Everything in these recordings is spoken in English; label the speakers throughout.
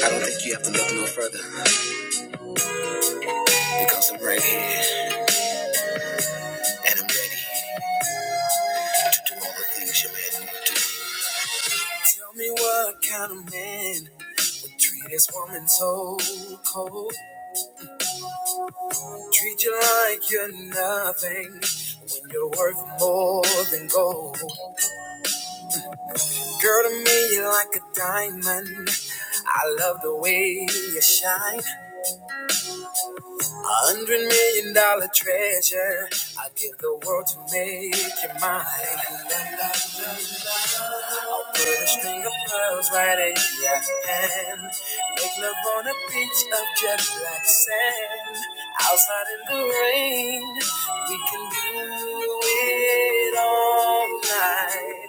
Speaker 1: I don't think you have to look no further because I'm right here and I'm ready to do all the things you're meant to. Tell me what kind of man would treat this woman so cold, treat you like you're nothing when you're worth more than gold. Girl, to me, you're like a diamond. I love the way you shine. A hundred million dollar treasure. I give the world to make you mine. I'll put a string of pearls right in your hand. Make love on a beach of jet black sand. Outside in the rain, we can do it all night.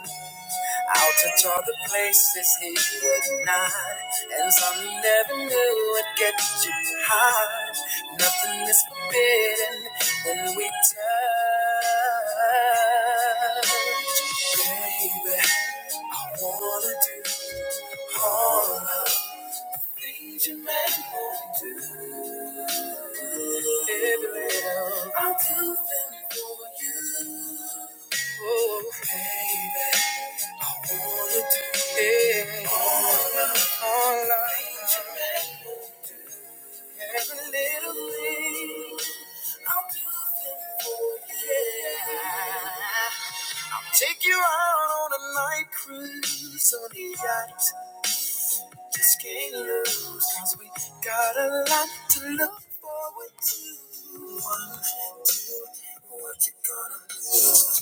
Speaker 1: I'll touch all the places he would not, and some never knew would get you high. Nothing is forbidden when we touch, baby. I wanna do all of the things your man won't do. Baby, I'll do them for you. Oh, baby, I wanna do it all, I, all I Every little thing I'll do things for you. Yeah. I'll take you out on a night cruise on the yacht. Just can't lose, cause we got a lot to look forward to. One, two, what you gonna do?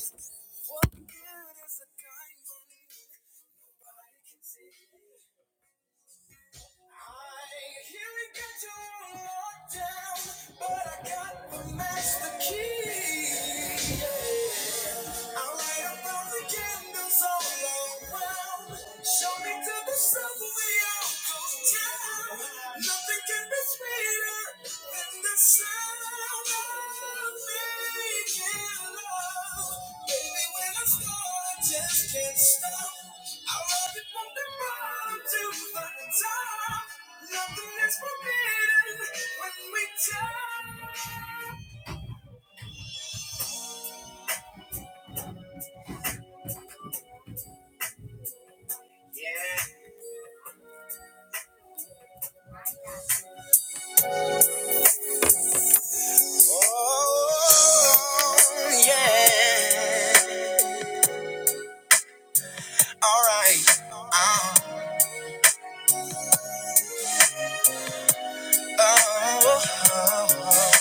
Speaker 1: What good is a diamond? Nobody can see. I hear it got your own locked down, but I got the master key. Yeah. I'll light up all the candles all around. Show me to the sun we all go down. Nothing can be sweeter than the sound of making love. Baby, when I start, I just can't stop. I love it from the bottom to the top. Nothing is forbidden when we talk. Yeah. Oh, yeah. All right. Oh, oh, oh. oh.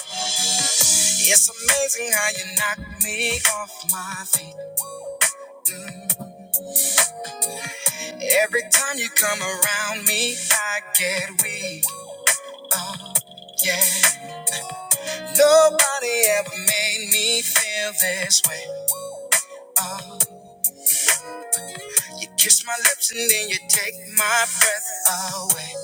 Speaker 1: It's amazing how you knock me off my feet. Mm. Every time you come around me, I get weak. Oh, yeah. Nobody ever made me feel this way. Oh, you kiss my lips and then you take my breath away.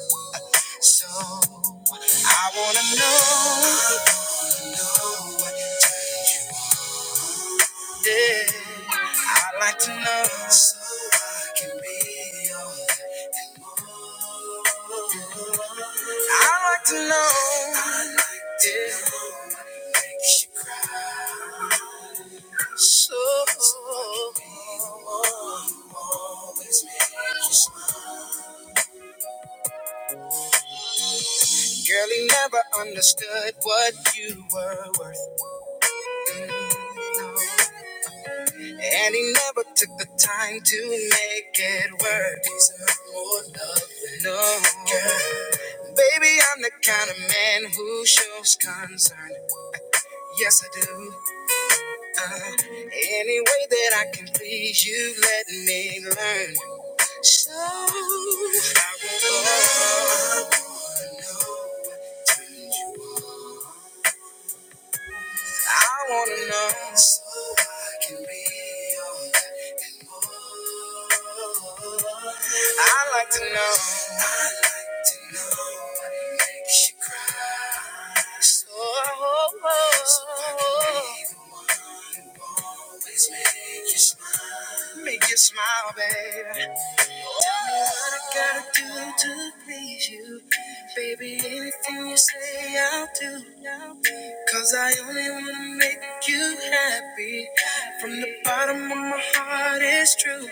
Speaker 1: So I wanna know, I wanna know what turns you on. Yeah, I'd like to know so I can be all that and more. I'd like to know. I'd like to yeah. know what makes you cry. So I can be the one who always makes you smile. Girl, he never understood what you were worth. No. And he never took the time to make it work. Deserve more love no. Girl, baby, I'm the kind of man who shows concern. Yes, I do. Uh, any way that I can please you, let me learn. So I will love. Know what turned you on. I wanna know. So I can be yours and more. I like to know. I like to know what makes you cry. So, so I can be the one who always make you smile. Make you smile, baby. Tell me what I gotta do to please you. Baby, anything you say, I'll do. Cause I only wanna make you happy. From the bottom of my heart, it's true.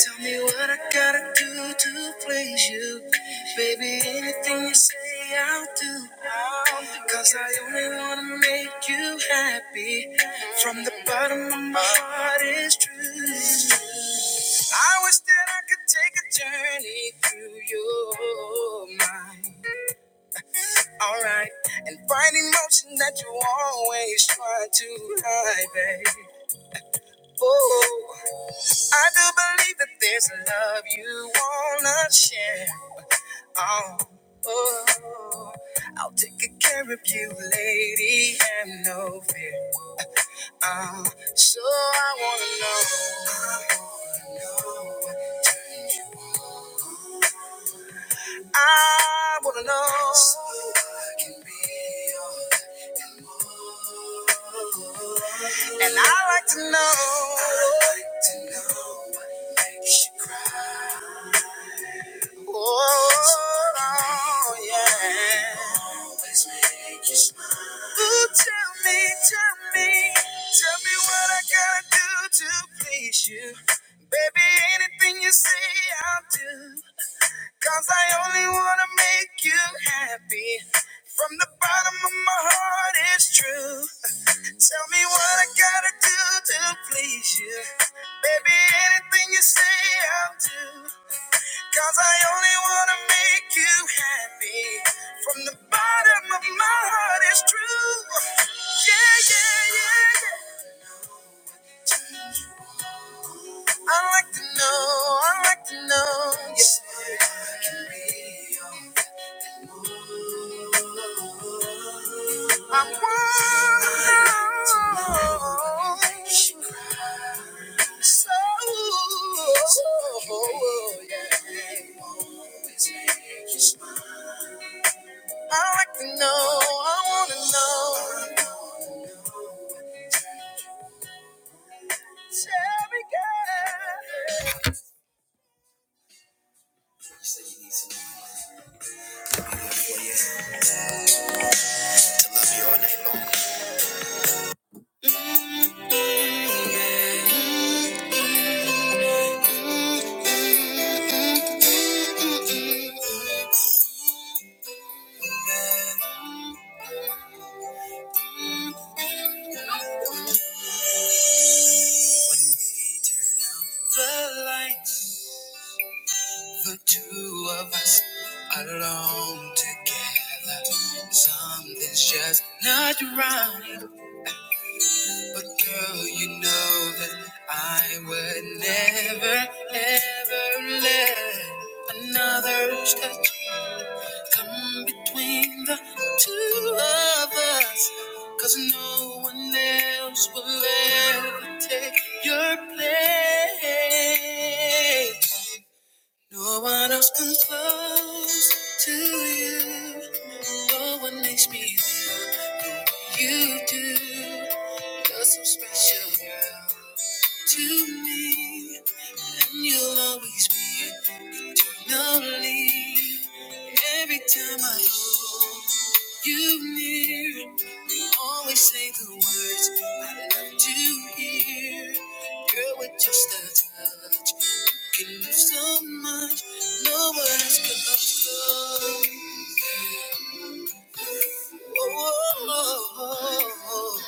Speaker 1: Tell me what I gotta do to please you. Baby, anything you say, I'll do. Cause I only wanna make you happy. From the bottom of my heart, it's true. I wish that I could take a journey through your mind. Alright, and find emotion that you always try to hide, babe. Oh, I do believe that there's a love you wanna share. Oh, oh, I'll take good care of you, lady, and no fear. Oh, so I wanna know. I wanna know. Turn you on. I wanna know. So I can be all and more. And I like to know. I like to know what makes you cry. Oh, oh, yeah. Always make you smile. Ooh, tell me, tell me, tell me what I gotta do to please you. Baby, anything you say, I'll do. Cause I only wanna make you happy. From the bottom of my heart, it's true. Tell me what I gotta do to please you. Baby, anything you say, I'll do. Cause I only wanna make you happy. From the bottom of my heart, it's true. Yeah, yeah, yeah, yeah. I like to know, I like to know. Yeah. I want you so yeah. I like to know, I wanna know. Tell me, girl. to love you all night long. Mm, yeah. When we turn out the lights, the two of us alone together, something's just not right. But girl, you know that I would never, ever let another's touch come between the two of us. 'Cause no one else will ever take your place. No one else comes close to you. No one makes me feel. You do. You're so special, girl, to me. And you'll always be lovely. Every time I hold you near, you always say the words I love to hear. Girl, with just a touch, you can do so much. No words could love so. oh. oh, oh, oh. oh.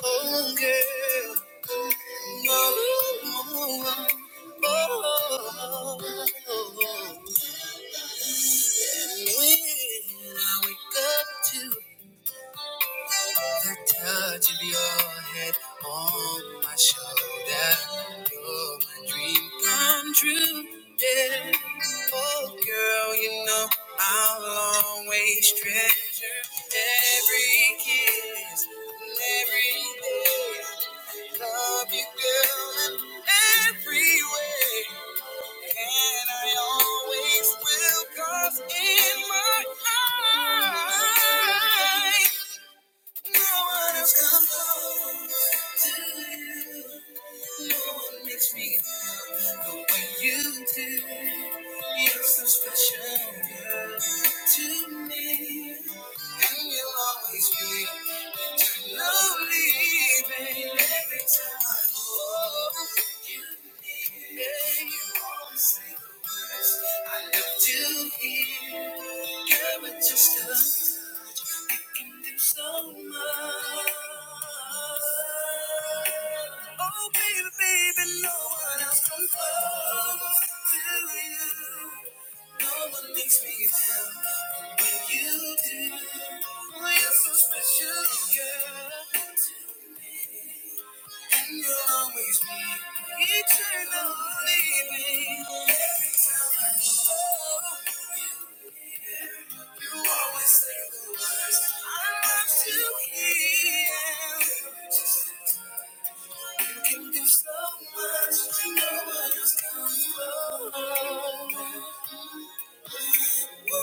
Speaker 1: Oh, girl. No, no, no. Oh, oh, oh. And when I wake up to the touch of your head on my shoulder, you're my dream come true. Yeah. Oh, girl, you know I'll always treasure every kiss and every day. Love you, girl, in every way. And I always will. 'Cause in my life, no one else comes close to you. No one makes me feel the way you do. You're so special, girl, to me. And you'll always be too lonely, baby. Every time I hold you near, you always say the words I love to hear. Girl, with just a touch, you can do so much. Oh, baby, baby, no one else comes close to you. No one makes me feel you do. Oh, You're so special, girl. to me. And you'll always be eternally baby. Every time I call, you always say the words I love to hear. You can do so much, no one else can. Oh, oh, oh, oh, oh,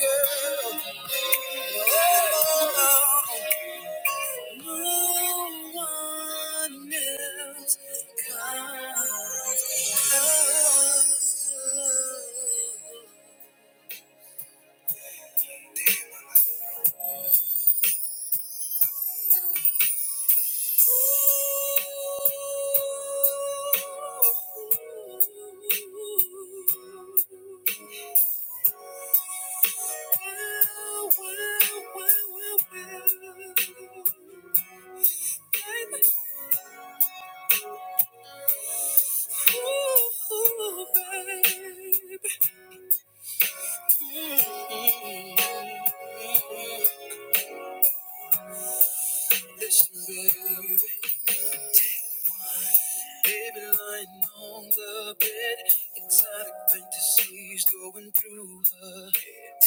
Speaker 1: girl. Oh, oh, oh. No one else comes. Well, well, well, well, well. Ooh, baby. Listen, baby, baby, lying on the bed, exotic fantasies going through her head.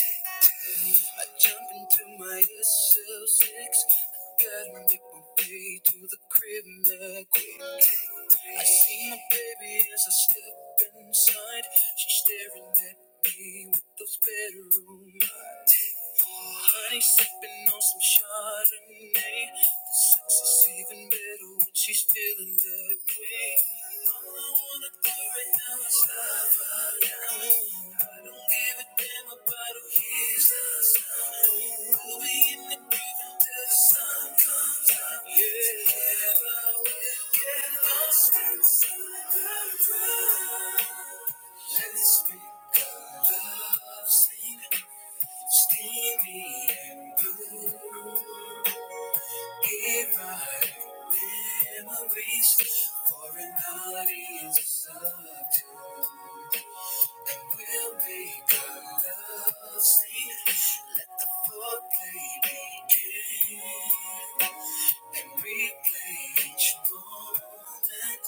Speaker 1: I jump into my SL6. I gotta make my way to the crib, man. Quick, I see my baby as I step inside. She's staring at me with those bedroom eyes. Honey sipping on some Chardonnay. Sex is even better when she's feeling that way. All I wanna do right now is love her down. I don't give a damn about who hears the sound. We'll be in the groove until the sun comes up. Yeah. Together we'll get lost inside the crowd. Let's make our love scene steamy and blue. Give our memories for an audience of two. We'll make our love sing. Let the foreplay begin. And replay each moment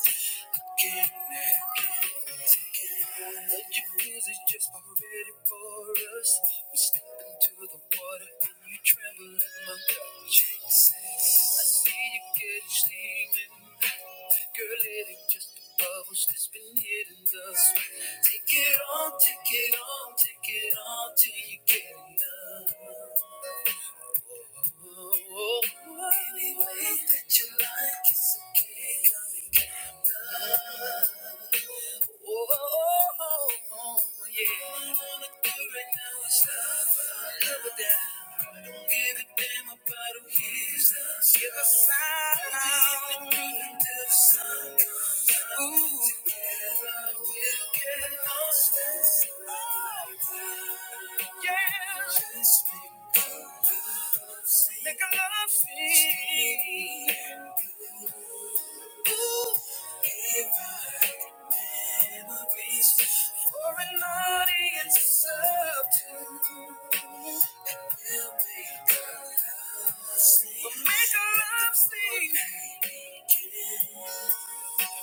Speaker 1: again and again. Let your music just already for us. We step into the water and you tremble in my touch. I see you getting steaming. Girl, it ain't just the bubbles that's been hitting us. Take it on, take it on, take it on till you get enough. Oh, oh, oh, oh. Any way that you like, it's okay, come and get enough. Oh, oh, oh, oh, yeah. All I wanna do right now is love her, love her down. I don't give a damn about who hears us. Give a sign. Everything until the sun comes out. Ooh. Together we'll get lost and see. Oh, yeah. Just because. Make a love scene. Ooh, give our memories for an audience of two. We'll make a love scene. We'll make a love scene.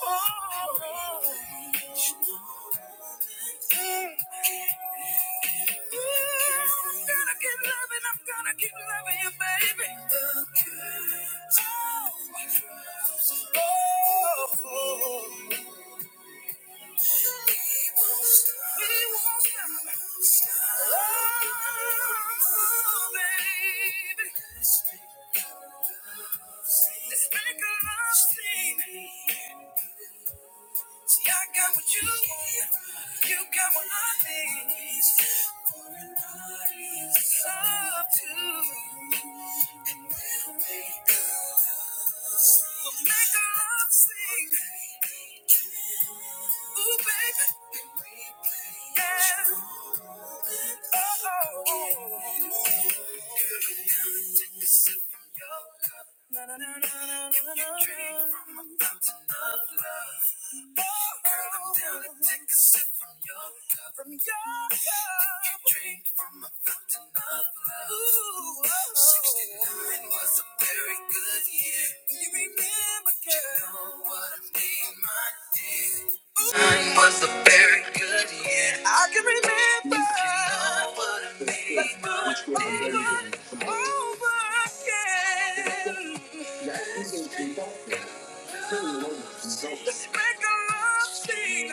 Speaker 1: Oh, oh, oh. Mm. I'm gonna keep loving, I'm gonna keep loving you, baby. Oh, oh, oh. We won't stop. Oh, baby. Let's make a love scene. See, I got what you want. You got what I need. For an audience of two. And we'll make love sing. We'll make love sing. Ooh, baby. Yeah. Oh, oh, oh. Girl, now take a sip from your cup. Na, na, na, na, na, na, na, You drink from a fountain of love. Oh, Girl, I'm down to take a sip from your cup. From your cup. You drink from a fountain of love. Ooh, oh, oh. 69 was a very good year. You remember, girl. You know what I mean, my dear. Ooh. 69 was a very good year. I can remember Let's do it over, over again. Let's make a love scene. Let's make a love scene.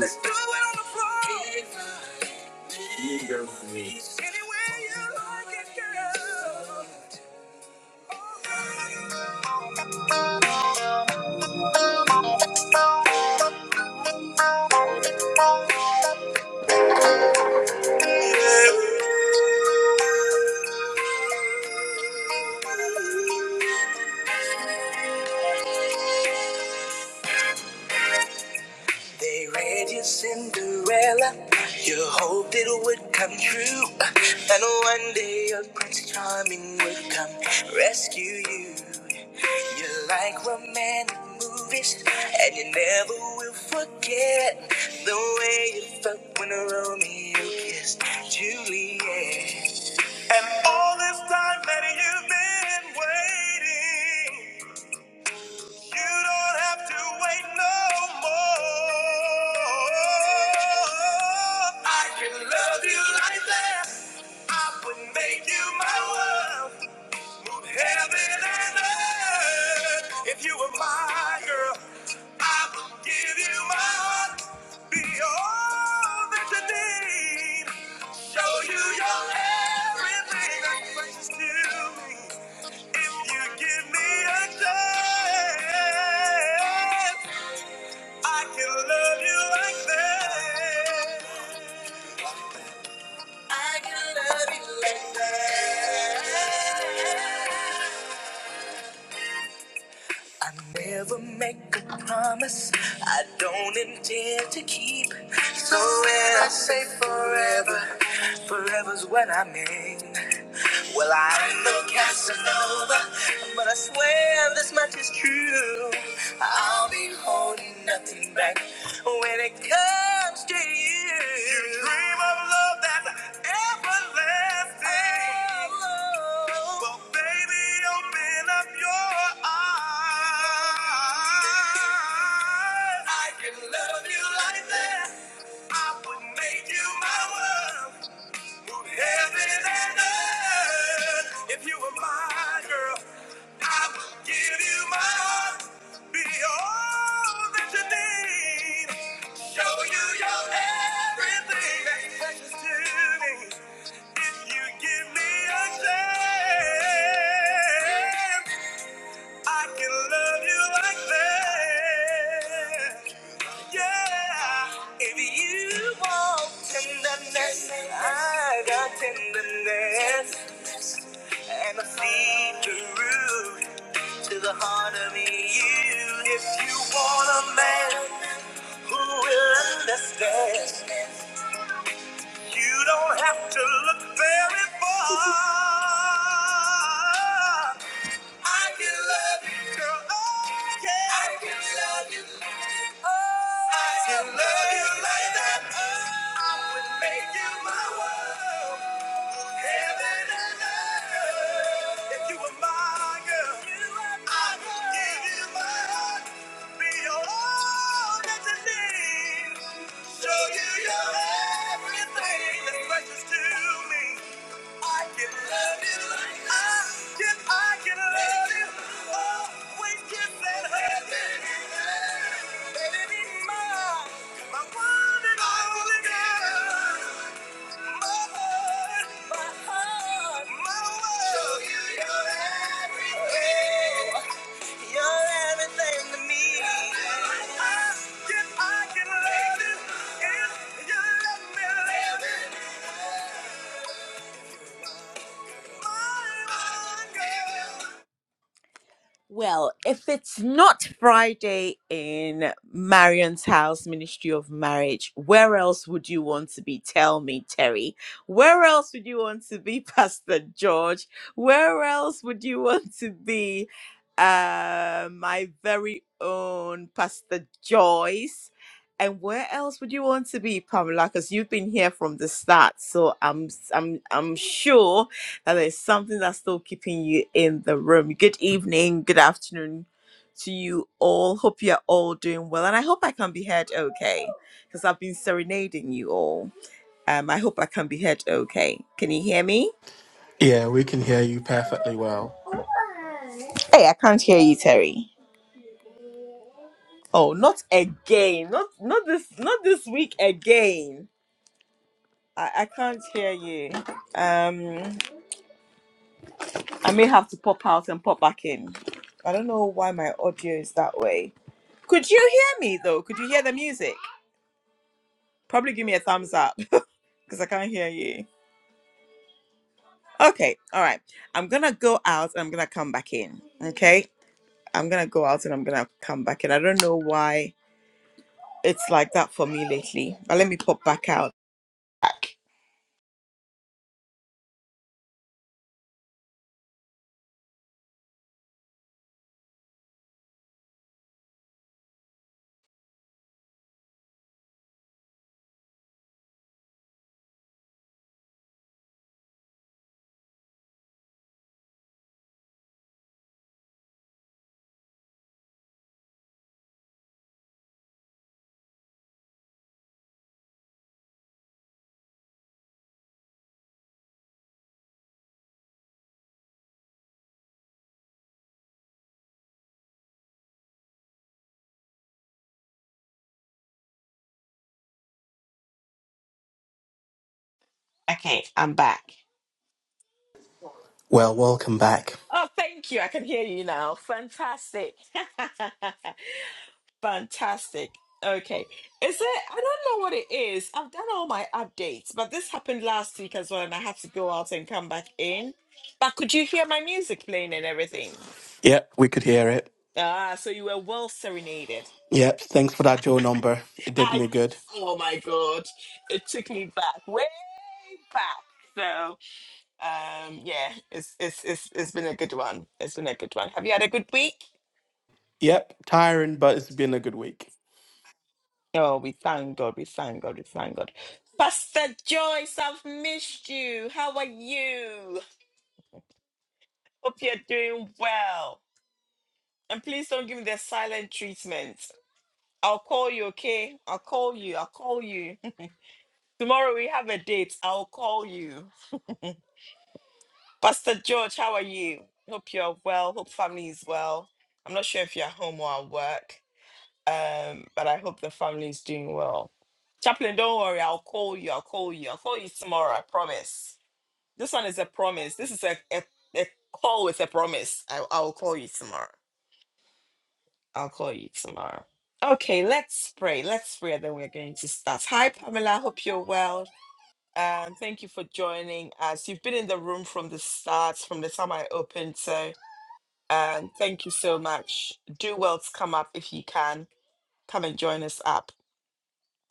Speaker 1: Let's do it on the floor. Any way you like it, girl. Oh, girl. They read your Cinderella. You hoped it would come true. And one day your charming would come rescue you. You like romantic movies, and you never will forget the way you felt when Romeo kissed Juliet. And all men waiting. You don't have to wait no more. I can love you like that. I would make you my world. Heaven and earth. If you were my girl, I would give you my heart. Be all that you need. Show you your everything. Like precious to me. If you give me a chance. I can love you like that. I can love you like that. I never make a promise I don't intend to keep. So when I say forever, forever's what I mean. Well, I ain't no Casanova, but I swear this much is true. I'll be holding nothing back when it comes to you. You dream of love that's everlasting. Oh, Lord. Well, baby, it, open up your eyes. I can love you like that. I would make you my world. Heaven and earth, if you were my girl, I would give you my heart, be all that you need, show you your everything that's precious to me. If you give me a chance, I can love you like that. Yeah, if you want tenderness, I got tenderness, and I see the root to the heart of me. You, if you want a man who will understand, you don't have to look very far. I can love you, girl. Oh, yeah. I can love you. I can love you like that. I would make you my world. Heaven and earth. If you were my girl, I would give you my heart. Be all that you need. Show you your everything that's precious to me. I can love you. I can, I can love you. Always kiss and hug you. Baby, be mine. My one and only girl. My heart, my heart, my world. So you- You're everything. You're everything to me. I can love you. If you let me love you. Well, if it's not Friday in Marion's house, Ministry of Marriage, where else would you want to be? Tell me, Terry. Where else would you want to be, Pastor George? Where else would you want to be, uh, my very own Pastor Joyce? And where else would you want to be, Pamela? Because you've been here from the start, so I'm I'm I'm sure that there's something that's still keeping you in the room. Good evening, good afternoon to you all. Hope you're all doing well, and I hope I can be heard okay because I've been serenading you all. Um, I hope I can be heard okay. Can you hear me?
Speaker 2: Yeah, we can hear you perfectly well.
Speaker 1: Hey, I can't hear you, Terry. Oh, not again. Not not this not this week again. I, I can't hear you. Um I may have to pop out and pop back in. I don't know why my audio is that way. Could you hear me though? Could you hear the music? Probably give me a thumbs up because I can't hear you. Okay, all right. I'm gonna go out and I'm gonna come back in. Okay, I'm gonna go out and I'm gonna come back in. I don't know why it's like that for me lately, but let me pop back out. Okay, I'm back.
Speaker 2: Well, welcome back.
Speaker 1: Oh, thank you. I can hear you now. Fantastic. Fantastic. Okay. Is it? I don't know what it is. I've done all my updates, but this happened last week as well, and I had to go out and come back in. But could you hear my music playing and everything?
Speaker 2: Yep, we could hear it.
Speaker 1: Ah, so you were well serenaded.
Speaker 2: Yep, thanks for that Joe number. It did
Speaker 1: I,
Speaker 2: me good.
Speaker 1: oh my God. It took me back, way back. So, um, yeah, it's, it's, it's, it's been a good one. It's been a good one. Have you had a good week?
Speaker 2: Yep, tiring, but it's been a good week.
Speaker 1: Oh, we thank God. We thank God. We thank God. Pastor Joyce, I've missed you. How are you? Hope you're doing well. And please don't give me the silent treatment. I'll call you, okay? I'll call you. I'll call you. Tomorrow we have a date. I'll call you. Pastor George, how are you? Hope you're well. Hope family is well. I'm not sure if you're at home or at work, um, but I hope the family is doing well. Chaplain, don't worry. I'll call you. I'll call you. I'll call you tomorrow. I promise. This one is a promise. This is a, a, a call with a promise. I, I'll call you tomorrow. I'll call you tomorrow. Okay, let's pray. Let's pray that we're going to start. Hi, Pamela. Hope you're well. Um, thank you for joining us. You've been in the room from the start, from the time I opened. So um, thank you so much. Do well to come up if you can. Come and join us up.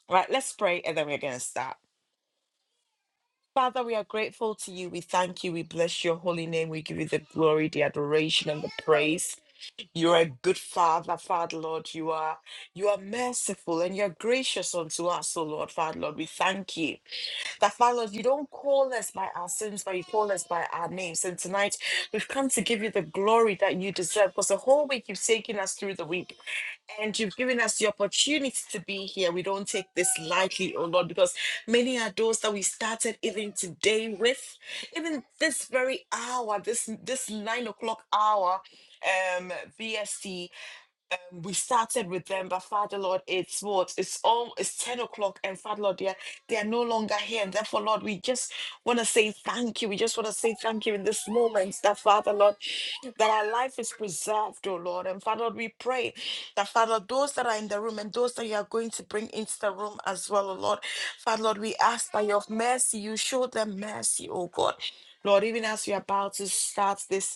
Speaker 1: All right, let's pray and then we're going to start. Father, we are grateful to you. We thank you. We bless your holy name. We give you the glory, the adoration, and the praise. You're a good father, Father Lord. You are you are merciful and you're gracious unto us, O Lord, Father Lord. We thank you. That, Father Lord, you don't call us by our sins, but you call us by our names. And tonight, we've come to give you the glory that you deserve because the whole week you've taken us through the week and you've given us the opportunity to be here. We don't take this lightly, oh Lord, because many are those that we started even today with, even this very hour, this this nine o'clock hour, um, BST we started with them, but Father Lord, it's what it's all it's 10 o'clock, and Father Lord, they are, they are no longer here. And therefore, Lord, we just want to say thank you. We just want to say thank you in this moment that Father Lord, that our life is preserved, oh Lord. And Father Lord, we pray that Father, those that are in the room and those that you are going to bring into the room as well, oh Lord. Father Lord, we ask by your mercy, you show them mercy, oh God. Lord, even as we are about to start this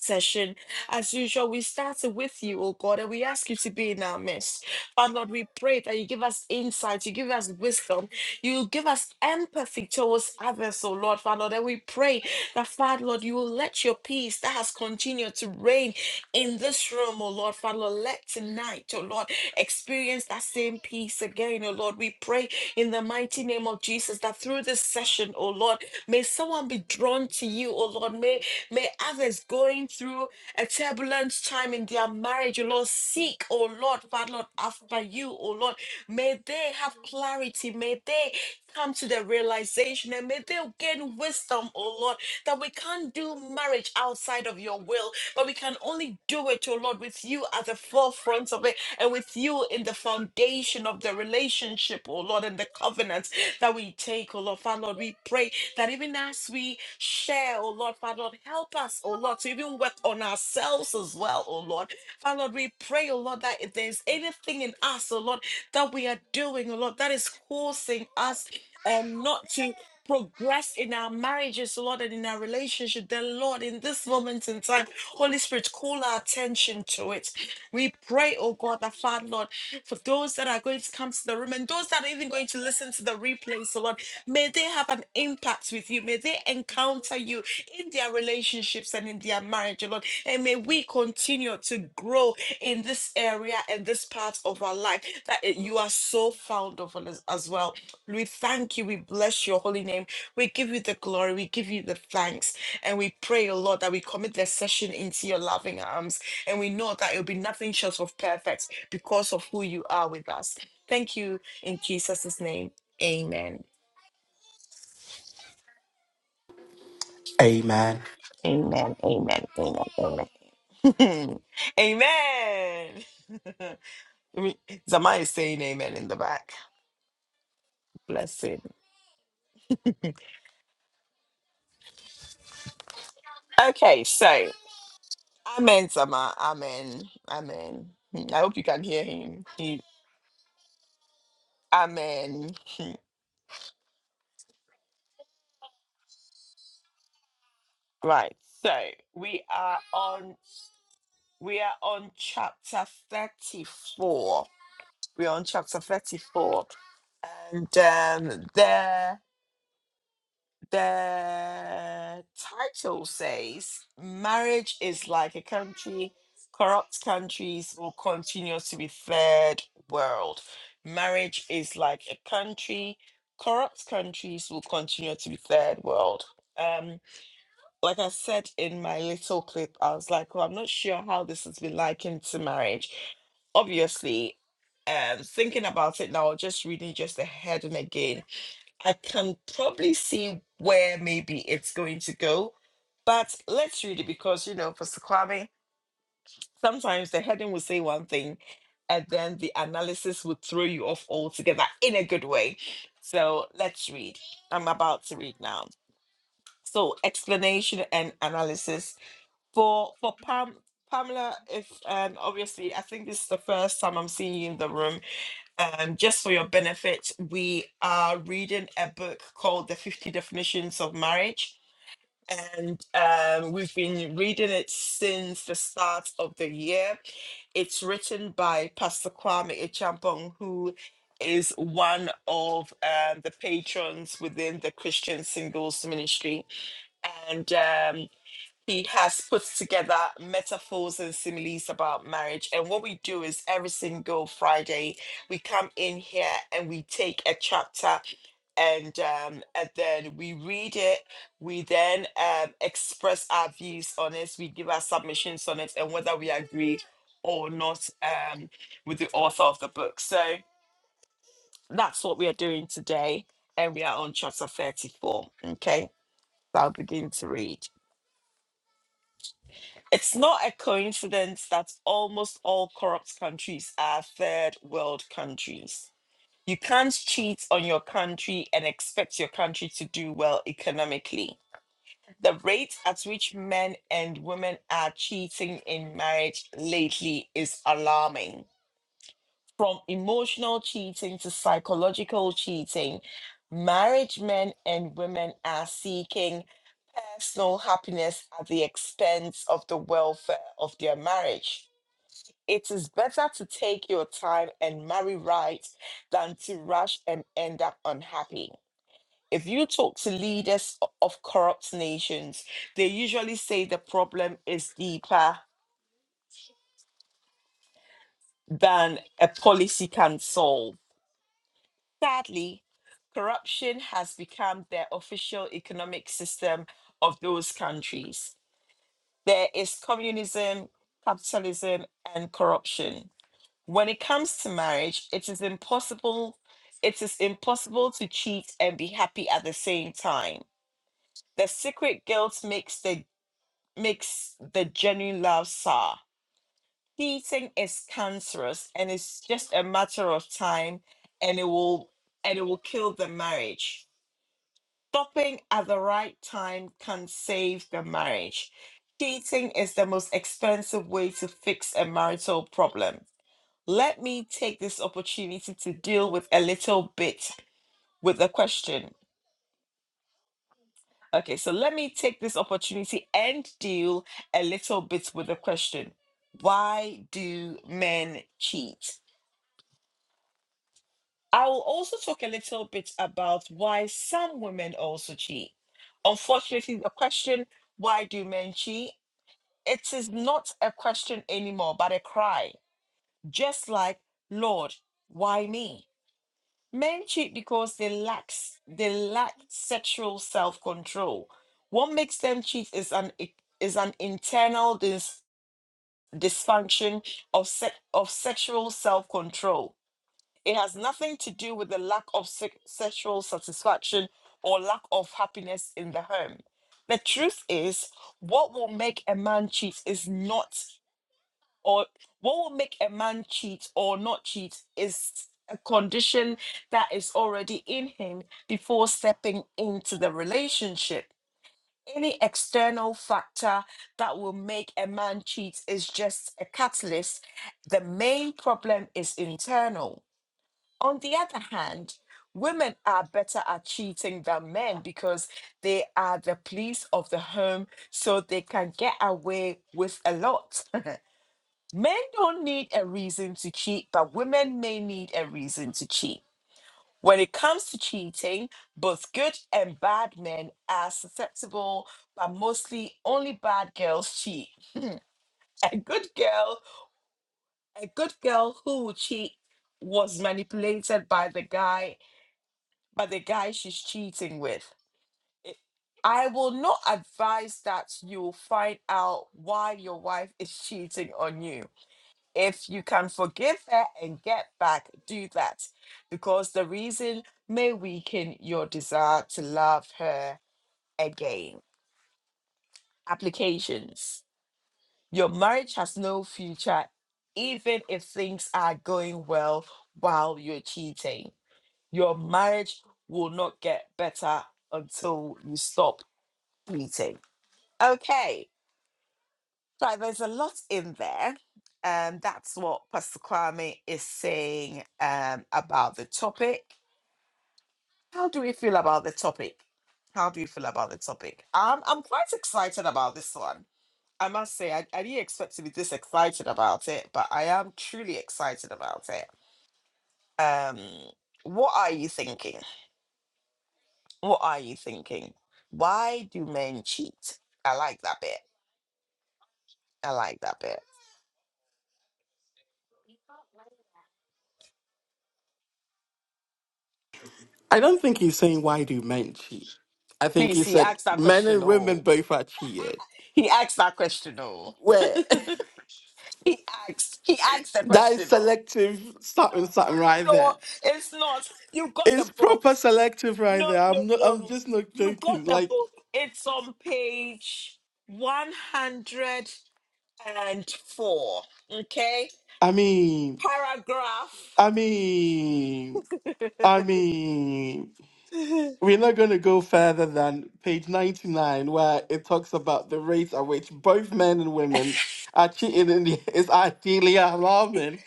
Speaker 1: session. As usual, we start with you, oh God, and we ask you to be in our midst. Father Lord, we pray that you give us insight, you give us wisdom, you give us empathy towards others, oh Lord, Father Lord, and we pray that, Father Lord, you will let your peace that has continued to reign in this room, oh Lord, Father Lord, let tonight, oh Lord, experience that same peace again, oh Lord. We pray in the mighty name of Jesus that through this session, oh Lord, may someone be drawn to you, oh Lord God. May, may others going through a turbulent time in their marriage, O Lord, seek, O Lord, Father Lord, after you, O Lord. May they have clarity. May they come to the realization and may they gain wisdom, O Lord, that we can't do marriage outside of your will, but we can only do it, O Lord, with you at the forefront of it and with you in the foundation of the relationship, O Lord, and the covenants that we take, O Lord. Father, Lord, we pray that even as as we share, oh Lord, Father Lord, help us, oh Lord, to even work on ourselves as well, oh Lord. Father Lord, we pray, oh Lord, that if there's anything in us, oh Lord, that we are doing, oh Lord, that is causing us um, not to progress in our marriages, oh Lord, and in our relationship, then Lord, in this moment in time, Holy Spirit, call our attention to it. We pray, oh God, that Father Lord, for those that are going to come to the room and those that are even going to listen to the replays, so Lord, may May they have an impact with you. May they encounter you in their relationships and in their marriage, oh Lord. And may we continue to grow in this area and this part of our life that it- you are so fond of us as well. We thank you. We bless your holy name. We give you the glory. We give you the thanks. And we pray, oh Lord, that we commit this session into your loving arms. And we know that it'll be nothing short of perfect because of who you are with us. Thank you in Jesus' name. Amen.
Speaker 2: Amen.
Speaker 1: Amen. Amen. Amen. Amen. amen. Zama is saying amen in the back. Bless Okay, so Amen, Zama. Amen. Amen. Hmm, I hope you can hear him. He, amen. Right. So we are on we are on chapter 34. We're on chapter 34. And um there. the title says marriage is like a country corrupt countries will continue to be third world marriage is like a country corrupt countries will continue to be third world um like i said in my little clip i was like well i'm not sure how this has been likened to marriage obviously um thinking about it now just reading just the heading again I can probably see where maybe it's going to go, but let's read it because you know, for Kwame, sometimes the heading will say one thing, and then the analysis would throw you off altogether in a good way. So let's read. I'm about to read now. So explanation and analysis for for Pam Pamela. If and obviously, I think this is the first time I'm seeing you in the room um, just for your benefit, we are reading a book called The 50 Definitions of Marriage. And um, we've been reading it since the start of the year. It's written by Pastor Kwame Echampong, who is one of um, the patrons within the Christian Singles Ministry. And um, he has put together metaphors and similes about marriage. And what we do is every single Friday, we come in here and we take a chapter and um, and then we read it. We then um, express our views on it. We give our submissions on it, and whether we agree or not um, with the author of the book. So that's what we are doing today, and we are on chapter thirty-four. Okay, so I'll begin to read. It's not a coincidence that almost all corrupt countries are third world countries. You can't cheat on your country and expect your country to do well economically. The rate at which men and women are cheating in marriage lately is alarming from emotional cheating to psychological cheating, marriage men and women are seeking personal happiness at the expense of the welfare of their marriage. It is better to take your time and marry right than to rush and end up unhappy. If you talk to leaders o- of corrupt nations, they usually say the problem is deeper than a policy can solve Sadly, corruption has become the official economic system of those countries. There is communism, capitalism, and corruption. When it comes to marriage, it is impossible. It is impossible to cheat and be happy at the same time. The secret guilt makes the makes the genuine love sour. Cheating is cancerous, and it's just a matter of time, and it will and it will kill the marriage stopping at the right time can save the marriage. Dating is the most expensive way to fix a marital problem. Let me take this opportunity to deal with a little bit with the question. Okay, so let me take this opportunity and deal a little bit with the question. Why do men cheat? I will also talk a little bit about why some women also cheat. Unfortunately, the question why do men cheat? It is not a question anymore, but a cry. Just like, Lord, why me? Men cheat because they lack they lack sexual self-control. What makes them cheat is an is an internal dis, dysfunction of se- of sexual self-control. It has nothing to do with the lack of se- sexual satisfaction or lack of happiness in the home. The truth is, what will make a man cheat is not or what will make a man cheat or not cheat is a condition that is already in him before stepping into the relationship. Any external factor that will make a man cheat is just a catalyst. The main problem is internal. On the other hand, women are better at cheating than men because they are the police of the home, so they can get away with a lot Men don't need a reason to cheat, but women may need a reason to cheat. When it comes to cheating, both good and bad men are susceptible, but mostly only bad girls cheat. A good girl, a good girl who will cheat was manipulated by the guy, by the guy she's cheating with. It- I will not advise that you find out why your wife is cheating on you If you can forgive her and get back, do that. Because the reason may weaken your desire to love her again. Applications. Your marriage has no future, even if things are going well while you're cheating. Your marriage will not get better until you stop cheating. Okay Right, there's a lot in there. Um, that's what Pastor Kwame is saying um, about the topic. How do we feel about the topic? How do you feel about the topic? Um, I'm quite excited about this one. I must say, I, I didn't expect to be this excited about it, but I am truly excited about it. Um, what are you thinking? What are you thinking? Why do men cheat? I like that bit. I like that bit.
Speaker 2: I don't think he's saying why do men cheat. I think
Speaker 1: Please
Speaker 2: he
Speaker 1: see,
Speaker 2: said
Speaker 1: ask that
Speaker 2: men
Speaker 1: question.
Speaker 2: and women
Speaker 1: oh.
Speaker 2: both are cheated.
Speaker 1: He asked that question though.
Speaker 2: Where
Speaker 1: he asked. He asked the
Speaker 2: that is
Speaker 1: question though.
Speaker 2: selective
Speaker 1: No,
Speaker 2: something
Speaker 1: no,
Speaker 2: something
Speaker 1: no,
Speaker 2: right
Speaker 1: no.
Speaker 2: there.
Speaker 1: It's not. You got the
Speaker 2: It's
Speaker 1: book.
Speaker 2: proper selective right
Speaker 1: No,
Speaker 2: there.
Speaker 1: no,
Speaker 2: I'm not I'm
Speaker 1: no.
Speaker 2: just not
Speaker 1: You
Speaker 2: joking.
Speaker 1: got the
Speaker 2: Like
Speaker 1: book. It's on page one hundred and four. Okay,
Speaker 2: I mean
Speaker 1: paragraph.
Speaker 2: I mean I mean We're not going to go further than page 99, where it talks about the rates at which both men and women are cheating in the, is ideally alarming.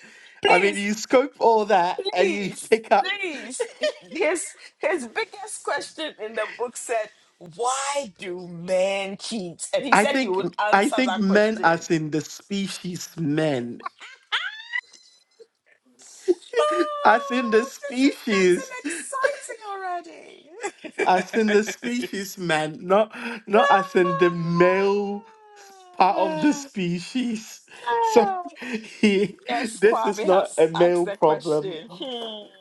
Speaker 2: I mean,
Speaker 1: please,
Speaker 2: you scope all that and you
Speaker 1: please,
Speaker 2: pick up.
Speaker 1: please. His his biggest question in the book said, "Why do men cheat?" And he
Speaker 2: I
Speaker 1: said he
Speaker 2: think,
Speaker 1: would
Speaker 2: I
Speaker 1: answer
Speaker 2: think
Speaker 1: that
Speaker 2: men,
Speaker 1: question
Speaker 2: as in the species men, as in the
Speaker 1: Oh, this is getting
Speaker 2: species.
Speaker 1: exciting already.
Speaker 2: as in the species man, not not as in the male part of the
Speaker 1: Ah.
Speaker 2: species. So
Speaker 1: Ah.
Speaker 2: he,
Speaker 1: yes,
Speaker 2: this is
Speaker 1: Kwame
Speaker 2: not
Speaker 1: has
Speaker 2: a
Speaker 1: asked
Speaker 2: male
Speaker 1: the
Speaker 2: problem.
Speaker 1: question.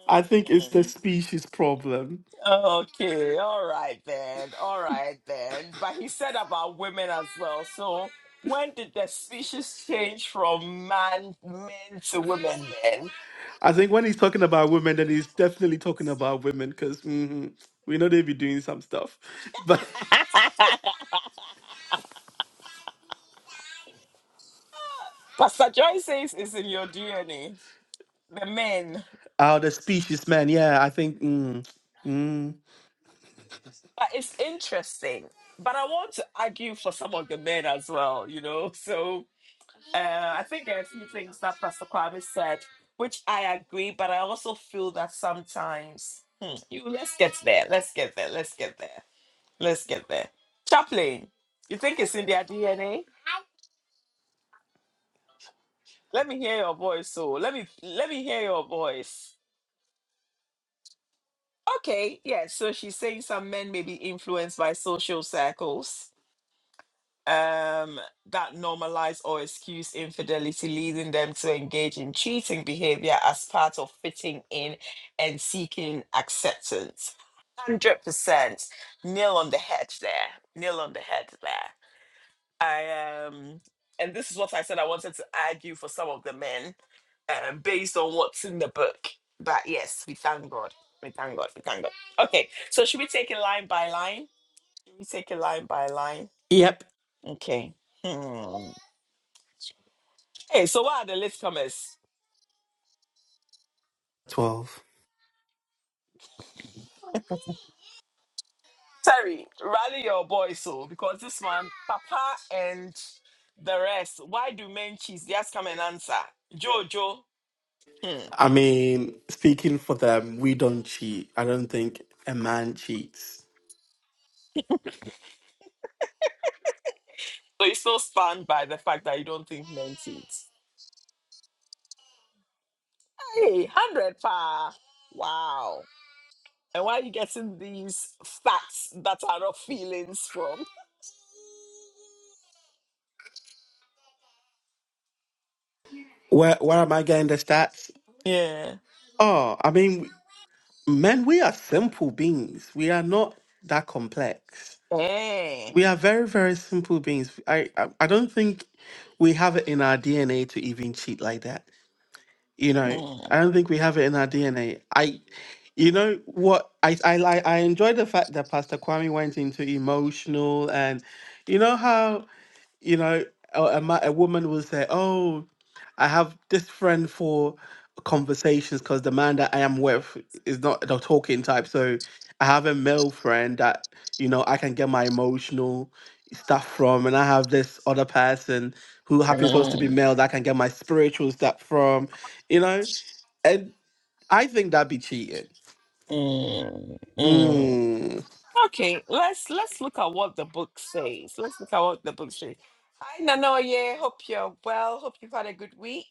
Speaker 2: I think it's the
Speaker 1: Hmm.
Speaker 2: species problem.
Speaker 1: Okay, all right then, all right then. But he said about women as well. So when did the species change from man men to women then?
Speaker 2: I think when he's talking about women, then he's definitely talking about women because we know they be doing some stuff. But
Speaker 1: Pastor Joy says it's in your DNA. The men.
Speaker 2: oh, the species man, yeah, I think. Mm, mm,
Speaker 1: But it's interesting. But I want to argue for some of the men as well, you know. So uh, I think there are a few things that Pastor Kwame said, which I agree, but I also feel that sometimes hmm, you let's get there, let's get there, let's get there, let's get there. Chaplain, you think it's in their DNA? Let me hear your voice, so let me let me hear your voice. Okay, yeah. So she's saying some men may be influenced by social circles um, that normalize or excuse infidelity, leading them to engage in cheating behavior as part of fitting in and seeking acceptance. 100% nail on the head there. Nail on the head there. I um, and this is what I said I wanted to argue for some of the men um, based on what's in the book. But yes, we thank God. We thank God. We thank God. Okay, so should we take it line by line? Should we take it line by line?
Speaker 2: yep,
Speaker 1: Okay. Hmm. Hey, so what are the latecomers?
Speaker 2: twelve.
Speaker 1: Terry, rally your boys, so because this man, Papa and the rest, why do men cheese? Just come and answer. Jojo, hmm.
Speaker 2: I mean, speaking for them, we don't cheat. I don't think a man cheats.
Speaker 1: so you are so stunned by the fact that you don't think men cheat. Hey, 100 pa. Wow. And why are you getting these facts that are not feelings from?
Speaker 2: Where where am I getting the stats?
Speaker 1: Yeah.
Speaker 2: Oh, I mean, men, we are simple beings. We are not that complex.
Speaker 1: Hey.
Speaker 2: We are very very simple beings. I I, I don't think we have it in our DNA to even cheat like that. You know,
Speaker 1: Mm,
Speaker 2: I don't think we have it in our DNA. I. You know what? I I like I enjoy the fact that Pastor Kwame went into emotional and you know how you know, a, a, ma- a woman will say, "Oh, I have this friend for conversations because the man that I am with is not the talking type. So I have a male friend that you know I can get my emotional stuff from, and I have this other person who happens also to be
Speaker 1: mm,
Speaker 2: male that I can get my spiritual stuff from, you know." And I think that'd be cheating.
Speaker 1: mm, mm.
Speaker 2: Mm,
Speaker 1: Okay, let's let's look at what the book says. Let's look at what the book says. Hi Nanoye, hope you're well. Hope you've had a good week.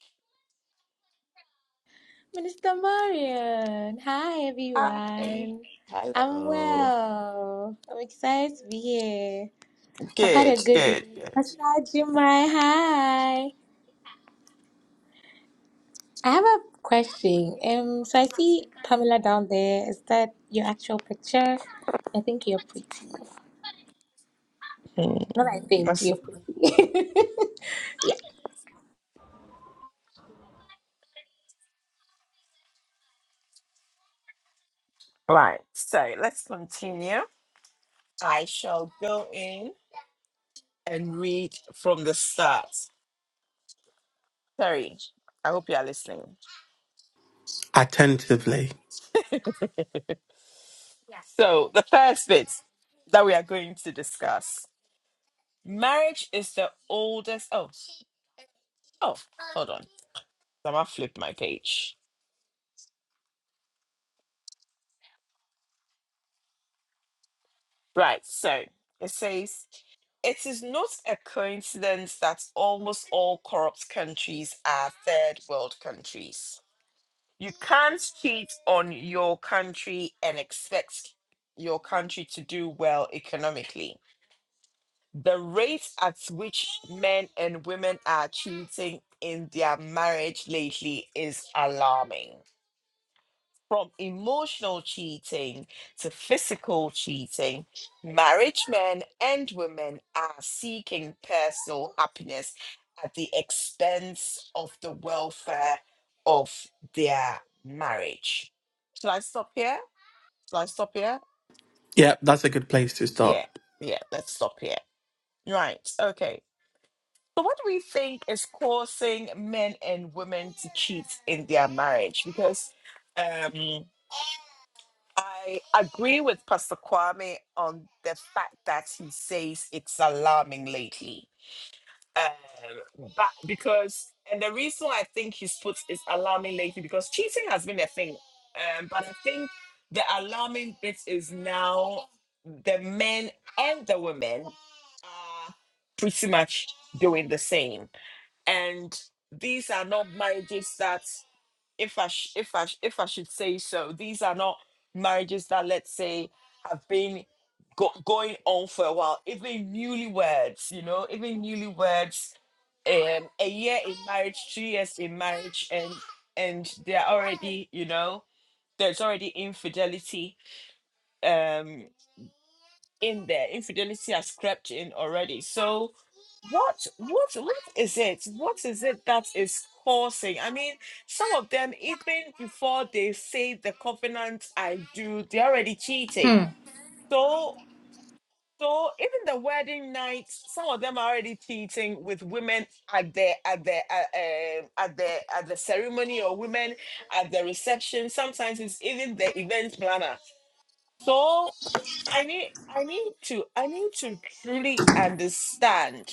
Speaker 3: Minister Marion, hi
Speaker 1: Hi.
Speaker 3: everyone. I'm
Speaker 1: Hello.
Speaker 3: well. I'm excited to be here. I've had a
Speaker 1: Good,
Speaker 3: good
Speaker 1: good,
Speaker 3: week.
Speaker 1: good.
Speaker 3: Pastor Jumai, hi. I have a question. Um, so I see Pamela down there. Is that your actual picture? I think you're pretty.
Speaker 1: Mm,
Speaker 3: Not I think
Speaker 1: that's-
Speaker 3: you're pretty. yeah.
Speaker 1: Right. So let's continue. I shall go in and read from the start. Sorry. I hope you are listening.
Speaker 2: attentively.
Speaker 1: So the first bit that we are going to discuss. Marriage is the oldest oh oh hold on. I'm gonna flip my page. Right, so it says it is not a coincidence that almost all corrupt countries are third world countries. You can't cheat on your country and expect your country to do well economically. The rate at which men and women are cheating in their marriage lately is alarming. from emotional cheating to physical cheating, marriage men and women are seeking personal happiness at the expense of the welfare of their marriage. Shall I stop here? Shall I stop here?
Speaker 2: Yeah, that's a good place to start.
Speaker 1: Yeah, yeah, let's stop here. Right, okay. So, what do we think is causing men and women to cheat in their marriage? Because um, I agree with Pastor Kwame on the fact that he says it's alarming lately. Um, but because, and the reason I think he's put is alarming lately because cheating has been a thing. Um, but I think the alarming bit is now the men and the women are pretty much doing the same. And these are not marriages that if I sh- if I sh- if I should say so, these are not marriages that let's say have been go- going on for a while. Even newlyweds, you know, even newlyweds, um, a year in marriage, two years in marriage, and and they're already, you know, there's already infidelity um in there. Infidelity has crept in already. So what what what is it what is it that is causing i mean some of them even before they say the covenant i do they're already cheating
Speaker 3: Hmm.
Speaker 1: so so even the wedding night some of them are already cheating with women at the at the uh, um at the at the ceremony or women at the reception sometimes it's even the event planner so i need i need to i need to truly understand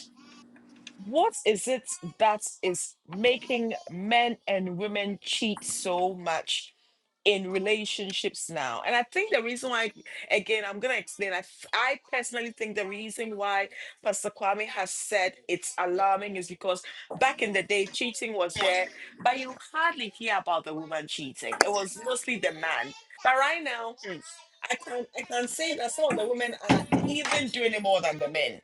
Speaker 1: what is it that is making men and women cheat so much in relationships now? And I think the reason why, again, I'm going to explain. I, f- I personally think the reason why Pastor Kwame has said it's alarming is because back in the day, cheating was there, but you hardly hear about the woman cheating. It was mostly the man. But right now, hmm, I can I can say that some of the women are even doing it more than the men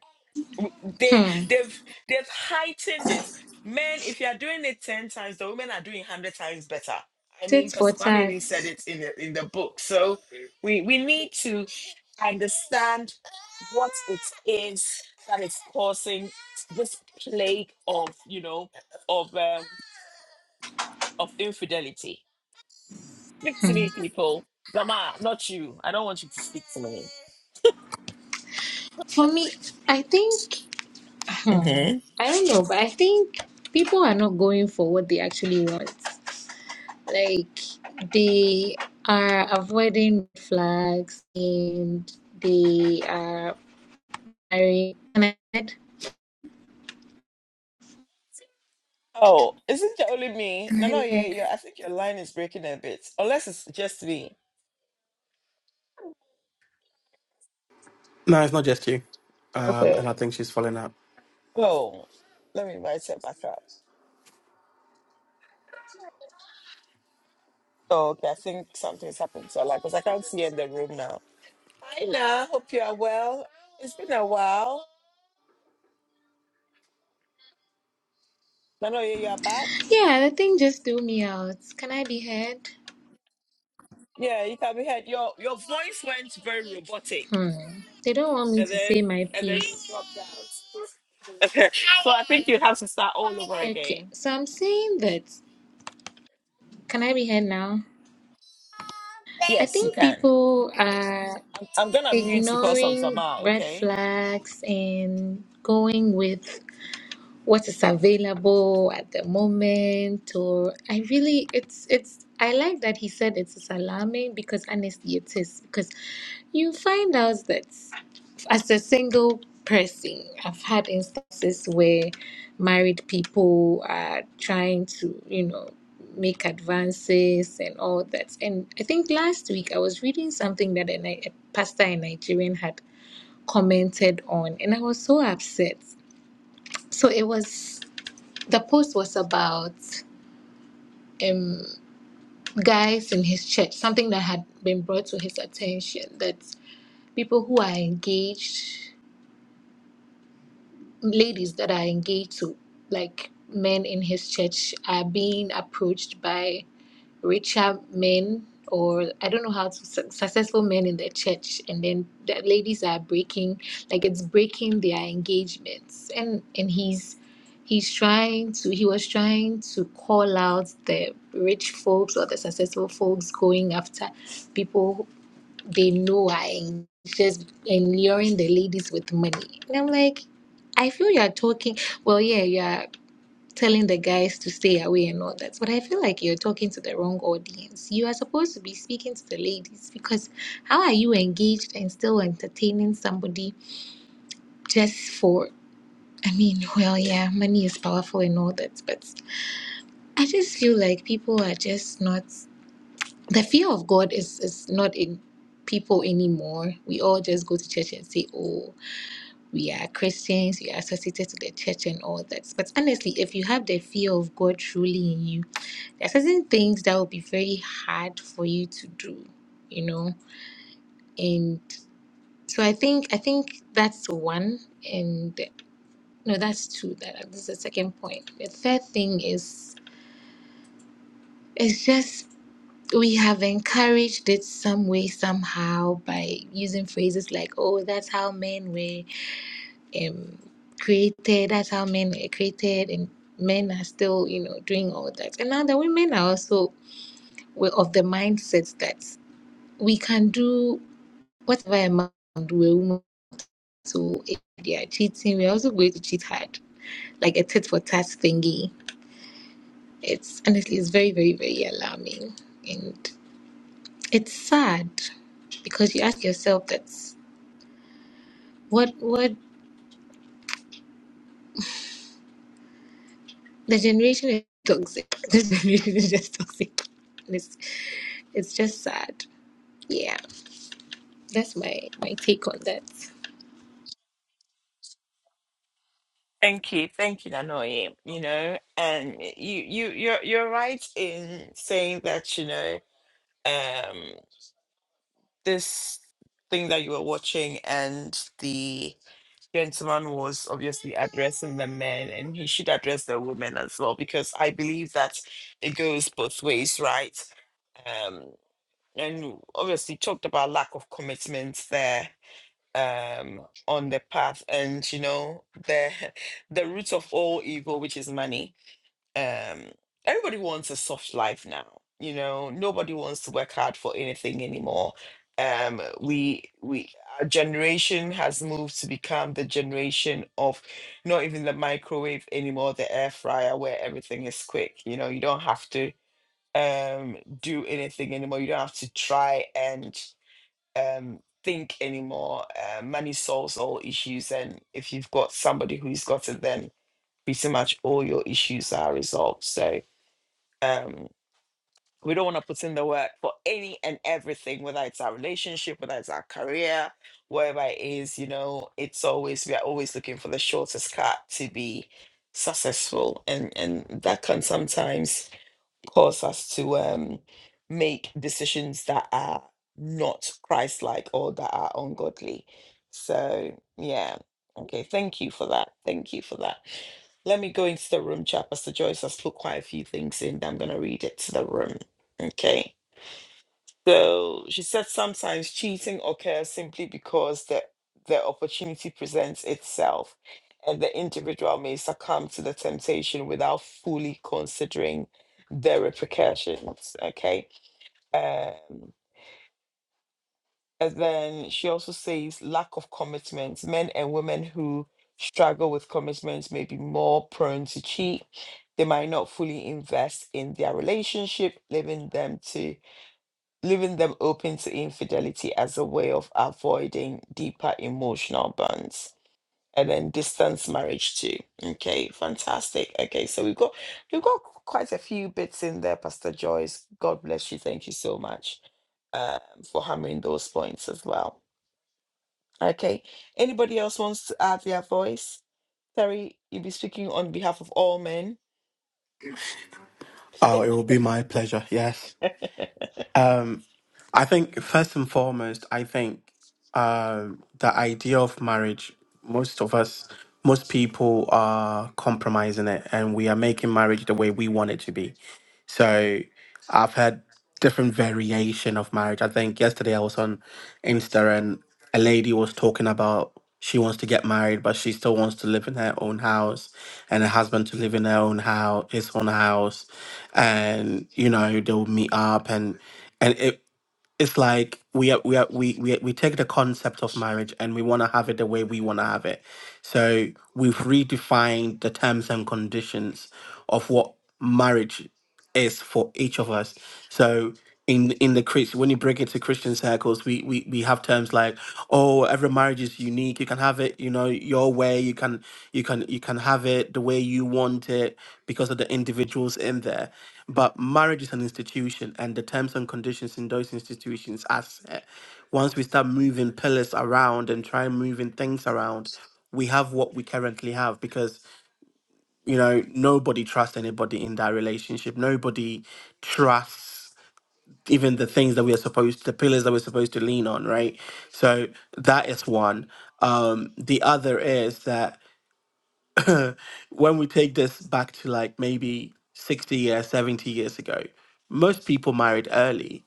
Speaker 1: they
Speaker 3: Hmm.
Speaker 1: they've they've heightened it. Men, if you are doing it ten times, the women are doing hundred times better. I
Speaker 3: Tit
Speaker 1: mean,
Speaker 3: for
Speaker 1: Pastor Kwame
Speaker 3: tat.
Speaker 1: even said it in the in the book. So we we need to understand what it is that is causing this plague of you know of um, of infidelity. Speak to
Speaker 3: Hmm.
Speaker 1: me, people. Grandma, not you. I don't want you to speak to
Speaker 3: For me, I think.
Speaker 1: me.
Speaker 3: Hmm. I don't know, but I think people are not going for what they actually want. Like they are avoiding flags and they are marrying. Can I be heard?
Speaker 1: Oh, isn't it only me?
Speaker 3: Can
Speaker 1: No,
Speaker 3: I
Speaker 1: no,
Speaker 3: be
Speaker 1: yeah,
Speaker 3: heard?
Speaker 1: yeah. I think your line is breaking a bit, unless it's just me.
Speaker 2: No, it's not just you. Um,
Speaker 1: Okay.
Speaker 2: and I think she's falling out.
Speaker 1: Oh, let me invite her back up. Oh, okay. I think something's happened to her, line because I can't see her in the room now. Hi, Na. Hope you are well. It's been a while. No, no, yeah, you are back.
Speaker 3: Yeah, the thing just threw me out. Can I be heard?
Speaker 1: Yeah, you can be heard. Your your voice went very robotic,
Speaker 3: Hmm. They don't want me
Speaker 1: and
Speaker 3: to say
Speaker 1: then
Speaker 3: my
Speaker 1: and then you
Speaker 3: piece.
Speaker 1: dropped. Okay. So I think you have to start all over
Speaker 3: Okay,
Speaker 1: again.
Speaker 3: so I'm saying that. Can I be heard now? I
Speaker 1: Yes, you
Speaker 3: think
Speaker 1: can.
Speaker 3: people are.
Speaker 1: I'm, I'm gonna mute because of
Speaker 3: ignoring
Speaker 1: Zama.
Speaker 3: red
Speaker 1: Okay.
Speaker 3: flags and going with what is available at the moment or i really it's it's i like that he said it's alarming because honestly it is because you find out that as a single person, I've had instances where married people are trying to, you know, make advances and all that. And I think last week I was reading something that a, Ni- a pastor in Nigerian had commented on, and I was so upset. So it was the post was about um, guys in his church, something that had been brought to his attention that people who are engaged ladies that are engaged to like men in his church are being approached by richer men or I don't know how to su- successful men in their church, and then the ladies are breaking like it's breaking their engagements, and and he's he's trying to he was trying to call out the rich folks or the successful folks going after people they know I'm just alluring the ladies with money. And I'm like, I feel you're talking, well, yeah, you're telling the guys to stay away and all that, but I feel like you're talking to the wrong audience. You are supposed to be speaking to the ladies because how are you engaged and still entertaining somebody just for? I mean, well, yeah, money is powerful and all that, but I just feel like people are just not. the fear of God is is not in people anymore. We all just go to church and say, "Oh, we are Christians. We are associated to the church and all that." But honestly, if you have the fear of God truly in you, there are certain things that will be very hard for you to do. You know, and so I think I think that's one, and no, that's two. That this is the second point. The third thing is. It's just we have encouraged it some way somehow by using phrases like oh that's how men were um, created that's how men were created and men are still you know doing all that and now the women are also were of the mindset that we can do whatever amount we're women so if they are cheating we're also going to cheat hard like a tit for tat thingy it's honestly it's very very very alarming and it's sad because you ask yourself that what what the generation is toxic. This generation is just toxic. And it's it's just sad. Yeah. That's my my take on that.
Speaker 1: Thank you, thank you, Nanoi. You know, and you you you're you're right in saying that, you know, um this thing that you were watching and the gentleman was obviously addressing the men and he should address the women as well because I believe that it goes both ways, right? Um and obviously talked about lack of commitment there um on the path and you know the the root of all evil, which is money um everybody wants a soft life now you know nobody wants to work hard for anything anymore um we we our generation has moved to become the generation of not even the microwave anymore the air fryer where everything is quick you know you don't have to um do anything anymore you don't have to try and um think anymore uh, money solves all issues and if you've got somebody who's got it then pretty much all your issues are resolved so um, we don't want to put in the work for any and everything, whether it's our relationship, whether it's our career, wherever it is, you know, it's always, we are always looking for the shortest cut to be successful. And, and that can sometimes cause us to um, make decisions that are not Christ like or that are ungodly. So, yeah. Okay. Thank you for that. Thank you for that. Let me go into the room chat. Pastor Joyce has put quite a few things in. I'm going to read it to the room. Okay. So she said sometimes cheating occurs simply because the, the opportunity presents itself and the individual may succumb to the temptation without fully considering the repercussions. Okay. Um, and then she also says lack of commitment. Men and women who struggle with commitment may be more prone to cheat. They might not fully invest in their relationship, leaving them to leaving them open to infidelity as a way of avoiding deeper emotional bonds and then distance marriage too okay fantastic okay so we've got we've got quite a few bits in there pastor joyce god bless you thank you so much um, for hammering those points as well okay anybody else wants to add their voice terry you'll be speaking on behalf of all men
Speaker 2: Oh, it will be my pleasure. Yes. Um, I think first and foremost, I think um, the idea of marriage, most of us, most people are compromising it and we are making marriage the way we want it to be. So I've had different variation of marriage. I think yesterday I was on Insta and a lady was talking about she wants to get married, but she still wants to live in her own house and her husband to live in her own house, his own house and you know they will meet up and and it it's like we are, we are, we we we take the concept of marriage and we want to have it the way we want to have it. So we've redefined the terms and conditions of what marriage is for each of us. So in in the Chris, when you break it to Christian circles, we, we we have terms like, oh, every marriage is unique. You can have it, you know, your way. You can you can you can have it the way you want it because of the individuals in there. But marriage is an institution, and the terms and conditions in those institutions are set. Once we start moving pillars around and try moving things around, we have what we currently have because you know, nobody trusts anybody in that relationship. Nobody trusts even the things that we are supposed, the pillars that we're supposed to lean on, right? So that is one. Um, the other is that when we take this back to like maybe 60 years, 70 years ago, most people married early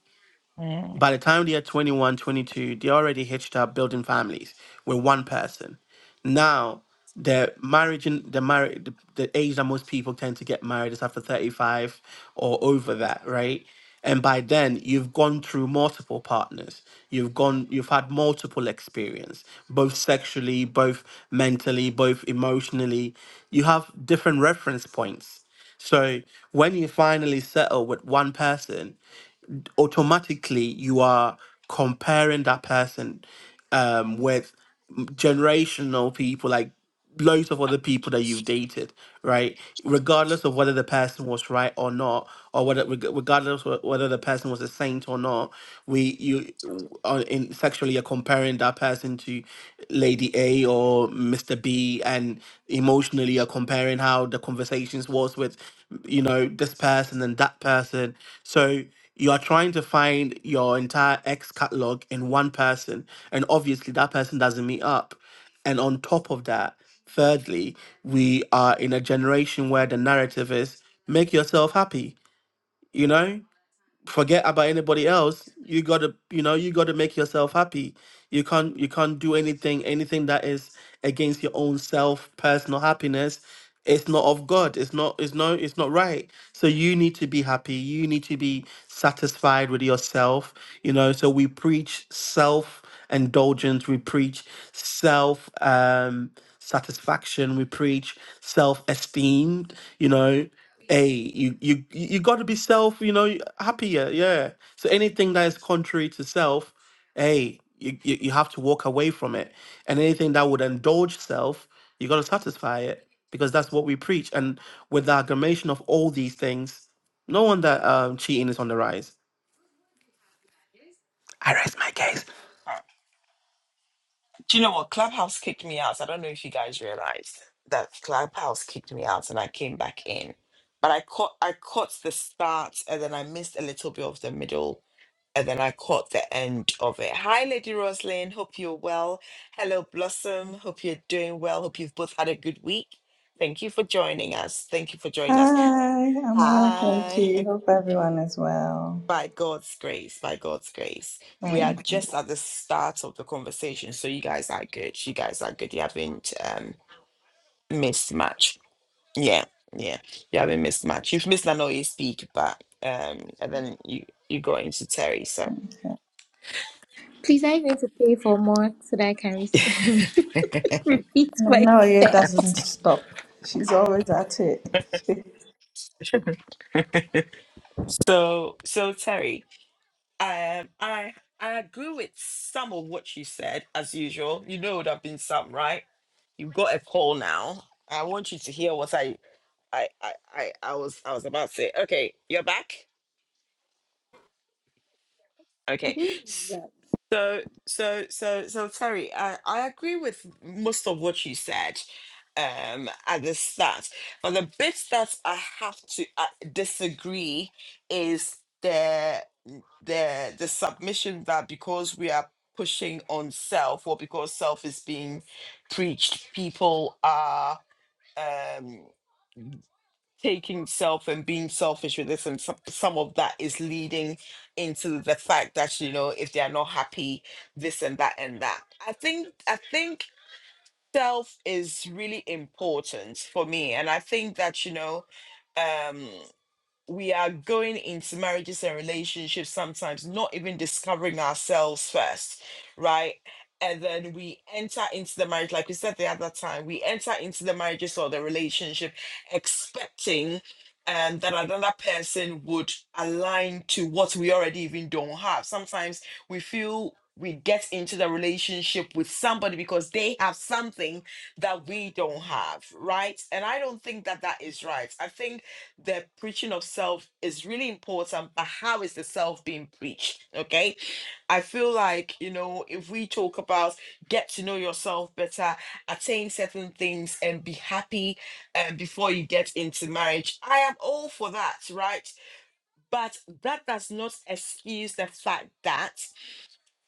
Speaker 2: by the time they are 21, 22, they're already hitched up building families with one person. Now, the marriage and the marriage, the, the age that most people tend to get married is after 35 or over that, right? And by then, you've gone through multiple partners. You've gone, you've had multiple experience, both sexually, both mentally, both emotionally. You have different reference points. So when you finally settle with one person, automatically you are comparing that person um, with generational people, like loads of other people that you've dated, right? Regardless of whether the person was right or not, or whether reg- regardless of whether the person was a saint or not, we you w- in sexually you're comparing that person to Lady A or Mr. B, and emotionally you're comparing how the conversations was with you know this person and that person. So you are trying to find your entire X catalog in one person, and obviously that person doesn't meet up. And on top of that, thirdly, we are in a generation where the narrative is make yourself happy, you know? forget about anybody else you gotta you know you gotta make yourself happy you can't you can't do anything anything that is against your own self personal happiness it's not of god it's not it's no, it's not right so you need to be happy you need to be satisfied with yourself you know so we preach self indulgence we preach self um satisfaction we preach self esteem you know Hey, you you you got to be self, you know, happier. Yeah. So anything that is contrary to self, hey, you, you you have to walk away from it. And anything that would indulge self, you got to satisfy it because that's what we preach. And with the aggravation of all these things, no wonder um, cheating is on the rise. I rest my case.
Speaker 1: Do you know what? Clubhouse kicked me out. I don't know if you guys realized that Clubhouse kicked me out and I came back in. But I caught I caught the start and then I missed a little bit of the middle and then I caught the end of it. Hi Lady Roslyn, hope you're well. Hello Blossom, hope you're doing well. Hope you've both had a good week. Thank you for joining us. Thank you for joining us.
Speaker 4: Hi, I'm well, thank
Speaker 1: Hi.
Speaker 4: you. Hope everyone is well.
Speaker 1: By God's grace, by God's grace, we are
Speaker 4: Mm.
Speaker 1: just at the start of the conversation. So you guys are good. You guys are good. You haven't um missed much. Yeah, yeah. You haven't missed much. You've missed an OE speak, but um and then you you got into Terry, so
Speaker 3: Please I need to pay for more so that I can re- repeat
Speaker 4: And I know it
Speaker 3: myself.
Speaker 4: doesn't stop. She's always at it.
Speaker 1: so so Terry, um I I agree with some of what you said as usual. You know it would have been some, right? You've got a call now. I want you to hear what I I, I, I, I was, I was about to say, okay, you're back. Okay, so, so, so, so, Terry, I, I agree with most of what you said um at the start, but the bit that I have to uh, disagree is the the the submission that because we are pushing on self or because self is being preached, people are. um. taking self and being selfish with this and some, some of that is leading into the fact that you know if they are not happy this and that and that i think i think self is really important for me and i think that you know um we are going into marriages and relationships sometimes not even discovering ourselves first, right? And then we enter into the marriage, like we said the other time, we enter into the marriages or the relationship expecting um, that another person would align to what we already even don't have. Sometimes we feel we get into the relationship with somebody because they have something that we don't have, right? And I don't think that that is right. I think the preaching of self is really important, but how is the self being preached? Okay. I feel like, you know, if we talk about get to know yourself better, attain certain things, and be happy um, before you get into marriage, I am all for that, right? But that does not excuse the fact that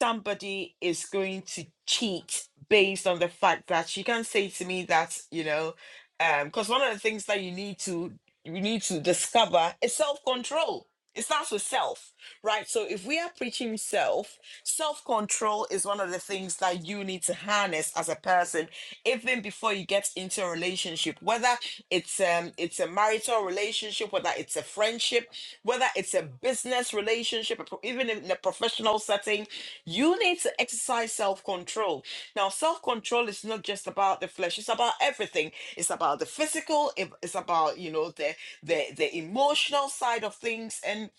Speaker 1: somebody is going to cheat based on the fact that she can say to me that you know um because one of the things that you need to you need to discover is self-control it starts with self right so if we are preaching self self-control is one of the things that you need to harness as a person even before you get into a relationship whether it's um it's a marital relationship whether it's a friendship whether it's a business relationship a pro- even in a professional setting you need to exercise self control. Now, self control is not just about the flesh, it's about everything. It's about the physical, it- it's about, you know, the, the, the emotional side of things. And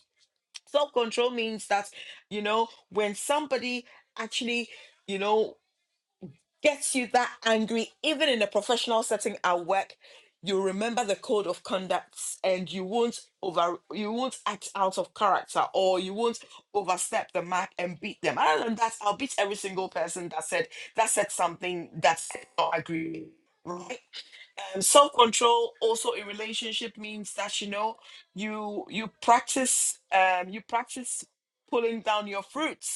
Speaker 1: self control means that, you know, when somebody actually, you know, gets you that angry, even in a professional setting at work, you remember the code of conducts and you won't over you won't act out of character or you won't overstep the mark and beat them. Other than that, I'll beat every single person that said that said something that I don't agree with, right? um, self control also in relationship means that you know you you practice um you practice pulling down your fruits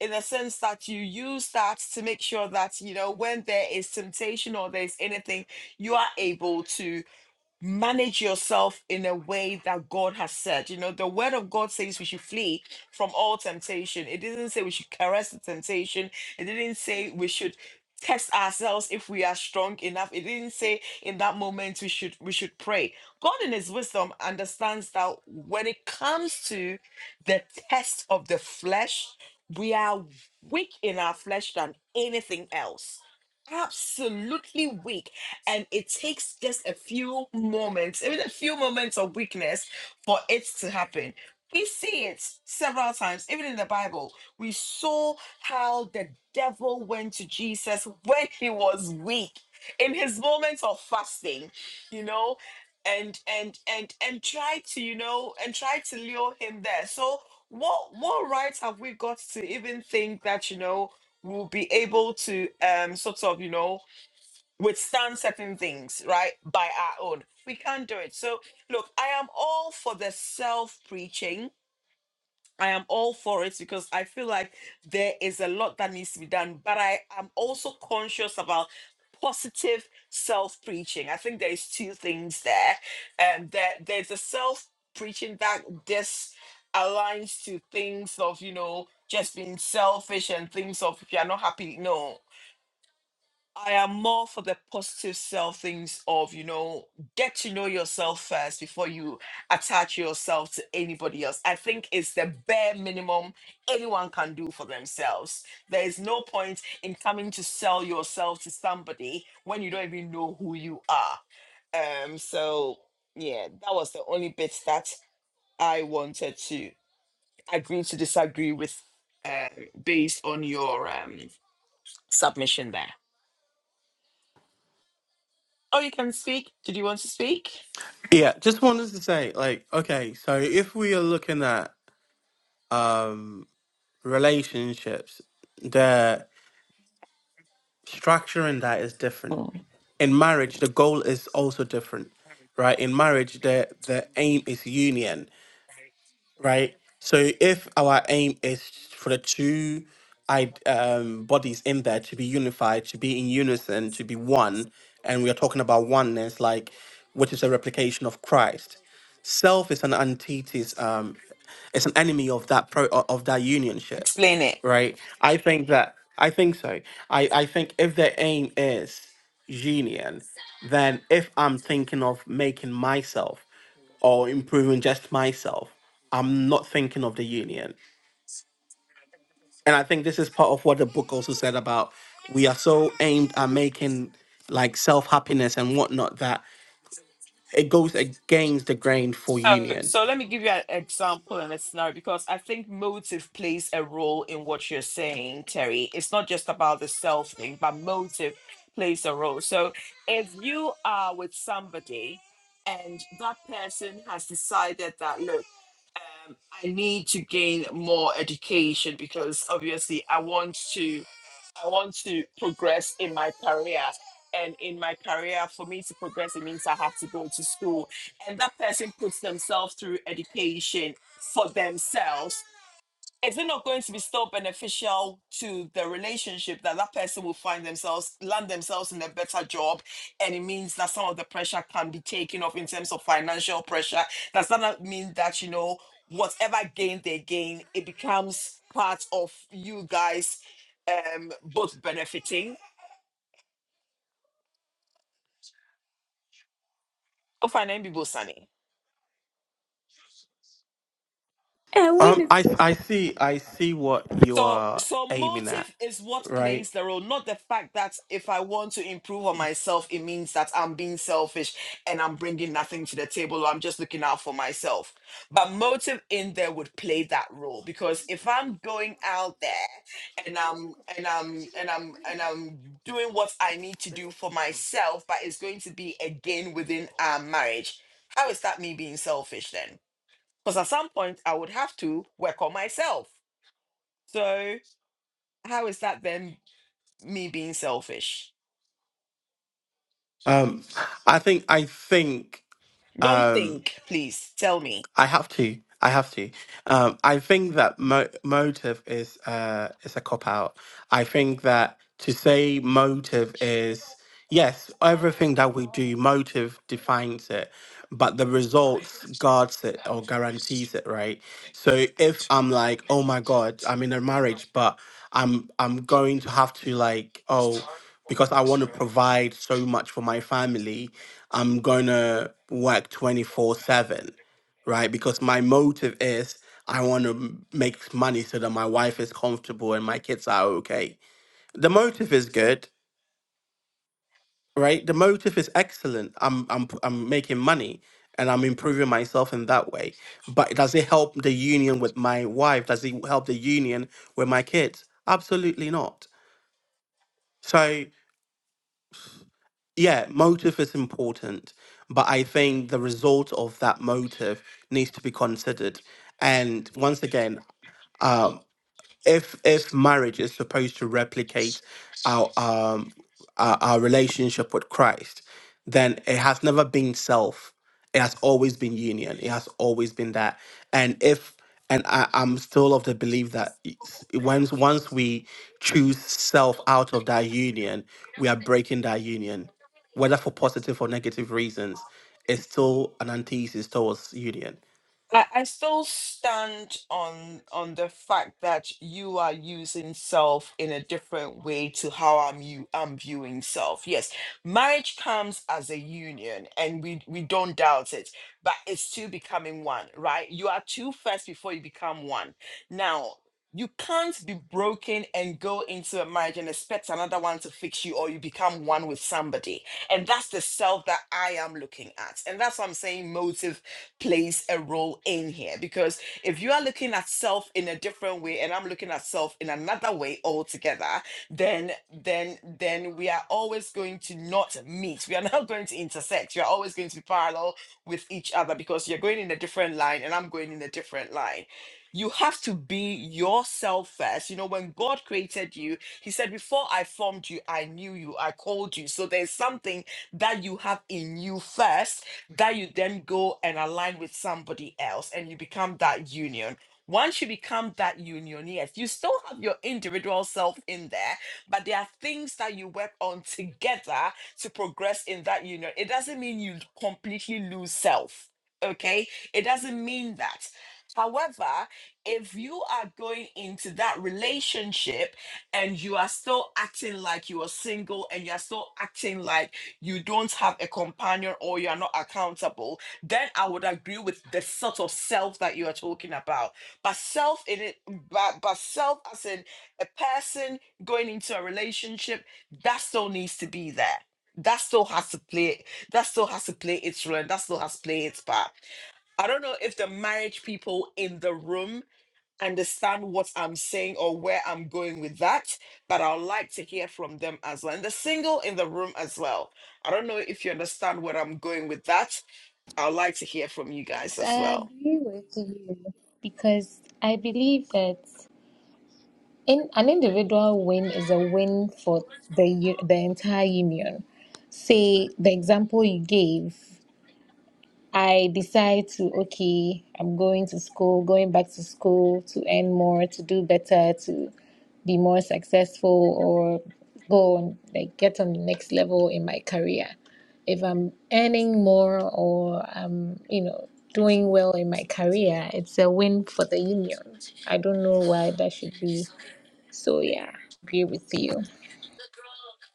Speaker 1: in the sense that you use that to make sure that you know when there is temptation or there's anything you are able to manage yourself in a way that God has said. You know, the word of God says we should flee from all temptation. It didn't say we should caress the temptation. It didn't say we should test ourselves if we are strong enough. It didn't say in that moment we should we should pray. God in his wisdom understands that when it comes to the test of the flesh, we are weak in our flesh than anything else absolutely weak. And it takes just a few moments, even a few moments of weakness for it to happen. We see it several times, even in the Bible. We saw how the devil went to Jesus when he was weak, in his moments of fasting, you know, and and and and try to, you know, and try to lure him there. So what what rights have we got to even think that, you know, we'll be able to um sort of, you know, withstand certain things, right? By our own. We can't do it. So, look, I am all for the self preaching. I am all for it because I feel like there is a lot that needs to be done, but I am also conscious about positive self preaching. I think there's two things there. Um, there there's a self preaching that just aligns to things of, you know, just being selfish and things of if you're not happy, no. I am more for the positive self things of, you know, get to know yourself first before you attach yourself to anybody else. I think it's the bare minimum anyone can do for themselves. There is no point in coming to sell yourself to somebody when you don't even know who you are. Um, so yeah, that was the only bit that I wanted to agree to disagree with uh, based on your um, submission there. Oh, you can speak. Did you want to speak?
Speaker 2: Yeah, just wanted to say, like, okay, so if we are looking at um relationships, the structuring that is different
Speaker 1: Oh,
Speaker 2: in marriage the goal is also different right in marriage the the aim is union right so if our aim is for the two I, um, bodies in there to be unified to be in unison to be one and we are talking about oneness like which is a replication of christ self is an antithesis um it's an enemy of that pro o- of that unionship
Speaker 1: Explain it.
Speaker 2: right? I think that I think so. I I think if the aim is union, then if I'm thinking of making myself or improving just myself, I'm not thinking of the union. And I think this is part of what the book also said about we are so aimed at making like self happiness and whatnot that it goes against the grain for
Speaker 1: So,
Speaker 2: union.
Speaker 1: so let me give you an example and a scenario because I think motive plays a role in what you're saying, Terry. It's not just about the self thing, but motive plays a role. So, if you are with somebody and that person has decided that, look, um, I need to gain more education because obviously I want to, I want to progress in my career. And in my career, for me to progress, it means I have to go to school and that person puts themselves through education for themselves, is it not going to be still beneficial to the relationship that that person will find themselves, land themselves in a better job? And it means that some of the pressure can be taken off in terms of financial pressure. Does that not mean that, you know, whatever gain they gain, it becomes part of you guys um both benefiting? Oh, fine, people, Sunny.
Speaker 3: I
Speaker 2: Um,
Speaker 3: win.
Speaker 2: I I see I see what you
Speaker 1: So,
Speaker 2: are
Speaker 1: so
Speaker 2: aiming at,
Speaker 1: motive is what
Speaker 2: right?
Speaker 1: plays the role, not the fact that if I want to improve on myself, it means that I'm being selfish and I'm bringing nothing to the table or I'm just looking out for myself. But motive in there would play that role because if I'm going out there and I'm and I'm and I'm and I'm doing what I need to do for myself, but it's going to be again within our marriage, how is that me being selfish then? Because at some point I would have to work on myself. So. How is that then me being selfish?
Speaker 2: Um, I think I think
Speaker 1: Don't
Speaker 2: um,
Speaker 1: think, please tell me.
Speaker 2: I have to. I have to. Um, I think that mo- motive is uh, is a cop out. I think that to say motive is yes, everything that we do, motive defines it, but the results guards it or guarantees it, right? So if I'm like, oh my god, I'm in a marriage, but I'm I'm going to have to like oh because I want to provide so much for my family, I'm gonna work twenty four seven right? Because my motive is I want to make money so that my wife is comfortable and my kids are okay. The motive is good, right? The motive is excellent. I'm I'm p- I'm making money and I'm improving myself in that way. But does it help the union with my wife? Does it help the union with my kids? Absolutely not. So yeah, motive is important, but I think the result of that motive needs to be considered. And once again, um, if if marriage is supposed to replicate our um our, our relationship with Christ, then it has never been self. It has always been union. It has always been that. And if and I, I'm still of the belief that it's- once once we choose self out of that union, we are breaking that union, whether for positive or negative reasons. It's still an antithesis towards union.
Speaker 1: I, I still stand on on the fact that you are using self in a different way to how I'm you I'm viewing self. Yes, marriage comes as a union, and we we don't doubt it, but it's two becoming one, right? You are two first before you become one. Now. You can't be broken and go into a marriage and expect another one to fix you, or you become one with somebody. And that's the self that I am looking at. And that's what I'm saying motive plays a role in here because if you are looking at self in a different way and I'm looking at self in another way altogether, then then then we are always going to not meet. We are not going to intersect. You're always going to be parallel with each other because you're going in a different line and I'm going in a different line. You have to be yourself first. You know, when God created you, He said, Before I formed you, I knew you, I called you. So there's something that you have in you first that you then go and align with somebody else and you become that union. Once you become that union, yes, you still have your individual self in there, but there are things that you work on together to progress in that union. It doesn't mean you completely lose self, okay? It doesn't mean that. However, if you are going into that relationship and you are still acting like you are single and you are still acting like you don't have a companion or you are not accountable, then I would agree with the sort of self that you are talking about. But self in it, but, but self as in a person going into a relationship, that still needs to be there. That still has to play. That still has to play its role. and That still has to play its part. I don't know if the marriage people in the room understand what I'm saying or where I'm going with that, but I'd like to hear from them as well. And the single in the room as well. I don't know if you understand where I'm going with that. I'd like to hear from you guys as
Speaker 3: I
Speaker 1: well.
Speaker 3: agree with you because I believe that in an individual win is a win for the u- the entire union. Say the example you gave. I decide to, okay, I'm going to school, going back to school to earn more, to do better, to be more successful or go on, like get on the next level in my career. If I'm earning more or I'm, you know, doing well in my career, it's a win for the union. I don't know why that should be. So yeah, agree with you.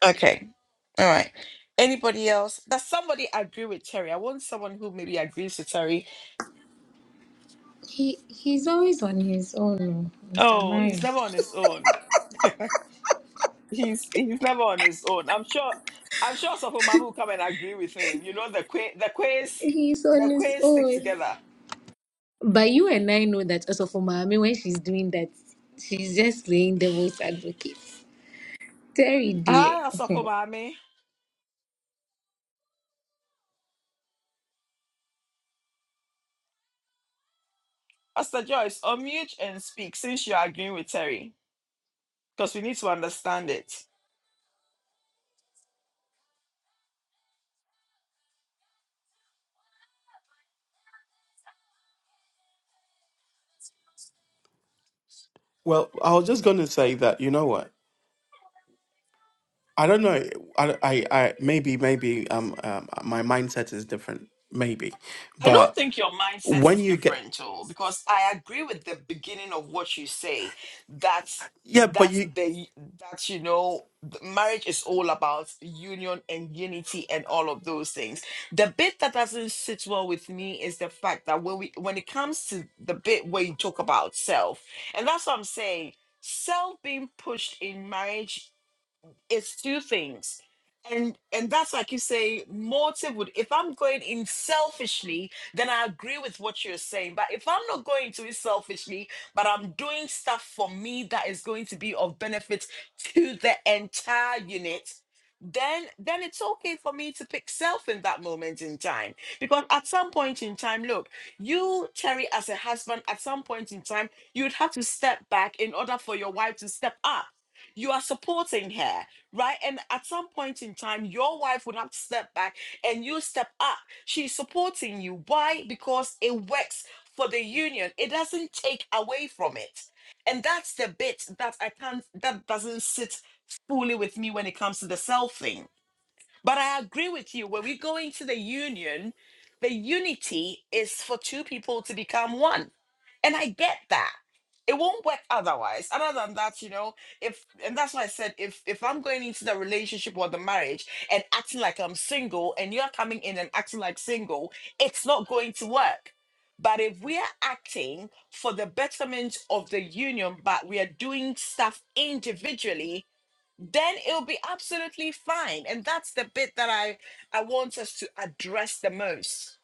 Speaker 1: Okay. All right. Anybody else? Does somebody agree with Terry? I want someone who maybe agrees with Terry.
Speaker 3: He he's always on his own, oh, Mr.
Speaker 1: Oh,
Speaker 3: Mario.
Speaker 1: he's never on his own. he's he's never on his own. I'm sure I'm sure Sofo Mamu will come and agree with him. You know the quiz the quiz
Speaker 3: He's on
Speaker 1: the
Speaker 3: his
Speaker 1: quiz stick
Speaker 3: own.
Speaker 1: together.
Speaker 3: But you and I know that also for mommy when she's doing that, she's just playing devil's advocate. Terry dear.
Speaker 1: Hi, Asafobame. Pastor Joyce, unmute and speak since you're agreeing with Terry, because we need to understand it.
Speaker 2: Well, I was just going to say that you know what I don't know. I, I, I maybe, maybe um, um, my mindset is different. Maybe,
Speaker 1: I don't
Speaker 2: but
Speaker 1: think your mindset
Speaker 2: when
Speaker 1: is
Speaker 2: you get,
Speaker 1: different, Joel, because I agree with the beginning of what you say that
Speaker 2: yeah, but
Speaker 1: that
Speaker 2: you,
Speaker 1: the that you know the marriage is all about union and unity and all of those things. The bit that doesn't sit well with me is the fact that when we when it comes to the bit where you talk about self, and that's what I'm saying self being pushed in marriage it's two things and and that's like you say motive would if i'm going in selfishly then i agree with what you're saying but if i'm not going to it selfishly but i'm doing stuff for me that is going to be of benefit to the entire unit then then it's okay for me to pick self in that moment in time because at some point in time look you terry as a husband at some point in time you'd have to step back in order for your wife to step up you are supporting her right? And at some point in time, your wife would have to step back and you step up. She's supporting you. Why? Because it works for the union. It doesn't take away from it. And that's the bit that I can't that doesn't sit fully with me when it comes to the self thing but I agree with you. When we go into the union, the unity is for two people to become one. And I get that. It won't work otherwise. Other than that, you know, if and that's why I said if if I'm going into the relationship or the marriage and acting like I'm single and you're coming in and acting like single, it's not going to work. But if we are acting for the betterment of the union, but we are doing stuff individually, then it'll be absolutely fine and that's the bit that i i want us to address the most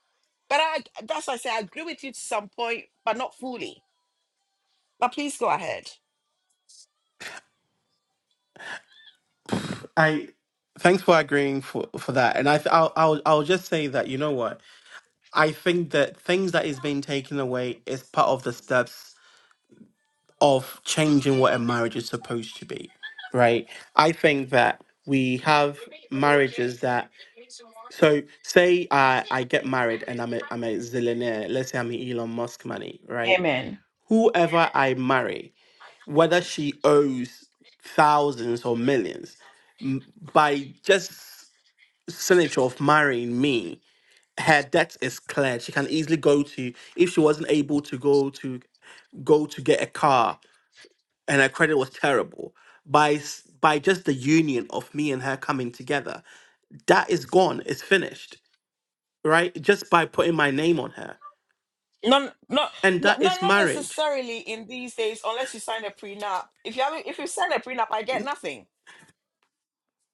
Speaker 1: but i that's why i say i agree with you to some point but not fully but please go ahead
Speaker 2: I, thanks for agreeing for for that. And I, th- I'll, I'll, I'll just say that you know what? I think that things that is being taken away is part of the steps of changing what a marriage is supposed to be, right? I think that we have marriages that. So say I, I get married and I'm a I'm a zillionaire. Let's say I'm Elon Musk money, right?
Speaker 1: Amen.
Speaker 2: whoever I marry, whether she owes thousands or millions, m- by just signature of marrying me, her debt is cleared. She can easily go to if she wasn't able to go to go to get a car and her credit was terrible. By s- by just the union of me and her coming together, that is gone. It's finished, right? Just by putting my name on her,
Speaker 1: not not
Speaker 2: and
Speaker 1: not
Speaker 2: that
Speaker 1: not
Speaker 2: is
Speaker 1: not
Speaker 2: marriage.
Speaker 1: necessarily in these days unless you sign a prenup if you haven't if you sign a prenup i get nothing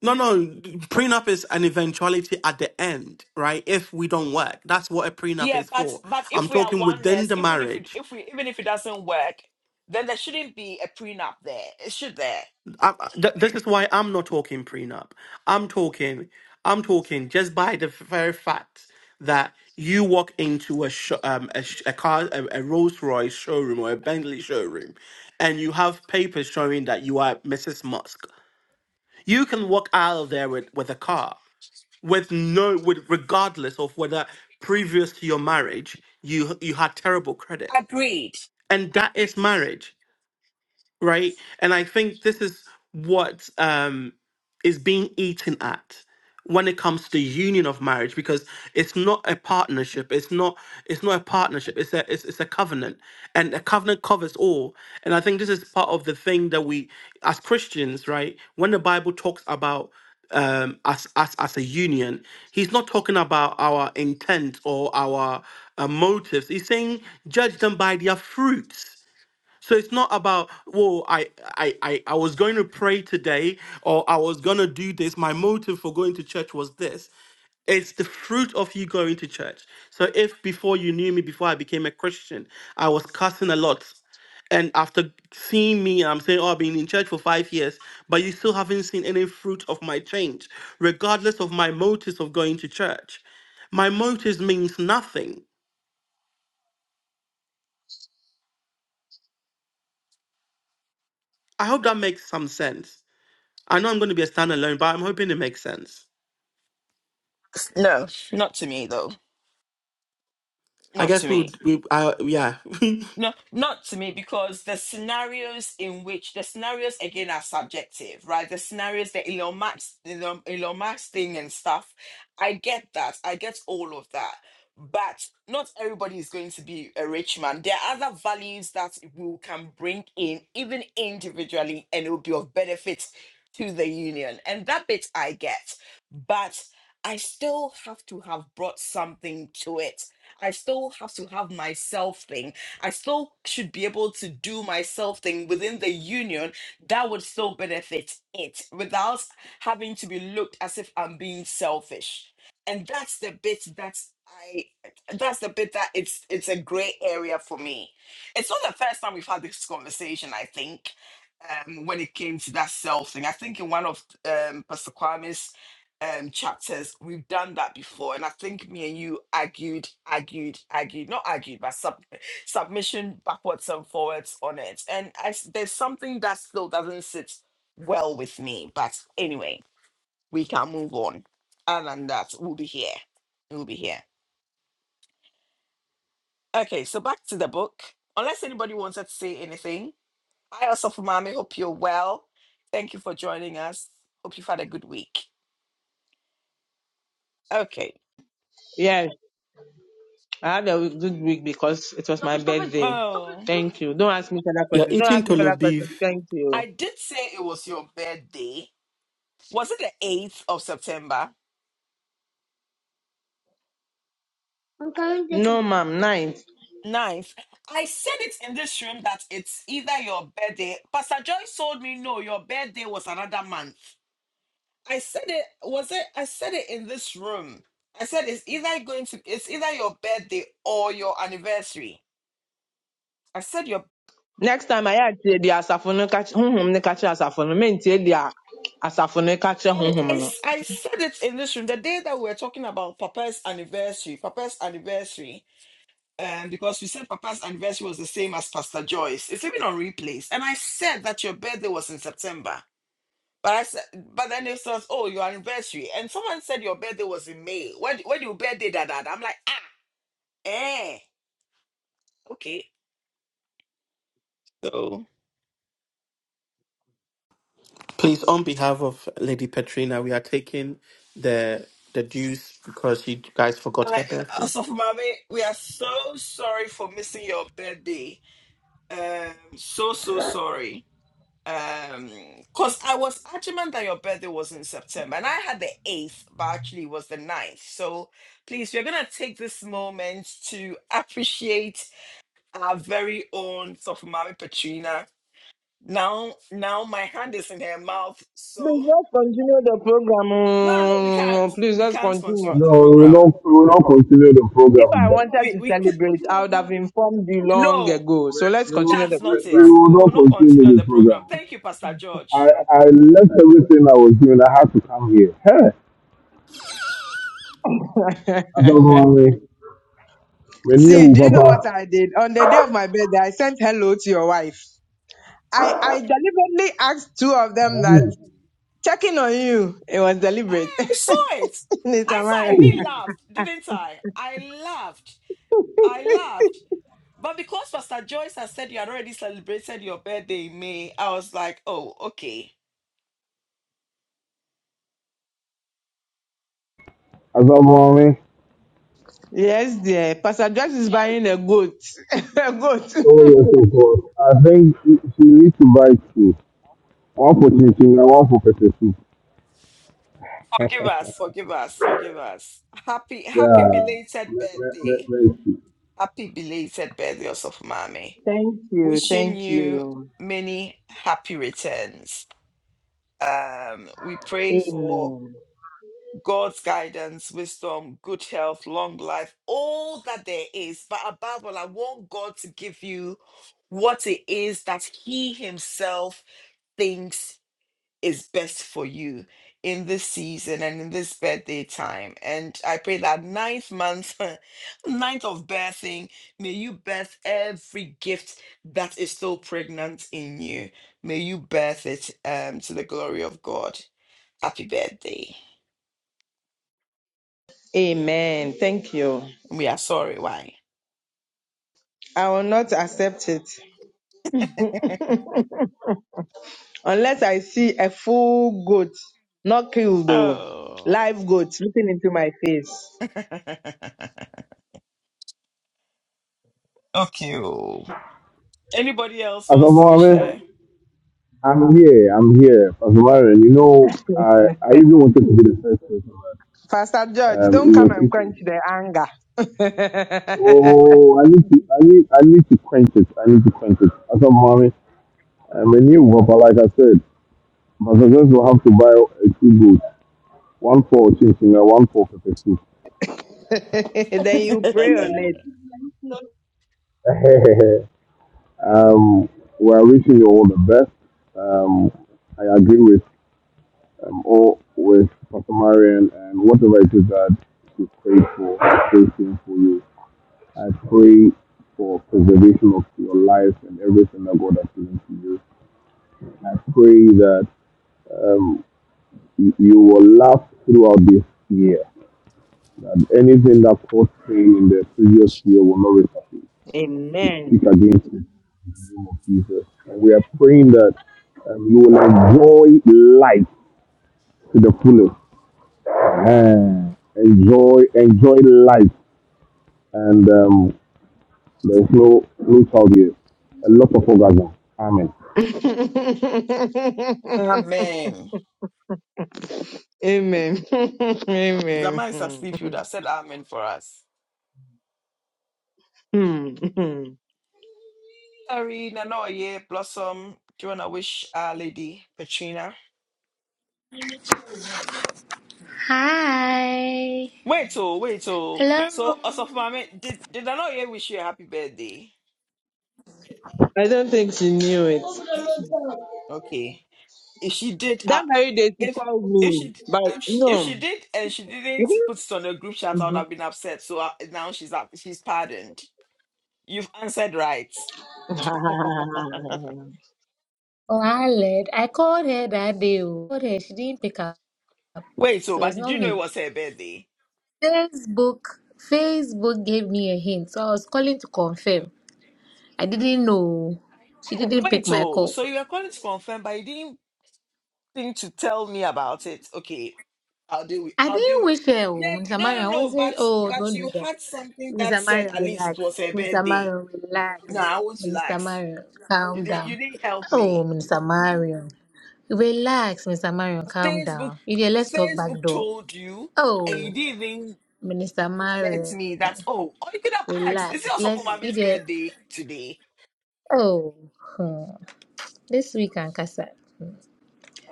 Speaker 2: No, no, prenup is an eventuality at the end, right? If we don't work, that's what a prenup
Speaker 1: yeah
Speaker 2: is
Speaker 1: but
Speaker 2: for.
Speaker 1: but
Speaker 2: I'm
Speaker 1: if we are
Speaker 2: talking within the
Speaker 1: oneness even if we
Speaker 2: marriage.
Speaker 1: if we even if it doesn't work then there shouldn't be a prenup there it should there
Speaker 2: I, I- th- this is why I'm not talking prenup. I'm talking, I'm talking just by the very fact that you walk into a sho um, a, sh- a car, a, a Rolls Royce showroom or a Bentley showroom, and you have papers showing that you are Mrs. Musk. You can walk out of there with, with a car. with no with regardless of whether previous to your marriage you you had terrible credit
Speaker 1: agreed
Speaker 2: and that is marriage right? And I think this is what um, is being eaten at when it comes to union of marriage because it's not a partnership it's not it's not a partnership it's a it's, it's a covenant and a covenant covers all and i think this is part of the thing that we as christians right when the bible talks about um us us as a union he's not talking about our intent or our uh, motives he's saying judge them by their fruits so it's not about, whoa, I, I, I, I was going to pray today or I was going to do this. My motive for going to church was this. It's the fruit of you going to church. So if before you knew me, before I became a Christian, I was cussing a lot. And after seeing me, I'm saying, oh, I've been in church for five years, but you still haven't seen any fruit of my change, regardless of my motives of going to church. My motives means nothing. I hope that makes some sense. I know I'm going to be a standalone, but I'm hoping it makes sense.
Speaker 1: no not to me though
Speaker 2: I
Speaker 1: not to
Speaker 2: guess we
Speaker 1: me
Speaker 2: would, we, uh, yeah.
Speaker 1: No, not to me, because the scenarios in which the scenarios again are subjective, right? The scenarios, the Elon Musk, Elon, Elon Musk thing and stuff. I get that. I get all of that. But not everybody is going to be a rich man. There are other values that we can bring in, even individually, and it will be of benefit to the union. And that bit I get. But I still have to have brought something to it. I still have to have myself think. I still should be able to do my self thing within the union that would still benefit it without having to be looked as if I'm being selfish. And that's the bit that's I that's the bit that it's it's a gray area for me. It's not the first time we've had this conversation, I think, um, when it came to that self thing. I think in one of um Pastor Kwame's um chapters, we've done that before. And I think me and you argued, argued, argued, not argued, but sub submission backwards and forwards on it. And I, s- there's something that still doesn't sit well with me. But anyway, we can move on. And and that will be here. We'll be here. Okay, so back to the book. Unless anybody wanted to say anything. I also mommy. Hope you're well. Thank you for joining us. Hope you've had a good week. Okay.
Speaker 5: Yes, I had a good week because it was my birthday.
Speaker 1: Oh.
Speaker 5: Thank you. Don't ask me further
Speaker 2: You're
Speaker 5: questions. Don't
Speaker 2: eating
Speaker 5: ask me further
Speaker 2: tolo
Speaker 5: questions.
Speaker 2: beef.
Speaker 5: Thank you.
Speaker 1: I did say it was your birthday. Was it the 8th of September?
Speaker 5: No, ma'am. Ninth.
Speaker 1: Ninth, I said it in this room that it's either your birthday. Pastor Joyce told me no, your birthday was another month. I said it was it. I said it in this room. I said it's either going to it's either your birthday or your anniversary. I said your
Speaker 5: Next time I had the asafo no catch honhom no catch asafo no men tie the asafo catch. catch
Speaker 1: I, I
Speaker 5: honhom no.
Speaker 1: s- I said it in this room the day that we were talking about Papa's anniversary. Papa's anniversary. Um, because we said Papa's anniversary was the same as Pastor Joyce. It's even on replays. And I said that your birthday was in September. But I said, but then it says, oh, your anniversary. And someone said your birthday was in May. When, when your birthday, that, that. I'm like, ah, eh, okay. So,
Speaker 2: Please, on behalf of Lady Petrina, we are taking the the dues because you guys forgot
Speaker 1: I'm
Speaker 2: her
Speaker 1: like, uh,
Speaker 2: birthday.
Speaker 1: so for mommy, we are so sorry for missing your birthday. Um, so, so sorry. Um, cause I was adamant that your birthday was in September and I had the 8th, but actually it was the ninth. So please, we're going to take this moment to appreciate our very own Sofumami Petrina Now, now my hand is in her mouth. So
Speaker 5: Please let's continue the program.
Speaker 1: no, no, no, we can't.
Speaker 5: oh. Please
Speaker 1: We
Speaker 5: let's
Speaker 1: can't
Speaker 5: continue.
Speaker 1: continue
Speaker 6: No,
Speaker 1: the
Speaker 6: we will
Speaker 1: program.
Speaker 6: not, we will not continue the
Speaker 5: If
Speaker 6: program.
Speaker 5: I
Speaker 6: We,
Speaker 5: wanted
Speaker 1: We,
Speaker 5: to
Speaker 1: we ca-
Speaker 5: celebrate, I would have informed you long
Speaker 1: no,
Speaker 5: ago. So let's
Speaker 6: we,
Speaker 5: continue the
Speaker 1: that's
Speaker 6: we
Speaker 1: not it.
Speaker 6: we
Speaker 5: program.
Speaker 6: will
Speaker 1: We
Speaker 6: not
Speaker 1: will not
Speaker 6: continue
Speaker 1: continue
Speaker 6: the
Speaker 1: the program.
Speaker 6: program.
Speaker 1: Thank you, Pastor
Speaker 6: I,
Speaker 1: George.
Speaker 6: I left everything I was doing. I had to come here. Hey, Azabawame, when you
Speaker 5: See,
Speaker 6: move,
Speaker 5: do you know what
Speaker 6: Papa.
Speaker 5: I did? On the day of my birthday, I sent hello to your wife. I, I deliberately asked two of them that
Speaker 6: eh,
Speaker 5: checking on you. It was deliberate.
Speaker 1: I saw it.
Speaker 5: Miss
Speaker 1: I saw.
Speaker 5: Amaya.
Speaker 1: I
Speaker 6: oh,
Speaker 1: even laughed, didn't I? I laughed. I laughed. But because Pastor Joyce has said you had already celebrated your birthday in May, I was like, oh, okay.
Speaker 6: Azabawame,
Speaker 5: yes, dear. Pastor Josh is buying a goat. a goat.
Speaker 6: oh yes, of course. I think she she needs to buy two. One for chinching and one for pepper soup.
Speaker 1: Forgive us, forgive us, forgive us. Happy,
Speaker 6: Yeah,
Speaker 1: happy belated
Speaker 6: let, let, let,
Speaker 1: birthday.
Speaker 6: let's see.
Speaker 1: Happy belated birthday, Osofumami.
Speaker 5: Thank you.
Speaker 1: Wishing
Speaker 5: Thank
Speaker 1: you
Speaker 5: you.
Speaker 1: many happy returns. Um, we pray for
Speaker 5: Amen.
Speaker 1: God's guidance, wisdom, good health, long life, all that there is. But above all, I want God to give you what it is that He Himself thinks is best for you in this season and in this birthday time. And I pray that ninth month, ninth of birthing, may you birth every gift that is still pregnant in you. May you birth it um, to the glory of God. Happy birthday.
Speaker 5: Amen. Thank you.
Speaker 1: We are sorry, why?
Speaker 5: I will not accept it unless I see a full goat, not killed though,
Speaker 1: Oh.
Speaker 5: live goat looking into my face.
Speaker 1: okay. oh. Anybody else wants to wish
Speaker 6: Azabawame,
Speaker 1: her?
Speaker 6: I'm here. I'm here, Azabawame. You know, I, I even wanted to be the first person.
Speaker 5: Pastor George,
Speaker 6: Um, he
Speaker 5: don't
Speaker 6: was
Speaker 5: come and
Speaker 6: thinking,
Speaker 5: quench the anger.
Speaker 6: oh, I need to, I need, I need to quench it. I need to quench it. I said, mommy, I'm a new one, but like I said, my success will have to buy uh, two goods, one for chinching and one for pepper soup.
Speaker 5: then you pray on it.
Speaker 6: um, we're wishing you all the best. Um, I agree with um, all with Pastor Marion and whatever it is that you pray for, I pray for you. I pray for preservation of your life and everything that God has given to you. I pray that um, you you will laugh throughout this year. That anything that caused pain in the previous year will not resurface. We speak
Speaker 5: Amen.
Speaker 6: against it in the name of Jesus. And we are praying that um, you will enjoy life to the fullest. Ah, Enjoy, enjoy life, and um, there's no no child here. A lot of orgasm. Amen.
Speaker 1: Amen.
Speaker 5: Amen.
Speaker 1: Because I
Speaker 5: Amen.
Speaker 1: might asleep, you would have said amen for us.
Speaker 5: Hmm.
Speaker 1: Sorry, Nana Oye, Blossom. Do you wanna wish our lady Petrina?
Speaker 3: Hi.
Speaker 1: Wait oh, wait oh.
Speaker 3: Hello.
Speaker 1: So Osofo Mame, did did Nana Oye wish you a happy birthday?
Speaker 5: I don't think she knew it.
Speaker 1: Okay. If she did uh
Speaker 5: That very day she
Speaker 1: if
Speaker 5: called
Speaker 1: if
Speaker 5: me,
Speaker 1: she
Speaker 5: but
Speaker 1: if she, if she
Speaker 5: no.
Speaker 1: did and she didn't
Speaker 5: Mhm.
Speaker 1: put it on the group chat, I would have been upset. So uh, now she's up, she's pardoned. You've answered right.
Speaker 5: Mhm.
Speaker 3: Oh, Aled. I called her that day. oh. Called her. She didn't pick up.
Speaker 1: Wait oh,
Speaker 3: So
Speaker 1: but
Speaker 3: it's
Speaker 1: did
Speaker 3: not
Speaker 1: you know it
Speaker 3: me.
Speaker 1: was her birthday?
Speaker 3: Facebook. Facebook gave me a hint. So I was calling to confirm. I didn't know. She
Speaker 1: Wait
Speaker 3: didn't pick
Speaker 1: wait,
Speaker 3: my
Speaker 1: oh,
Speaker 3: call.
Speaker 1: so you are calling to confirm, but you didn't think to tell me about it. Okay, I'll do it.
Speaker 3: I
Speaker 1: I'll
Speaker 3: didn't
Speaker 1: do it.
Speaker 3: wish her. oh,
Speaker 1: Yeah,
Speaker 3: Mr.
Speaker 1: no,
Speaker 3: Mario,
Speaker 1: no,
Speaker 3: I
Speaker 1: no. But
Speaker 3: wasn't. Oh,
Speaker 1: but
Speaker 3: don't do
Speaker 1: you
Speaker 3: that.
Speaker 1: had something that
Speaker 3: Mr.
Speaker 1: said
Speaker 3: Mario,
Speaker 1: at least it was
Speaker 3: relax.
Speaker 1: her
Speaker 3: Mr.
Speaker 1: birthday.
Speaker 3: Mario, relax.
Speaker 1: No, I won't
Speaker 3: Mr.
Speaker 1: relax.
Speaker 3: Mario,
Speaker 1: You
Speaker 3: calm
Speaker 1: didn't
Speaker 3: down.
Speaker 1: you didn't help
Speaker 3: Oh,
Speaker 1: me.
Speaker 3: Mr. Mario, relax. Mr. Mario, calm
Speaker 1: Facebook
Speaker 3: down. You there, let's talk back
Speaker 1: Facebook
Speaker 3: door.
Speaker 1: told you and
Speaker 3: Oh,
Speaker 1: you didn't even
Speaker 3: Mr.
Speaker 1: alert
Speaker 3: Mario,
Speaker 1: me that oh or you could have asked, is it
Speaker 3: relax.
Speaker 1: also for
Speaker 3: Let's you
Speaker 1: mommy's
Speaker 3: there.
Speaker 1: birthday today?
Speaker 3: Oh, hmm. this week and Kasa.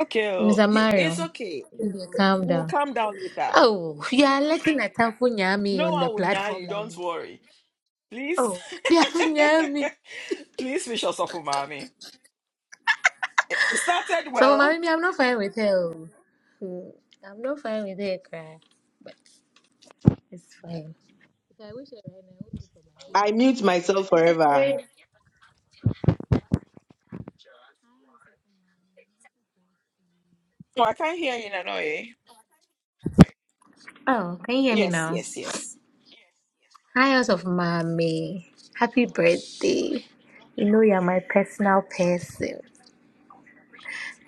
Speaker 1: Okay, oh,
Speaker 3: Mr.
Speaker 1: you it's
Speaker 3: Mario,
Speaker 1: okay.
Speaker 3: you there, calm
Speaker 1: We'll
Speaker 3: down.
Speaker 1: calm down later.
Speaker 3: Oh, you are letting a Nyami
Speaker 1: No
Speaker 3: on the
Speaker 1: one will nyan
Speaker 3: platform
Speaker 1: you,
Speaker 3: like
Speaker 1: don't
Speaker 3: this.
Speaker 1: worry. Please
Speaker 3: Oh, they have Nyami.
Speaker 1: please wish us off for mommy. It it started
Speaker 3: So,
Speaker 1: well
Speaker 3: mommy, I'm not fine with her. oh. Hmm. I'm not fine with her cry, but it's fine. If I wish her right now, what would-
Speaker 5: I mute myself forever.
Speaker 1: Oh, I can't hear you, Nanoye.
Speaker 3: Oh, can you hear me
Speaker 1: Yes,
Speaker 3: now?
Speaker 1: yes, yes.
Speaker 3: Hi, House of Mommy. Happy birthday. You know you're my personal person.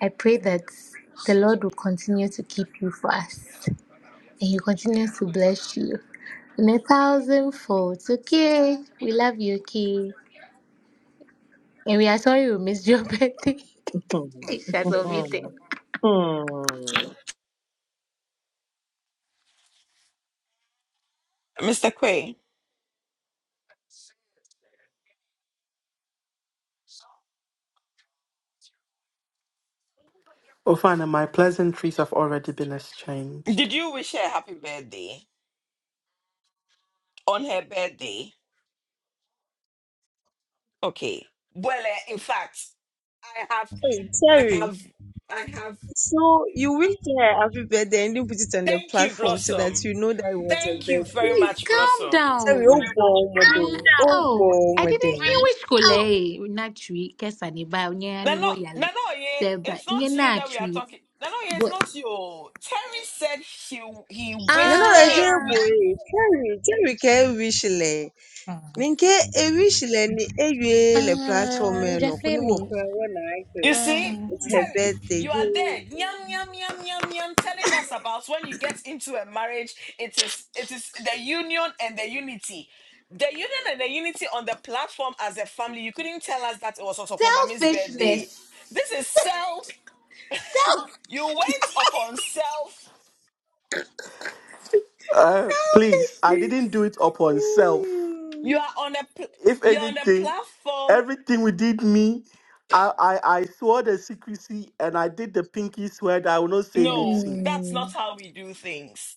Speaker 3: I pray that the Lord will continue to keep you for us and He continues to bless you in a thousand folds. Okay. We love you, okay? And we are sorry we missed your birthday. It's just
Speaker 5: Hmm.
Speaker 3: unmuted.
Speaker 1: Mr. Quay,
Speaker 2: Oh, fine, and my pleasantries have already been exchanged.
Speaker 1: did you wish her happy birthday on her birthday? Okay. Well, eh, in fact, I have,
Speaker 7: Hey,
Speaker 1: I
Speaker 7: Terry,
Speaker 1: have, I have.
Speaker 7: so you will play happy birthday and you put it on the
Speaker 1: Thank you,
Speaker 7: platform so that
Speaker 1: Blossom.
Speaker 7: you know that it was a
Speaker 1: Thank you very
Speaker 7: birthday.
Speaker 3: Please
Speaker 1: much,
Speaker 3: calm
Speaker 1: Blossom.
Speaker 7: Terry, oh
Speaker 3: down.
Speaker 7: boy, oh my day.
Speaker 3: Rela-
Speaker 7: Oh boy,
Speaker 3: oh,
Speaker 7: oh
Speaker 3: I
Speaker 7: my
Speaker 3: didn't
Speaker 7: day.
Speaker 3: English. which school eh? Not tree, kesani ba unya ni
Speaker 1: Nano,
Speaker 3: woyale.
Speaker 1: Nanoye,
Speaker 3: Seba
Speaker 1: it's
Speaker 3: nye
Speaker 1: not you
Speaker 3: na
Speaker 1: that we are
Speaker 3: tree.
Speaker 1: talking. Nanoye, it's
Speaker 3: But
Speaker 1: not you. Terry said he he
Speaker 7: No, no,
Speaker 1: wished
Speaker 7: I
Speaker 1: her.
Speaker 7: just
Speaker 3: ah
Speaker 7: boy. Terry, Terry, can wish le. Ninke e wish le ni e yue le
Speaker 3: ah
Speaker 7: platform eh, no. Kuni wo
Speaker 3: Jafemi.
Speaker 7: kwa wana
Speaker 1: You
Speaker 7: ake.
Speaker 1: see,
Speaker 3: Ah
Speaker 7: It's her
Speaker 1: Terry, you are there, yum
Speaker 7: birthday.
Speaker 1: yum yum yum yum, telling us about when you get into a marriage, it is it is the union and the unity. The union and the unity on the platform as a family. You couldn't tell us that it was also for mommy's birthday.
Speaker 3: selfishness.
Speaker 1: This is self.
Speaker 3: Self
Speaker 1: You went upon self.
Speaker 2: Uh, please, I didn't do
Speaker 3: selfishness.
Speaker 2: it upon self.
Speaker 1: You
Speaker 3: Mm.
Speaker 1: are on a pl-
Speaker 2: If
Speaker 1: you're on a
Speaker 2: anything,
Speaker 1: platform.
Speaker 2: everything we did, me, I, I, I swore the secrecy and I did the pinky swear that I will not say
Speaker 1: No,
Speaker 2: anything.
Speaker 1: that's not
Speaker 3: Mm.
Speaker 1: how we do things.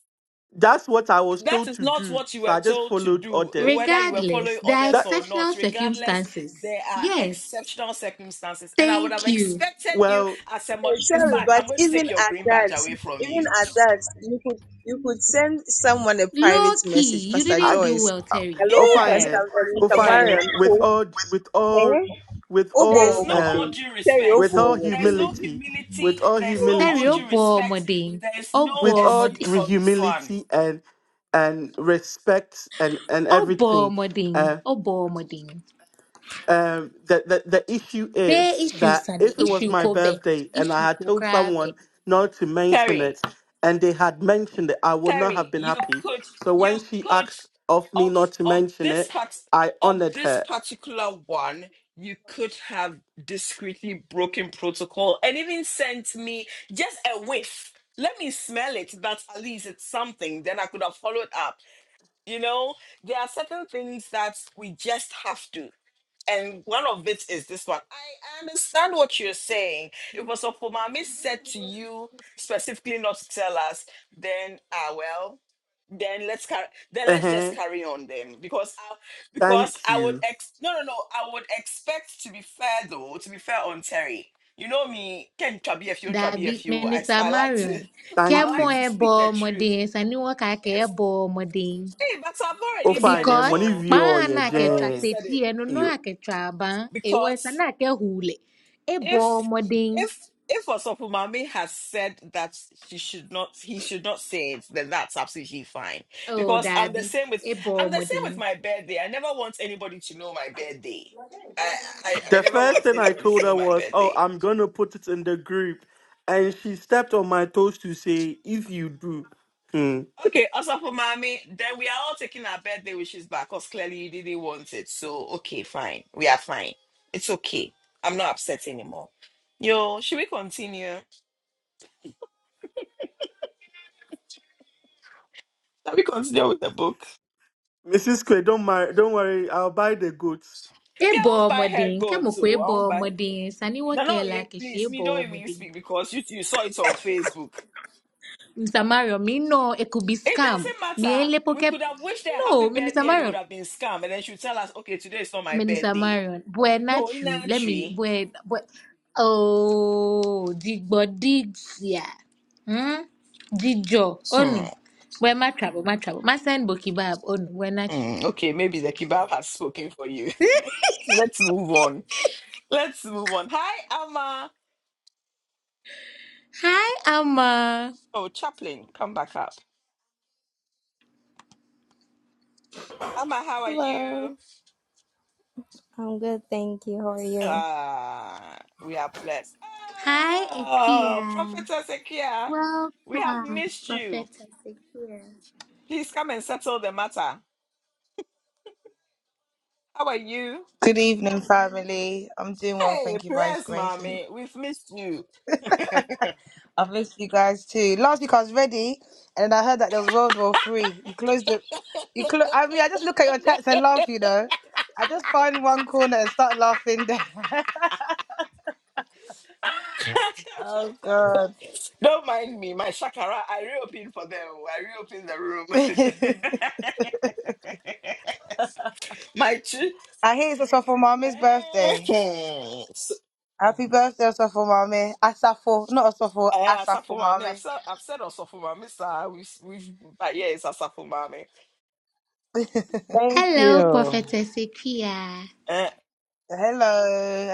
Speaker 2: That's what I was
Speaker 1: that
Speaker 2: told
Speaker 1: is
Speaker 2: to
Speaker 1: not
Speaker 2: do.
Speaker 1: what you
Speaker 2: So
Speaker 1: were
Speaker 2: I just
Speaker 1: told to
Speaker 2: followed
Speaker 1: do,
Speaker 2: orders.
Speaker 1: whether you were following
Speaker 3: Regardless, there are
Speaker 1: others
Speaker 2: That
Speaker 1: or
Speaker 3: exceptional
Speaker 1: not. Regardless,
Speaker 3: circumstances.
Speaker 1: there are
Speaker 3: Yes.
Speaker 1: exceptional circumstances, and I would have
Speaker 3: Thank you.
Speaker 1: expected you
Speaker 2: well,
Speaker 1: as a mod.
Speaker 7: Eh,
Speaker 1: In
Speaker 7: Sorry,
Speaker 1: fact,
Speaker 7: but
Speaker 1: I'm going to take
Speaker 7: even
Speaker 1: your
Speaker 7: at
Speaker 1: green badge
Speaker 7: that,
Speaker 1: away from
Speaker 7: even
Speaker 1: you.
Speaker 7: at that, you could you could send someone a private
Speaker 3: Low key,
Speaker 7: message,
Speaker 3: you
Speaker 7: Pastor
Speaker 3: didn't
Speaker 2: I
Speaker 3: do
Speaker 7: Joyce.
Speaker 3: well,
Speaker 2: I-
Speaker 3: Terry.
Speaker 2: oh
Speaker 7: Hello,
Speaker 2: fine,
Speaker 1: Yeah,
Speaker 2: eh,
Speaker 7: Pastor
Speaker 2: oh
Speaker 7: Veronica
Speaker 2: fine.
Speaker 1: yeah.
Speaker 2: eh,
Speaker 7: Mariam.
Speaker 2: With
Speaker 7: Ko-
Speaker 2: all with all
Speaker 7: Eh?
Speaker 2: with
Speaker 1: There's
Speaker 2: all
Speaker 7: Obo
Speaker 1: no all
Speaker 2: um
Speaker 7: Omode.
Speaker 1: due
Speaker 7: Sorry,
Speaker 1: respect.
Speaker 7: Obo
Speaker 2: with all
Speaker 1: There's no
Speaker 7: Omode.
Speaker 2: humility,
Speaker 1: humility.
Speaker 2: with all
Speaker 1: There's no
Speaker 3: Terry,
Speaker 1: all
Speaker 3: ó
Speaker 2: humility,
Speaker 1: due
Speaker 3: bọ
Speaker 1: respect.
Speaker 3: ọmọdé yìí,
Speaker 1: There's
Speaker 3: ó
Speaker 1: no
Speaker 3: bọ
Speaker 2: with all
Speaker 3: ọmọdé,
Speaker 1: excuse on this one,
Speaker 2: humility and and respect and and
Speaker 3: ó bọ
Speaker 2: everything.
Speaker 3: ọmọdé yìí, ó bọ ọmọdé yìí.
Speaker 2: um the, the the issue
Speaker 3: Ṣé
Speaker 2: is
Speaker 3: iṣu
Speaker 2: that
Speaker 3: sàlẹ̀,
Speaker 2: if it was
Speaker 3: iṣu
Speaker 2: my
Speaker 3: kò bẹ̀,
Speaker 2: birthday and
Speaker 3: iṣu
Speaker 2: I had
Speaker 3: kò
Speaker 2: told
Speaker 3: kára bẹ̀?
Speaker 2: someone not to mention
Speaker 1: Terry.
Speaker 2: it and they had mentioned it, I would not
Speaker 1: Terry,
Speaker 2: have been
Speaker 1: you
Speaker 2: happy.
Speaker 1: could
Speaker 2: So
Speaker 1: you
Speaker 2: when she
Speaker 1: could
Speaker 2: asked of me not
Speaker 1: of
Speaker 2: to
Speaker 1: of
Speaker 2: mention
Speaker 1: this
Speaker 2: it,
Speaker 1: part
Speaker 2: I
Speaker 1: of
Speaker 2: honored
Speaker 1: this
Speaker 2: her.
Speaker 1: particular one, you could have discreetly broken protocol and even sent me just a whiff. Let me smell it, but at least it's something. Then I could have followed up. You know, there are certain things that we just have to. And one of it is this one. I understand what you're saying. If was for mommy said to you specifically not to tell us, then ah well then let's carry then let's just
Speaker 2: Uh-huh.
Speaker 1: carry on then because I, because
Speaker 2: Thank
Speaker 1: I would
Speaker 2: you.
Speaker 1: ex no no no I would expect to be fair though to be fair on Terry you know me can try be a few and try be
Speaker 3: Dàbí
Speaker 1: a few I, s-
Speaker 3: Mínísítà
Speaker 1: I like to
Speaker 3: Marion, kẹ́
Speaker 1: I
Speaker 2: Thank
Speaker 3: mọ́
Speaker 1: like
Speaker 2: you.
Speaker 1: to
Speaker 3: ẹ bọ
Speaker 1: speak the
Speaker 3: ọmọdé
Speaker 1: truth
Speaker 3: yẹn sàn ni wọ́n kà kẹ́ ẹ
Speaker 1: if
Speaker 3: bọ ọmọdé yìí.
Speaker 1: hey but I've
Speaker 2: Oh
Speaker 1: already said
Speaker 2: fine, eh,
Speaker 1: it
Speaker 3: Because
Speaker 2: money
Speaker 1: all
Speaker 2: view or
Speaker 3: kpáhàn
Speaker 2: yeah,
Speaker 3: náà
Speaker 1: I've
Speaker 3: kẹ̀tra
Speaker 1: already
Speaker 2: Jane.
Speaker 1: said
Speaker 3: tètè
Speaker 1: it
Speaker 3: ẹnu náà
Speaker 2: You
Speaker 3: kẹ̀tra àbá, èèwọ̀ ẹ̀sán
Speaker 1: because
Speaker 3: náà kẹ́ hùlẹ̀. Ẹ bọ
Speaker 1: if
Speaker 3: ọmọdé yìí,
Speaker 1: if if Osofumame has said that she should not he should not say it, then that's absolutely fine. Because I'm the same with I'm the same with my birthday. I never want anybody to know my birthday. I I, I
Speaker 2: the
Speaker 1: never
Speaker 2: first
Speaker 1: want
Speaker 2: thing I
Speaker 1: anybody
Speaker 2: told
Speaker 1: to know
Speaker 2: her
Speaker 1: my
Speaker 2: was, Oh,
Speaker 1: birthday.
Speaker 2: I'm gonna put it in the group and she stepped on my toes to say, if you do. Hmm.
Speaker 1: Okay, Osofumame, then we are all taking our birthday wishes back because clearly you didn't want it. So okay, fine. We are fine. It's okay. I'm not upset anymore. Yo, should we continue? Shall we continue with the book?
Speaker 2: Mrs. Quay, don't marry, don't worry. I'll buy the goats.
Speaker 1: Yeah, I won't
Speaker 3: Ebo
Speaker 1: buy hair
Speaker 3: Modin, nke
Speaker 1: gold
Speaker 3: mo Modin.
Speaker 1: too.
Speaker 3: ebe
Speaker 1: I won't buy.
Speaker 3: ọmọdé, sani
Speaker 1: No, no,
Speaker 3: wakela
Speaker 1: yeah,
Speaker 3: kishi
Speaker 1: please,
Speaker 3: ebe
Speaker 1: me don't even
Speaker 3: ọmọdé.
Speaker 1: speak because you you saw it on Facebook.
Speaker 3: Mr. Marion, me no, it could be
Speaker 1: It
Speaker 3: scam.
Speaker 1: doesn't
Speaker 3: Me
Speaker 1: matter.
Speaker 3: ele
Speaker 1: We
Speaker 3: poke.
Speaker 1: could have wished her happy
Speaker 3: No, Minister
Speaker 1: birthday and it would
Speaker 3: Marion,
Speaker 1: have been scam, and then she would tell us, okay, today is not my
Speaker 3: Minister
Speaker 1: birthday.
Speaker 3: Marion, buena
Speaker 1: No, in
Speaker 3: tree.
Speaker 1: our
Speaker 3: Let me,
Speaker 1: tree.
Speaker 3: buen, buen. Oh, digbo digsia. Hmm? Dijo, oh
Speaker 1: Hmm.
Speaker 3: no. Buen ma trouble, ma trouble. Ma send boki bab, oh no. buena tree.
Speaker 1: hmm, okay, maybe the kebab has spoken for you. Let's move on. Let's move on. Hi, Amma.
Speaker 3: Hi, Amma.
Speaker 1: Oh, Chaplain, come back up. Amma, how are
Speaker 8: Hello.
Speaker 1: you?
Speaker 8: I'm good, thank you. How are you?
Speaker 1: Ah, we are blessed.
Speaker 3: Hi,
Speaker 1: Oh,
Speaker 3: Akia.
Speaker 1: Prophetess Ekia, we have
Speaker 3: Welcome,
Speaker 1: missed you.
Speaker 3: Prophet Ezekiel.
Speaker 1: Please come and settle the matter. How are you?
Speaker 9: Good evening, family. I'm doing well,
Speaker 1: Hey,
Speaker 9: thank you, by His
Speaker 1: press,
Speaker 9: grace. And
Speaker 1: mommy. We've missed you.
Speaker 9: I've missed you guys too. Last week I was ready, and then I heard that there was World War Three. You closed the, you close. I mean, I just look at your chats and laugh. You know, I just find one corner and start laughing. There. Oh God.
Speaker 1: Don't mind me, my shakara. I reopened for them. I reopened the room.
Speaker 9: I
Speaker 1: my chi.
Speaker 9: hear it's Asafo Mami's
Speaker 1: Eh,
Speaker 9: birthday.
Speaker 1: so-
Speaker 9: Happy birthday, Asafo Mami. Asafo, not Asafo,
Speaker 1: eh, Asafo
Speaker 9: Asafo
Speaker 1: Mami. I've
Speaker 9: Mami.
Speaker 1: said I've said on Mami, sir. We've, we've, but yeah, it's Asafo Mami.
Speaker 5: Thank
Speaker 3: Hello,
Speaker 5: you.
Speaker 3: Prophetess Equia.
Speaker 9: Hello,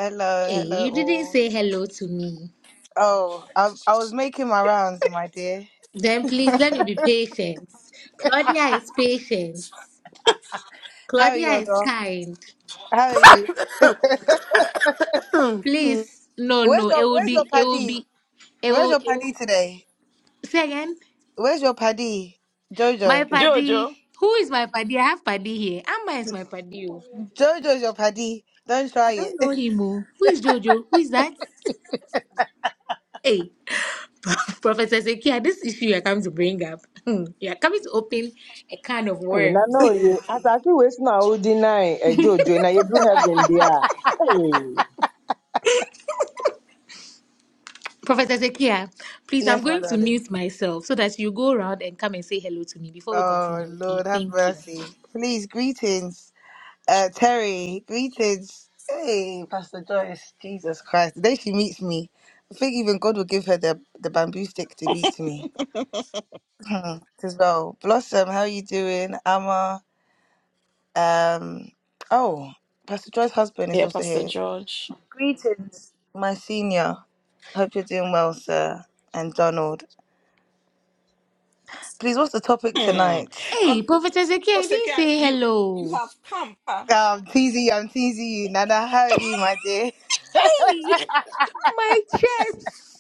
Speaker 9: hello,
Speaker 3: Hey, you
Speaker 9: hello
Speaker 3: didn't
Speaker 9: all.
Speaker 3: say hello to me.
Speaker 9: Oh, I, I was making my rounds, my dear.
Speaker 3: Then please let me be patient. Claudia is patient.
Speaker 9: How are
Speaker 3: Claudia
Speaker 9: you,
Speaker 3: is
Speaker 9: dog?
Speaker 3: kind.
Speaker 9: How are you?
Speaker 3: Please, no,
Speaker 9: Where's
Speaker 3: no, it
Speaker 9: your
Speaker 3: will
Speaker 9: Where's your
Speaker 3: be, it will
Speaker 9: paddy?
Speaker 3: be, it
Speaker 9: Where's
Speaker 3: will,
Speaker 9: your
Speaker 3: it
Speaker 9: paddy
Speaker 3: will.
Speaker 9: today?
Speaker 3: Say again.
Speaker 9: Where's your paddy,
Speaker 3: My
Speaker 9: Jojo?
Speaker 1: Jojo.
Speaker 3: paddy. Who is my paddy? I have paddy here. Amma is my paddy. oh.
Speaker 9: Jojo's your paddy. Don't
Speaker 3: I
Speaker 9: try
Speaker 3: don't know
Speaker 9: it.
Speaker 3: him. oh. Who is Jojo? Who is that? Hey, Professor Sekia, this issue you're coming to bring up, you're coming to open a can of
Speaker 5: Hey, na
Speaker 3: worms.
Speaker 5: no, you. As I see, we now deny a jojo, and I do heaven there. Hey.
Speaker 3: Prophet Zekia, please, I'm
Speaker 9: yes, my
Speaker 3: going to
Speaker 9: darling.
Speaker 3: mute myself so that you go around and come and say hello to me before we
Speaker 9: Oh
Speaker 3: continue, okay?
Speaker 9: Lord, have
Speaker 3: Thank you.
Speaker 9: mercy. Please, greetings, uh, Terry. Greetings. Hey, Pastor Joyce. Jesus Christ. The day she meets me, I think even God will give her the the bamboo stick to beat me. Hmm. As well, Blossom. How are you doing, Amma? Um. Oh. Pastor Joy's husband is
Speaker 1: Yeah,
Speaker 9: also
Speaker 1: Pastor
Speaker 9: here.
Speaker 1: George.
Speaker 9: My senior, hope you're doing well, sir. And Donald. Please, what's the topic
Speaker 1: Hmm.
Speaker 9: tonight?
Speaker 1: Uh,
Speaker 3: Hey, Prophet Zekia, I
Speaker 1: Pastor
Speaker 3: didn't
Speaker 1: Kai,
Speaker 3: say
Speaker 1: you you
Speaker 3: hello.
Speaker 1: have come, huh?
Speaker 9: Um, teasing you, I'm teasing you. Nana, how are you, my dear?
Speaker 3: Hey, my chest.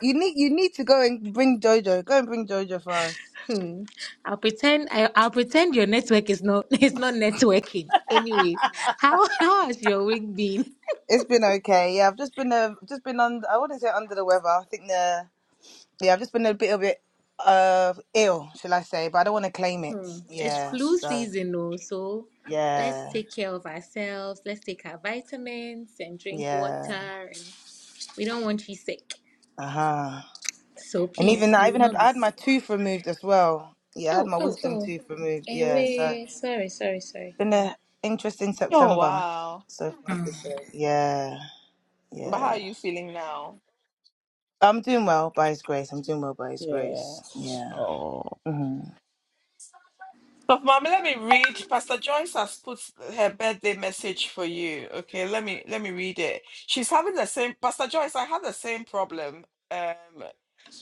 Speaker 9: You need you need to go and bring Jojo. Go and bring Jojo for us.
Speaker 3: Hmm. I'll pretend I, I'll pretend your network is not it's not networking. Anyways, how how has your week been?
Speaker 9: It's been okay. Yeah, I've just been uh, just been under. I wouldn't say under the weather. I think the yeah, I've just been a bit a bit uh ill, shall I say? But I don't want to claim it.
Speaker 3: Hmm. It's
Speaker 9: Yeah.
Speaker 3: flu
Speaker 9: So
Speaker 3: season, though, so let's
Speaker 9: yeah,
Speaker 3: take care of ourselves. Let's take our vitamins and drink
Speaker 9: yeah.
Speaker 3: water, and we don't want you sick.
Speaker 9: Uh huh.
Speaker 3: So
Speaker 9: And even
Speaker 3: please,
Speaker 9: that, I
Speaker 3: you will
Speaker 9: even had
Speaker 3: not be
Speaker 9: I had
Speaker 3: sick.
Speaker 9: my tooth removed as well. Yeah, I had
Speaker 3: Oh,
Speaker 9: my
Speaker 3: oh,
Speaker 9: wisdom
Speaker 3: oh.
Speaker 9: tooth removed. Yeah, so
Speaker 3: Anyway, sorry, sorry, sorry.
Speaker 9: been an interesting
Speaker 1: Oh
Speaker 9: September
Speaker 1: wow.
Speaker 9: so far to say. Yeah,
Speaker 1: But how are
Speaker 9: yeah.
Speaker 1: you feeling now?
Speaker 9: I'm doing well by His grace. I'm doing well by His
Speaker 1: Yeah.
Speaker 9: grace. Yeah.
Speaker 1: Oh.
Speaker 9: hmm
Speaker 1: So mom, let me read. Pastor Joyce has put her birthday message for you. Okay, let me let me read it. She's having the same Pastor Joyce, I had the same problem. Um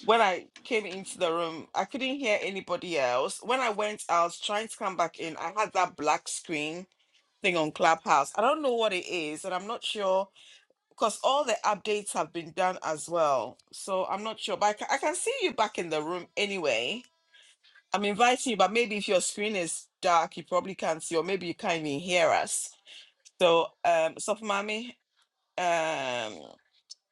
Speaker 1: when I came into the room, I couldn't hear anybody else. When I went out trying to come back in, I had that black screen. thing on Clubhouse. I don't know what it is, and I'm not sure because all the updates have been done as well. So I'm not sure, but I can, I can see you back in the room anyway. I'm inviting you, but maybe if your screen is dark, you probably can't see, or maybe you can't even hear us. So, um, so mommy, um,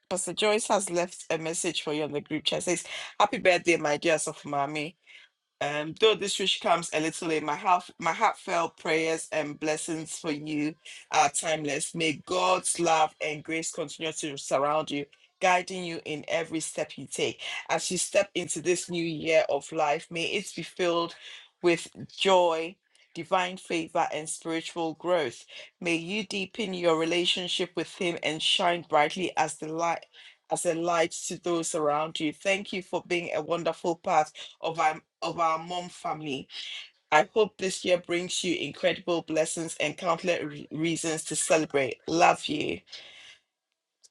Speaker 1: Pastor Joyce has left a message for you on the group chat. It Says, "Happy birthday, my dear Sophomami. Um, though this wish comes a little late, my heart, my heartfelt prayers and blessings for you are timeless. May God's love and grace continue to surround you, guiding you in every step you take. As you step into this new year of life, may it be filled with joy, divine favor, and spiritual growth. May you deepen your relationship with Him and shine brightly as the light. As a light to those around you. Thank you for being a wonderful part of our of our mom family. I hope this year brings you incredible blessings and countless re- reasons to celebrate. Love you.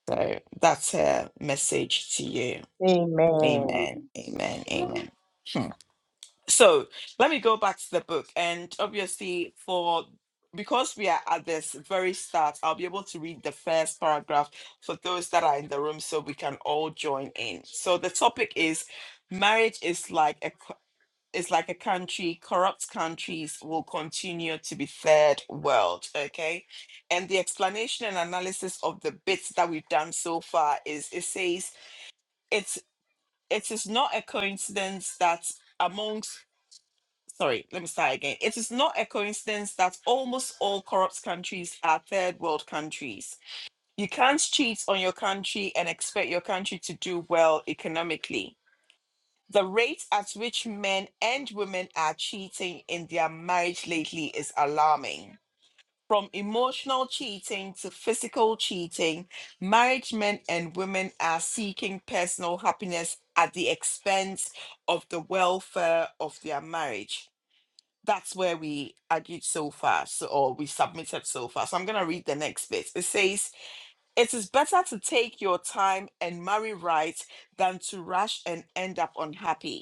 Speaker 1: So that's her message to you.
Speaker 5: Amen.
Speaker 1: Amen. Amen. Amen. Hmm. So let me go back to the book, and obviously for because we are at this very start, I'll be able to read the first paragraph for those that are in the room so we can all join in. So the topic is marriage is like a it's like a country, corrupt countries will continue to be third world, okay? And the explanation and analysis of the bits that we've done so far is it says it's it is not a coincidence that amongst sorry, let me start again. It is not a coincidence that almost all corrupt countries are third world countries. You can't cheat on your country and expect your country to do well economically the rate at which men and women are cheating in their marriage lately is alarming. From emotional cheating to physical cheating, married men and women are seeking personal happiness at the expense of the welfare of their marriage. That's where we argued so far, so, or we submitted so far. So I'm going to read the next bit. It says, It is better to take your time and marry right than to rush and end up unhappy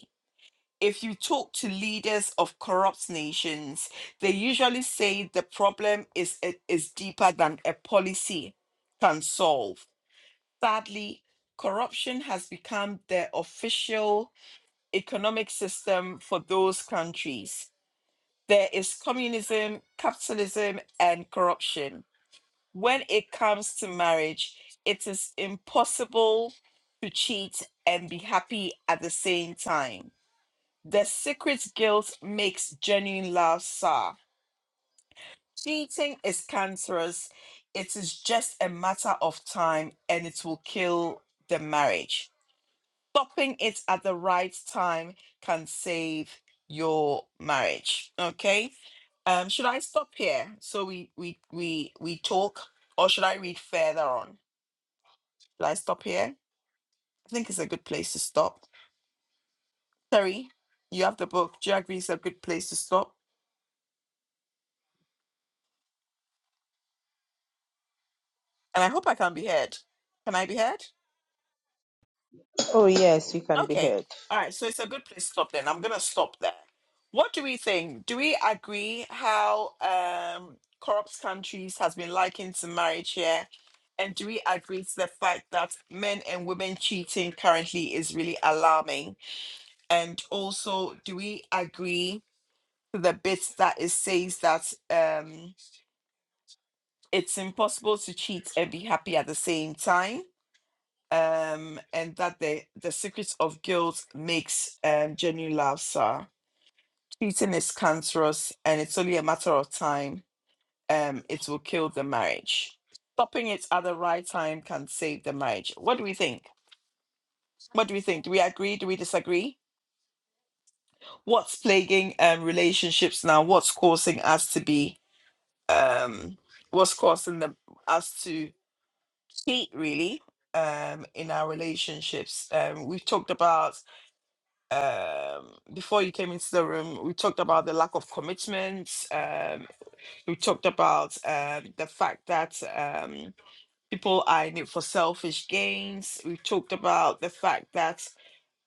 Speaker 1: if you talk to leaders of corrupt nations, they usually say the problem is eh, is deeper than a policy can solve. Sadly, corruption has become the official economic system for those countries. There is communism, capitalism, and corruption. When it comes to marriage, it is impossible to cheat and be happy at the same time the secret guilt makes genuine love sour. Cheating is cancerous. It is just a matter of time and it will kill the marriage. Stopping it at the right time can save your marriage. Okay. Um, should I stop here so we we we we talk or should I read further on? Should I stop here? I think it's a good place to stop. Terry, you have the book. Do you agree it's a good place to stop? And I hope I can be heard. Can I be heard?
Speaker 5: Oh, yes, you can be
Speaker 1: Okay.
Speaker 5: heard.
Speaker 1: All right. So it's a good place to stop then. I'm going to stop there. What do we think? Do we agree how um, corrupt countries has been likened to marriage here? And do we agree to the fact that men and women cheating currently is really alarming? And also, do we agree to the bit that it says that um, it's impossible to cheat and be happy at the same time? um, and that the the secret of guilt makes um, genuine love Cheating is cancerous, and it's only a matter of time. Um, it will kill the marriage. Stopping it at the right time can save the marriage. What do we think? What do we think? Do we agree? Do we disagree? What's plaguing um, relationships now? What's causing us to be? Um, what's causing the, us to cheat? Really, um, in our relationships, um, we've talked about um, before you came into the room, we talked about the lack of commitment. Um, we talked about um, the fact that um, people are in it for selfish gains. We talked about the fact that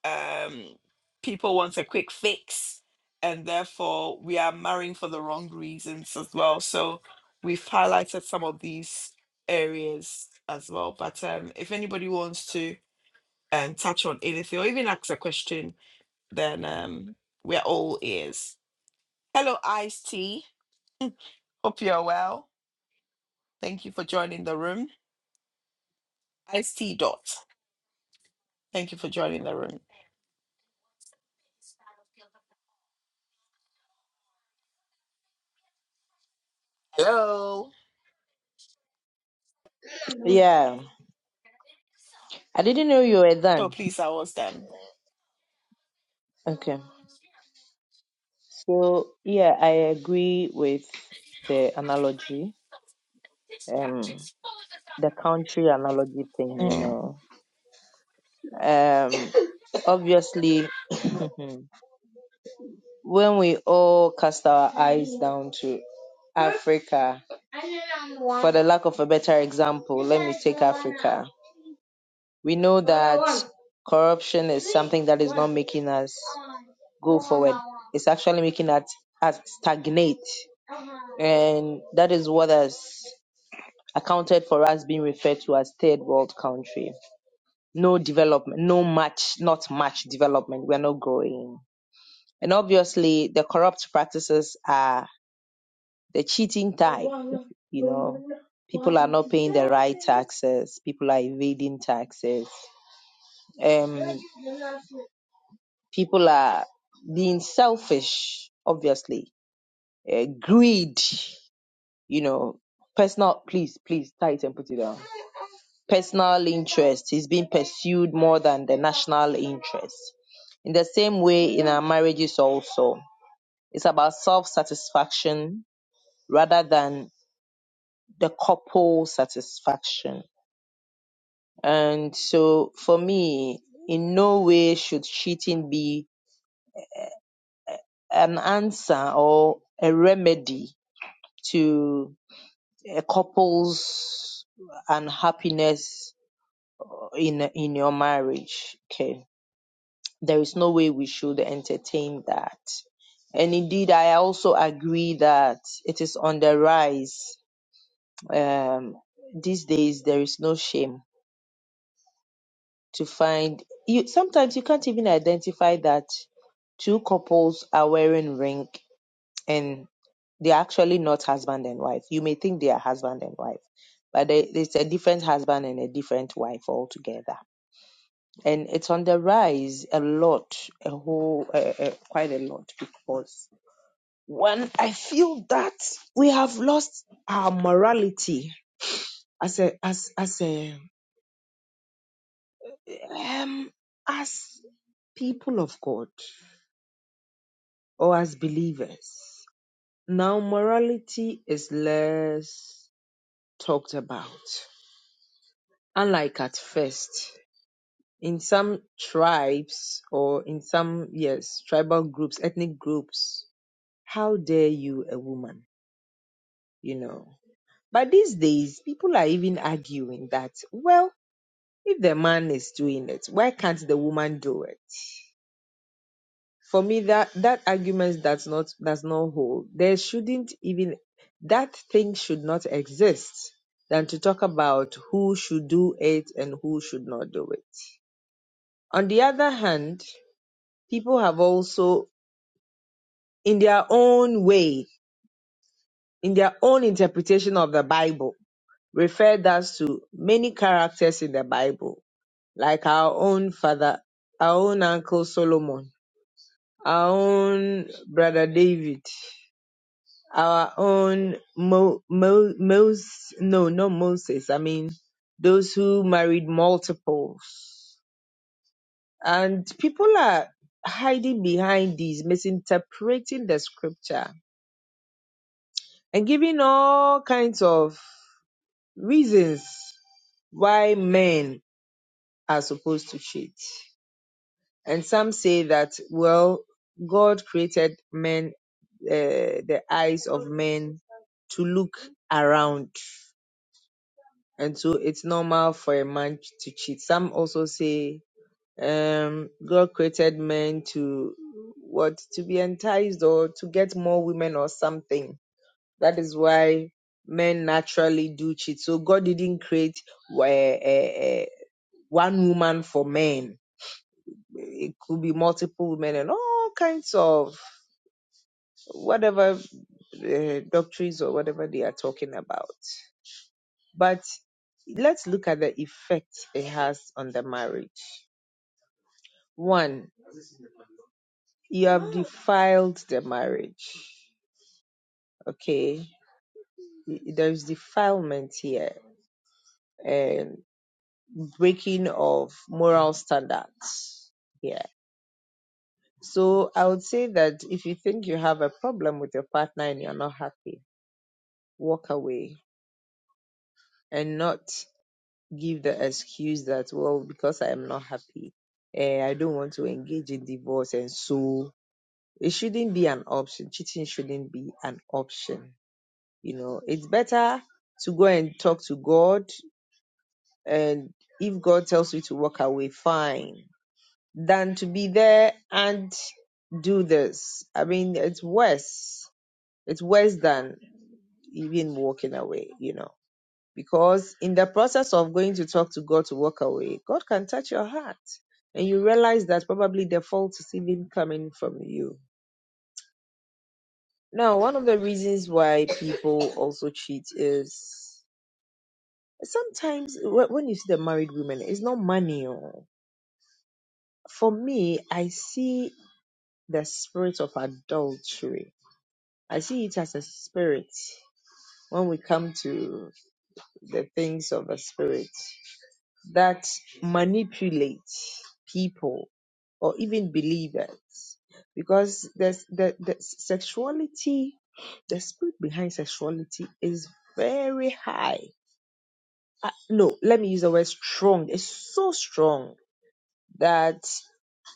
Speaker 1: um, people want a quick fix, and therefore we are marrying for the wrong reasons as well. So we've highlighted some of these areas as well. But um, if anybody wants to um, touch on anything or even ask a question, then um, we're all ears. Hello, Ice T. Hope you're well. Thank you for joining the room. Ice T dot. Thank you for joining the room. Hello.
Speaker 5: Yeah. I didn't know you were
Speaker 1: Oh,
Speaker 5: done.
Speaker 1: please, I was them.
Speaker 5: Okay. So, yeah, I agree with the analogy, um, the country analogy thing, you
Speaker 1: Mm.
Speaker 5: know. Um, obviously, when we all cast our eyes down to Africa, for the lack of a better example, let me take Africa. We know that corruption is something that is not making us go forward. It's actually making us, us stagnate. And that is what has accounted for us being referred to as third world country. No development, no much, not much development. We're not growing. And obviously the corrupt practices are the cheating type, you know. People are not paying the right taxes. People are evading taxes. Um. People are being selfish, obviously. Uh, greed, you know, personal, please, please, tight and put it down. Personal interest is being pursued more than the national interest. In the same way, in our marriages, also, it's about self satisfaction rather than the couple satisfaction. And so, for me, in no way should cheating be an answer or a remedy to a couple's unhappiness in in your marriage. Okay, there is no way we should entertain that. And indeed, I also agree that it is on the rise. Um, these days, there is no shame to find. You sometimes you can't even identify that two couples are wearing ring and they're actually not husband and wife. You may think they are husband and wife, but they, it's a different husband and a different wife altogether. And it's on the rise a lot, a whole, uh, uh, quite a lot, because one, I feel that we have lost our morality as a, as, as a, um, as people of God or as believers. Now, morality is less talked about unlike at first. In some tribes or in some, yes, tribal groups, ethnic groups, how dare you, a woman, you know? But these days, people are even arguing that, well, if the man is doing it, why can't the woman do it? For me, that, that argument does not, does not hold. There shouldn't even, that thing should not exist than to talk about who should do it and who should not do it. On the other hand, people have also, in their own way, in their own interpretation of the Bible, referred us to many characters in the Bible, like our own father, our own uncle Solomon, our own brother David, our own Mo, Mo, Mos, no, not Moses. I mean, those who married multiples. And people are hiding behind these, misinterpreting the scripture and giving all kinds of reasons why men are supposed to cheat. And some say that, well, God created men, uh, the eyes of men to look around. And so it's normal for a man to cheat. Some also say, um, God created men to what? To be enticed or to get more women or something. That is why men naturally do cheat. So God didn't create uh, uh, uh, one woman for men. It could be multiple women and all kinds of whatever uh, doctrines or whatever they are talking about. But let's look at the effect it has on the marriage. One, you have defiled the marriage. Okay, there's defilement here and. breaking of moral standards. Yeah. So I would say that if you think you have a problem with your partner and you're not happy, walk away and not give the excuse that, well, because I am not happy, eh, I don't want to engage in divorce. And so it shouldn't be an option. Cheating shouldn't be an option. You know, it's better to go and talk to God. And if God tells you to walk away, fine than to be there and do this. I mean, it's worse. It's worse than even walking away, you know, because in the process of going to talk to God to walk away, God can touch your heart and you realize that probably the fault is even coming from you. Now, one of the reasons why people also cheat is sometimes wh- when you see the married women, it's not money. oh. For me, I see the spirit of adultery I see it as a spirit when we come to the things of the spirit that manipulate people or even believers because there's the, the sexuality the spirit behind sexuality is very high Uh, no let me use the word strong it's so strong that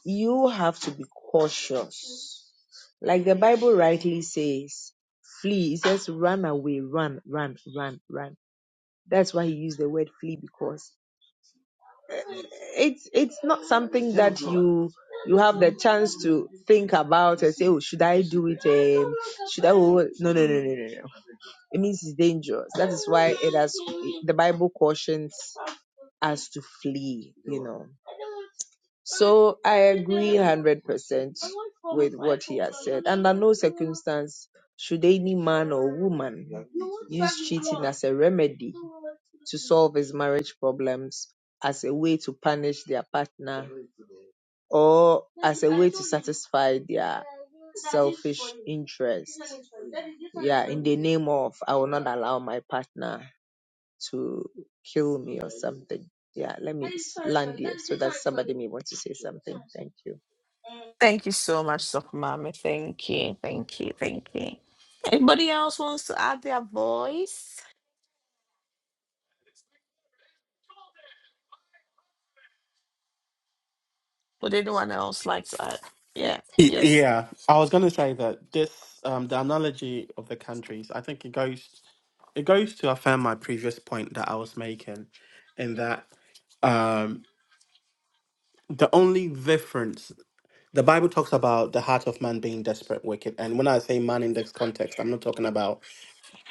Speaker 5: you have to be cautious Like the Bible rightly says, flee. It says run away, run, run, run, run. That's why he used the word flee because eh, it's it's not something that you you have the chance to think about and say, oh, should I do it? Um, should I? oh, No, no, no, no, no, no. It means it's dangerous. That is why it has the Bible cautions us to flee. You know. So I agree 100% with what he has said. Under no circumstance should any man or woman use cheating as a remedy to solve his marriage problems, as a way to punish their partner, or as a way to satisfy their selfish interest. Yeah, in the name of I will not allow my partner to kill me or something. Yeah, let me land here so that somebody may want to say something. Thank you.
Speaker 1: Thank you so much, Sokumami. Thank you. Thank you. Thank you. Anybody else wants to add their voice? Would anyone else like to add? Yeah.
Speaker 2: Y-
Speaker 1: Yes.
Speaker 2: yeah, I was going to say that this um, the analogy of the countries. I think it goes it goes to affirm my previous point that I was making, in that um, the only difference the Bible talks about the heart of man being desperate, wicked, and when I say man in this context, I'm not talking about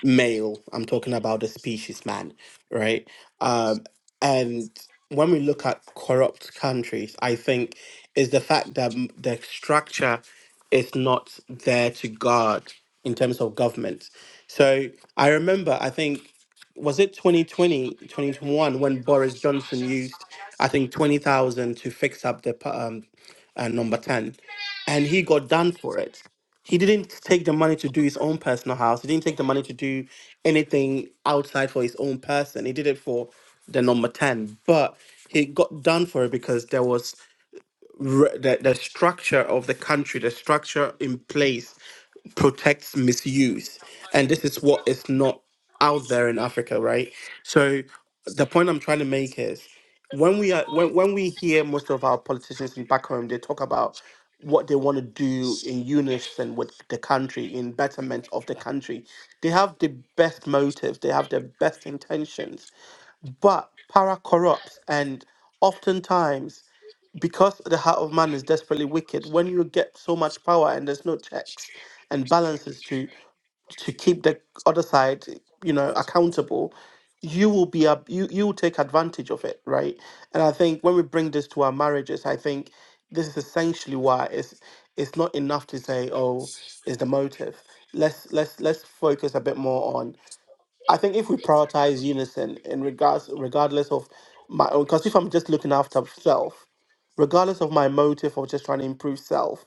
Speaker 2: male. I'm talking about the species man, right? Um, and when we look at corrupt countries, I think is the fact that m- the structure is not there to guard in terms of government. So I remember, I think, was it 2020, 2021, when Boris Johnson used, I think, 20,000 to fix up the pa- um, uh, number 10, and he got done for it he didn't take the money to do his own personal house. He didn't take the money to do anything outside for his own person. He did it for the number 10. But he got done for it because there was re- the, the structure of the country, the structure in place protects misuse. And this is what is not out there in Africa, right? So the point I'm trying to make is when we are when, when we hear most of our politicians in back home, they talk about what they want to do in unison with the country, in betterment of the country. They have the best motives, they have the best intentions, but power corrupts and oftentimes because the heart of man is desperately wicked, when you get so much power and there's no checks and balances to to keep the other side, you know, accountable, you will be a you you will take advantage of it, right? And I think when we bring this to our marriages, I think this is essentially why it's it's not enough to say, oh, is the motive. Let's let's let's focus a bit more on I think if we prioritize unison in regards, regardless of my own, because if I'm just looking after self, regardless of my motive of just trying to improve self,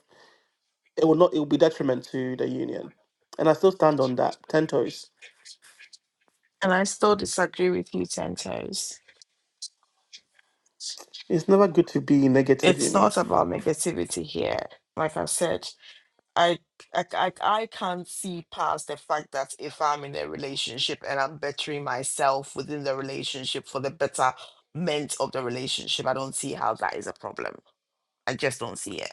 Speaker 2: it will not. It will be detriment to the union, and I still stand on that. Ten toes.
Speaker 1: And I still disagree with you, Tentos.
Speaker 2: It's never good to be negative, you
Speaker 1: It's
Speaker 2: know.
Speaker 1: not about negativity here. Like I said, I, I I I can't see past the fact that if I'm in a relationship and I'm bettering myself within the relationship for the betterment of the relationship, I don't see how that is a problem. I just don't see it.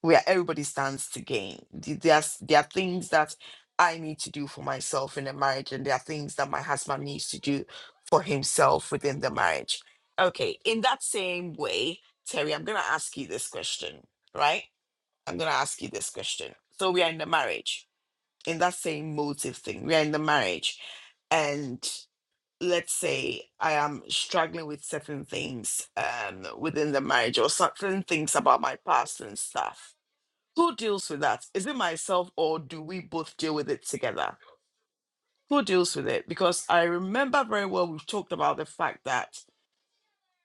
Speaker 1: Where everybody stands to gain. Th- There's there are things that I need to do for myself in a marriage, and there are things that my husband needs to do for himself within the marriage. Okay, in that same way, Terry, I'm gonna ask you this question, right? I'm going to ask you this question. So we are in the marriage, in that same motive thing. We are in the marriage. And let's say I am struggling with certain things um, within the marriage or certain things about my past and stuff. Who deals with that? Is it myself or do we both deal with it together? Who deals with it? Because I remember very well we've talked about the fact that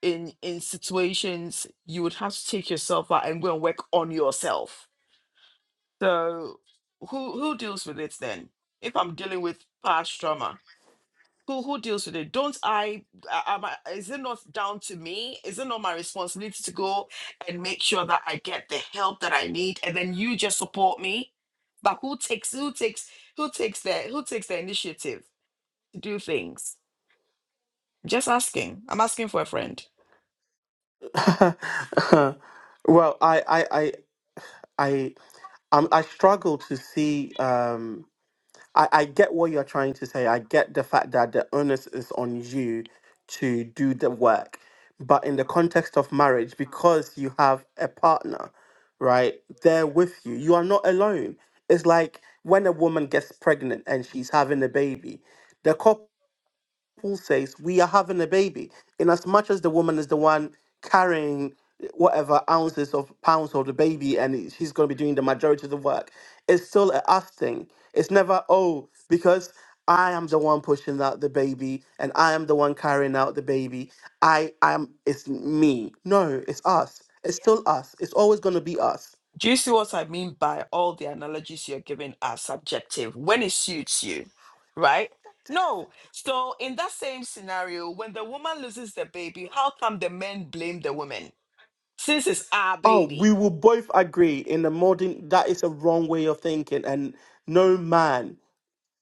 Speaker 1: in in situations you would have to take yourself out and go and work on yourself So who who deals with it then? If I'm dealing with past trauma, who who deals with it? Don't I, a- am I is it not down to me? Is it not my responsibility to go and make sure that I get the help that I need and then you just support me? But who takes who takes who takes the who takes the initiative to do things? Just asking. I'm asking for a friend.
Speaker 2: well, I, I, I, I, i I struggle to see. Um, I, I get what you're trying to say. I get the fact that the onus is on you to do the work. But in the context of marriage, because you have a partner, right, there with you, you are not alone. It's like when a woman gets pregnant and she's having a baby, the couple Paul says, we are having a baby, in as much as the woman is the one carrying whatever ounces of pounds of the baby and it- she's going to be doing the majority of the work, it's still a us thing. It's never, oh, because I am the one pushing out the baby and I am the one carrying out the baby. I am, it's me. No, it's us. It's still us. It's always going to be us.
Speaker 1: Do you see what I mean by all the analogies you're giving are subjective when it suits you, right? No. So, in that same scenario, when the woman loses the baby, how come the men blame the woman? Since it's our
Speaker 2: Oh,
Speaker 1: baby.
Speaker 2: we will both agree in the modern that is a wrong way of thinking, and no man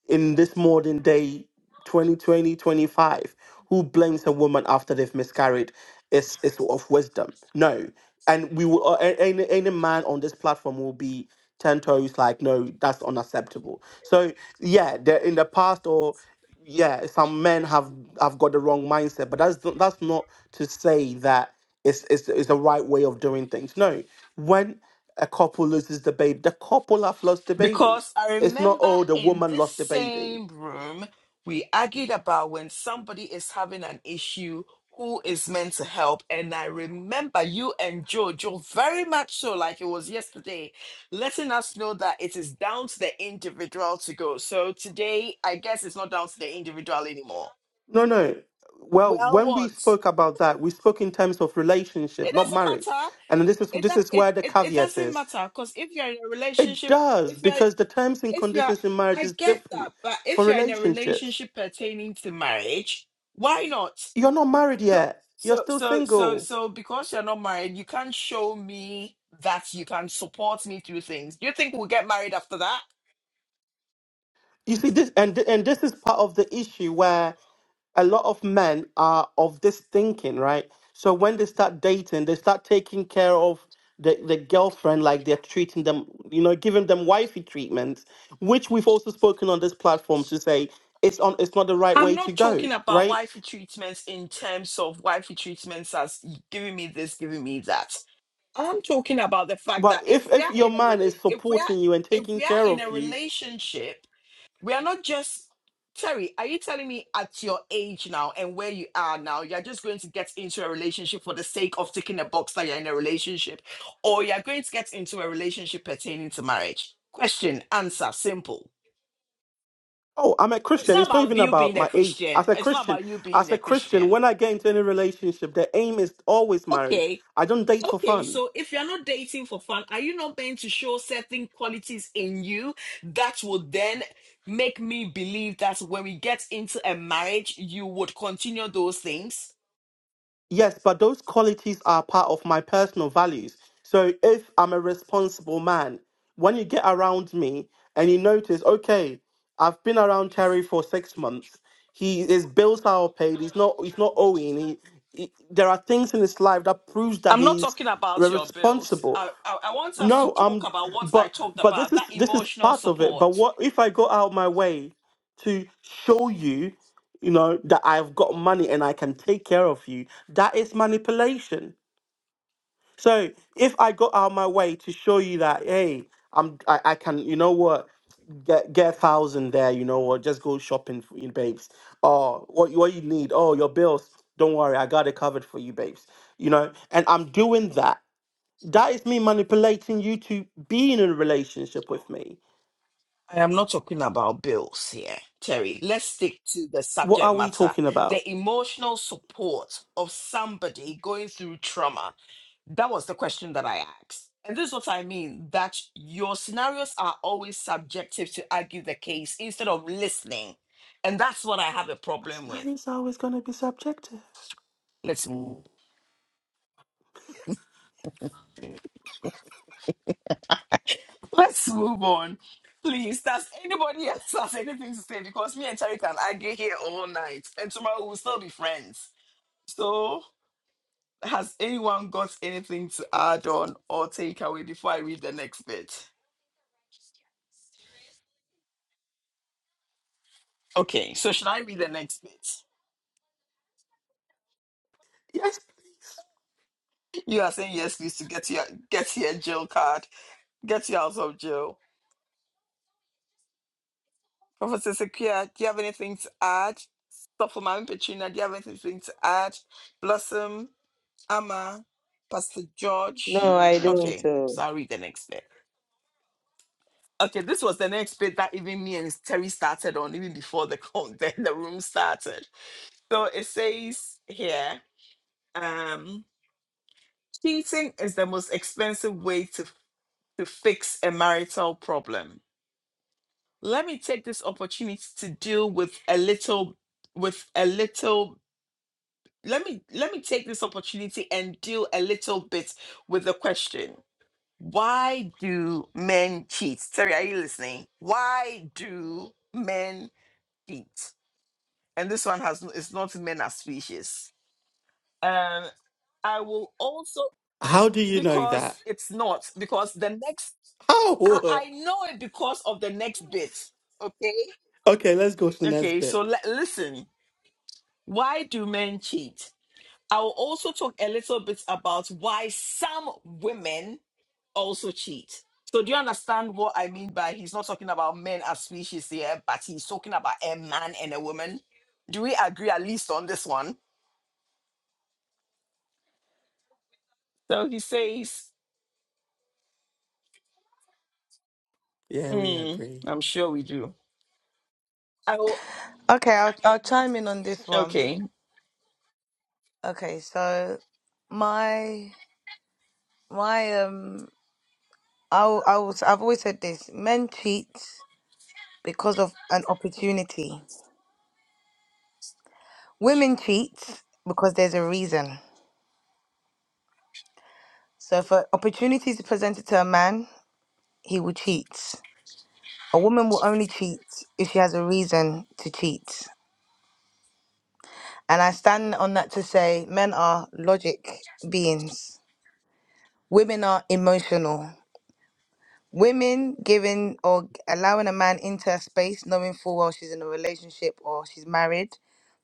Speaker 2: in this modern day 2020 25, who blames a woman after they've miscarried is is of wisdom no and we will uh, a- any any man on this platform will be 10 toes like no that's unacceptable so yeah the- in the past or yeah some men have have got the wrong mindset but that's not- that's not to say that it's it's, it's the right way of doing things no when a couple loses the baby the couple have lost the baby
Speaker 1: Because I
Speaker 2: it's not,
Speaker 1: remember
Speaker 2: oh, the
Speaker 1: in
Speaker 2: woman
Speaker 1: this
Speaker 2: lost the baby.
Speaker 1: same room, we argued about when somebody is having an issue, who is meant to help. And I remember you and Jojo very much so, like it was yesterday, letting us know that it is down to the individual to go. So today, I guess it's not down to the individual anymore.
Speaker 2: No, no. Well,
Speaker 1: Well,
Speaker 2: when we
Speaker 1: what?
Speaker 2: spoke about that, we spoke in terms of relationship,
Speaker 1: It
Speaker 2: not
Speaker 1: doesn't
Speaker 2: marriage.
Speaker 1: matter.
Speaker 2: And this is
Speaker 1: It,
Speaker 2: this
Speaker 1: do-
Speaker 2: is
Speaker 1: it,
Speaker 2: where the
Speaker 1: it, it
Speaker 2: caveat
Speaker 1: doesn't
Speaker 2: is.
Speaker 1: matter because if you're in a
Speaker 2: It
Speaker 1: relationship,
Speaker 2: does,
Speaker 1: if you're
Speaker 2: because the terms and
Speaker 1: if you're
Speaker 2: conditions in marriage
Speaker 1: I
Speaker 2: is
Speaker 1: get
Speaker 2: different
Speaker 1: that, but
Speaker 2: for
Speaker 1: if you're in a
Speaker 2: relationships.
Speaker 1: relationship pertaining to marriage, why not?
Speaker 2: You're not married yet. You're
Speaker 1: So
Speaker 2: still
Speaker 1: so so
Speaker 2: single.
Speaker 1: so because you're not married, you can't show me that you can support me through things. Do you think we'll get married after that?
Speaker 2: You see this, and and this is part of the issue where a lot of men are of this thinking, right? So when they start dating, they start taking care of the, the girlfriend like they're treating them, you know, giving them wifey treatment, which we've also spoken on this platform to say it's on it's not the right
Speaker 1: I'm
Speaker 2: way to
Speaker 1: not
Speaker 2: go,
Speaker 1: talking about
Speaker 2: right?
Speaker 1: wifey treatments in terms of wifey treatments as giving me this, giving me that. I'm talking about the fact that
Speaker 2: But
Speaker 1: if
Speaker 2: if
Speaker 1: we
Speaker 2: if
Speaker 1: are
Speaker 2: your
Speaker 1: in a
Speaker 2: man
Speaker 1: rela-
Speaker 2: is
Speaker 1: if we
Speaker 2: supporting
Speaker 1: are
Speaker 2: you and
Speaker 1: if
Speaker 2: taking
Speaker 1: we are
Speaker 2: care
Speaker 1: in
Speaker 2: of
Speaker 1: a
Speaker 2: you,
Speaker 1: relationship We are not just Terry, are you telling me at your age now and where you are now, you're just going to get into a relationship for the sake of ticking a box that you're in a relationship, or you're going to get into a relationship pertaining to marriage? Question, answer, simple.
Speaker 2: Oh, I'm a
Speaker 1: It's
Speaker 2: Christian.
Speaker 1: not
Speaker 2: It's not
Speaker 1: about
Speaker 2: even
Speaker 1: you
Speaker 2: about
Speaker 1: being a
Speaker 2: my age.
Speaker 1: Christian.
Speaker 2: As a
Speaker 1: It's not
Speaker 2: Christian,
Speaker 1: about you being
Speaker 2: as
Speaker 1: a
Speaker 2: a Christian,
Speaker 1: Christian.
Speaker 2: when I get into any relationship, the aim is always marriage.
Speaker 1: Okay,
Speaker 2: I don't date for
Speaker 1: Okay,
Speaker 2: fun.
Speaker 1: so if you're not dating for fun, are you not meant to show certain qualities in you that would then make me believe that when we get into a marriage, you would continue those things?
Speaker 2: Yes, but those qualities are part of my personal values. So if I'm a responsible man, when you get around me and you notice, okay, I've been around Terry for six months. He his bills are all paid. He's not he's not owing. He, he- there are things in his life that proves that
Speaker 1: I'm not
Speaker 2: he's
Speaker 1: talking about your bills.
Speaker 2: responsible.
Speaker 1: I, I, I want us to
Speaker 2: No,
Speaker 1: talk
Speaker 2: um,
Speaker 1: about what I
Speaker 2: but
Speaker 1: talked
Speaker 2: but this
Speaker 1: about
Speaker 2: is
Speaker 1: that
Speaker 2: this is
Speaker 1: emotional
Speaker 2: part of it.
Speaker 1: support.
Speaker 2: But what if I go out my way to show you, you know, that I've got money and I can take care of you? That is manipulation. So if I go out my way to show you that, hey, I'm I, I can, you know what, get get a thousand there, you know what, just go shopping for you, babes. Or what you- what you need? Oh, your bills. Don't worry, I got it covered for you, babes. You know, and I'm doing that that is me manipulating you to be in a relationship with me.
Speaker 1: I am not talking about bills here, Terry. Let's stick to the
Speaker 2: What
Speaker 1: subject
Speaker 2: are we
Speaker 1: matter
Speaker 2: talking about?
Speaker 1: the emotional support of somebody going through trauma That was the question that I asked. And this is what I mean that your scenarios are always subjective to argue the case instead of listening. And that's what I have a problem with.
Speaker 2: Marriage is always going to be subjective.
Speaker 1: Let's move. Let's move on. Please, does anybody else have anything to say? Because me and Terry can argue here all night. And tomorrow we'll still be friends. So has anyone got anything to add on or take away before I read the next bit? Okay, so should I read the next bit?
Speaker 2: Yes, please.
Speaker 1: You are saying yes, please, to get your get your jail card. Get you out of jail. Professor Sequia, do you have anything to add? Dr. Mami Petrina, do you have anything to add? Blossom, Amma, Pastor George.
Speaker 5: No, I don't.
Speaker 1: Okay,
Speaker 5: uh,
Speaker 1: so I'll read the next bit. Okay, this was the next bit that even me and Terry started on, even before the con- the, the room started. So it says here, um, cheating is the most expensive way to to fix a marital problem let me take this opportunity to deal with a little with a little let me let me take this opportunity and deal a little bit with the question why do men cheat terry are you listening why do men cheat and this one has it's not men as species um i will also
Speaker 2: How do you know
Speaker 1: because
Speaker 2: that?
Speaker 1: it's not because the next
Speaker 2: How?
Speaker 1: i, I know it because of the next bit okay
Speaker 2: Okay, let's go to the next
Speaker 1: okay so
Speaker 2: bit.
Speaker 1: le- listen Why do men cheat? I will also talk a little bit about why some women also cheat. So, do you understand what I mean by he's not talking about men as species here, but he's talking about a man and a woman? Do we agree at least on this one? So he says,
Speaker 2: Yeah, we
Speaker 1: mm,
Speaker 2: agree.
Speaker 1: I'm sure we do. I will,
Speaker 9: Okay, I'll I'll chime in on this one.
Speaker 1: okay.
Speaker 9: Okay, so my my um I will- I will, I've always said this: men cheat because of an opportunity. Women cheat because there's a reason. So if an opportunity is presented to a man, he will cheat. A woman will only cheat if she has a reason to cheat. And I stand on that to say men are logic beings. Women are emotional. Women giving or g- allowing a man into a space knowing full well she's in a relationship or she's married,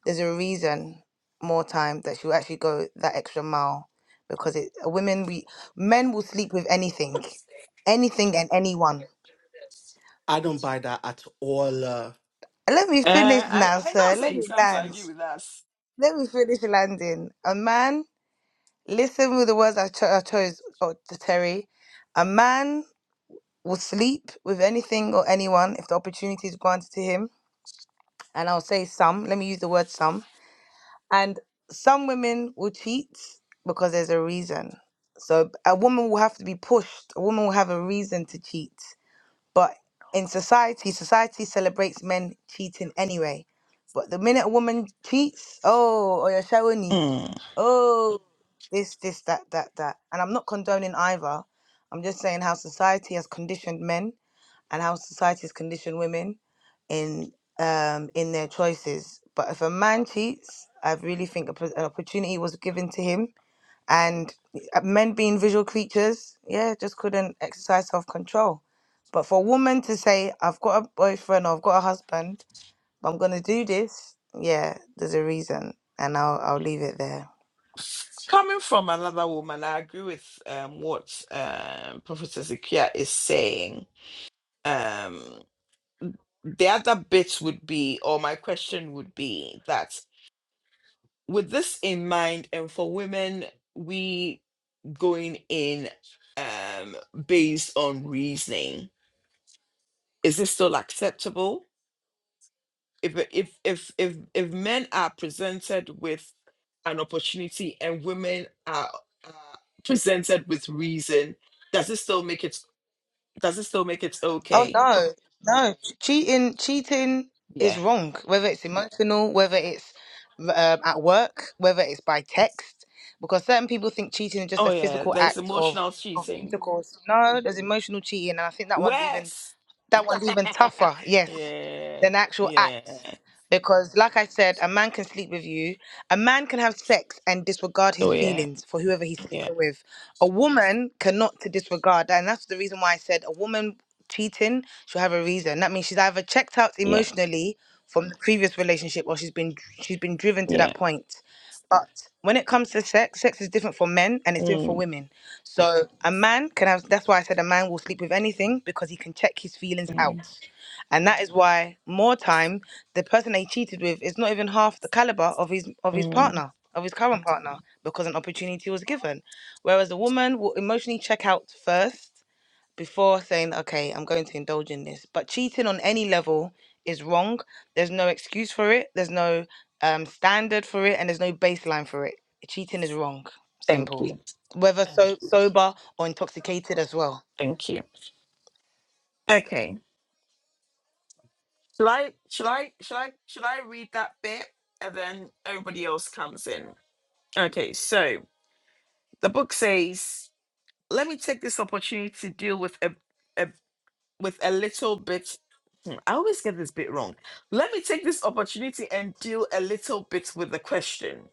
Speaker 9: there's a reason more time that she'll actually go that extra mile because it women we men will sleep with anything anything and anyone
Speaker 2: I don't buy that at all. uh.
Speaker 9: Let me
Speaker 1: Uh,
Speaker 9: finish
Speaker 1: I,
Speaker 9: now,
Speaker 1: I
Speaker 9: sir.
Speaker 1: not say
Speaker 9: Let
Speaker 1: he
Speaker 9: me
Speaker 1: comes to
Speaker 9: land.
Speaker 1: argue with us.
Speaker 9: Let me finish landing. A man, listen with the words I, cho- I chose, oh, to Terry. A man will sleep with anything or anyone if the opportunity is granted to him. And I'll say some. Let me use the word some. And some women will cheat because there's a reason. So a woman will have to be pushed. A woman will have a reason to cheat. But in society, society celebrates men cheating anyway. But the minute a woman cheats, oh, or you're showing you,
Speaker 1: Mm.
Speaker 9: oh, this, this, that, that, that. And I'm not condoning either. I'm just saying how society has conditioned men and how society has conditioned women in um in their choices. But if a man cheats, I really think a, pr- an opportunity was given to him and uh, men being visual creatures yeah just couldn't exercise self-control but for a woman to say i've got a boyfriend or i've got a husband but i'm gonna do this yeah there's a reason and i'll i'll leave it there
Speaker 1: Coming from another woman, I agree with um, what um, Professor Zakia is saying um the other bits would be or my question would be that with this in mind and for women we going in um based on reasoning is this still acceptable if if if if, if men are presented with an opportunity and women are uh, presented with reason does it still make it does it still make it
Speaker 9: Oh
Speaker 1: okay
Speaker 9: no, no. Cheating, cheating is
Speaker 1: yeah
Speaker 9: wrong. Whether it's emotional, whether it's um, at work, whether it's by text, because certain people think cheating is just
Speaker 1: oh
Speaker 9: a
Speaker 1: yeah
Speaker 9: physical
Speaker 1: there's
Speaker 9: act of
Speaker 1: emotional
Speaker 9: of
Speaker 1: cheating
Speaker 9: intercourse. No, there's emotional cheating, and I think that one's even
Speaker 1: worse
Speaker 9: that one's even tougher, yes,
Speaker 1: yeah,
Speaker 9: than actual
Speaker 1: yeah.
Speaker 9: acts. Because, like I said, a man can sleep with you. A man can have sex and disregard
Speaker 1: Oh
Speaker 9: his
Speaker 1: yeah,
Speaker 9: feelings for whoever he's
Speaker 1: yeah,
Speaker 9: sleeping with. A woman cannot to disregard, and that's the reason why I said a woman cheating she'll have a reason. That means she's either checked out
Speaker 1: yeah,
Speaker 9: emotionally from the previous relationship, or she's been she's been driven to
Speaker 1: yeah.
Speaker 9: that point. But when it comes to sex, sex is different for men and it's different for
Speaker 1: Mm,
Speaker 9: women. So a man can have that's why I said a man will sleep with anything because he can check his feelings
Speaker 1: mm,
Speaker 9: out. And that is why more time the person they cheated with is not even half the caliber of his of his
Speaker 1: mm.
Speaker 9: partner, of his current partner, because an opportunity was given. Whereas a woman will emotionally check out first before saying, okay, I'm going to indulge in this. But cheating on any level is wrong. There's no excuse for it. There's no um, standard for it, and there's no baseline for it. Cheating is wrong.
Speaker 1: Thank
Speaker 9: Simple.
Speaker 1: you,
Speaker 9: Whether Mm. so sober or intoxicated as well.
Speaker 1: thank you. Okay, shall I, shall I, shall I, shall I read that bit, and then everybody else comes in? Okay, so the book says, "Let me take this opportunity to deal with a, a with a little bit." Hmm, I always get this bit wrong. Let me take this opportunity and deal a little bit with the question: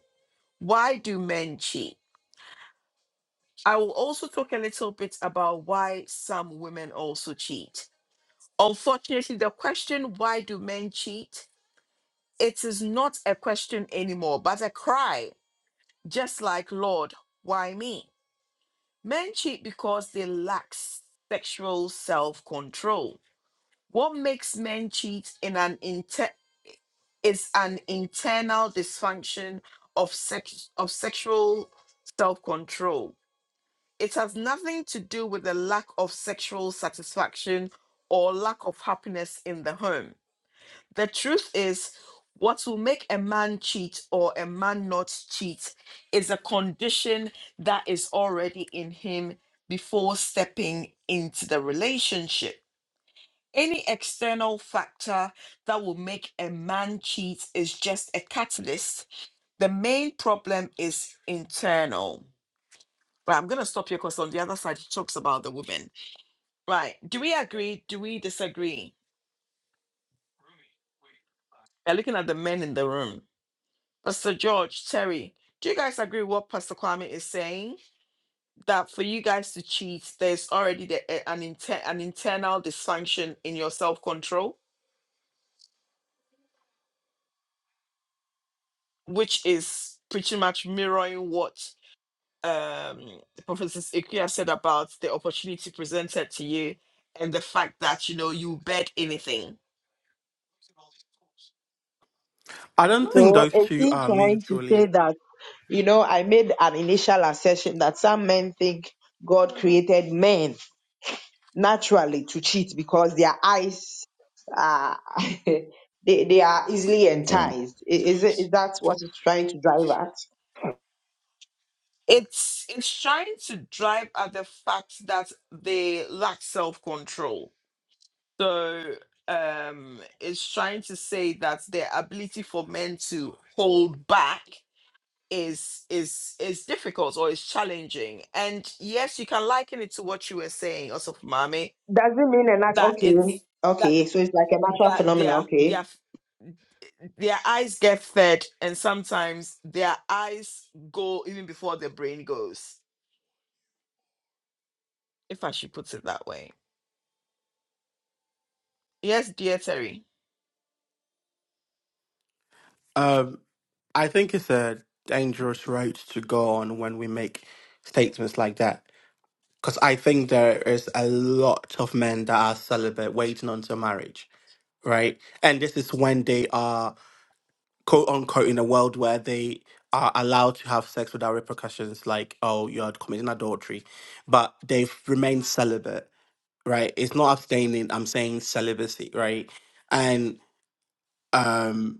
Speaker 1: Why do men cheat? I will also talk a little bit about why some women also cheat. Unfortunately, the question, why do men cheat? It is not a question anymore, but a cry, just like, Lord, why me? Men cheat because they lack sexual self control. What makes men cheat in an inter- is an internal dysfunction of, sex- of sexual self control it has nothing to do with the lack of sexual satisfaction or lack of happiness in the home. The truth is, what will make a man cheat or a man not cheat is a condition that is already in him before stepping into the relationship. Any external factor that will make a man cheat is just a catalyst. The main problem is internal. But I'm going to stop here because on the other side, she talks about the women. Right. Do we agree? Do we disagree? We're looking at the men in the room. Pastor George, Terry, do you guys agree with what Pastor Kwame is saying? That for you guys to cheat, there's already the, eh, an, inter- an internal dysfunction in your self control, which is pretty much mirroring what um, Professor Ikuya said about the opportunity presented to you and the fact that, you know, you bet anything.
Speaker 2: I don't think
Speaker 5: So
Speaker 2: those
Speaker 5: is
Speaker 2: two
Speaker 5: he
Speaker 2: are
Speaker 5: trying to say
Speaker 2: mutually.
Speaker 5: that, you know, I made an initial assertion that some men think God created men naturally to cheat because their eyes are they, they are easily enticed. I- Is it is that what it's trying to drive at?
Speaker 1: it's it's trying to drive at the fact that they lack self-control so um it's trying to say that their ability for men to hold back is is is difficult or is challenging and yes you can liken it to what you were saying also mommy
Speaker 5: Does it mean a nat
Speaker 1: that it's
Speaker 5: okay?
Speaker 1: that
Speaker 5: Okay, so it's like a natural
Speaker 1: that
Speaker 5: phenomenon,
Speaker 1: their
Speaker 5: okay.
Speaker 1: their their eyes get fed and sometimes their eyes go even before their brain goes if i should put it that way Yes, dear Terry,
Speaker 2: Um, I think it's a dangerous road to go on when we make statements like that. Because I think there is a lot of men that are celibate waiting until marriage, right? And this is when they are, quote unquote, in a world where they are allowed to have sex without repercussions, like, oh, you're committing adultery, but they've remained celibate, right? It's not abstaining, I'm saying celibacy, right? And um,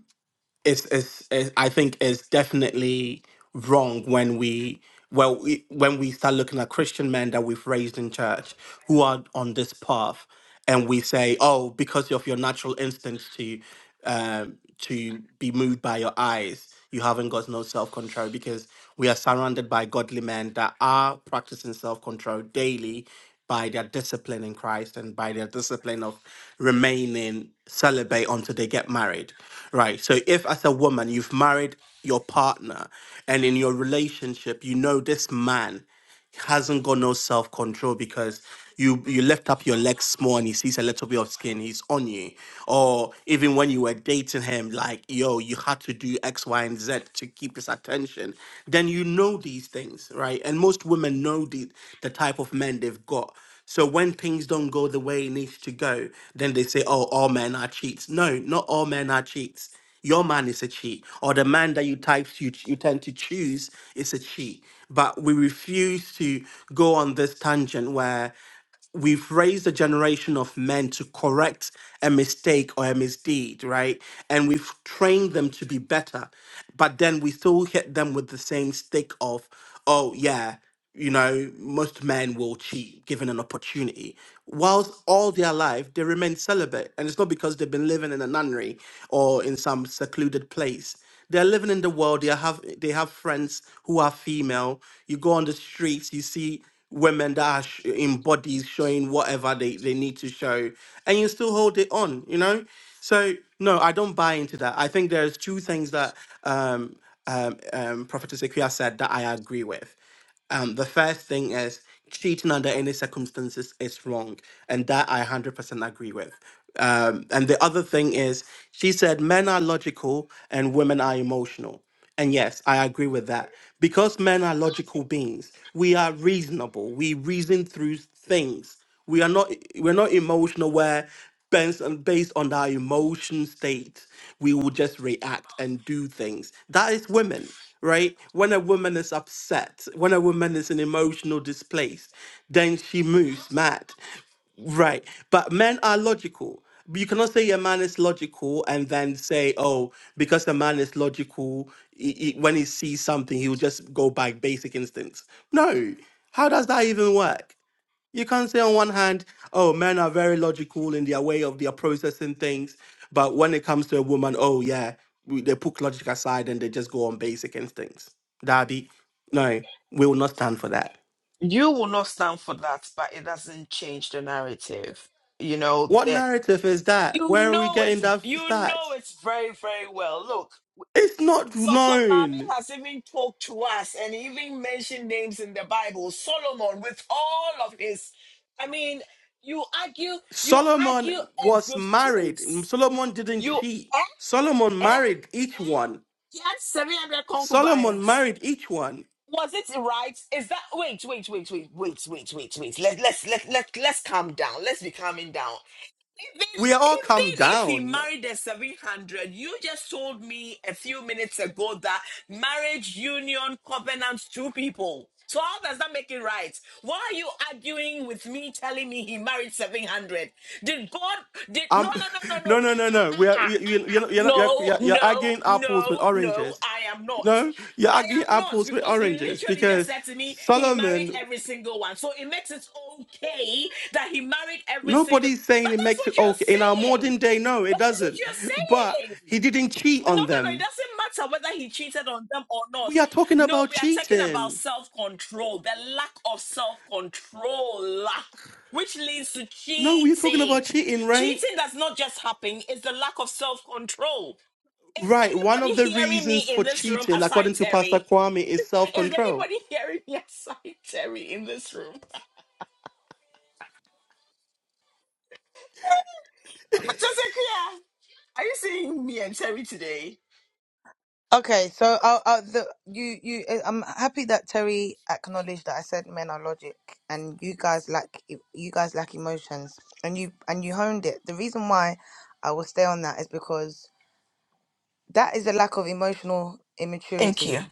Speaker 2: it's, it's, it's, I think it's definitely wrong when we, well, we, when we start looking at Christian men that we've raised in church who are on this path, and we say, "Oh, because of your natural instincts to um, to be moved by your eyes, you haven't got no self control." Because we are surrounded by godly men that are practicing self control daily by their discipline in Christ and by their discipline of remaining celibate until they get married, right? So if as a woman you've married your partner and in your relationship you know this man hasn't got no self control because you you lift up your legs small and he sees a little bit of skin, he's on you. Or even when you were dating him, like yo, you had to do X, Y, and Z to keep his attention. Then you know these things, right? And most women know the the type of men they've got. So when things don't go the way it needs to go, then they say, "Oh, all men are cheats." No, not all men are cheats. Your man is a she, or the man that you type you, you tend to choose is a she. But we refuse to go on this tangent where we've raised a generation of men to correct a mistake or a misdeed, right? And we've trained them to be better, but then we still hit them with the same stick of, oh yeah, you know, most men will cheat given an opportunity. Whilst all their life they remain celibate, and it's not because they've been living in a nunnery or in some secluded place. They're living in the world. They have they have friends who are female. You go on the streets, you see women that are sh- in bodies showing whatever they, they need to show and you still hold it on you know so no i don't buy into that i think there's two things that um, um, um, prophetess Equia said that i agree with um, the first thing is cheating under any circumstances is wrong and that i 100% agree with um, and the other thing is she said men are logical and women are emotional and yes, I agree with that. Because men are logical beings, we are reasonable. We reason through things. We are not we're not emotional where based on, based on our emotion state, we will just react and do things. That is women, right? When a woman is upset, when a woman is an emotional displaced, then she moves mad. Right. But men are logical. But You cannot say a man is logical and then say, oh, because a man is logical, he, he- when he sees something, he will just go by basic instincts. No. How does that even work? You can't say on one hand, oh, men are very logical in their way of their processing things. But when it comes to a woman, oh, yeah, we- they put logic aside and they just go on basic instincts. Darby, no, we will not stand for that.
Speaker 1: you will not stand for that, but it doesn't change the narrative. You know
Speaker 2: What
Speaker 1: that
Speaker 2: narrative is that?
Speaker 1: you
Speaker 2: Where are we
Speaker 1: know it.
Speaker 2: getting that
Speaker 1: You know
Speaker 2: stats?
Speaker 1: it's very, very well. Look,
Speaker 2: It's not
Speaker 1: so for
Speaker 2: known.
Speaker 1: mommy has even talked to us and even mentioned names in the Bible. Solomon, with all of his, I mean, you argue, you
Speaker 2: Solomon
Speaker 1: argue a
Speaker 2: was
Speaker 1: good
Speaker 2: married.
Speaker 1: case.
Speaker 2: Solomon didn't
Speaker 1: You
Speaker 2: cheat.
Speaker 1: eh,
Speaker 2: Solomon
Speaker 1: eh,
Speaker 2: married
Speaker 1: eh,
Speaker 2: each one.
Speaker 1: he had seven hundred
Speaker 2: Solomon
Speaker 1: concubines.
Speaker 2: married each one.
Speaker 1: was it right? Is that wait, wait, wait, wait, wait, wait, wait, wait. Let let's let let let's calm down. Let's be calming down. Even
Speaker 2: We are all come
Speaker 1: even if he
Speaker 2: down.
Speaker 1: married a seven hundred, you just told me a few minutes ago that marriage union covenants two people. So how does that make it right? Why are you arguing with me, telling me he married seven hundred? Did God? Did no no
Speaker 2: Um,
Speaker 1: no no no. Uh,
Speaker 2: no, no, no, no. We
Speaker 1: uh, uh,
Speaker 2: are,
Speaker 1: uh,
Speaker 2: we, you,
Speaker 1: uh, uh.
Speaker 2: you're, not- you're, not- you're,
Speaker 1: No
Speaker 2: you're you're
Speaker 1: no
Speaker 2: arguing apples with
Speaker 1: no no.
Speaker 2: oranges.
Speaker 1: I am not.
Speaker 2: No, you're
Speaker 1: I
Speaker 2: arguing
Speaker 1: am not
Speaker 2: apples with
Speaker 1: because you
Speaker 2: oranges
Speaker 1: literally just
Speaker 2: because
Speaker 1: said to me he married
Speaker 2: Solomon,
Speaker 1: every single one. So it makes it okay that he married every single
Speaker 2: nobody's
Speaker 1: but
Speaker 2: saying it
Speaker 1: that's
Speaker 2: makes it
Speaker 1: what
Speaker 2: okay. In our
Speaker 1: you're
Speaker 2: modern
Speaker 1: saying.
Speaker 2: day, no, it
Speaker 1: But that's what
Speaker 2: doesn't. But
Speaker 1: you're saying.
Speaker 2: he didn't cheat
Speaker 1: No, no,
Speaker 2: on
Speaker 1: no. It
Speaker 2: them.
Speaker 1: doesn't matter whether he cheated on them or not.
Speaker 2: We are talking
Speaker 1: No,
Speaker 2: about
Speaker 1: we are talking about
Speaker 2: cheating.
Speaker 1: self-control, the lack of self-control, which leads to
Speaker 2: No, we're talking
Speaker 1: cheating.
Speaker 2: about cheating, right?
Speaker 1: Cheating does not just happen, it's the lack of self-control. Is
Speaker 2: Right. One
Speaker 1: anybody
Speaker 2: of the
Speaker 1: hearing me
Speaker 2: reasons
Speaker 1: in
Speaker 2: for
Speaker 1: this room
Speaker 2: cheating,
Speaker 1: aside
Speaker 2: according to Pastor
Speaker 1: Terry?
Speaker 2: Kwame, is self
Speaker 1: Is
Speaker 2: control.
Speaker 1: anybody hearing me aside Terry in this room? But Just a clear. Are you seeing me and Terry today?
Speaker 9: Okay, so uh, uh, the, you you uh, I'm happy that Terry acknowledged that I said men are logic and you guys lack e- you guys lack emotions and you and you honed it. The reason why I will stay on that is because That is a lack of emotional
Speaker 1: Thank you.
Speaker 9: immaturity.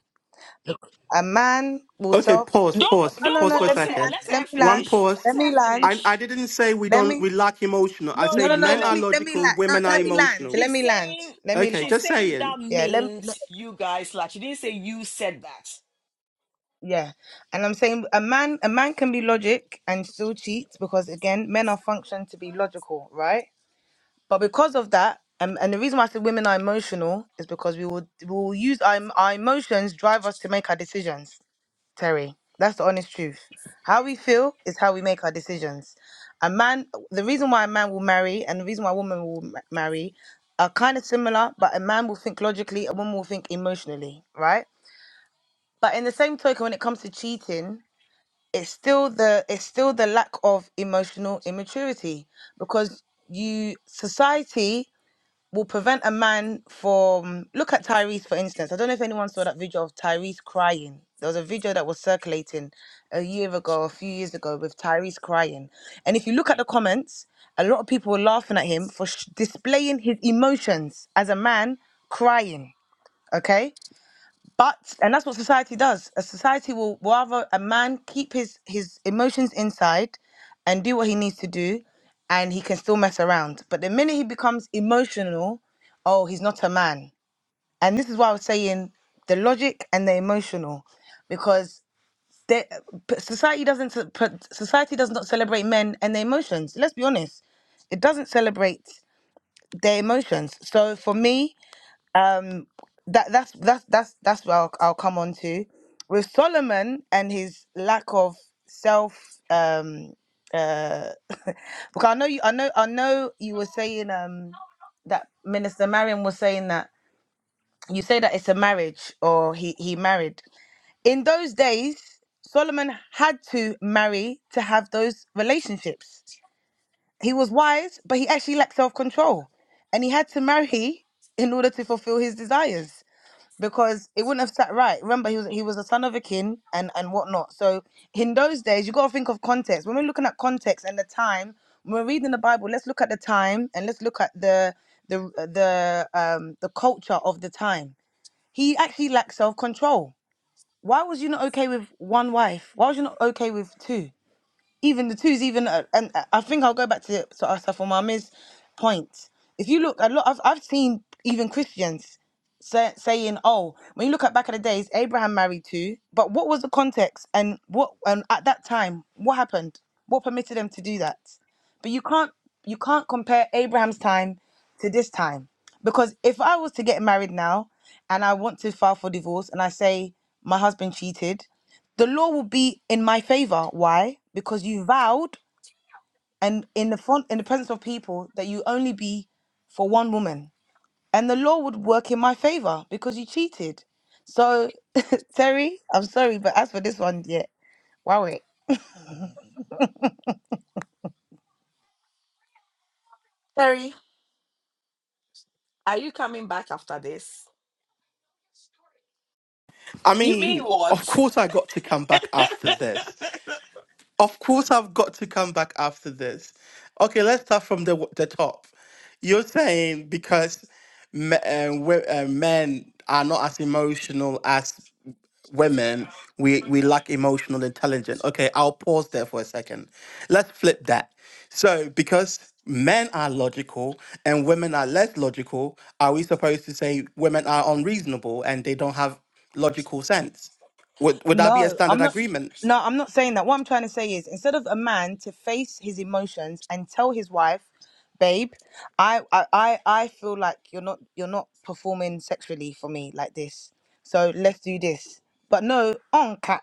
Speaker 9: Look, A man will
Speaker 2: Okay,
Speaker 9: self.
Speaker 2: pause,
Speaker 9: No,
Speaker 1: Don't
Speaker 2: pause,
Speaker 9: no,
Speaker 1: don't
Speaker 2: pause
Speaker 9: no.
Speaker 2: for a
Speaker 9: Let
Speaker 1: pause
Speaker 9: me
Speaker 1: her.
Speaker 2: second.
Speaker 9: land.
Speaker 1: Let
Speaker 9: Let
Speaker 1: her
Speaker 9: me
Speaker 2: One
Speaker 9: land.
Speaker 1: finish.
Speaker 2: pause.
Speaker 9: Let
Speaker 1: Let her
Speaker 9: me land.
Speaker 2: I, I
Speaker 1: finish.
Speaker 2: didn't say we
Speaker 9: Let
Speaker 2: don't
Speaker 9: me.
Speaker 2: we lack emotional. I
Speaker 1: No,
Speaker 9: No,
Speaker 1: no,
Speaker 2: said
Speaker 9: no, no.
Speaker 2: men
Speaker 9: Let
Speaker 1: no.
Speaker 2: are
Speaker 9: me. Let me
Speaker 2: logical,
Speaker 9: land. No,
Speaker 2: women are
Speaker 9: let me
Speaker 1: Terry.
Speaker 9: land.
Speaker 2: emotional.
Speaker 9: Let
Speaker 1: She's
Speaker 9: me land.
Speaker 1: saying
Speaker 9: Let me
Speaker 2: Okay,
Speaker 9: land.
Speaker 1: she's
Speaker 2: just
Speaker 1: saying
Speaker 2: saying.
Speaker 1: that
Speaker 9: Yeah. Let. me- let
Speaker 1: means you guys like she didn't say you said that.
Speaker 9: yeah. And I'm saying a man. A man can be logic and still cheat because again, men are functioned to be logical, right? But because of that, um, and the reason why I said women are emotional is because we will we will use our, our emotions drive us to make our decisions Terry. That's the honest truth. How we feel is how we make our decisions. A man, the reason why a man will marry and the reason why a woman will ma- marry are kind of similar, but a man will think logically, a woman will think emotionally, right? But in the same token, when it comes to cheating, it's still the it's still the lack of emotional immaturity because you society will prevent a man from look at Tyrese for instance. I don't know if anyone saw that video of Tyrese crying. There was a video that was circulating a year ago, a few years ago, with Tyrese crying. And if you look at the comments, a lot of people were laughing at him for sh- displaying his emotions as a man crying. Okay. But and that's what society does. A society will rather a man keep his his emotions inside and do what he needs to do and he can still mess around. But the minute he becomes emotional, oh, he's not a man. And this is why I was saying the logic and the emotional because they, p- society doesn't ce- p- society does not celebrate men and their emotions. Let's be honest. It doesn't celebrate their emotions. So for me, that that's that's that's that's where I'll, I'll come on to with Solomon and his lack of self um uh because I know you I know I know you were saying um that Minister Marion was saying that you say that it's a marriage or he he married in those days Solomon had to marry to have those relationships he was wise but he actually lacked self-control and he had to marry in order to fulfill his desires because it wouldn't have sat right. Remember, he was he was the son of a king and and whatnot. So in those days, you got to think of context. When we're looking at context and the time, when we're reading the Bible, let's look at the time and let's look at the the the um the culture of the time. He actually lacked self control. Why was you not okay with one wife? Why was you not okay with two? even the twos, even uh, and I I think I'll go back to to Asaf Omami's point. If you look, a lot I've I've seen even Christians say, saying, "Oh, when you look at back in the days, Abraham married two, but what was the context and what and at that time what happened? What permitted them to do that? But you can't you can't compare Abraham's time to this time because if I was to get married now and I want to file for divorce and I say my husband cheated the law will be in my favor. Why? Because you vowed and in the front in the presence of people that you only be for one woman. And the law would work in my favor because you cheated. So Terry, I'm sorry, but as for this one, yeah. Wow. eh.
Speaker 1: Terry, are you coming back after this?
Speaker 2: I
Speaker 1: You mean
Speaker 2: mean,
Speaker 1: what?
Speaker 2: of course I got to come back after this. Of course, I've got to come back after this. Okay, let's start from the the top. You're saying because me, um, we- uh, men are not as emotional as women, we we lack emotional intelligence. Okay, I'll pause there for a second. Let's flip that. So, because men are logical and women are less logical, are we supposed to say women are unreasonable and they don't have logical sense? Would would that be a
Speaker 9: No,
Speaker 2: standard
Speaker 9: I'm not.
Speaker 2: agreement?
Speaker 9: No, I'm not saying that. What I'm trying to say is, instead of a man to face his emotions and tell his wife, "Babe, I, I, I I feel like you're not, you're not performing sexually for me like this. So let's do this." But no, on cat,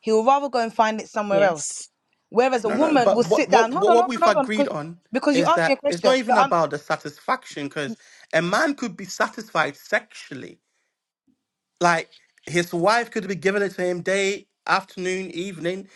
Speaker 9: he will rather go and find it somewhere else.
Speaker 1: Yes.
Speaker 9: Whereas a
Speaker 2: No, no,
Speaker 9: woman will
Speaker 2: but what
Speaker 9: sit down.
Speaker 2: what
Speaker 9: Hold
Speaker 2: what
Speaker 9: on,
Speaker 2: what
Speaker 9: hold on,
Speaker 2: we've
Speaker 9: hold on,
Speaker 2: agreed
Speaker 9: because
Speaker 2: on
Speaker 9: because you
Speaker 2: is
Speaker 9: asked me a
Speaker 2: that it's
Speaker 9: question.
Speaker 2: not even
Speaker 9: So I'm
Speaker 2: about the satisfaction because a man could be satisfied sexually. Like his wife could be giving it to him day, afternoon, evening,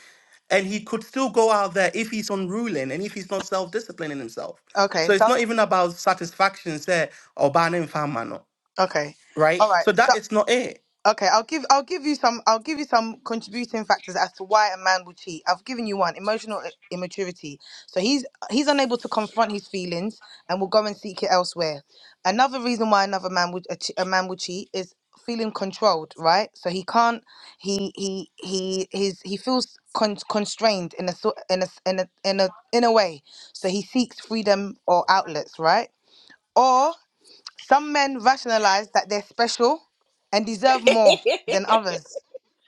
Speaker 2: and he could still go out there if he's unruling and if he's not self-disciplining himself.
Speaker 9: okay.
Speaker 2: So it's
Speaker 9: So
Speaker 2: not even about satisfaction, say, or banning famano,
Speaker 9: okay, all
Speaker 2: right?
Speaker 9: right.
Speaker 2: So
Speaker 9: so.
Speaker 2: that is not it.
Speaker 9: Okay, I'll give I'll give you some I'll give you some contributing factors as to why a man will cheat. I've given you one, emotional i- immaturity. So he's he's unable to confront his feelings and will go and seek it elsewhere. Another reason why another man would a, che- a man will cheat is feeling controlled, right? So he can't he he he his he feels con- constrained in a sort in a s- in a in a in a way. So he seeks freedom or outlets, right? Some men rationalize that they're special and deserve more than
Speaker 1: it's
Speaker 9: others.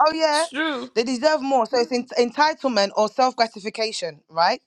Speaker 9: Oh, yeah,
Speaker 1: true.
Speaker 9: they deserve more. So it's en- entitlement or self gratification, right?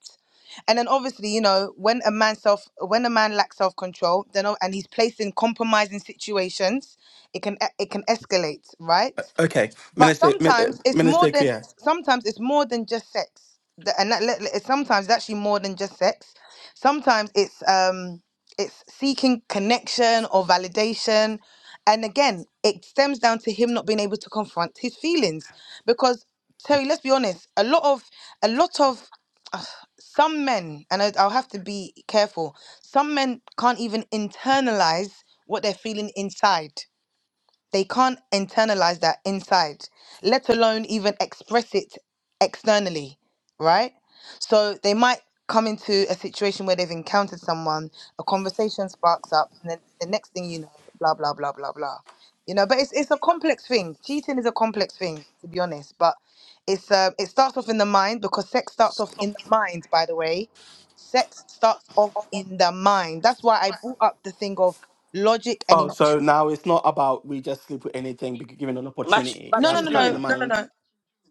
Speaker 9: And then obviously, you know, when a man self when a man lacks self control, then o- and he's placed in compromising situations, it can e- it can escalate, right?
Speaker 2: Okay,
Speaker 9: But
Speaker 2: Minister, Min- uh,
Speaker 9: sometimes it's more
Speaker 2: Minister
Speaker 9: than
Speaker 2: Kuya.
Speaker 9: sometimes it's more than just sex. The- And that, let- let- sometimes it's actually more than just sex. Sometimes it's um it's seeking connection or validation. And again, it stems down to him not being able to confront his feelings. Because Terry, let's be honest, a lot of a lot of ugh, some men, and I, I'll have to be careful, some men can't even internalize what they're feeling inside they can't internalize that inside, let alone even express it externally, right? So they might come into a situation where they've encountered someone, a conversation sparks up, and then the next thing you know, blah, blah, blah, blah, blah. You know, but it's it's a complex thing. Cheating is a complex thing, to be honest. But it's uh, it starts off in the mind because sex starts off in the mind, by the way. Sex starts off in the mind. That's why I brought up the thing of logic and
Speaker 2: Oh, so
Speaker 9: emotion.
Speaker 2: now it's not about we just sleep with anything be- given an
Speaker 1: But
Speaker 2: opportunity. It
Speaker 9: No,
Speaker 1: but
Speaker 9: no,
Speaker 2: has
Speaker 1: you
Speaker 2: to
Speaker 9: no,
Speaker 2: start in the
Speaker 9: no,
Speaker 1: do.
Speaker 9: no, no,
Speaker 2: mind.
Speaker 9: no.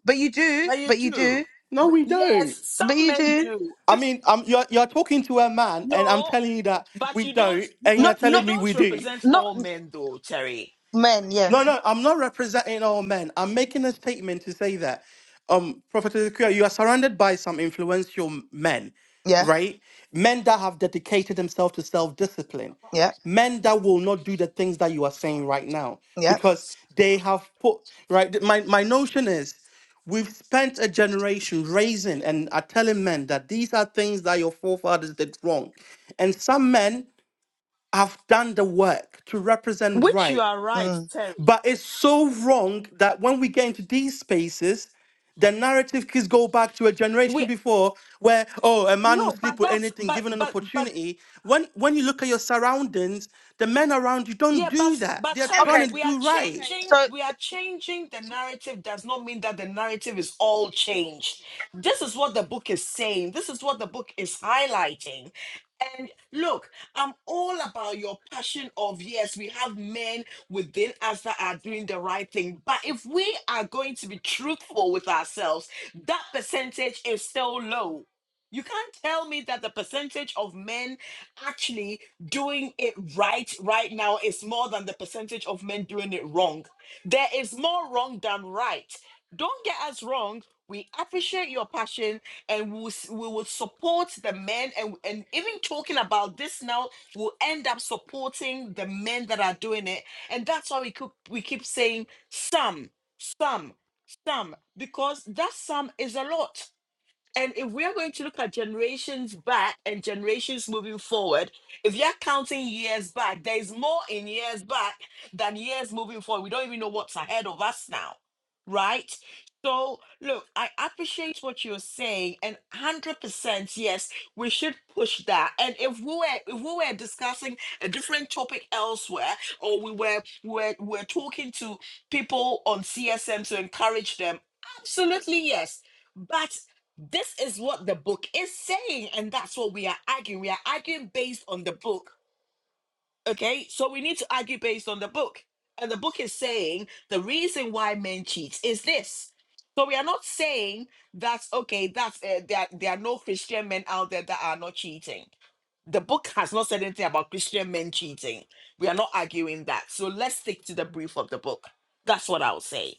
Speaker 9: But you do,
Speaker 1: But you
Speaker 9: but you
Speaker 1: do.
Speaker 9: do,
Speaker 2: No, we don't.
Speaker 1: Yes,
Speaker 9: but
Speaker 1: some
Speaker 9: you
Speaker 1: men
Speaker 9: do.
Speaker 1: do.
Speaker 2: I
Speaker 1: If
Speaker 2: mean, um, you're you're talking to a man, and I'm
Speaker 1: no,
Speaker 2: telling you that
Speaker 1: but
Speaker 2: we
Speaker 1: you don't
Speaker 2: don't,
Speaker 1: you
Speaker 2: and you're
Speaker 9: Not
Speaker 1: don't
Speaker 2: telling
Speaker 1: you
Speaker 9: not
Speaker 2: me
Speaker 1: don't
Speaker 2: we do.
Speaker 1: represent
Speaker 9: not
Speaker 1: all men though, Terry.
Speaker 9: men.
Speaker 2: No,
Speaker 9: Yes.
Speaker 2: no, I'm not representing all men. I'm making a statement to say that, um, Prophet Ezekiel, you are surrounded by some influential m- men,
Speaker 9: Yeah.
Speaker 2: right? Men that have dedicated themselves to self-discipline,
Speaker 9: Yeah.
Speaker 2: men that will not do the things that you are saying right now
Speaker 9: Yeah.
Speaker 2: because they have put right. th- My my notion is. We've spent a generation raising and are telling men that these are things that your forefathers did wrong. And some men have done the work to represent
Speaker 1: Which you
Speaker 2: right
Speaker 1: are right,
Speaker 9: Mm.
Speaker 1: Terry.
Speaker 2: but it's so wrong that when we get into these spaces, the narrative kids go back to a generation
Speaker 1: We
Speaker 2: before where, oh, a man will
Speaker 1: no, but
Speaker 2: sleep with
Speaker 1: that's
Speaker 2: anything
Speaker 1: but
Speaker 2: given an
Speaker 1: but but
Speaker 2: opportunity. When when you look at your surroundings, the men around you don't
Speaker 1: Yeah, but
Speaker 2: do that.
Speaker 1: but
Speaker 2: They're
Speaker 1: sorry,
Speaker 2: trying
Speaker 9: Okay,
Speaker 2: to
Speaker 1: we are
Speaker 2: do
Speaker 9: okay.
Speaker 2: right.
Speaker 1: changing.
Speaker 9: So
Speaker 1: We are changing the narrative. Does not mean that the narrative is all changed. This is what the book is saying. This is what the book is highlighting. And look, I'm all about your passion of yes, we have men within us that are doing the right thing. But if we are going to be truthful with ourselves, that percentage is still low. You can't tell me that the percentage of men actually doing it right right now is more than the percentage of men doing it wrong. There is more wrong than right. Don't get us wrong. We appreciate your passion and we will, s- we will support the men. And, and even talking about this now, we'll end up supporting the men that are doing it. And that's why we keep, we keep saying some, some, some, because that some is a lot. And if we are going to look at generations back and generations moving forward, if you're counting years back, there is more in years back than years moving forward. We don't even know what's ahead of us now, right? So, look, I appreciate what you're saying, and 100% yes, we should push that. And if we were if we were discussing a different topic elsewhere, or we were were we're talking to people on CSM to encourage them, absolutely yes. But this is what the book is saying, and that's what we are arguing. We are arguing based on the book. Okay, so we need to argue based on the book. And the book is saying the reason why men cheat is this. So we are not saying that okay, that's uh, there. There are no Christian men out there that are not cheating. The book has not said anything about Christian men cheating. We are not arguing that. So let's stick to the brief of the book. That's what I'll say.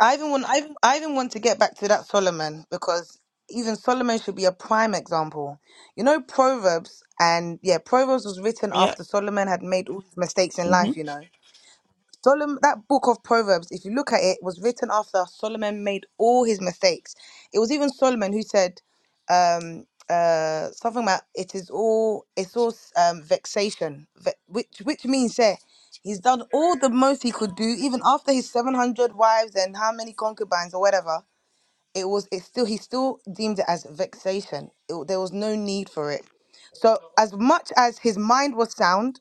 Speaker 9: I even want I even, I even want to get back to that Solomon because even Solomon should be a prime example. You know Proverbs and yeah, Proverbs was written
Speaker 1: Yeah.
Speaker 9: after Solomon had made all his mistakes in life. You know. Solomon, that book of Proverbs, if you look at it, was written after Solomon made all his mistakes. It was even Solomon who said um, uh, something about it is all it's all um, vexation, ve- which which means that he's done all the most he could do, even after his seven hundred wives and how many concubines or whatever it was it still he still deemed it as vexation it, there was no need for it so as much as his mind was sound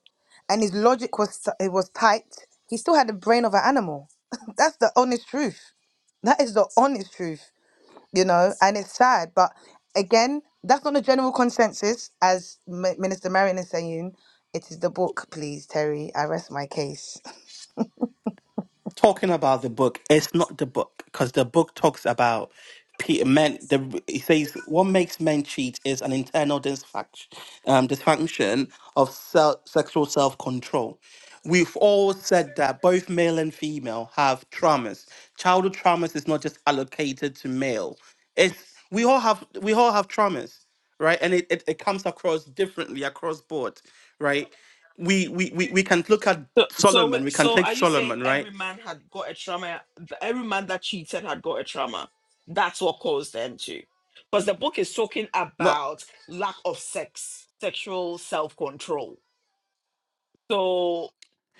Speaker 9: and his logic was t- it was tight he still had the brain of an animal that's the honest truth that is the honest truth you know and it's sad but again that's not the general consensus as M- minister marion is saying it is the book please terry i rest my case
Speaker 2: talking about the book. It's not the book because the book talks about Peter men. The it says what makes men cheat is an internal dysfunction, um, dysfunction of self, sexual self control. We've all said that both male and female have traumas. Childhood traumas is not just allocated to male. It's we all have we all have traumas, right? And it, it, it comes across differently across board, right? We, we we we can look at
Speaker 1: So, so,
Speaker 2: Solomon. We
Speaker 1: wait-
Speaker 2: can
Speaker 1: so,
Speaker 2: take
Speaker 1: are you saying
Speaker 2: Solomon, right?
Speaker 1: every man had got a trauma? Every man that cheated had got a trauma. That's what caused them to. Because the book is talking
Speaker 2: No,
Speaker 1: about lack of sex, sexual self control. So,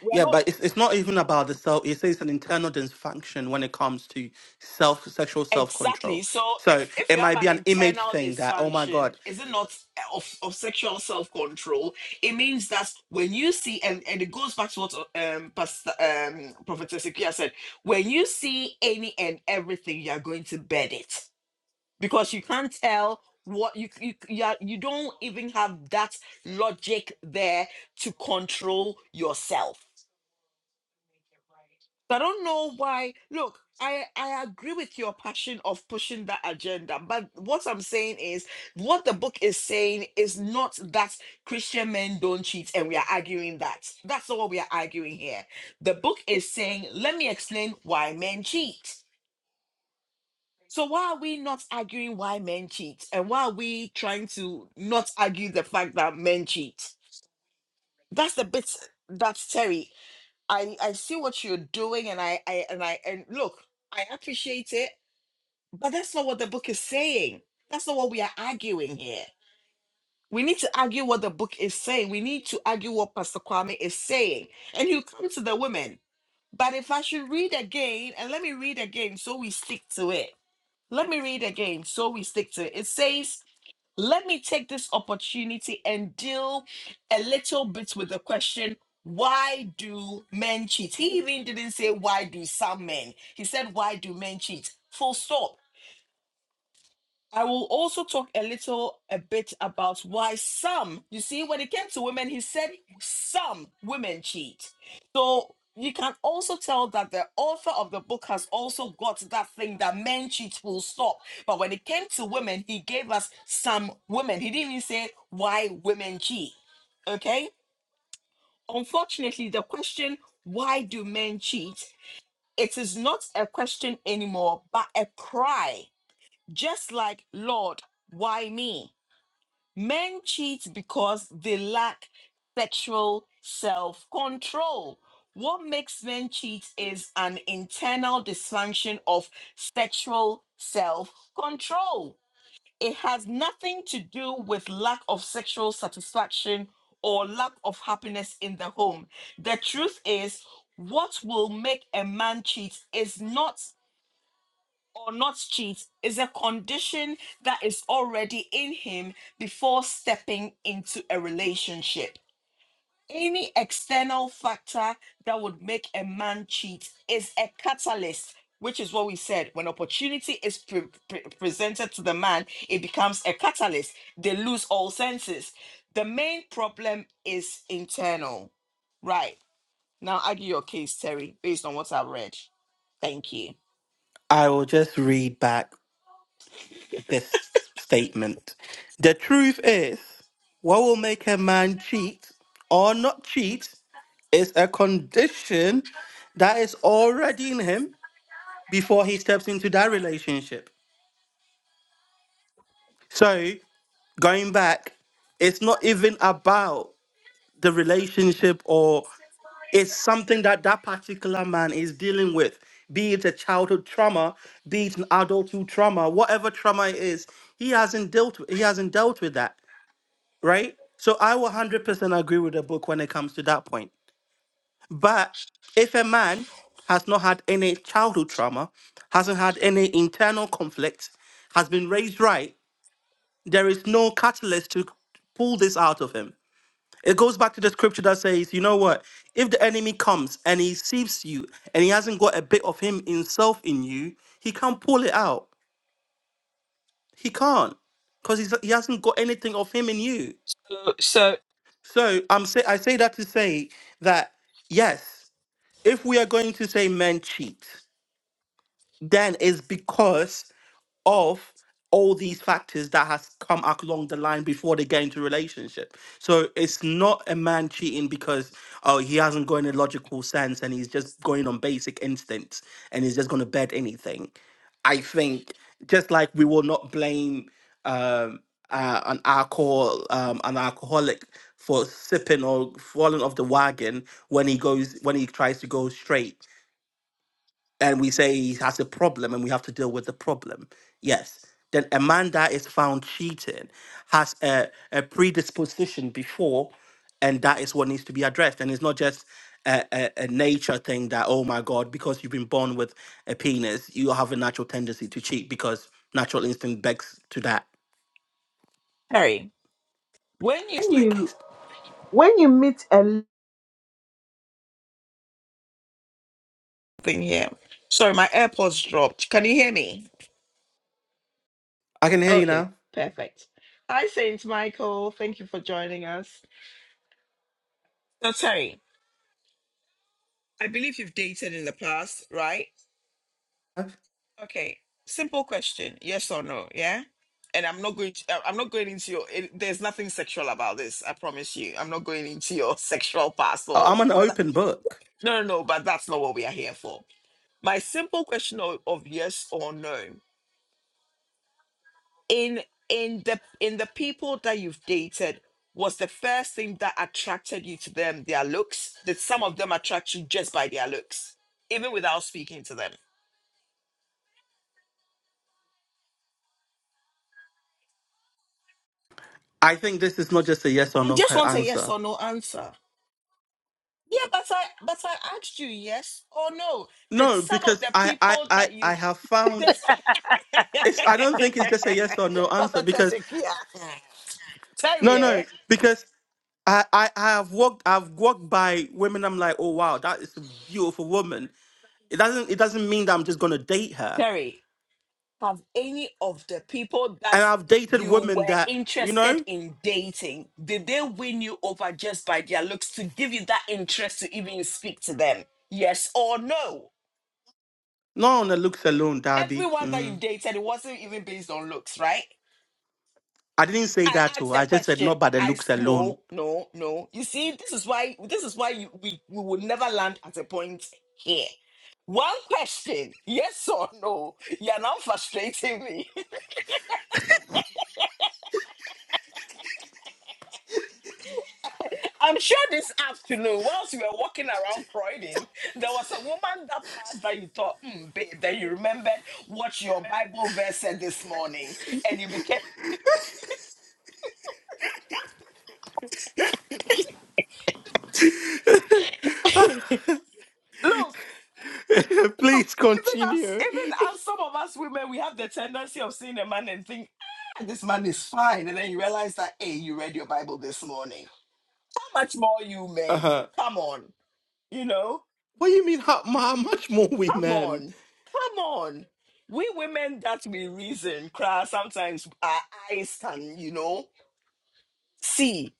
Speaker 1: we are
Speaker 2: yeah,
Speaker 1: not.
Speaker 2: but it's, it's not even about the self. It says it's an internal dysfunction when it comes to self sexual self
Speaker 1: Exactly.
Speaker 2: control.
Speaker 1: So
Speaker 2: So
Speaker 1: if if
Speaker 2: it
Speaker 1: you have
Speaker 2: might be
Speaker 1: an
Speaker 2: an image
Speaker 1: internal
Speaker 2: thing that oh my
Speaker 1: dysfunction,
Speaker 2: god,
Speaker 1: is it not eh, of, of sexual self-control? It means that when you see and, and it goes back to what um Pastor um Prophet Ezekiel said, when you see any and everything, you're going to bed it. Because you can't tell what you you you, are, you don't even have that logic there to control yourself. So I don't know why. Look, I, I agree with your passion of pushing that agenda, but what I'm saying is, what the book is saying is not that Christian men don't cheat, and we are arguing that. That's not what we are arguing here. The book is saying, let me explain why men cheat. So why are we not arguing why men cheat, and why are we trying to not argue the fact that men cheat? That's the bit that Terry I I see what you're doing and I I and I and look, I appreciate it, but that's not what the book is saying. That's not what we are arguing here. We need to argue what the book is saying. We need to argue what Pastor Kwame is saying. And you come to the women. But if I should read again, and let me read again so we stick to it let me read again so we stick to it. It says, let me take this opportunity and deal a little bit with the question why do men cheat? He even didn't say, Why do some men? He said, Why do men cheat? Full stop I will also talk a little a bit about why some, you see, when it came to women, he said some women cheat. So you can also tell that the author of the book has also got that thing that men cheat will stop. But when it came to women, he gave us some women. He didn't even say why women cheat. Okay? Unfortunately, the question, why do men cheat? It is not a question anymore, but a cry just like, Lord, why me? Men cheat because they lack sexual self control. What makes men cheat is an internal dysfunction of sexual self control. It has nothing to do with lack of sexual satisfaction or lack of happiness in the home. The truth is, what will make a man cheat is not or not cheat is a condition that is already in him before stepping into a relationship. Any external factor that would make a man cheat is a catalyst, which is what we said. When opportunity is pre- pre- presented to the man, it becomes a catalyst. They lose all senses. The main problem is internal. Right. Now, argue your case, Terry, based on what I've read. Thank you.
Speaker 2: I will just read back this statement. The truth is, what will make a man cheat or not cheat is a condition that is already in him before he steps into that relationship. So going back, it's not even about the relationship or it's something that that particular man is dealing with be it a childhood trauma be it an adulthood trauma whatever trauma it is he hasn't dealt with he hasn't dealt with that right so i will 100% agree with the book when it comes to that point but if a man has not had any childhood trauma hasn't had any internal conflict has been raised right there is no catalyst to pull this out of him it goes back to the scripture that says, you know what? If the enemy comes and he sees you and he hasn't got a bit of him himself in you, he can't pull it out. He can't because he hasn't got anything of him in you. So I'm say I say that to say that yes, if we are going to say men cheat, then it's because of all these factors that has come up along the line before they get into relationship. So it's not a man cheating because oh he hasn't got any logical sense and he's just going on basic instincts and he's just gonna bet anything. I think just like we will not blame um, uh, an alcohol um, an alcoholic for sipping or falling off the wagon when he goes when he tries to go straight and we say he has a problem and we have to deal with the problem. Yes. Then a man that is found cheating has a, a predisposition before, and that is what needs to be addressed. And it's not just a, a, a nature thing that, oh my God, because you've been born with a penis, you have a natural tendency to cheat because natural instinct begs to that.
Speaker 1: Terry, when
Speaker 2: Rest
Speaker 1: you
Speaker 2: my case.
Speaker 1: thing here. Sorry, my AirPods dropped. Can you hear me?
Speaker 2: I can hear you
Speaker 1: Okay,
Speaker 2: now.
Speaker 1: perfect. Hi, Saint Michael. Thank you for joining us. So, Terry, I believe you've dated in the past, right? Okay. Simple question: Yes or no? Yeah. And I'm not going. To, I- I'm not going into your. It, there's nothing sexual about this. I promise you. I'm not going into your sexual past or
Speaker 2: I'm an
Speaker 1: whether.
Speaker 2: open book.
Speaker 1: No, no, no. But that's not what we are here for. My simple question of, of yes or no in in the in the people that you've dated was the first thing that attracted you to them their looks Did some of them attract you just by their looks even without speaking to them
Speaker 2: I think this is not just a yes or
Speaker 1: i
Speaker 2: no
Speaker 1: just
Speaker 2: que-
Speaker 1: want a yes
Speaker 2: answer.
Speaker 1: or no answer yeah but i but i asked you yes or no did
Speaker 2: No,
Speaker 1: some of
Speaker 2: because
Speaker 1: the
Speaker 2: I, I,
Speaker 1: people
Speaker 2: I,
Speaker 1: that
Speaker 2: I
Speaker 1: you
Speaker 2: have found
Speaker 1: this
Speaker 2: It's I don't think it's just a yes or no answer
Speaker 1: prophetess
Speaker 2: because
Speaker 1: Ikea, terry
Speaker 2: no no
Speaker 1: eh?
Speaker 2: because I I I have walked I've walked by women I'm like oh wow that is a beautiful woman it doesn't it doesn't mean that I'm just gonna date her
Speaker 1: terry Have any of the people that
Speaker 2: and I've dated
Speaker 1: you
Speaker 2: women
Speaker 1: were
Speaker 2: that you
Speaker 1: interested
Speaker 2: know
Speaker 1: in dating, did they win you over just by their looks to give you that interest to even speak to them? Yes or no?
Speaker 2: not on the looks alone Darby
Speaker 1: Everyone that you
Speaker 2: mm.
Speaker 1: dated, it wasn't even based on looks, right?
Speaker 2: I didn't say
Speaker 1: I
Speaker 2: that
Speaker 1: asked
Speaker 2: too I
Speaker 1: that
Speaker 2: just said
Speaker 1: question.
Speaker 2: not by the
Speaker 1: I
Speaker 2: looks
Speaker 1: s-
Speaker 2: alone
Speaker 1: no, no, no. You see, this is why this is why you, we we will never land at a point here. One question, yes or no? You're now frustrating me. I'm sure this afternoon, whilst you were walking around Croydon, there was a woman that passed that you thought, mm, babe, then you remembered what your Bible verse said this morning, and you became. look, look,
Speaker 2: please
Speaker 1: even as
Speaker 2: continue
Speaker 1: even as some of us women, we have the tendency of seeing a man and think, "Ah, this man is fine, and then you realize that, hey, you read your Bible this morning. How much more you
Speaker 2: uh
Speaker 1: men?
Speaker 2: huh
Speaker 1: Come on, you know.
Speaker 2: what do you mean how, how much more we
Speaker 1: Come
Speaker 2: men
Speaker 1: on. Come on. We women that we reason, cry, sometimes our eyes can, you know, see.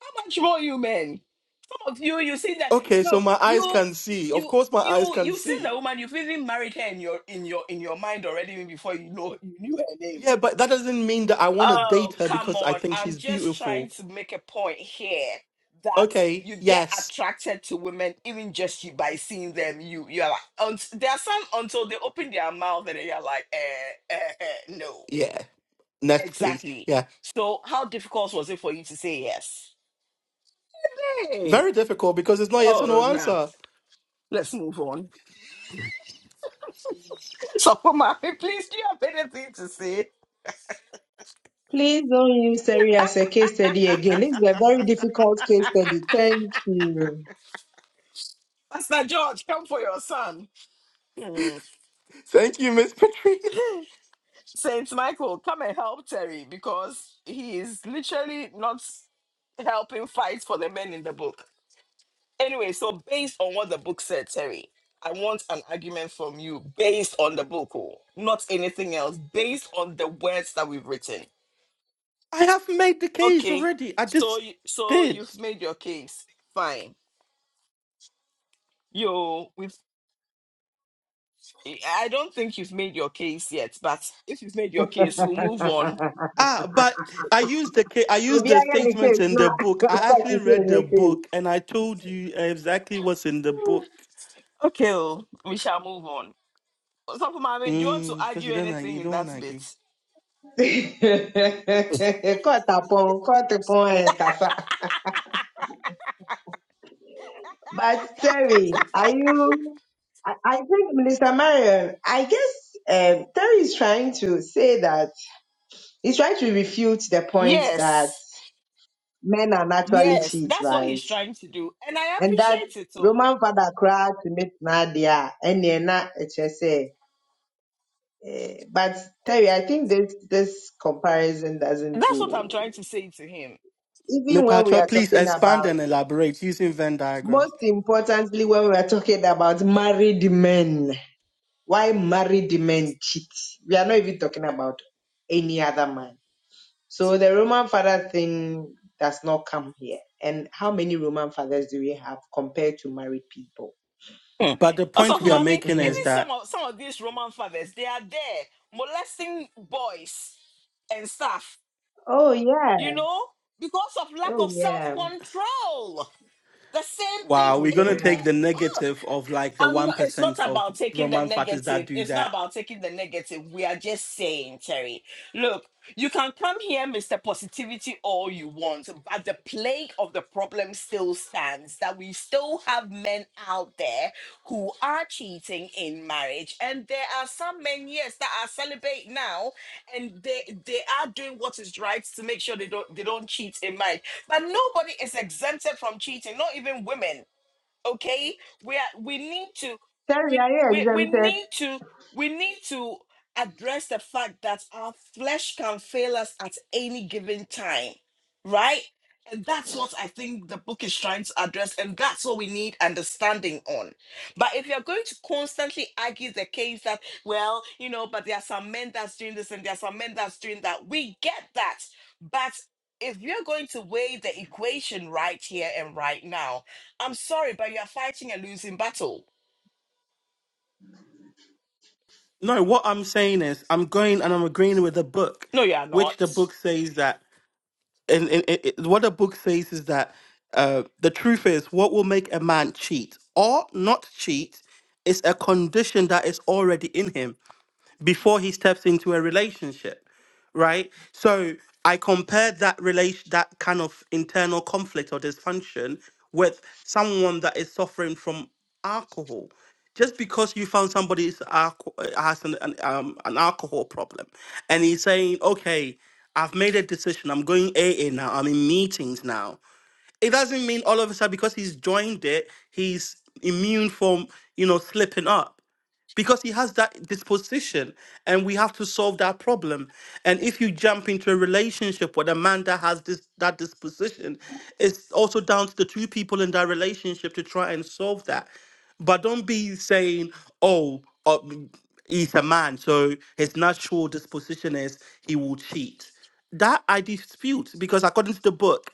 Speaker 1: How much more you men? Some of you, you see that.
Speaker 2: okay so
Speaker 1: Look,
Speaker 2: my eyes
Speaker 1: you,
Speaker 2: can see of
Speaker 1: you,
Speaker 2: course my eyes
Speaker 1: you,
Speaker 2: can
Speaker 1: you've seen
Speaker 2: see
Speaker 1: the woman, you've even married her in your in your in your mind already even before you know you knew her name.
Speaker 2: Yeah, but that doesn't mean that I want to
Speaker 1: Oh,
Speaker 2: date her
Speaker 1: come
Speaker 2: because I
Speaker 1: on.
Speaker 2: think
Speaker 1: I'm
Speaker 2: she's
Speaker 1: just trying
Speaker 2: beautiful.
Speaker 1: to make a point here that
Speaker 2: Okay,
Speaker 1: you get
Speaker 2: yes.
Speaker 1: attracted to women even just you by seeing them. You you're like unt- there are some until they open their mouth and then you're like, eh, eh, eh, no.
Speaker 2: Yeah. Next, please.
Speaker 1: Exactly.
Speaker 2: Yeah.
Speaker 1: So how difficult was it for you to say yes? Hey.
Speaker 2: Very difficult because it's not yes or
Speaker 1: Oh
Speaker 2: no
Speaker 1: nah.
Speaker 2: answer.
Speaker 1: Let's move on. So Poma, please do you have anything to say?
Speaker 5: Please don't use Seri as a case study again. This is a very difficult case study. Thank you.
Speaker 1: Pastor George, come for your son. Hmm.
Speaker 2: Thank you, Miss Patricia.
Speaker 1: Saint Michael, come and help Terry because he is literally not helping fight for the men in the book. Anyway, so based on what the book said, Terry, I want an argument from you based on the book, oh, not anything else, based on the words that we've written.
Speaker 2: I have made the case
Speaker 1: Okay,
Speaker 2: already. I
Speaker 1: so
Speaker 2: just
Speaker 1: you, so
Speaker 2: did.
Speaker 1: you've made your case. Fine. Yo, we've. I don't think you've made your case yet, but if you've made your case, we'll move on.
Speaker 2: Ah, but I used the ca- I used the
Speaker 5: Obiara ni
Speaker 2: statements
Speaker 5: case
Speaker 2: in the book.
Speaker 5: na
Speaker 2: I actually
Speaker 5: court say
Speaker 2: read
Speaker 5: no
Speaker 2: the book and I told you exactly what's in the book.
Speaker 1: Okay, oh, we shall move on. So, Mame, do you want to
Speaker 2: Mm, because
Speaker 1: argue
Speaker 2: you don't like
Speaker 1: anything
Speaker 2: you
Speaker 1: in
Speaker 2: don't want
Speaker 1: that
Speaker 2: to
Speaker 1: bit?
Speaker 2: agree.
Speaker 5: case. Cut upon, cut upon, and kasa. But Terry, are you? I, I think Minister Marion. I guess um, Terry is trying to say that he's trying to refute the point that
Speaker 1: Yes.
Speaker 5: men are naturally
Speaker 1: Yes.
Speaker 5: cheats,
Speaker 1: That's what
Speaker 5: right?
Speaker 1: he's trying to do. And I
Speaker 5: And that
Speaker 1: appreciate it all.
Speaker 5: Roman father cried to meet Nadia, and then na ɛkyerɛ sɛ, eh, but Terry, I think this this comparison doesn't
Speaker 1: That's what I'm
Speaker 5: go.
Speaker 1: trying to say to him.
Speaker 2: Miss
Speaker 5: Even when we
Speaker 2: Patricia,
Speaker 5: are
Speaker 2: please
Speaker 5: talking
Speaker 2: expand
Speaker 5: about,
Speaker 2: and elaborate using Venn diagrams.
Speaker 5: most importantly, when we are talking about married men, why married men cheat? We are not even talking about any other man. So the Roman father thing does not come here. And how many Roman fathers do we have compared to married people?
Speaker 1: Hmm.
Speaker 2: But the
Speaker 1: Also,
Speaker 2: point
Speaker 1: for
Speaker 2: we are
Speaker 5: The,
Speaker 1: mommy,
Speaker 2: making is
Speaker 1: even
Speaker 5: mhm.
Speaker 1: some
Speaker 2: that
Speaker 1: of some of these Roman fathers, they are there molesting boys and stuff,
Speaker 5: Oh yeah.
Speaker 1: you know, because of lack
Speaker 5: Oh
Speaker 1: of
Speaker 5: yeah.
Speaker 1: self-control. The same thing
Speaker 2: wow,
Speaker 5: Oh
Speaker 2: we're
Speaker 1: in
Speaker 2: gonna take
Speaker 5: yeah.
Speaker 2: the
Speaker 1: the book.
Speaker 2: negative of like the
Speaker 1: I'm
Speaker 2: one
Speaker 1: not, it's not
Speaker 2: percent of
Speaker 1: about taking the
Speaker 2: Roman fathers that
Speaker 1: negative.
Speaker 2: do
Speaker 1: It's not
Speaker 2: that.
Speaker 1: about taking the negative. We are just saying, Terry, look, you can come here, Mr. Positivity, all you want, but the plague of the problem still stands that we still have men out there who are cheating in marriage. And there are some men, yes, that are celibate now and they they are doing what is right to make sure they don't they don't cheat in marriage. But nobody is exempted from cheating, not even women okay we are we need to
Speaker 5: Terry,
Speaker 1: we,
Speaker 5: are you
Speaker 1: we we
Speaker 5: exempted?
Speaker 1: need to we need to address the fact that our flesh can fail us at any given time right and that's what i think the book is trying to address and that's what we need understanding on but if you're going to constantly argue the case that well you know but there are some men that's doing this and there are some men that's doing that we get that but if you're going to weigh the equation right here and right now I'm sorry, but you are fighting a losing battle.
Speaker 2: No, what I'm saying is I'm going and I'm agreeing with the book,
Speaker 1: No, you are
Speaker 2: which
Speaker 1: not.
Speaker 2: the book says that, and, and, and- and what the book says is that uh, the truth is what will make a man cheat or not cheat is a condition that is already in him. before he steps into a relationship right so i compared that relation that kind of internal conflict or dysfunction with someone that is suffering from alcohol just because you found somebody is alco- uh, has an, an, um, an alcohol problem and he's saying okay i've made a decision i'm going aa now i'm in meetings now it doesn't mean all of a sudden because he's joined it, he's immune from you know slipping up because he has that disposition and we have to solve that problem and if you jump into a relationship with a man that has this that disposition it's also down to the two people in that relationship to try and solve that but don't be saying oh uh, mm, he's a man so his natural disposition is he will cheat that i dispute because according to the book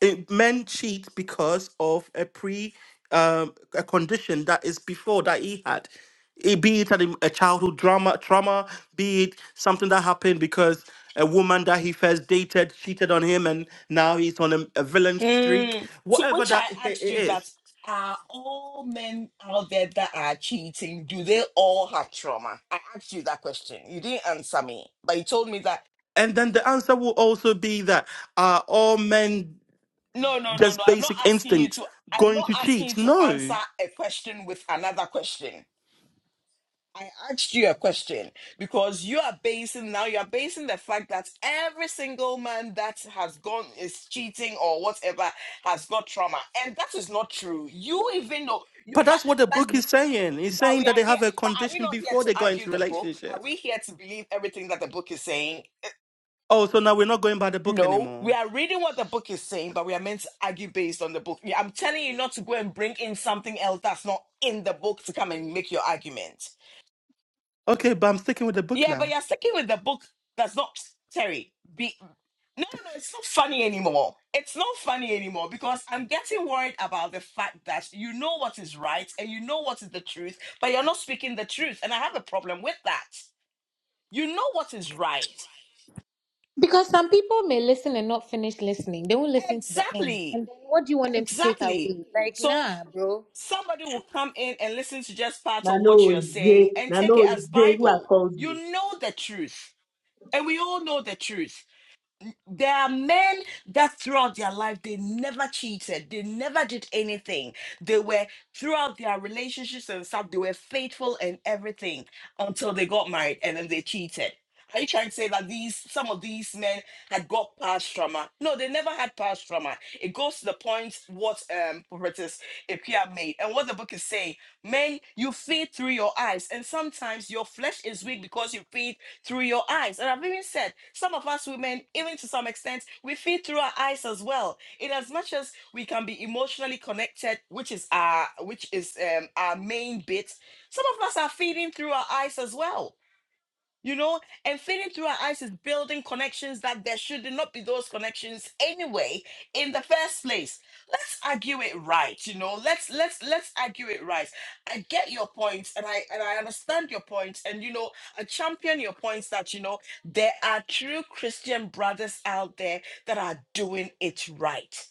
Speaker 2: it, men cheat because of a pre um, a condition that is before that he had it, be it an, a childhood drama trauma be it something that happened because a woman that he first dated cheated on him and now he's on a, a villain streak
Speaker 1: Mm. To
Speaker 2: whatever
Speaker 1: which I
Speaker 2: that i- i-
Speaker 1: asked you that are all men out there that are cheating, do they all have trauma? I asked you that question. You didn't answer me, but you told me that
Speaker 2: and then the answer will also be that are all men
Speaker 1: no, no, no, no.
Speaker 2: just
Speaker 1: I'm not
Speaker 2: basic
Speaker 1: asking you
Speaker 2: instincts
Speaker 1: to. I'm
Speaker 2: going to
Speaker 1: not asking you
Speaker 2: cheat
Speaker 1: to answer
Speaker 2: no
Speaker 1: a question with another question. I asked you a question because you are basing now, you are basing the fact that every single man that has gone is cheating or whatever has got trauma. And that is not true. You even know, you,
Speaker 2: but
Speaker 1: but,
Speaker 2: that's what the
Speaker 1: but,
Speaker 2: book is saying. It's
Speaker 1: but we
Speaker 2: saying that
Speaker 1: are
Speaker 2: they
Speaker 1: here,
Speaker 2: have a
Speaker 1: but are we
Speaker 2: condition
Speaker 1: not here
Speaker 2: before
Speaker 1: to
Speaker 2: they go
Speaker 1: argue
Speaker 2: into
Speaker 1: the book? Are
Speaker 2: relationship.
Speaker 1: we here to believe everything that the book is saying?
Speaker 2: Oh, so now we're not going by the book
Speaker 1: No, we
Speaker 2: anymore.
Speaker 1: are reading what the book is saying, but we are meant to argue based on the book. Yeah, I'm telling you not to go and bring in something else that's not in the book to come and make your argument.
Speaker 2: Okay, but I'm sticking with the book
Speaker 1: Yeah, but
Speaker 2: now.
Speaker 1: you're sticking with the book that's not Terry. Be no, no, no, it's not funny anymore. It's not funny anymore because I'm getting worried about the fact that you know what is right and you know what is the truth, but you're not speaking the truth. And I have a problem with that. You know what is right.
Speaker 3: Because some people may listen and not finish listening. They won't listen to the end.
Speaker 1: Exactly.
Speaker 3: And then what do you want them to take
Speaker 1: Exactly.
Speaker 3: away? Like,
Speaker 1: So
Speaker 3: nah, bro.
Speaker 1: somebody will come in and listen to just part
Speaker 5: Na
Speaker 1: of what
Speaker 5: no
Speaker 1: you're
Speaker 5: J.
Speaker 1: saying and
Speaker 5: Na
Speaker 1: take
Speaker 5: no
Speaker 1: it as
Speaker 5: J who has
Speaker 1: Bible.
Speaker 5: called you.
Speaker 1: You know the truth. And we all know the truth. There are men that throughout their life they never cheated, they never did anything. They were throughout their relationships and stuff, they were faithful and everything until they got married and then they cheated. Are you trying to say that these some of these men had got past trauma? No, they never had past trauma. It goes to the point what um prophetess Ipia made and what the book is saying. Men, you feed through your eyes, and sometimes your flesh is weak because you feed through your eyes. And I've even said, some of us women, even to some extent, we feed through our eyes as well. In as much as we can be emotionally connected, which is our which is um, our main bit, some of us are feeding through our eyes as well you know, and feeding through our eyes is building connections that there should not be those connections anyway in the first place. Let's argue it right, you know. Let's let's let's argue it right. I get your point, and I and I understand your point, and you know, I champion your points that you know there are true Christian brothers out there that are doing it right.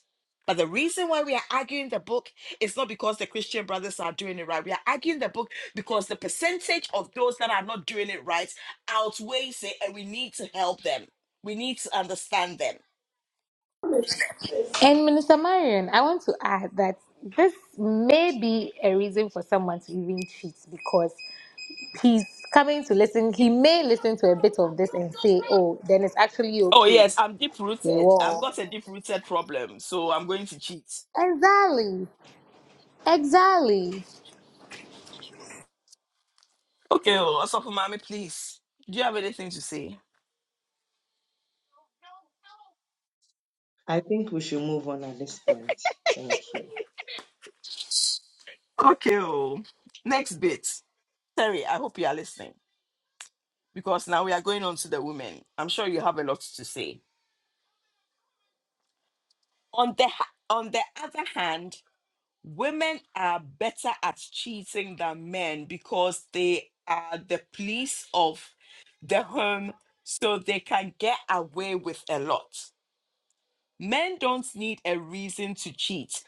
Speaker 1: But the reason why we are arguing the book is not because the Christian brothers are doing it right. We are arguing the book because the percentage of those that are not doing it right outweighs it and we need to help them. We need to understand them.
Speaker 3: And Minister Marion, I want to add that this may be a reason for someone to even cheat because he's coming to listen. He may listen to a bit of this and say, oh, then it's actually
Speaker 1: Oh
Speaker 3: okay.
Speaker 1: yes, I'm deep
Speaker 3: They
Speaker 1: rooted. I've
Speaker 3: will.
Speaker 1: got a deep rooted problem, so I'm going to cheat.
Speaker 3: Exactly. Exactly.
Speaker 1: Okay, oh, Asafu Mami, please. Do you have anything to say?
Speaker 5: I think we should move on at this point. Thank you.
Speaker 1: Okay, oh. Next bit. Terry, I hope you are listening because now we are going on to the women. I'm sure you have a lot to say. On the ha- on the other hand, women are better at cheating than men because they are the police of the home, so they can get away with a lot. Men don't need a reason to cheat.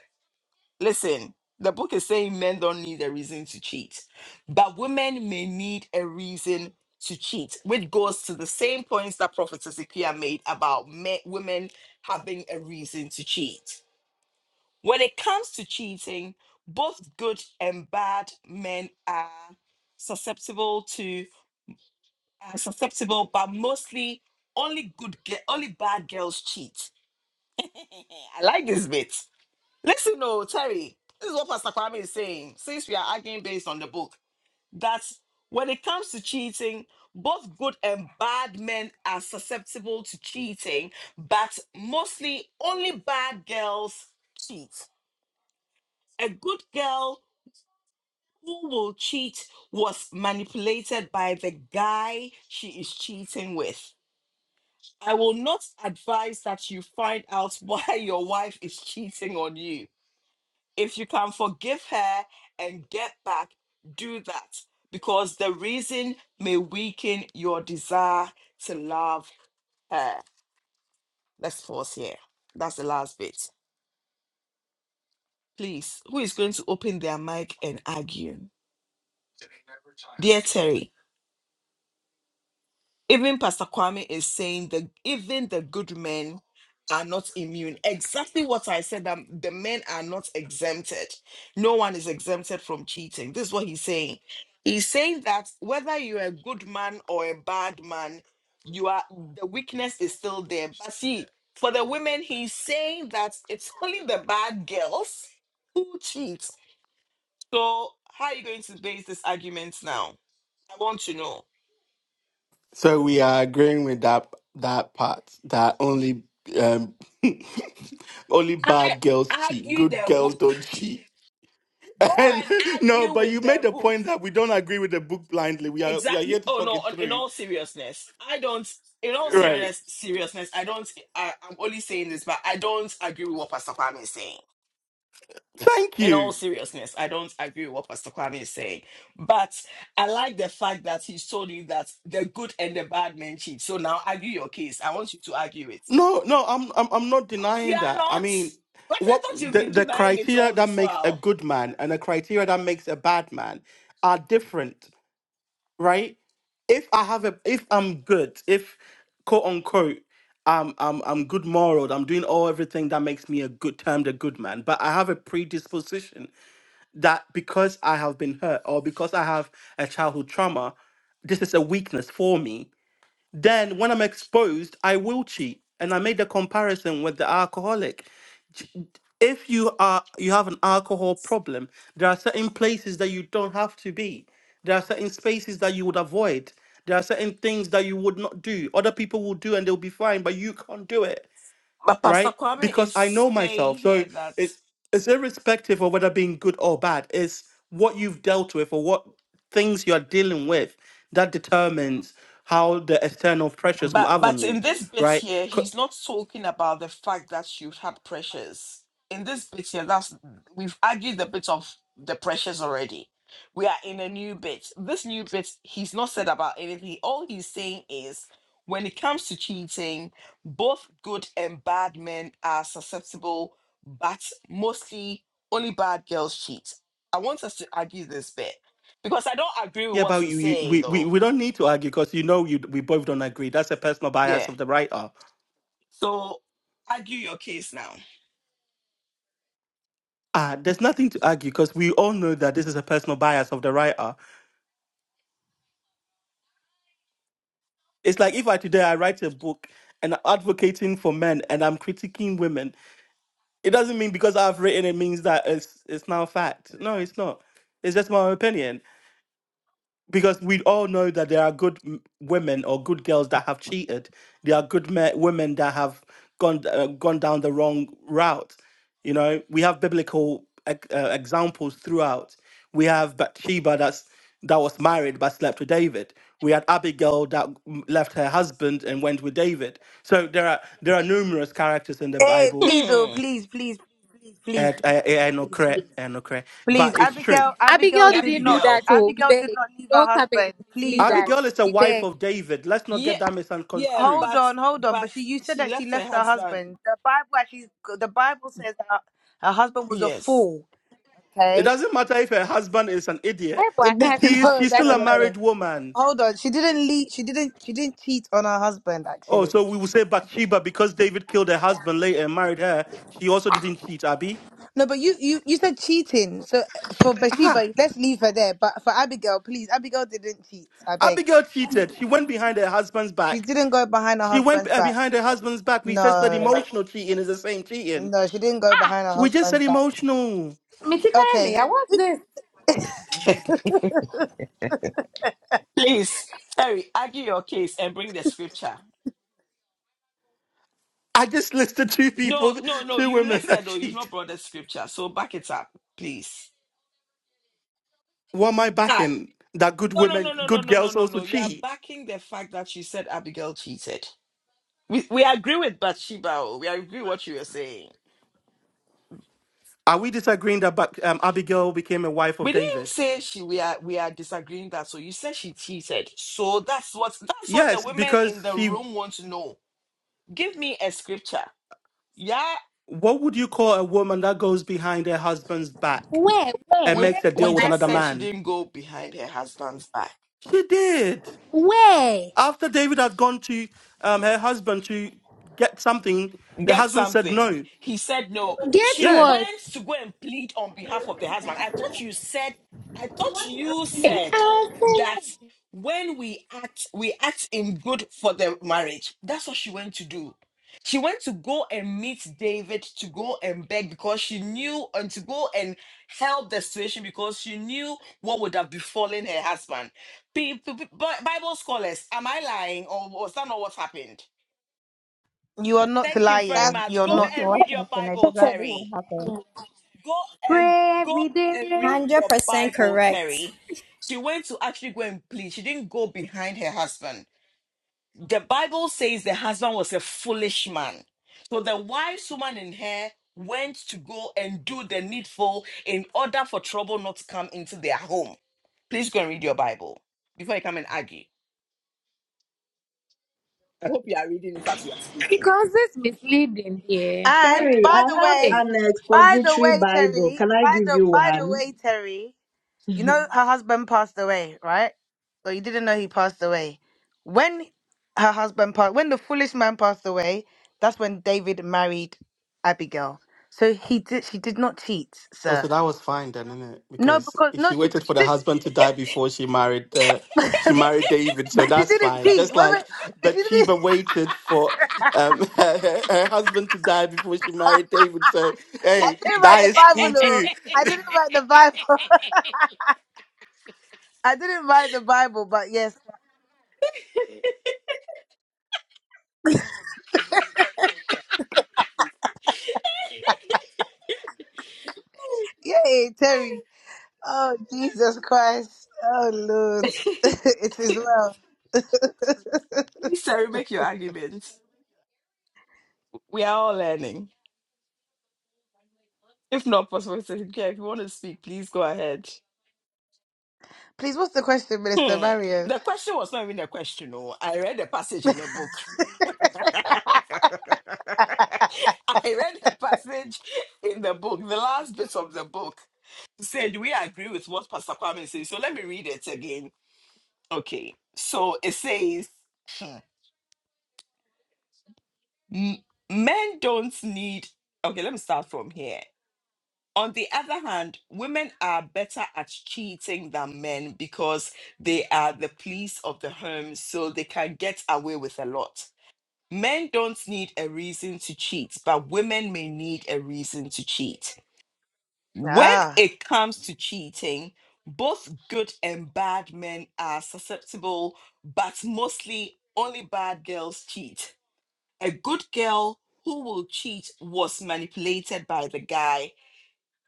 Speaker 1: Listen, the book is saying men don't need a reason to cheat, but women may need a reason to cheat, which goes to the same points that Prophet Ezekiel made about men, women having a reason to cheat. When it comes to cheating, both good and bad men are susceptible to are susceptible, but mostly only good ge- only bad girls cheat. I like this bit. Listen, no, Terry, this is what Pastor Kwame is saying. Since we are arguing based on the book, that when it comes to cheating, both good and bad men are susceptible to cheating, but mostly only bad girls cheat. A good girl who will cheat was manipulated by the guy she is cheating with. I will not advise that you find out why your wife is cheating on you. If you can forgive her and get back, do that because the reason may weaken your desire to love her. Let's pause here. That's the last bit. Please, who is going to open their mic and argue? Dear Terry, even Pastor Kwame is saying that even the good men are not immune. Exactly what I said, that the men are not exempted. No one is exempted from cheating. This is what he's saying. He's saying that whether you're a good man or a bad man, you are the weakness is still there. But see, for the women, he's saying that it's only the bad girls who cheat. So how are you going to base this argument now? I want to know.
Speaker 2: So we are agreeing with that that part that only um only
Speaker 1: I
Speaker 2: bad girls cheat,
Speaker 1: argue
Speaker 2: good
Speaker 1: their
Speaker 2: girls
Speaker 1: book.
Speaker 2: don't cheat.
Speaker 1: Go
Speaker 2: And
Speaker 1: and
Speaker 2: no,
Speaker 1: argue
Speaker 2: but
Speaker 1: with
Speaker 2: you made
Speaker 1: their
Speaker 2: the
Speaker 1: book.
Speaker 2: point that we don't agree with the book blindly. We are we are here
Speaker 1: Exactly.
Speaker 2: to
Speaker 1: Oh
Speaker 2: talk
Speaker 1: no,
Speaker 2: it
Speaker 1: on- in
Speaker 2: through.
Speaker 1: all seriousness, I don't in all
Speaker 2: Right.
Speaker 1: seriousness seriousness, I don't I, I'm only saying this, but I don't agree with what Pastor Kwame is saying.
Speaker 2: Thank
Speaker 1: In all
Speaker 2: you.
Speaker 1: seriousness, I don't agree with what Pastor Kwame is saying. But I like the fact that he told you that the good and the bad men cheat. So now argue your case. I want you to argue it.
Speaker 2: No, no, I'm I'm I'm not
Speaker 1: No, you
Speaker 2: denying
Speaker 1: are
Speaker 2: that. I
Speaker 1: not.
Speaker 2: mean,
Speaker 1: But I
Speaker 2: what
Speaker 1: thought you've
Speaker 2: the
Speaker 1: been
Speaker 2: the
Speaker 1: denying it
Speaker 2: criteria
Speaker 1: all
Speaker 2: that
Speaker 1: this
Speaker 2: makes a
Speaker 1: while.
Speaker 2: good man and the criteria that makes a bad man are different. right? If I have a, if I'm good, if quote unquote, I'm I'm I'm good moral, I'm doing all everything that makes me a good termed a good man, but I have a predisposition that because I have been hurt or because I have a childhood trauma, this is a weakness for me then when I'm exposed, I will cheat. And I made the comparison with the alcoholic. Ch- If you are you have an alcohol problem, there are certain places that you don't have to be. There are certain spaces that you would avoid. There are certain things that you would not do. Other people will do and they'll be fine, but you can't do it
Speaker 1: But Pastor
Speaker 2: right?
Speaker 1: Kwame
Speaker 2: Because
Speaker 1: is
Speaker 2: I know
Speaker 1: saying
Speaker 2: myself. So
Speaker 1: here that
Speaker 2: it's it's irrespective of whether being good or bad. It's what you've dealt with or what things you're dealing with that determines how the external pressures will
Speaker 1: But
Speaker 2: have on
Speaker 1: but
Speaker 2: you,
Speaker 1: in this bit
Speaker 2: right?
Speaker 1: here,
Speaker 2: 'Cau-
Speaker 1: he's not talking about the fact that you've had pressures. In this bit here, that's we've argued the bit of the pressures already. We are in a new bit. This new bit, he's not said about anything. All he's saying is when it comes to cheating, both good and bad men are susceptible, but mostly only bad girls cheat. I want us to argue this bit because I don't agree with
Speaker 2: Yeah,
Speaker 1: what
Speaker 2: but
Speaker 1: he's
Speaker 2: you, you,
Speaker 1: saying
Speaker 2: we, we
Speaker 1: though.
Speaker 2: we don't need to argue because you know you we both don't agree. That's a personal bias
Speaker 1: Yeah.
Speaker 2: of the writer.
Speaker 1: So argue your case now.
Speaker 2: Ah, there's nothing to argue because we all know that this is a personal bias of the writer. It's like if I today I write a book and I'm advocating for men and I'm critiquing women It doesn't mean because I've written it means that it's it's now fact. No, it's not. It's just my opinion because we all know that there are good m- women or good girls that have cheated. There are good me- women that have gone uh, gone down the wrong route. You know, we have biblical ex- uh, examples throughout. We have Bathsheba that's that was married but slept with David. We had Abigail that m- left her husband and went with David. So there are there are numerous characters in the
Speaker 9: hey
Speaker 2: Bible
Speaker 9: please oh
Speaker 1: Hmm.
Speaker 9: please please please please
Speaker 2: and
Speaker 9: please
Speaker 2: I, I, I know correct, I know correct,
Speaker 9: Please,
Speaker 2: but it's true.
Speaker 9: Abigail, Abigail
Speaker 3: Abigail
Speaker 9: did
Speaker 1: Happy
Speaker 3: didn't do
Speaker 9: not.
Speaker 3: that, oh, we
Speaker 9: Abigail did
Speaker 3: beg.
Speaker 9: not leave her
Speaker 3: Don't come and
Speaker 9: husband. Please,
Speaker 3: mislead us.
Speaker 9: oh.
Speaker 2: Abigail is a
Speaker 3: We
Speaker 2: wife
Speaker 3: beg.
Speaker 2: of David. Let's not
Speaker 1: Yeah,
Speaker 2: get that
Speaker 1: yeah,
Speaker 9: hold
Speaker 2: misconstrued.
Speaker 1: but
Speaker 9: on, hold on. But
Speaker 1: but
Speaker 9: she, you said
Speaker 1: she
Speaker 9: that she
Speaker 1: left her
Speaker 9: left her
Speaker 1: husband.
Speaker 9: husband. The Bible actually, the Bible says that her, her husband was a
Speaker 1: Yes.
Speaker 9: fool.
Speaker 2: It
Speaker 9: Okay.
Speaker 2: doesn't matter if her husband is an
Speaker 3: Hey,
Speaker 2: idiot.
Speaker 3: boy, I
Speaker 9: no,
Speaker 3: can't say
Speaker 2: He is,
Speaker 3: more,
Speaker 9: no,
Speaker 3: It
Speaker 2: she's
Speaker 9: no,
Speaker 2: still
Speaker 9: no,
Speaker 2: a
Speaker 3: doesn't
Speaker 9: no,
Speaker 3: matter.
Speaker 9: no.
Speaker 2: married woman.
Speaker 9: Hold on. She didn't leave. She didn't. She didn't cheat on her husband.
Speaker 2: Oh,
Speaker 9: Actually,
Speaker 2: so we will say Bathsheba because David killed her husband later and married her. She also didn't cheat, Abby.
Speaker 9: no. But you, you, you said cheating. So uh, for
Speaker 2: Ah,
Speaker 9: Bathsheba, let's leave her there. But for Abigail, please, Abigail didn't cheat. I beg.
Speaker 2: Abigail cheated. She went behind her husband's
Speaker 9: She
Speaker 2: back.
Speaker 9: didn't go behind her
Speaker 2: She went
Speaker 9: husband's
Speaker 2: uh,
Speaker 9: back.
Speaker 2: behind her husband's back. We said that
Speaker 9: No.
Speaker 2: emotional cheating is the same cheating.
Speaker 9: No, she didn't go behind her
Speaker 2: We just
Speaker 9: husband's
Speaker 2: said
Speaker 9: back.
Speaker 2: emotional.
Speaker 3: Mitikaya me,
Speaker 9: Okay,
Speaker 3: I want this.
Speaker 1: Please, Terry, argue your case and bring the scripture.
Speaker 2: I just listed two
Speaker 1: No,
Speaker 2: people,
Speaker 1: no, no.
Speaker 2: two
Speaker 1: You
Speaker 2: women
Speaker 1: listed
Speaker 2: that
Speaker 1: though. You've
Speaker 2: cheat.
Speaker 1: not brought the scripture, so back it up, please.
Speaker 2: What am I
Speaker 1: Ah,
Speaker 2: backing? That good
Speaker 1: no, no,
Speaker 2: women,
Speaker 1: no, no, no,
Speaker 2: good
Speaker 1: no, no,
Speaker 2: girls
Speaker 1: no,
Speaker 2: also
Speaker 1: no. You are
Speaker 2: cheat.
Speaker 1: backing the fact that she said Abigail cheated. We we agree with Bathsheba. oh, We agree what you were saying.
Speaker 2: Are we disagreeing that Ba- um, Abigail became a wife of
Speaker 1: We didn't
Speaker 2: David?
Speaker 1: say she we are we are disagreeing that. So you said she cheated. So that's what that's what the
Speaker 2: Yes,
Speaker 1: women
Speaker 2: because
Speaker 1: in the
Speaker 2: she.
Speaker 1: room want to know. Give me a scripture. Yeah,
Speaker 2: What would you call a woman that goes behind her husband's back
Speaker 3: Where,
Speaker 2: and
Speaker 3: where,
Speaker 1: we
Speaker 3: where
Speaker 2: makes a
Speaker 3: in the
Speaker 1: we
Speaker 2: deal with
Speaker 1: just
Speaker 2: another
Speaker 1: said
Speaker 3: Bible?
Speaker 1: she
Speaker 2: man?
Speaker 1: didn't go behind her husband's back.
Speaker 2: She did.
Speaker 3: Where?
Speaker 2: After David had gone to um, her husband to get something, the
Speaker 1: get
Speaker 2: husband said
Speaker 1: something.
Speaker 2: no.
Speaker 1: He said no.
Speaker 3: Get
Speaker 1: She
Speaker 2: Yeah.
Speaker 3: what?
Speaker 1: went to go and plead on behalf of the husband. I thought you said, I thought you
Speaker 3: Hey,
Speaker 1: said
Speaker 3: I
Speaker 1: that
Speaker 3: say
Speaker 1: when we act, we act in good for the marriage. That's what she went to do. She went to go and meet David to go and beg because she knew and to go and help the situation because she knew what would have befallen her husband. Pe- pe- pe- Bi- Bible scholars, am I lying or was that not what happened?
Speaker 9: you are not
Speaker 1: Thank you very
Speaker 7: That's
Speaker 9: lying.
Speaker 1: much.
Speaker 9: You're
Speaker 1: Go
Speaker 9: not.
Speaker 7: what's
Speaker 1: and read your
Speaker 7: an
Speaker 1: Bible,
Speaker 3: that.
Speaker 7: example exactly what
Speaker 1: Terry. Go and
Speaker 3: Pray
Speaker 1: go
Speaker 3: every day.
Speaker 1: and read your
Speaker 8: 100%
Speaker 1: Bible,
Speaker 8: correct.
Speaker 1: Terry. She went to actually go and plead. She didn't go behind her husband. The Bible says the husband was a foolish man. So the wise woman in her went to go and do the needful in order for trouble not to come into their home. Please go and read your Bible before you come and argue. I hope you are reading it as you are speaking.
Speaker 3: Because it's misleading here.
Speaker 9: And
Speaker 5: Terry, I
Speaker 9: by the
Speaker 3: Hey.
Speaker 9: way,
Speaker 5: have an
Speaker 9: by the
Speaker 5: expository
Speaker 9: way,
Speaker 5: Bible.
Speaker 9: Terry,
Speaker 5: Can I
Speaker 9: by
Speaker 5: give
Speaker 9: the
Speaker 5: you
Speaker 9: by the way, Terry,
Speaker 5: one?
Speaker 9: you know her husband passed away, right? Well, you didn't know he passed away. When her husband passed, when the foolish man passed away, that's when David married Abigail. So he did. She did not cheat,
Speaker 2: Oh, so
Speaker 9: sir.
Speaker 2: that was fine then, innit?
Speaker 9: No,
Speaker 2: Because
Speaker 9: because no,
Speaker 2: she
Speaker 9: she but
Speaker 2: waited
Speaker 9: she
Speaker 2: for the
Speaker 9: did,
Speaker 2: husband to die before she married uh, she married David, so
Speaker 9: but she
Speaker 2: that's
Speaker 9: didn't
Speaker 2: fine.
Speaker 9: cheat.
Speaker 2: Just
Speaker 9: Wait,
Speaker 2: like
Speaker 9: she didn't.
Speaker 2: Bathsheba waited for um, her, her her husband to die before she married David, so
Speaker 9: I
Speaker 2: hey,
Speaker 9: didn't
Speaker 2: that
Speaker 9: write the
Speaker 2: is cool
Speaker 9: Bible, though.
Speaker 2: too.
Speaker 9: I didn't write the Bible. I didn't write the Bible, but yes. Yay, Terry. Oh, Jesus Christ. Oh, Lord.
Speaker 1: Please,
Speaker 9: it is well.
Speaker 1: Terry, make your argument. We are all learning. If not possible, so yeah, if you want to speak, please go ahead.
Speaker 9: Please, what's the question, Minister
Speaker 1: Hmm.
Speaker 9: Marion?
Speaker 1: The question was not even a question. Oh, I read a passage in the book. I read a passage in the book, the last bit of the book. said we agree with what Pastor Kwame says. So let me read it again. Okay. So it says "M- men don't need okay, let me start from here. On the other hand, women are better at cheating than men because they are the police of the home, so they can get away with a lot. Men don't need a reason to cheat, but women may need a reason to cheat. When
Speaker 9: Ah,
Speaker 1: it comes to cheating, both good and bad men are susceptible, but mostly only bad girls cheat. A good girl who will cheat was manipulated by the guy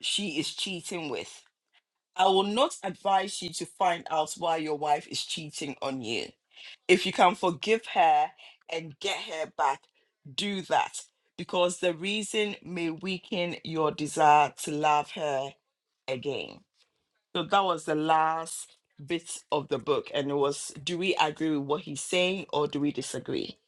Speaker 1: she is cheating with. I will not advise you to find out why your wife is cheating on you. If you can forgive her and get her back, do that because the reason may weaken your desire to love her again. So that was the last bit of the book, and it was do we agree with what he's saying or do we disagree?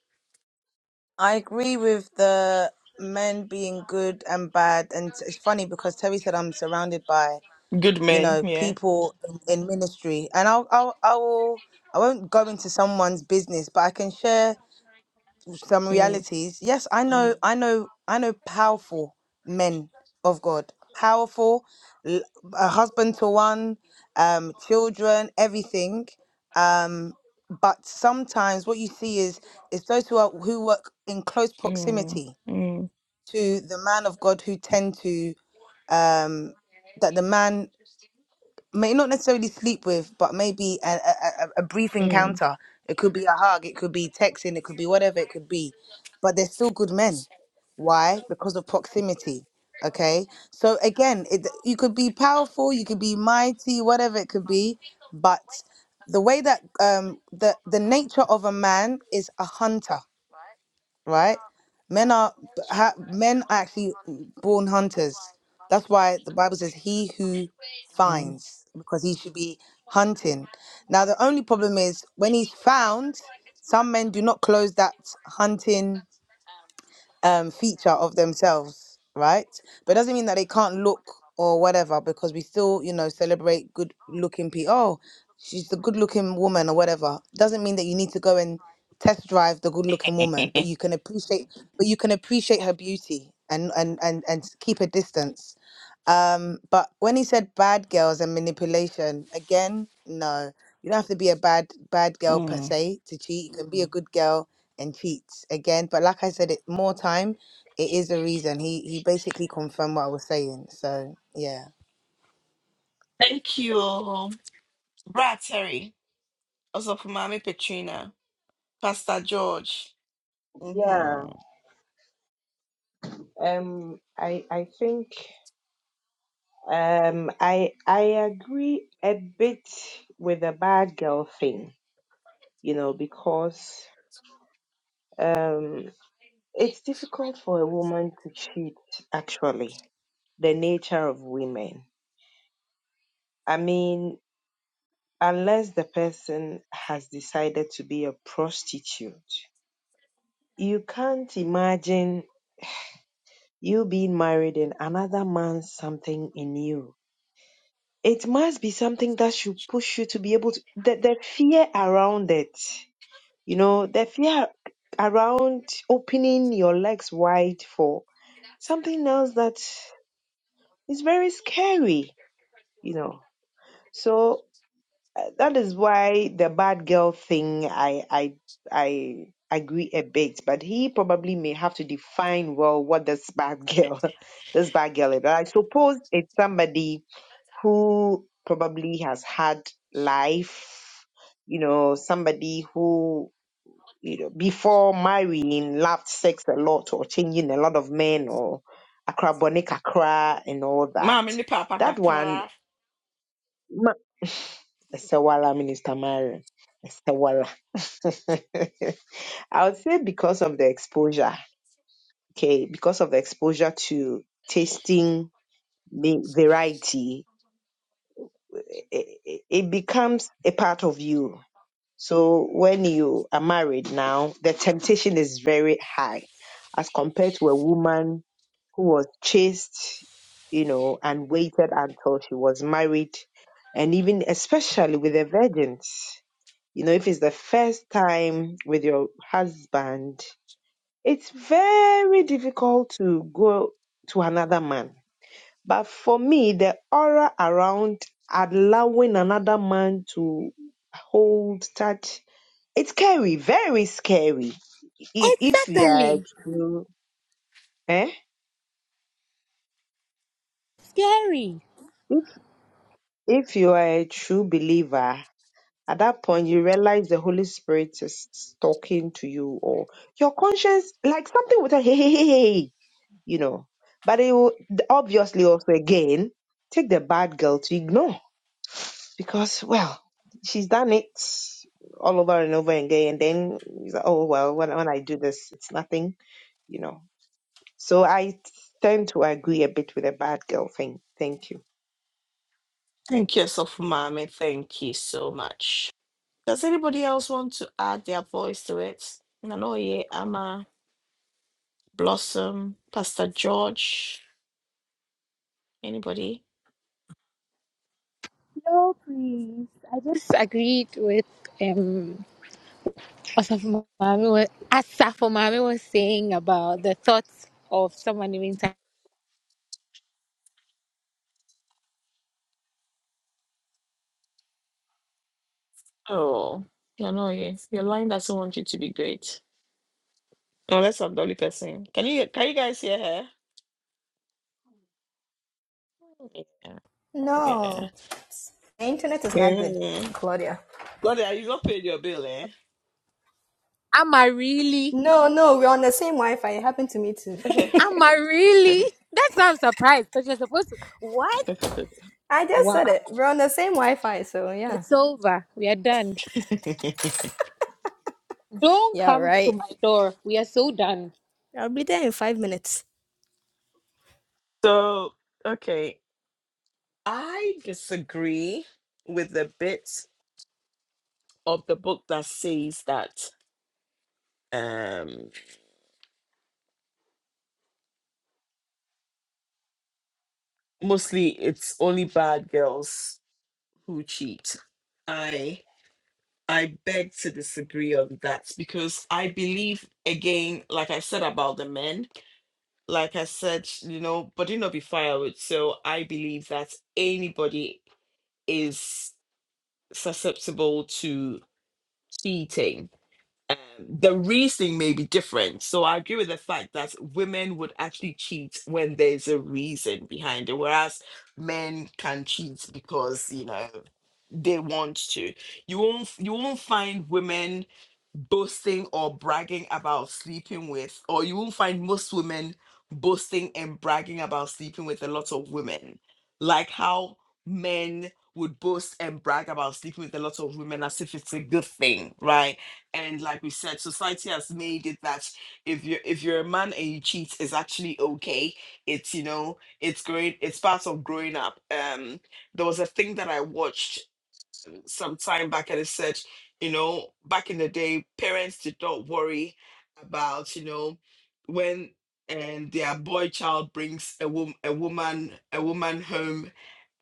Speaker 9: I agree with the men being good and bad, and it's it's funny because Terry said I'm surrounded by
Speaker 1: Good
Speaker 9: you
Speaker 1: men,
Speaker 9: know
Speaker 1: yeah.
Speaker 9: people in, in ministry, and I'll I'll I will I won't go into someone's business, but I can share. some
Speaker 1: Mm,
Speaker 9: realities. Yes, I know, Mm. I know, I know powerful men of God, powerful, l- a husband to one, um, children, everything. Um, but sometimes what you see is is those who are who work in close proximity
Speaker 1: mm,
Speaker 9: to the man of God who tend to um that the man may not necessarily sleep with, but maybe a, a, a a brief
Speaker 1: mm.
Speaker 9: encounter. It could be a hug, it could be texting, it could be whatever it could be. But they're still good men. Why? Because of proximity. Okay. So again, it, you could be powerful, you could be mighty, whatever it could be, but the way that um the the nature of a man is a hunter right? Men are ha, men are actually born hunters. That's why the Bible says, "He who
Speaker 1: Mm,
Speaker 9: finds," because he should be hunting. Now, the only problem is when he's found, some men do not close that hunting um feature of themselves right but doesn't mean that they can't look or whatever because we still you know celebrate good looking people oh she's the good looking woman or whatever doesn't mean that you need to go and test drive the good looking woman but you can appreciate but you can appreciate her beauty and and and, and keep a distance um but when he said bad girls and manipulation again no you don't have to be a bad bad girl per
Speaker 1: mm.
Speaker 9: se to cheat you can be a Mhm. good girl and cheats again. But like I said, it more time. It is a reason. He he basically confirmed what I was saying. So yeah.
Speaker 1: Thank you. Brad Terry, also for Mommy Petrina. Pastor George.
Speaker 5: Yeah.
Speaker 1: Mm-hmm.
Speaker 5: Um I I think um I I agree a bit with the bad girl thing, you know, because um it's difficult for a woman to cheat actually. the nature of women. I mean, unless the person has decided to be a prostitute, you can't imagine you being married and another man something in you. It must be something that should push you to be able to. The, the fear around it, you know, the fear around opening your legs wide for something else that is very scary, you know. So Uh, That is why the bad girl thing, I, I, I agree a bit, but he probably may have to define well what this bad girl, this bad girl is. But I suppose it's somebody who probably has had life, you know, somebody who, you know, before marrying loved sex a lot or changing a lot of men or akrabone kakra and all that.
Speaker 1: Mommy, the papa
Speaker 5: That one
Speaker 1: kakra.
Speaker 5: Ma Esewala, Minister Marion. Esewala. I would say because of the exposure, okay, because of the exposure to tasting the variety, it, it it becomes a part of you. So when you are married now, the temptation is very high as compared to a woman who was chaste, you know, and waited until she was married, and even especially with the virgins. You know, if it's the first time with your husband, it's very difficult to go to another man. But for me, the aura around allowing another man to hold, touch, it's scary, very scary. I- If you are a
Speaker 3: Exactly.
Speaker 5: true, eh?
Speaker 3: Scary.
Speaker 5: If, if you are a true believer, at that point you realize the Holy Spirit is talking to you or your conscience, like something with a hey, hey, hey, hey. hey, hey." you know. But it will obviously also again take the bad girl to ignore because well, she's done it all over and over again, and then it's like, oh well, when when I do this, it's nothing, you know. So I tend to agree a bit with the bad girl thing. Thank you.
Speaker 1: Thank you, so mommy. Thank you so much. Does anybody else want to add their voice to it? Nanoye, Ama, Blossom, Pastor George. Anybody?
Speaker 3: No, please. I just agreed with um Asafo Mami was Asafo Mami was saying about the thoughts of someone even time.
Speaker 1: Oh, Nanoye, your line doesn't want you to be great. Unless I'm the only person. Can you can you guys hear her? Yeah. Yeah.
Speaker 8: No, the internet is not good,
Speaker 1: yeah.
Speaker 8: Claudia.
Speaker 1: Well, you not paid your bill, eh?
Speaker 3: Am I really?
Speaker 8: No, no, we're on the same Wi Fi. It happened to me too.
Speaker 3: Am I really? That's why I'm surprised. Because you're supposed to. What?
Speaker 8: I just
Speaker 3: Wow.
Speaker 8: said it. We're on the same Wi Fi, so yeah.
Speaker 3: It's over. We are done. Don't
Speaker 8: Yeah,
Speaker 3: come to
Speaker 8: right.
Speaker 3: my door. We are so done.
Speaker 8: I'll be there in five minutes.
Speaker 1: so okay. I disagree with the bit of the book that says that um, mostly it's only bad girls who cheat. I I beg to disagree on that because I believe again, like I said about the men, like I said, you know, body not be firewood. So I believe that anybody is susceptible to cheating um, the reasoning may be different. So I agree with the fact that women would actually cheat when there's a reason behind it, whereas men can cheat because you know they want to. You won't you won't find women boasting or bragging about sleeping with, or you won't find most women boasting and bragging about sleeping with a lot of women, like how men would boast and brag about sleeping with a lot of women as if it's a good thing, right? And like we said, society has made it that if you're if you're a man and you cheat, it's actually okay. It's you know, it's growing, it's part of growing up. Um, there was a thing that I watched some time back and I said, you know, back in the day, parents did not worry about, you know, when and their boy child brings a wom- a woman a woman home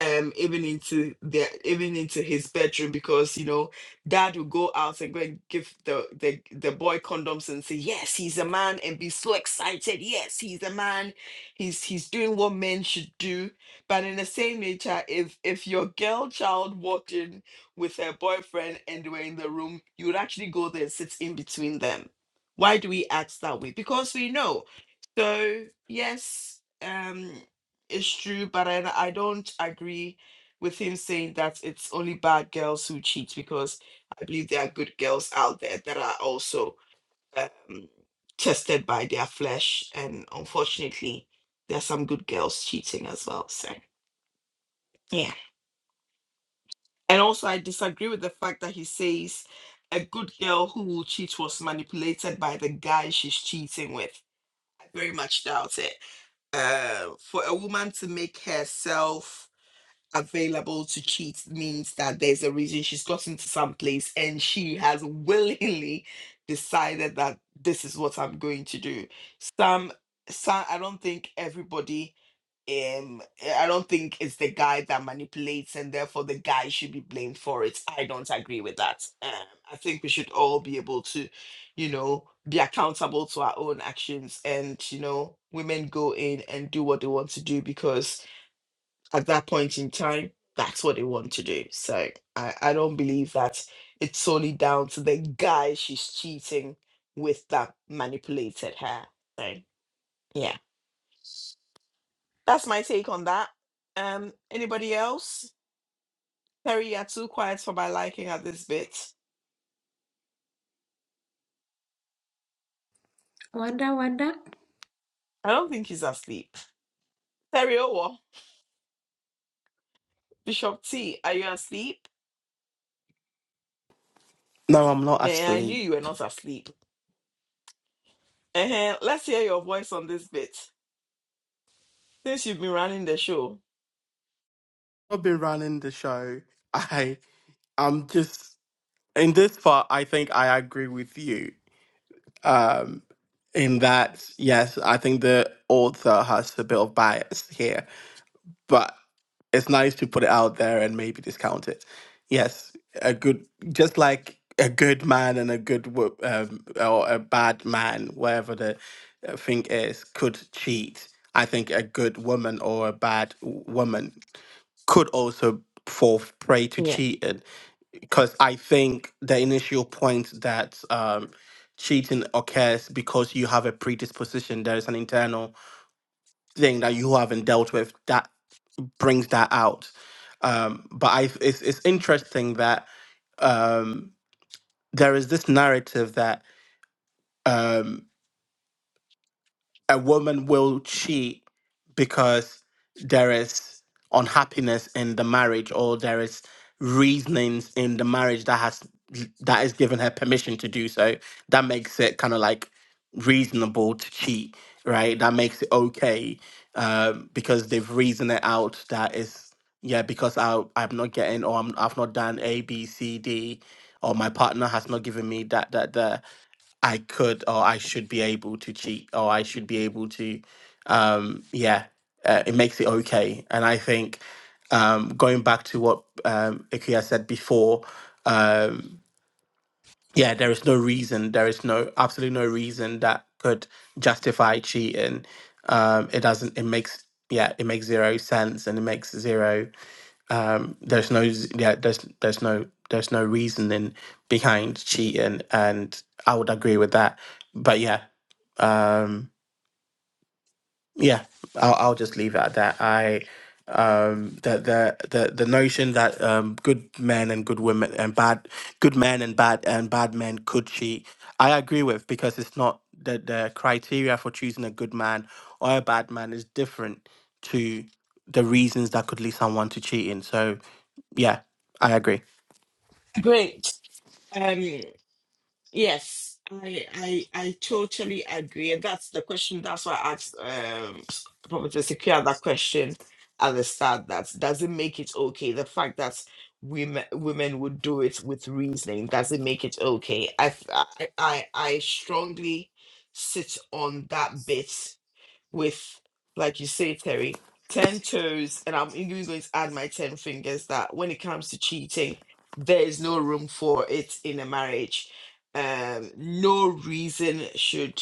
Speaker 1: um even into their even into his bedroom because you know dad will go out and go and give the the, the boy condoms and say yes he's a man and be so excited yes he's a man he's he's doing what men should do but in the same nature if if your girl child walked in with her boyfriend and they were in the room, you would actually go there and sit in between them. Why do we act that way? Because we know. So yes, um, it's true, but I, I don't agree with him saying that it's only bad girls who cheat because I believe there are good girls out there that are also um, tested by their flesh, and unfortunately, there are some good girls cheating as well. So yeah. And also, I disagree with the fact that he says a good girl who will cheat was manipulated by the guy she's cheating with. I very much doubt it. Uh, for a woman to make herself available to cheat means that there's a reason she's gotten to some place and she has willingly decided that this is what I'm going to do. Some, some I don't think everybody um I don't think it's the guy that manipulates and therefore the guy should be blamed for it. I don't agree with that. Um, I think we should all be able to, you know, be accountable to our own actions and you know, women go in and do what they want to do because at that point in time, that's what they want to do. So I, I don't believe that it's solely down to the guy she's cheating with that manipulated her. So yeah, that's my take on that. Um, anybody else? Terry, you're too quiet for my liking at this bit.
Speaker 3: Wanda, Wanda,
Speaker 1: I don't think he's asleep. Terry Owo, Bishop T, are you asleep?
Speaker 2: No, I'm not
Speaker 1: Yeah, I knew
Speaker 2: asleep.
Speaker 1: you were not asleep. uh Let's hear your voice on this bit since you've been running the show.
Speaker 2: I've been running the show. I I'm just in this part. I think I agree with you. Um, in that, yes, I think the author has a bit of bias here but it's nice to put it out there and maybe discount it. Yes, a good, just like a good man and a good wo- um, or a bad man, wherever the uh, thing is, could cheat. I think a good woman or a bad w- woman could also fall prey to
Speaker 1: Yeah,
Speaker 2: cheating because I think the initial point that um, cheating occurs because you have a predisposition, there is an internal thing that you haven't dealt with. That brings that out. Um, but I, it's, it's interesting that um, there is this narrative that. Um, a woman will cheat because there is unhappiness in the marriage or there is reasonings in the marriage that has that is given her permission to do so that makes it kind of like reasonable to cheat right that makes it okay um because they've reasoned it out that is yeah because i i'm not getting or I'm, i've not done a b c d or my partner has not given me that that that I could or I should be able to cheat or I should be able to um yeah uh, it makes it okay and I think um going back to what um Ikuya said before um yeah there is no reason there is no absolutely no reason that could justify cheating um it doesn't it makes yeah it makes zero sense and it makes zero um, there's no z- yeah there's there's no there's no reasoning behind cheating and i would agree with that but yeah um yeah i'll, I'll just leave it at that i um the, the the the notion that um good men and good women and bad good men and bad and bad men could cheat i agree with because it's not the the criteria for choosing a good man or a bad man is different to the reasons that could lead someone to cheating so yeah, I agree.
Speaker 1: great. Um, Yes, I I I totally agree. And that's the question. That's why I asked um s- Professor Secure that question at the start. That doesn't make it okay. The fact that women women would do it with reasoning doesn't make it okay. I f- I I I strongly sit on that bit with, like you say, Terry, 10 toes, and I'm even going to add my 10 fingers that when it comes to cheating, there is no room for it in a marriage. Um, no reason should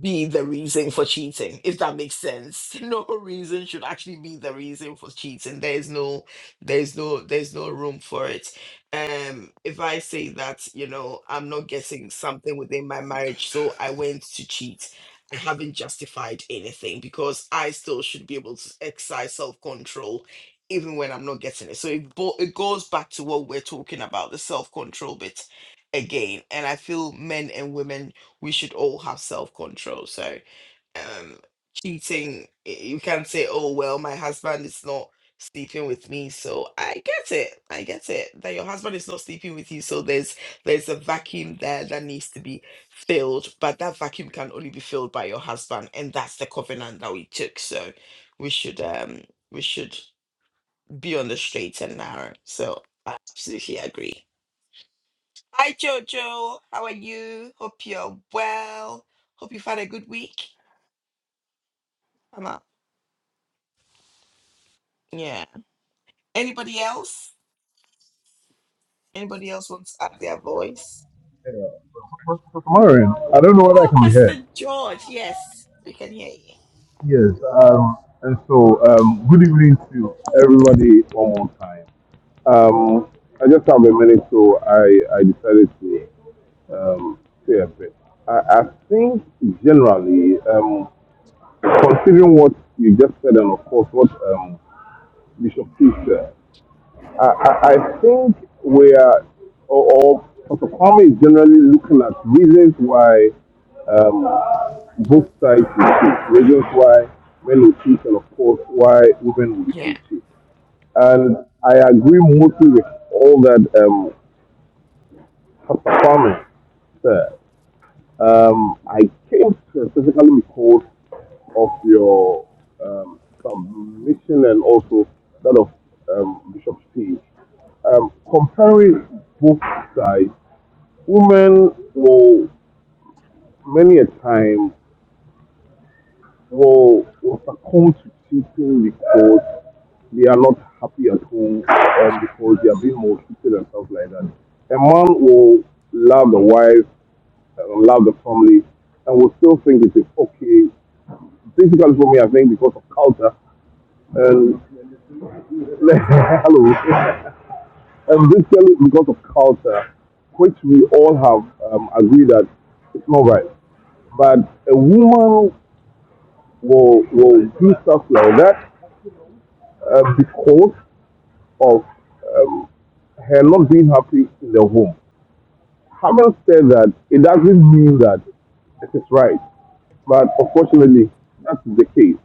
Speaker 1: be the reason for cheating, if that makes sense. No reason should actually be the reason for cheating. There is no, there's no, there's no room for it. Um, if I say that, you know, I'm not getting something within my marriage, so I went to cheat. I haven't justified anything because I still should be able to exercise self-control even when I'm not getting it. So it, bo- it goes back to what we're talking about, the self-control bit again. And I feel men and women we should all have self control. So, um, cheating, y- you can't say, oh, well, my husband is not sleeping with me so i get it i get it that your husband is not sleeping with you so there's there's a vacuum there that needs to be filled but that vacuum can only be filled by your husband and that's the covenant that we took so we should um we should be on the straight and narrow so i absolutely agree Hi, Jojo. How are you? Hope you're well. Hope you've had a good week. I'm up. Yeah. Anybody else? Anybody else wants to add their voice?
Speaker 6: Yeah. But, I don't know whether I
Speaker 1: Oh,
Speaker 6: can be heard.
Speaker 1: Pastor George. Yes, we can hear you.
Speaker 6: Yes, um, and so um, good evening to everybody one more time. Um, I just have a minute, so I, I decided to um, say a bit. I, I think generally, um, considering what you just said, and of course what um, Bishop Peter I, I, I think we are, or, or Dr. Kwame is generally looking at reasons why um, both sides will cheat, reasons why men will cheat, and of course why women will
Speaker 1: Yeah.
Speaker 6: cheat. And I agree mostly with all that um, Pastor Kwame said. Um, I came to specifically because of your um, submission and also that of um, Bishop T. Um, comparing both sides, women will many a time will, will succumb to cheating because they are not happy at home and because they are being maltreated and stuff like that. A man will love the wife, uh, love the family, and will still think it is okay Difficult for me, I think, because of culture. And hello, and basically because of culture, which we all have um, agreed that it's not right. But a woman will will do stuff like that uh, because of um, her not being happy in the home. Having said that, it doesn't mean that it is right. But unfortunately, that's the case.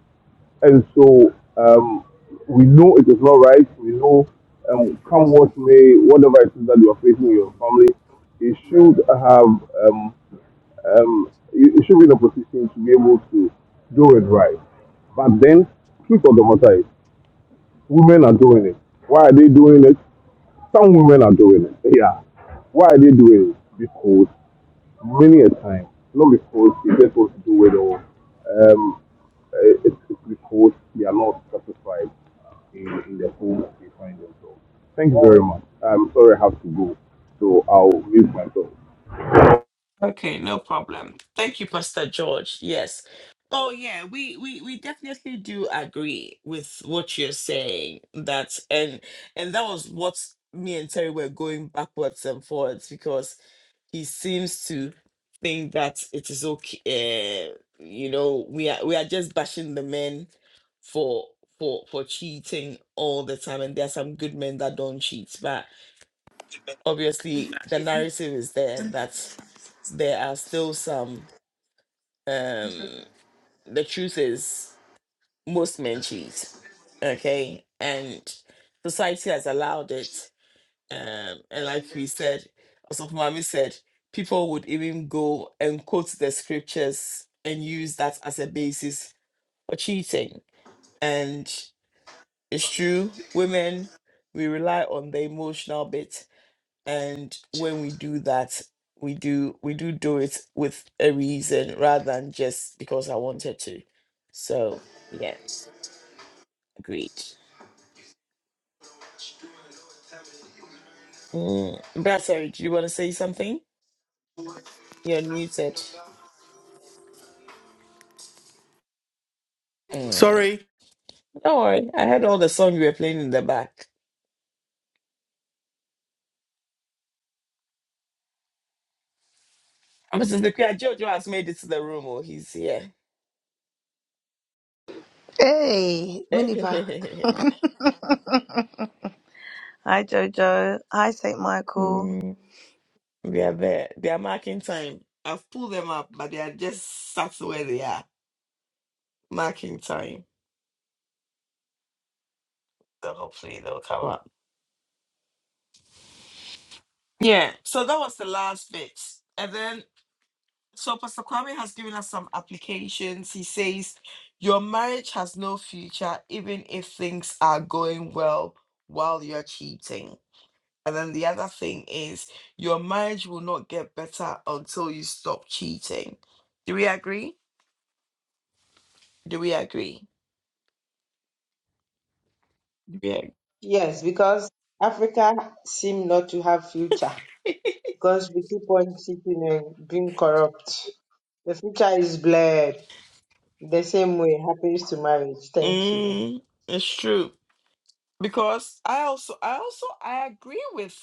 Speaker 6: And so um, we know it is not right. We know um, come what may, whatever it is that you are facing in your family, you should have um, um, you you should be in a position to be able to do it right. But then, truth of the matter is, women are doing it. Why are they doing it? Some women are doing it. Yeah. Why are they doing it? Because many a time, not because it just wants to do well all. um, eh, it's it's because they are not satisfied in, in the home they find themselves. Thank you very much. I'm sorry I have to go, so I'll mute myself.
Speaker 1: Okay, no problem. Thank you, Pastor George. Yes. Oh yeah, we we we definitely do agree with what you're saying. That and and that was what me and Terry were going backwards and forwards because he seems to think that it is okay. Uh, you know, we are we are just bashing the men for for for cheating all the time, and there are some good men that don't cheat. But obviously, the narrative is there that there are still some. Um, the truth is, most men cheat. Okay, and society has allowed it um, and like we said, also Mami said, people would even go and quote the scriptures and use that as a basis for cheating. And it's true, women, we rely on the emotional bit. And when we do that, we do we do do it with a reason rather than just because I wanted to. So yeah, agreed. Mm. Brad, sorry, do you want to say something? You're unmuted. Mm.
Speaker 2: Sorry.
Speaker 1: Don't worry. I heard all the songs you were playing in the back. Mrs. Nakia, Jojo has made it to the room. Oh, he's here.
Speaker 9: Hey, Miniva. Hi Jojo. Hi Saint Michael.
Speaker 1: Mm, they are there. They are marking time. I've pulled them up, but they are just sat where they are, marking time. So hopefully they'll come up. Yeah. So that was the last bit. And then, so Pastor Kwame has given us some applications. He says, Your marriage has no future, even if things are going well while you're cheating. And then the other thing is your marriage will not get better until you stop cheating. Do we agree? Do we agree? Do we agree?
Speaker 5: Yes, because Africa seem not to have future because we keep on cheating and being corrupt. The future is blurred. The same way happens to marriage. Thank you.
Speaker 1: Mm, it's true. Because I also I also I agree with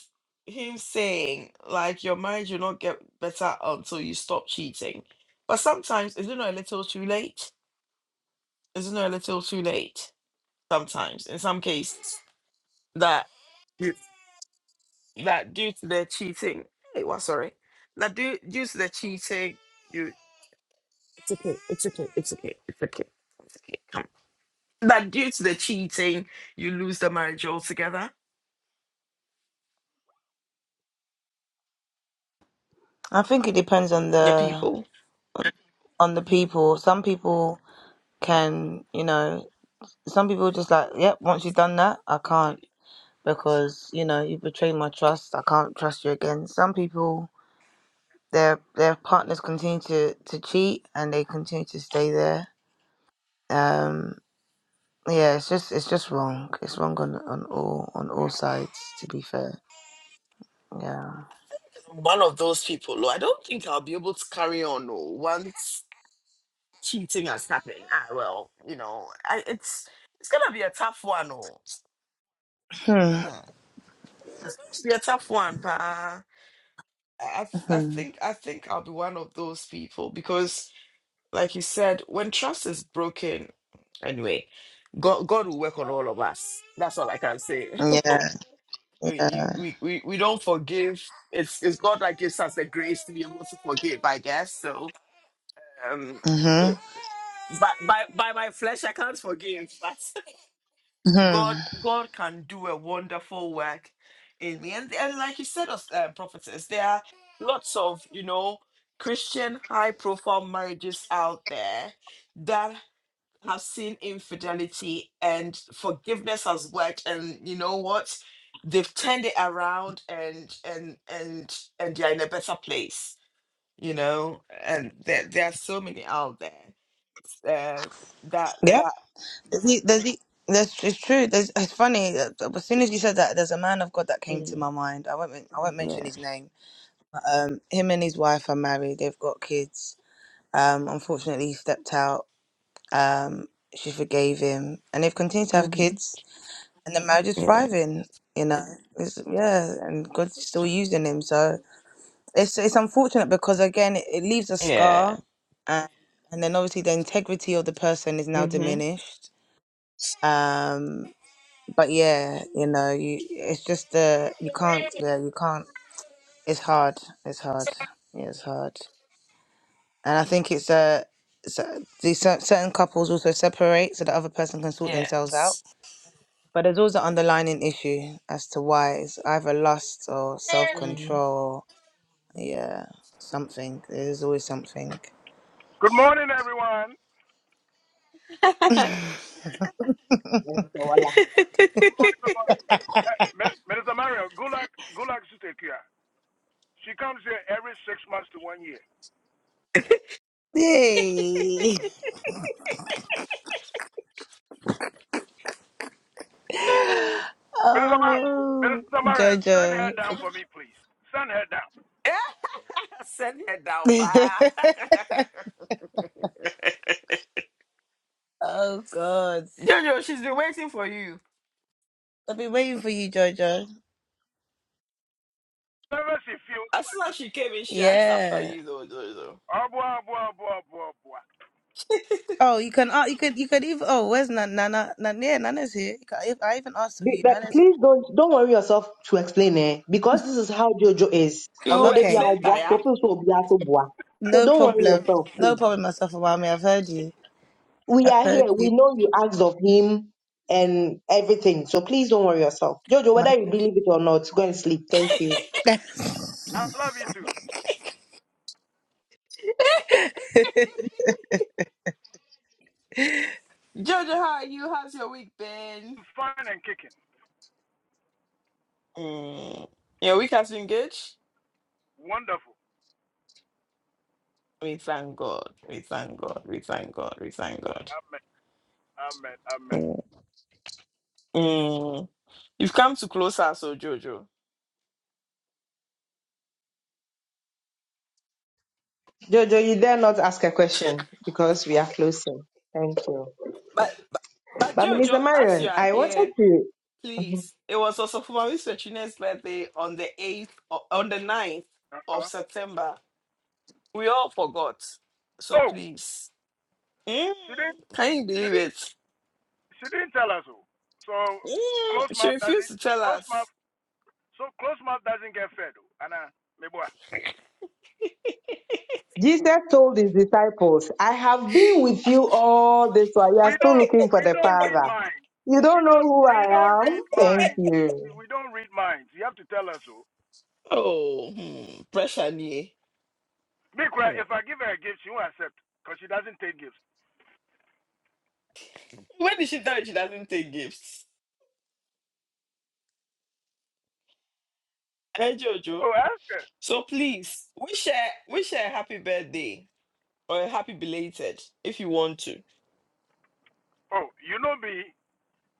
Speaker 1: him saying like your marriage will not get better until you stop cheating. But sometimes is it not a little too late? Is it not a little too late? Sometimes, in some cases. that. that due to their cheating, hey, well, sorry, that due due to their cheating, you it's okay, it's okay, it's okay, it's okay, it's okay. Come, that due to the cheating, you lose the marriage altogether.
Speaker 9: I think it depends on
Speaker 1: The
Speaker 9: the
Speaker 1: people,
Speaker 9: on the people. Some people can, you know, some people just like, yep. Once you've done that, I can't because you know you betrayed my trust. I can't trust you again. Some people. Their, their partners continue to, to cheat and they continue to stay there Um, yeah, it's just it's just wrong. It's wrong on on all on all sides. To be fair, yeah.
Speaker 1: one of those people. Oh, I don't think I'll be able to carry on. Oh, once cheating has happened, ah, well, you know, I, it's it's gonna be a tough one. Oh,
Speaker 9: Hmm.
Speaker 1: Hmm. it's going to be a tough one, pa. I, I I
Speaker 9: hmm
Speaker 1: think I think I'll be one of those people because Like you said, when trust is broken, anyway, God God will work on all of us. That's all I can say.
Speaker 9: Yeah.
Speaker 1: we, we we we don't forgive. It's it's God that gives us the grace to be able to forgive, I guess. So um
Speaker 9: hmm
Speaker 1: it- by by by my flesh I can't forgive, but God
Speaker 9: hmm
Speaker 1: God can do a wonderful work in me. And and like you said, us uh, prophetess, there are lots of you know Christian high profile marriages out there that have seen infidelity and forgiveness has worked and you know what they've turned it around and and and and they're in a better place you know and there, there are so many out there uh, that
Speaker 9: Yeah.
Speaker 1: that
Speaker 9: There's, e- there's, e- there's, it's true. There's, it's funny. uh, As soon as you said that, there's a man of God that came to
Speaker 1: mm,
Speaker 9: my mind. I won't. men- I won't mention
Speaker 1: yeah
Speaker 9: his name. um, him and his wife are married. They've got kids. Um, unfortunately, he stepped out. Um, she forgave him, and they've continued to have
Speaker 1: hmm
Speaker 9: kids and the marriage is
Speaker 1: yeah
Speaker 9: thriving. You know, it's, yeah, and God's still using him. So it's it's unfortunate because again, it, it leaves a
Speaker 1: yeah
Speaker 9: scar, and and then obviously the integrity of the person is now
Speaker 1: hmm
Speaker 9: diminished. Um, but yeah, you know, you it's just uh, you can't, yeah, you can't. It's hard. It's hard. Yeah, it's hard. And I think it's uh, so, these cer- certain couples also separate so the other person can sort themselves out But there's also underlining issue as to why it's either lust or self
Speaker 1: hmm
Speaker 9: control. Yeah, something. There's always something.
Speaker 10: Good morning, everyone.
Speaker 5: Yes, so
Speaker 10: Good morning, good morning. Eh, Min- Minister Mario, good luck, good luck, Sister Kia. She comes here every six months to one year.
Speaker 9: Yay!
Speaker 10: Minister, Mar-
Speaker 9: Oh,
Speaker 10: Minister Mario, send
Speaker 9: Jojo.
Speaker 10: her down for me, please. Send her down.
Speaker 1: send her down pa
Speaker 9: oh God,
Speaker 1: Jojo, she's been waiting for you
Speaker 9: I've been waiting for you, Jojo.
Speaker 10: Whenever she feels,
Speaker 1: as soon as she came in she asked after
Speaker 9: Yeah.
Speaker 1: you though, though, though.
Speaker 10: oh, boy, oh, boy, oh, boy, oh, boy, oh, boy.
Speaker 9: Oh, you can. Uh, you could. You could even. Oh, where's Nana? Nana? Nana yeah, Nana's here. You can- I even asked of
Speaker 5: Be-
Speaker 9: you.
Speaker 5: But
Speaker 9: Nana's
Speaker 5: please
Speaker 9: here.
Speaker 5: don't don't worry yourself to explain it because this is how JoJo is. Ono
Speaker 1: you
Speaker 5: de bia
Speaker 9: Okay.
Speaker 1: explain
Speaker 5: obua,
Speaker 1: tire
Speaker 5: so feel so obia so bua. So
Speaker 9: No
Speaker 5: don't worry
Speaker 9: problem.
Speaker 5: yourself,
Speaker 9: No
Speaker 5: please.
Speaker 9: problem, myself, mommy. I've heard you.
Speaker 5: We
Speaker 9: I've
Speaker 5: are here.
Speaker 9: heard you.
Speaker 5: We know you asked of him and everything. So please don't worry yourself. Jojo, whether
Speaker 9: My.
Speaker 5: you believe it or not, go and sleep. Thank you.
Speaker 10: I love you too.
Speaker 1: Jojo, how are you? How's your week been?
Speaker 10: I'm fine and kicking.
Speaker 1: Mm, your week has been good.
Speaker 10: Wonderful.
Speaker 1: We thank God. We thank God. We thank God. We thank God.
Speaker 10: Amen. Amen. Amen.
Speaker 1: Mm. Mm, You've come to closer, so Jojo.
Speaker 5: Jojo, you dare not ask a question because we are closing. Thank you.
Speaker 1: But but, but
Speaker 5: But
Speaker 1: Jojo,
Speaker 5: Mr.
Speaker 1: as you
Speaker 5: Marion,
Speaker 1: are
Speaker 5: I wanted
Speaker 1: here,
Speaker 5: to
Speaker 1: please. It was also for my Chinese birthday on the eighth o- on the ninth of
Speaker 10: Uh-huh.
Speaker 1: September. We all forgot. So
Speaker 10: Oh,
Speaker 1: please. Mm,
Speaker 10: she didn't,
Speaker 1: Can you
Speaker 10: she
Speaker 1: believe
Speaker 10: didn't,
Speaker 1: it?
Speaker 10: she didn't tell us so. So,
Speaker 1: Mm,
Speaker 10: close
Speaker 1: She
Speaker 10: mouth
Speaker 1: refused
Speaker 10: doesn't,
Speaker 1: to tell
Speaker 10: close
Speaker 1: us.
Speaker 10: mouth, so close mouth doesn't get fed. oh. Anna,
Speaker 5: Jesus told his disciples, I have been with you all this while. You
Speaker 10: we
Speaker 5: are still
Speaker 10: don't
Speaker 5: looking for
Speaker 10: we
Speaker 5: the
Speaker 10: don't read
Speaker 5: Father.
Speaker 10: minds.
Speaker 5: You
Speaker 10: We
Speaker 5: don't know
Speaker 10: don't
Speaker 5: who
Speaker 10: we don't
Speaker 5: I
Speaker 10: read
Speaker 5: am? Thank
Speaker 10: minds. We,
Speaker 5: you.
Speaker 10: we don't read minds. You have to tell her so.
Speaker 1: Oh, hmm, pressure me.
Speaker 10: Me cry,
Speaker 1: Hmm.
Speaker 10: if I give her a gift, she won't accept because she doesn't take gifts.
Speaker 1: When is she done? She doesn't take gifts. Hey, Jojo.
Speaker 10: Oh, ask her.
Speaker 1: So please, wish her, wish her a happy birthday or a happy belated if you want to.
Speaker 10: Oh, you know me.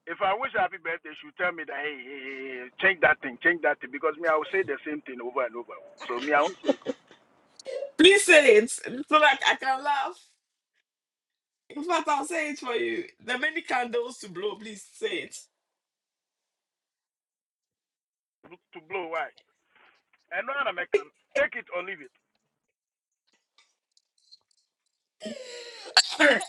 Speaker 10: If I wish her happy birthday, she'll tell me that hey, hey, hey, hey, change that thing, change that thing, because me I will say the same thing over and over. So me I won't say
Speaker 1: Please say it so that I can laugh. In fact, I'll say it for you. The many candles to blow, please say
Speaker 10: to blow why. And no other can take it or leave it.
Speaker 1: it.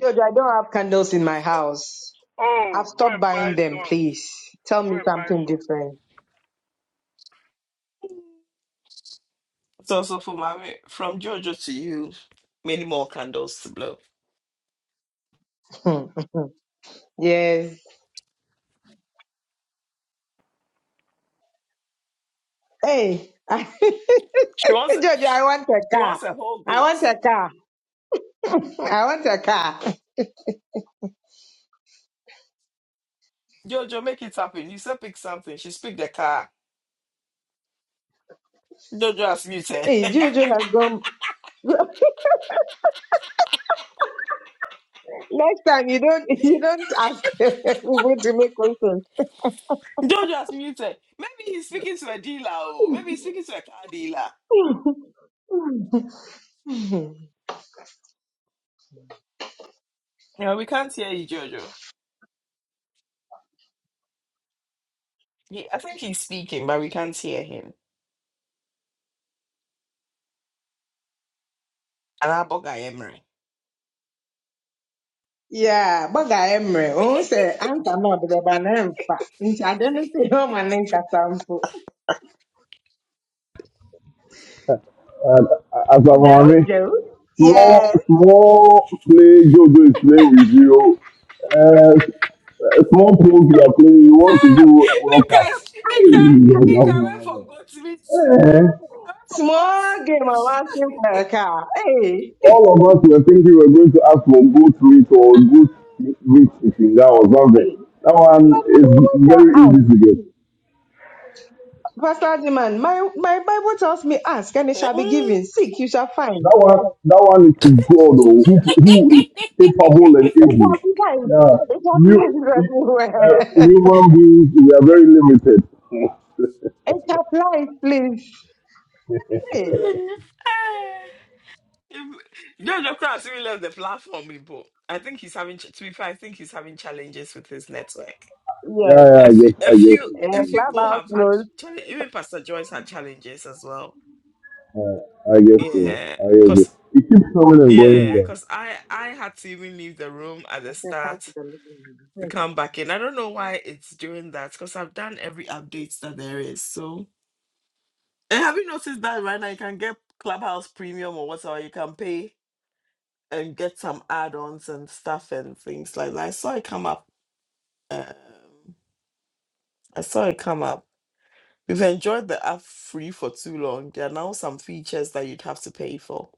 Speaker 5: George, I don't have candles in my house. I've
Speaker 10: Oh, go
Speaker 5: stopped
Speaker 10: and buy
Speaker 5: buying them,
Speaker 10: some.
Speaker 5: please. Tell
Speaker 10: Go
Speaker 5: me
Speaker 10: and buy
Speaker 5: something
Speaker 10: some.
Speaker 5: different.
Speaker 1: so, so for mommy, from Jojo to you, many more candles to blow.
Speaker 5: yes. Hey,
Speaker 1: She wants,
Speaker 5: Jojo, I
Speaker 1: she
Speaker 5: want a car.
Speaker 1: wants a whole
Speaker 5: I want
Speaker 1: goat.
Speaker 5: a car. I want a car.
Speaker 1: Jojo, make it happen. You said pick something. She speak the car. Jojo has muted.
Speaker 5: Hey, Jojo has gone. Next time you don't you don't ask people to make questions.
Speaker 1: Jojo has muted. Maybe he's speaking to a dealer. Oh, maybe he's speaking to a car dealer. No, we can't hear you, Jojo. He, I think he's speaking, but we can't hear him. And I bug I am right.
Speaker 5: Yeah, baga emre. Oh, say anta na ọdịrịba na mfa. Nti ade no sɛ ɛho ma ne nkasa mpo.
Speaker 6: And uh, as a
Speaker 5: Jau
Speaker 6: mommy,
Speaker 5: jau. Yeah,
Speaker 6: small, small play Jojo is playing with you. Uh, uh, small pose you are playing, you want to
Speaker 1: Ah,
Speaker 6: do World
Speaker 1: Mika,
Speaker 6: Cup.
Speaker 1: Mika,
Speaker 6: Hey,
Speaker 1: Mika, I went for
Speaker 6: Jojo,
Speaker 1: goat meat.
Speaker 6: Mohammed.
Speaker 1: I went for
Speaker 5: small game of asking for a car. Hey,
Speaker 6: all of us were thinking we were going to ask for goat meat or goat
Speaker 1: goat.
Speaker 6: meat eating that or something.
Speaker 5: hey.
Speaker 6: That
Speaker 5: My
Speaker 6: one is
Speaker 5: Bible tells
Speaker 6: very easy
Speaker 5: ask.
Speaker 6: to get.
Speaker 5: Pastor Adiman, my, my Bible tells me ask and it shall be given. Seek, you shall find.
Speaker 6: That one, that one is to God oh, who, who is capable and
Speaker 5: It
Speaker 6: able.
Speaker 5: applies.
Speaker 6: Yeah,
Speaker 5: It
Speaker 6: you,
Speaker 5: applies
Speaker 6: uh,
Speaker 5: everywhere.
Speaker 6: human beings, we are very limited.
Speaker 5: it applies, please. Hey.
Speaker 1: Ah. Jojo Kras really left the platform, people. I think he's having, ch- to be fair, I think he's having challenges with his network.
Speaker 6: yeah,
Speaker 5: Yes.
Speaker 6: yeah,
Speaker 1: A
Speaker 6: I
Speaker 1: few,
Speaker 6: guess,
Speaker 1: a
Speaker 6: I guess,
Speaker 1: few, a
Speaker 5: Uh,
Speaker 1: few people
Speaker 5: clubhouse
Speaker 1: have had
Speaker 5: knows.
Speaker 1: challenges. Even Pastor Joyce had challenges as well.
Speaker 6: uh, I guess so.
Speaker 1: Yeah,
Speaker 6: I guess so.
Speaker 1: cause
Speaker 6: It keeps coming and going.
Speaker 1: yeah,
Speaker 6: There.
Speaker 1: cause I I had to even leave the room at
Speaker 5: I
Speaker 1: the
Speaker 5: say, come to
Speaker 1: start
Speaker 5: the living
Speaker 1: to
Speaker 5: room.
Speaker 1: come back in. I don't know why it's doing that. Cause I've done every update that there is. So and have you noticed that right now you can get Clubhouse Premium or whatever you can pay and get some add-ons and stuff and things like that. I saw it come up. Um, I saw it come up. We've enjoyed the app free for too long. There are now some features that you'd have to pay for,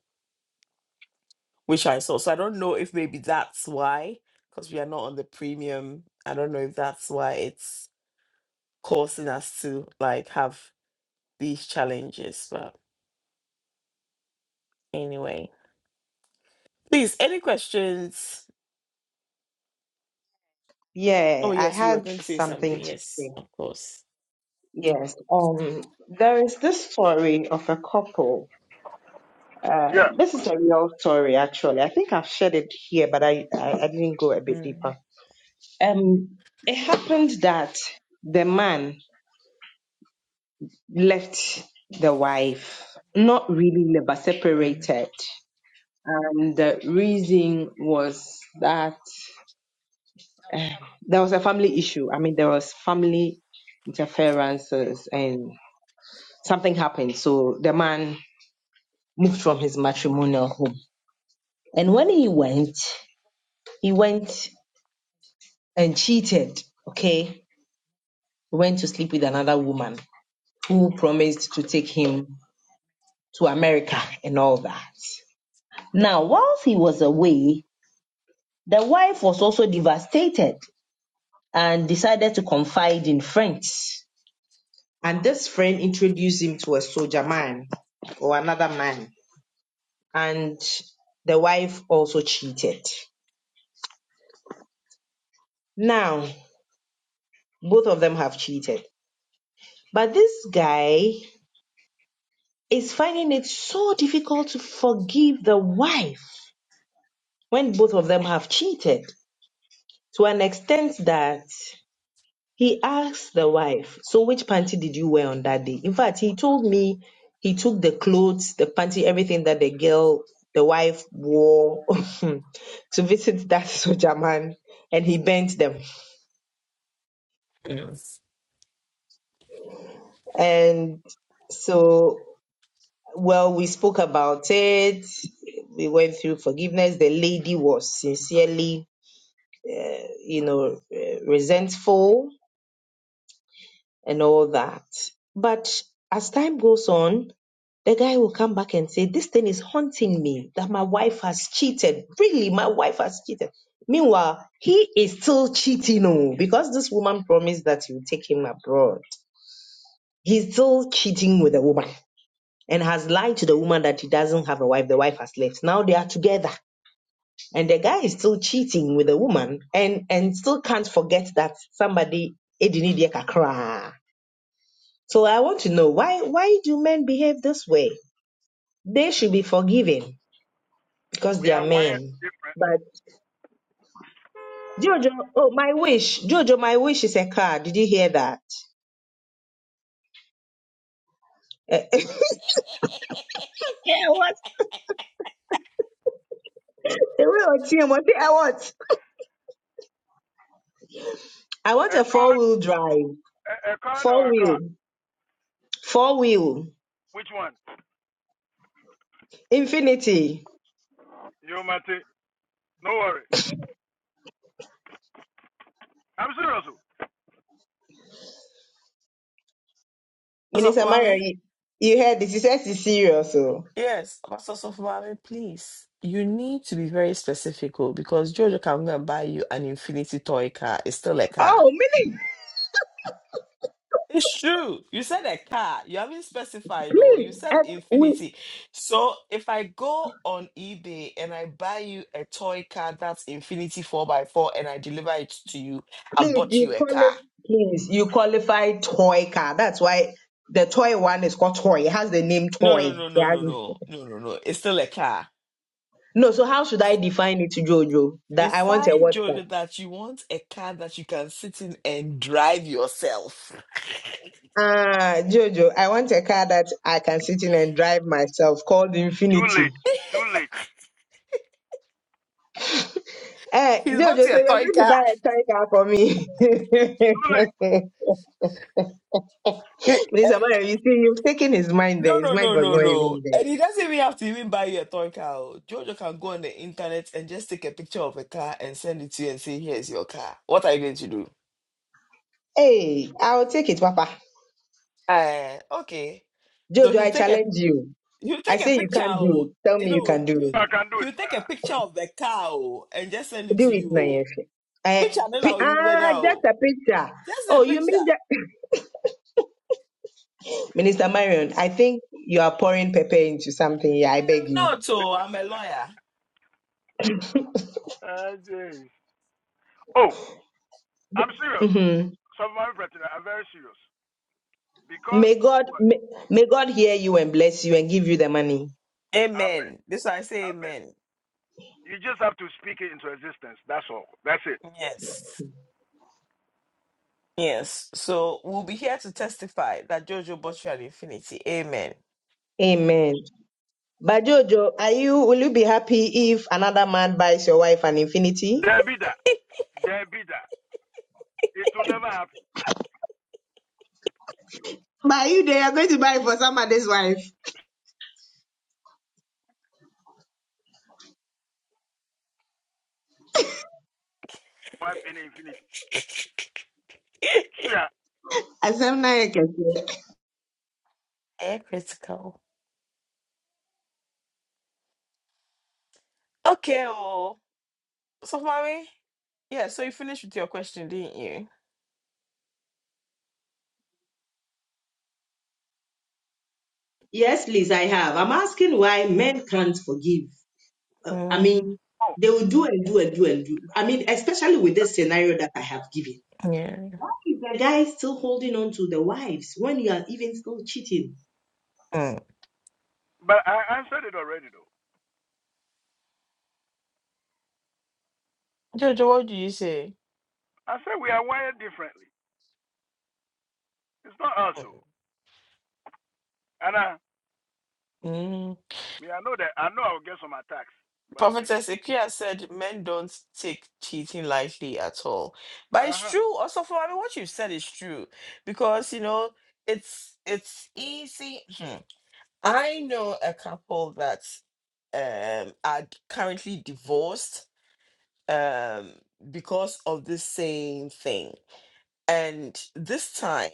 Speaker 1: which I saw. So I don't know if maybe that's why, because we are not on the premium. I don't know if that's why it's causing us to like have these challenges. But anyway, please, any questions? Oh
Speaker 5: Yeah, I
Speaker 1: yes, you were
Speaker 5: had
Speaker 1: going to say something.
Speaker 5: something to
Speaker 1: Yes,
Speaker 5: say.
Speaker 1: of course.
Speaker 5: Yes, um, there is this story of a couple. Uh,
Speaker 10: Yeah,
Speaker 5: this is a real story, actually. I think I've shared it here, but I, I, I didn't go a bit
Speaker 1: Mm,
Speaker 5: deeper. Um, it happened that the man left the wife, not really, but separated. And the reason was that uh, there was a family issue. I mean, there was family interferences, and. something happened. So the man moved from his matrimonial home. And when he went, he went and cheated. Okay. He went to sleep with another woman who promised to take him to America
Speaker 1: mm,
Speaker 5: and all that. Now, whilst he was away, the wife was also devastated and decided to confide in friends. And this friend introduced him to a soldier man or another man. And the wife also cheated. Now, both of them have cheated. But this guy is finding it so difficult to forgive the wife when both of them have cheated to an extent that he asked the wife, So, which panty did you wear on that day? In fact, he told me he took the clothes, the panty, everything that the girl, the wife wore to visit that soldier man and he burnt them.
Speaker 1: mm.
Speaker 5: And so Well, we spoke about it. We went through forgiveness. The lady was sincerely, uh, you know, uh, resentful and all that. But as time goes on, the guy will come back and say, This thing is haunting me that my wife has cheated. Really, my wife has cheated. Meanwhile, he is still cheating oh, because this woman promised that he would take him abroad. He's still cheating with the woman and has lied to the woman that he doesn't have a wife. The wife has left. Now they are together. and the guy is still cheating with a woman and and still can't forget that somebody edini die kakra. so i want to know why why do men behave this way they should be forgiven because
Speaker 10: we
Speaker 5: they are
Speaker 10: are wired
Speaker 5: men
Speaker 10: differently.
Speaker 5: but jojo oh my wish jojo my wish is a car did you hear that yeah what the way team, what i want i want
Speaker 10: A
Speaker 5: a
Speaker 10: car
Speaker 5: four-wheel drive
Speaker 10: A, a card or a car?
Speaker 5: four-wheel four-wheel
Speaker 10: Which one?
Speaker 5: infinity
Speaker 10: You Mate. No worry. I'm serious. oh.
Speaker 1: Apostle
Speaker 5: minister mario
Speaker 1: mommy?
Speaker 5: you, you heard this he says it's serious so
Speaker 1: yes, Apostle mommy? please. You need to be very specific oh, because Jojo can go and buy you an infinity toy car. It's still a car.
Speaker 5: Oh, Minnie,
Speaker 1: It's true. You said a car. You haven't specified oh. You
Speaker 5: please,
Speaker 1: said
Speaker 5: at, we,
Speaker 1: infinity. So if I go on eBay and I buy you a toy car that's infinity 4 by 4 and I deliver it to you, I
Speaker 5: please,
Speaker 1: bought
Speaker 5: you
Speaker 1: you a car.
Speaker 5: qualify, please, you qualify toy car. That's why the toy one is called toy. It has the name
Speaker 1: No, no,
Speaker 5: toy.
Speaker 1: no, no,
Speaker 5: Yeah.
Speaker 1: no, no, no, no, no. It's still a car.
Speaker 5: No, so how should I define it to Jojo? That I want a
Speaker 1: Define,
Speaker 5: what car?
Speaker 1: Jojo, that you want a car that you can sit in and drive yourself.
Speaker 5: Ah, Jojo, I want a car that I can sit in and drive myself called
Speaker 10: Too late.
Speaker 5: Infinity.
Speaker 10: Too late.
Speaker 5: Eh,
Speaker 1: He's bought
Speaker 5: Jojo,
Speaker 1: you
Speaker 5: so
Speaker 1: a
Speaker 5: you're going
Speaker 1: toy
Speaker 5: to
Speaker 1: car.
Speaker 5: buy a toy car for me.
Speaker 10: Too late.
Speaker 1: He-
Speaker 5: Mr. Mario, you see, you've taken his mind there.
Speaker 1: No,
Speaker 5: His
Speaker 1: no,
Speaker 5: mind
Speaker 1: no,
Speaker 5: was
Speaker 1: no,
Speaker 5: not
Speaker 1: no.
Speaker 5: even there.
Speaker 1: And he doesn't even have to even buy you a toy car. oh. Jojo can go on the internet and just take a picture of a car and send it to you and say, here's your car. What are you going to do?
Speaker 5: Hey, I'll take it, Papa.
Speaker 1: Uh, okay. So
Speaker 5: Jojo,
Speaker 1: he'll
Speaker 5: I
Speaker 1: take a
Speaker 5: challenge you.
Speaker 1: he'll
Speaker 5: I
Speaker 1: take a
Speaker 5: say you
Speaker 1: picture.
Speaker 5: can't do
Speaker 1: oh.
Speaker 5: it. Tell
Speaker 1: You
Speaker 5: me you
Speaker 1: know,
Speaker 5: can
Speaker 1: he'll,
Speaker 5: do
Speaker 10: I
Speaker 5: it.
Speaker 10: can do it.
Speaker 1: he'll take a picture of the car oh, and just send it
Speaker 5: Do
Speaker 1: to
Speaker 5: it,
Speaker 1: you. oh.
Speaker 5: Nayefe. Eh,
Speaker 1: Picture then
Speaker 5: pi-
Speaker 1: I'll you
Speaker 5: ah, just
Speaker 1: now.
Speaker 5: a picture.
Speaker 1: Just a
Speaker 5: Oh, you
Speaker 1: picture.
Speaker 5: mean that? Minister Marion, I think you are pouring pepper into something here. I beg
Speaker 1: I'm
Speaker 5: you.
Speaker 1: not, oh, I'm a lawyer.
Speaker 10: Uh, jeez. oh, I'm serious.
Speaker 5: hmm
Speaker 10: Some of my brethren are very serious. Because
Speaker 5: May God
Speaker 10: what?
Speaker 5: may, may God hear you and bless you and give you the money.
Speaker 10: Amen.
Speaker 1: Amen. This I say
Speaker 10: Amen.
Speaker 1: amen.
Speaker 10: You just have to speak it into existence. That's all. That's it.
Speaker 1: Yes. Yes. So we'll be here to testify that Jojo bought you an infinity. Amen.
Speaker 5: Amen. But Jojo, are you will you be happy if another man buys your wife an infinity?
Speaker 10: There be that. There be that. It will never happen.
Speaker 5: But you they are going to buy for somebody's wife.
Speaker 10: Wife in infinity. Sure.
Speaker 5: Asem na yɛ kɛseɛ.
Speaker 1: Air critical. Okay, oh. So mommy, yeah, so you finished with your question, didn't you?
Speaker 5: Yes, please, I have. I'm asking why men can't forgive. Uh, I
Speaker 1: Mm,
Speaker 5: mean,
Speaker 10: Oh.
Speaker 5: they will do and do and do and do. I mean, especially with this scenario that I have given.
Speaker 1: yeah.
Speaker 5: Why is the guy still holding on to the wives when you are even still cheating?
Speaker 1: Mm.
Speaker 10: But I answered it already though.
Speaker 1: Jojo, what do you say?
Speaker 10: I said we are wired differently. It's not us though. And I,
Speaker 1: Mm.
Speaker 10: Me, I know that I know I'll get some attacks, but maybe
Speaker 1: Prophetess Ikea said men don't take cheating lightly at all. But it's
Speaker 10: uh huh.
Speaker 1: true also for I mean what you said is true because you know it's it's easy. Hmm. I know a couple that um are currently divorced um because of the same thing. And this time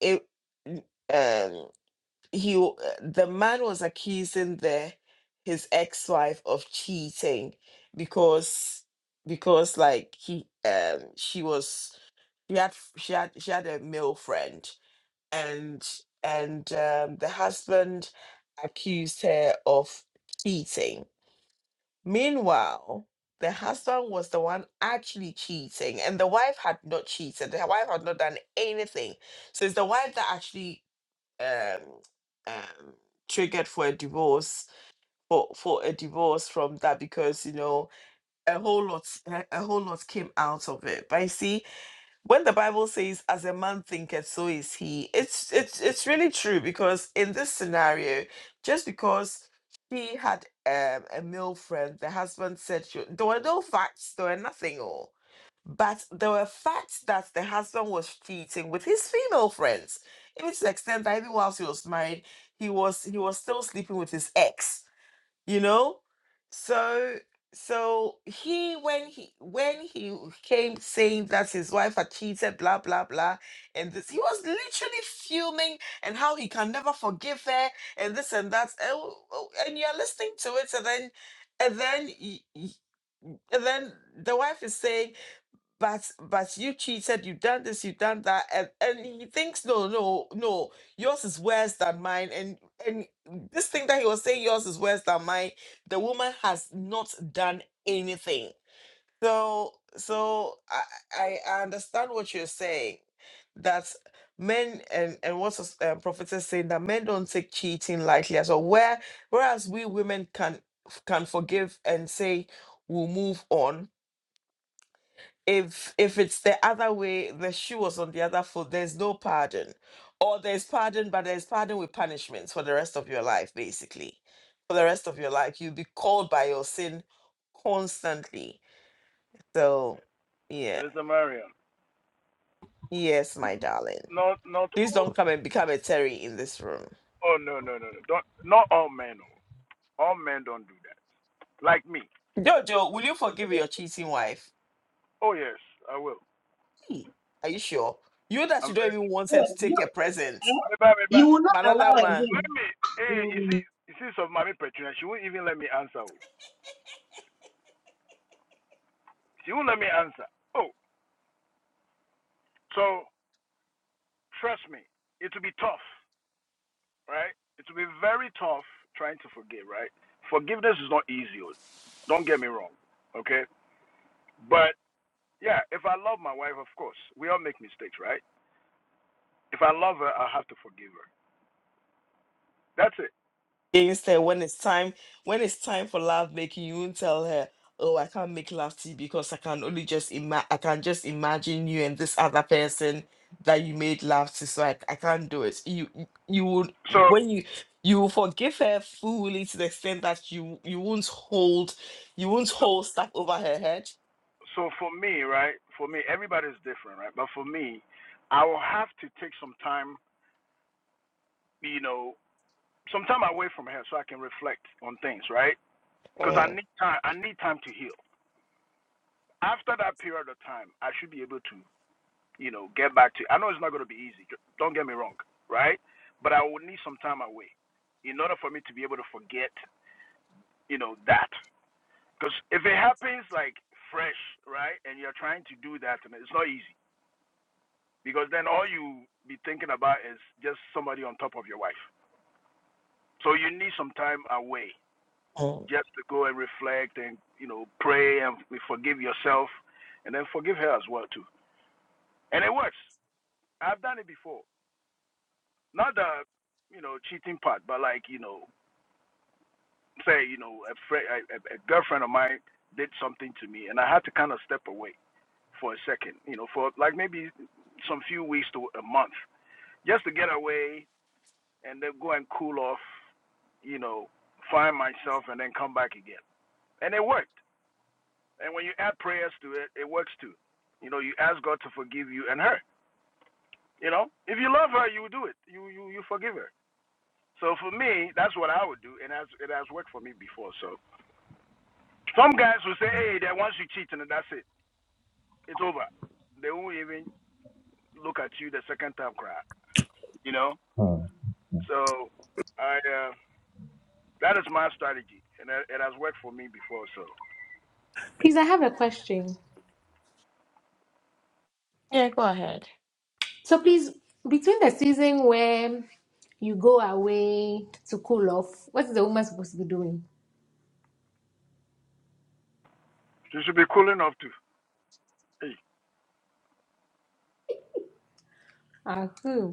Speaker 1: it um he w- uh, the man was accusing the his ex-wife of cheating because because like he um she was she had she had she had a male friend and and um, the husband accused her of cheating meanwhile the husband was the one actually cheating and the wife had not cheated the wife had not done anything so it's the wife that actually um, um, triggered for a divorce for for a divorce from that because you know a whole lot a a whole lot came out of it. But you see, when the Bible says, "As a man thinketh, so is he," it's it's it's really true because in this scenario, just because she had um, a male friend, the husband said she, there were no facts, there were nothing all, but there were facts that the husband was cheating with his female friends, even to the extent that even whilst he was married, he was he was still sleeping with his ex you know so so he when he when he came saying that his wife had cheated blah blah blah and this he was literally fuming and how he can never forgive her and this and that and, w- and you're listening to it and then and then y- y- and then the wife is saying but but Basucci said you've done this, you've done that, and, and he thinks no, no, no, yours is worse than mine. And and this thing that he was saying yours is worse than mine, the woman has not done anything. So so I I I understand what you're saying, that men and and what's uh, prophet is saying that men don't take cheating lightly as well. Where whereas we women can can forgive and say we'll move on if if it's the other way the shoe was on the other foot there's no pardon or there's pardon but there's pardon with punishments for the rest of your life basically for the rest of your life you'll be called by your sin constantly so yeah
Speaker 10: Mr. Marion.
Speaker 1: yes my darling
Speaker 10: Not not
Speaker 1: please
Speaker 10: all
Speaker 1: don't come and become a terry in this room
Speaker 10: oh no no no no. Don't not all men oh. All men don't do that. Like me.
Speaker 1: jojo will you forgive your cheating wife
Speaker 10: Oh yes, I will.
Speaker 1: Hmm, are you sure you that
Speaker 10: I'm
Speaker 1: you don't
Speaker 10: very
Speaker 1: even want her to
Speaker 5: Oh, you,
Speaker 1: take a present
Speaker 5: eh?
Speaker 10: but, but,
Speaker 5: you will not
Speaker 1: from another
Speaker 5: allow
Speaker 1: woman
Speaker 10: let
Speaker 5: again.
Speaker 10: me eh, you see
Speaker 5: Mm.
Speaker 10: you see some mommy petunia. she won't even let me answer. oh. She won't let me answer. Oh, so trust me, it will be tough, right? It will be very tough trying to forgive, right? Forgiveness is not easy, oh. don't get me wrong. Okay? but. Yeah, if I love my wife, of course. We all make mistakes, right? If I love her, I have to forgive her. That's it.
Speaker 1: against her when it's time when it's time for love making you won't tell her oh i can't make love to you because i can only just ima- i can just imagine you and this other person that you made love to so i, I can't do it you you you would
Speaker 10: So
Speaker 1: when you you will forgive her fully to the extent that you you won't hold you won't
Speaker 10: so
Speaker 1: hold stuff over her head
Speaker 10: so for me, right? For me, everybody's different, right? But for me, I will have to take some time, you know, some time away from her so I can reflect on things, right? Because I
Speaker 1: Mm,
Speaker 10: need time I need time to heal. After that period of time, I should be able to, you know, get back to I know it's not gonna be easy, don't get me wrong, right? But I will need some time away in order for me to be able to forget, you know, that. Because if it happens like fresh, right, and you're trying to do that, and it's not easy because then all you be thinking about is just somebody on top of your wife. So you need some time away
Speaker 1: mm.
Speaker 10: just to go and reflect and you know pray and forgive yourself, and then forgive her as well too. And it works. I've done it before. Not the you know cheating part, but like you know say you know a, friend, a a girlfriend of mine did something to me, and I had to kind of step away. for a second, you know, for like maybe some few weeks to a month, just to get away and then go and cool off, you know, find myself and then come back again. And it worked. And when you add prayers to it, it works too. You know, you ask God to forgive you and her. You know, if you love her, you do it. You you you forgive her. So for me, that's what I would do, and has it has worked for me before. So some guys will say, "Hey, that once you cheat and that's it, it's over. They won't even look at you the second time, cry." You know,
Speaker 6: Huh.
Speaker 10: So I uh, that is my strategy, and that- it has worked for me before. So
Speaker 3: please, I have a question. So, please, between the season where you go away to cool off, what's the woman supposed to be doing?
Speaker 10: you should be cool enough to. Hey,
Speaker 3: Ah, hmm.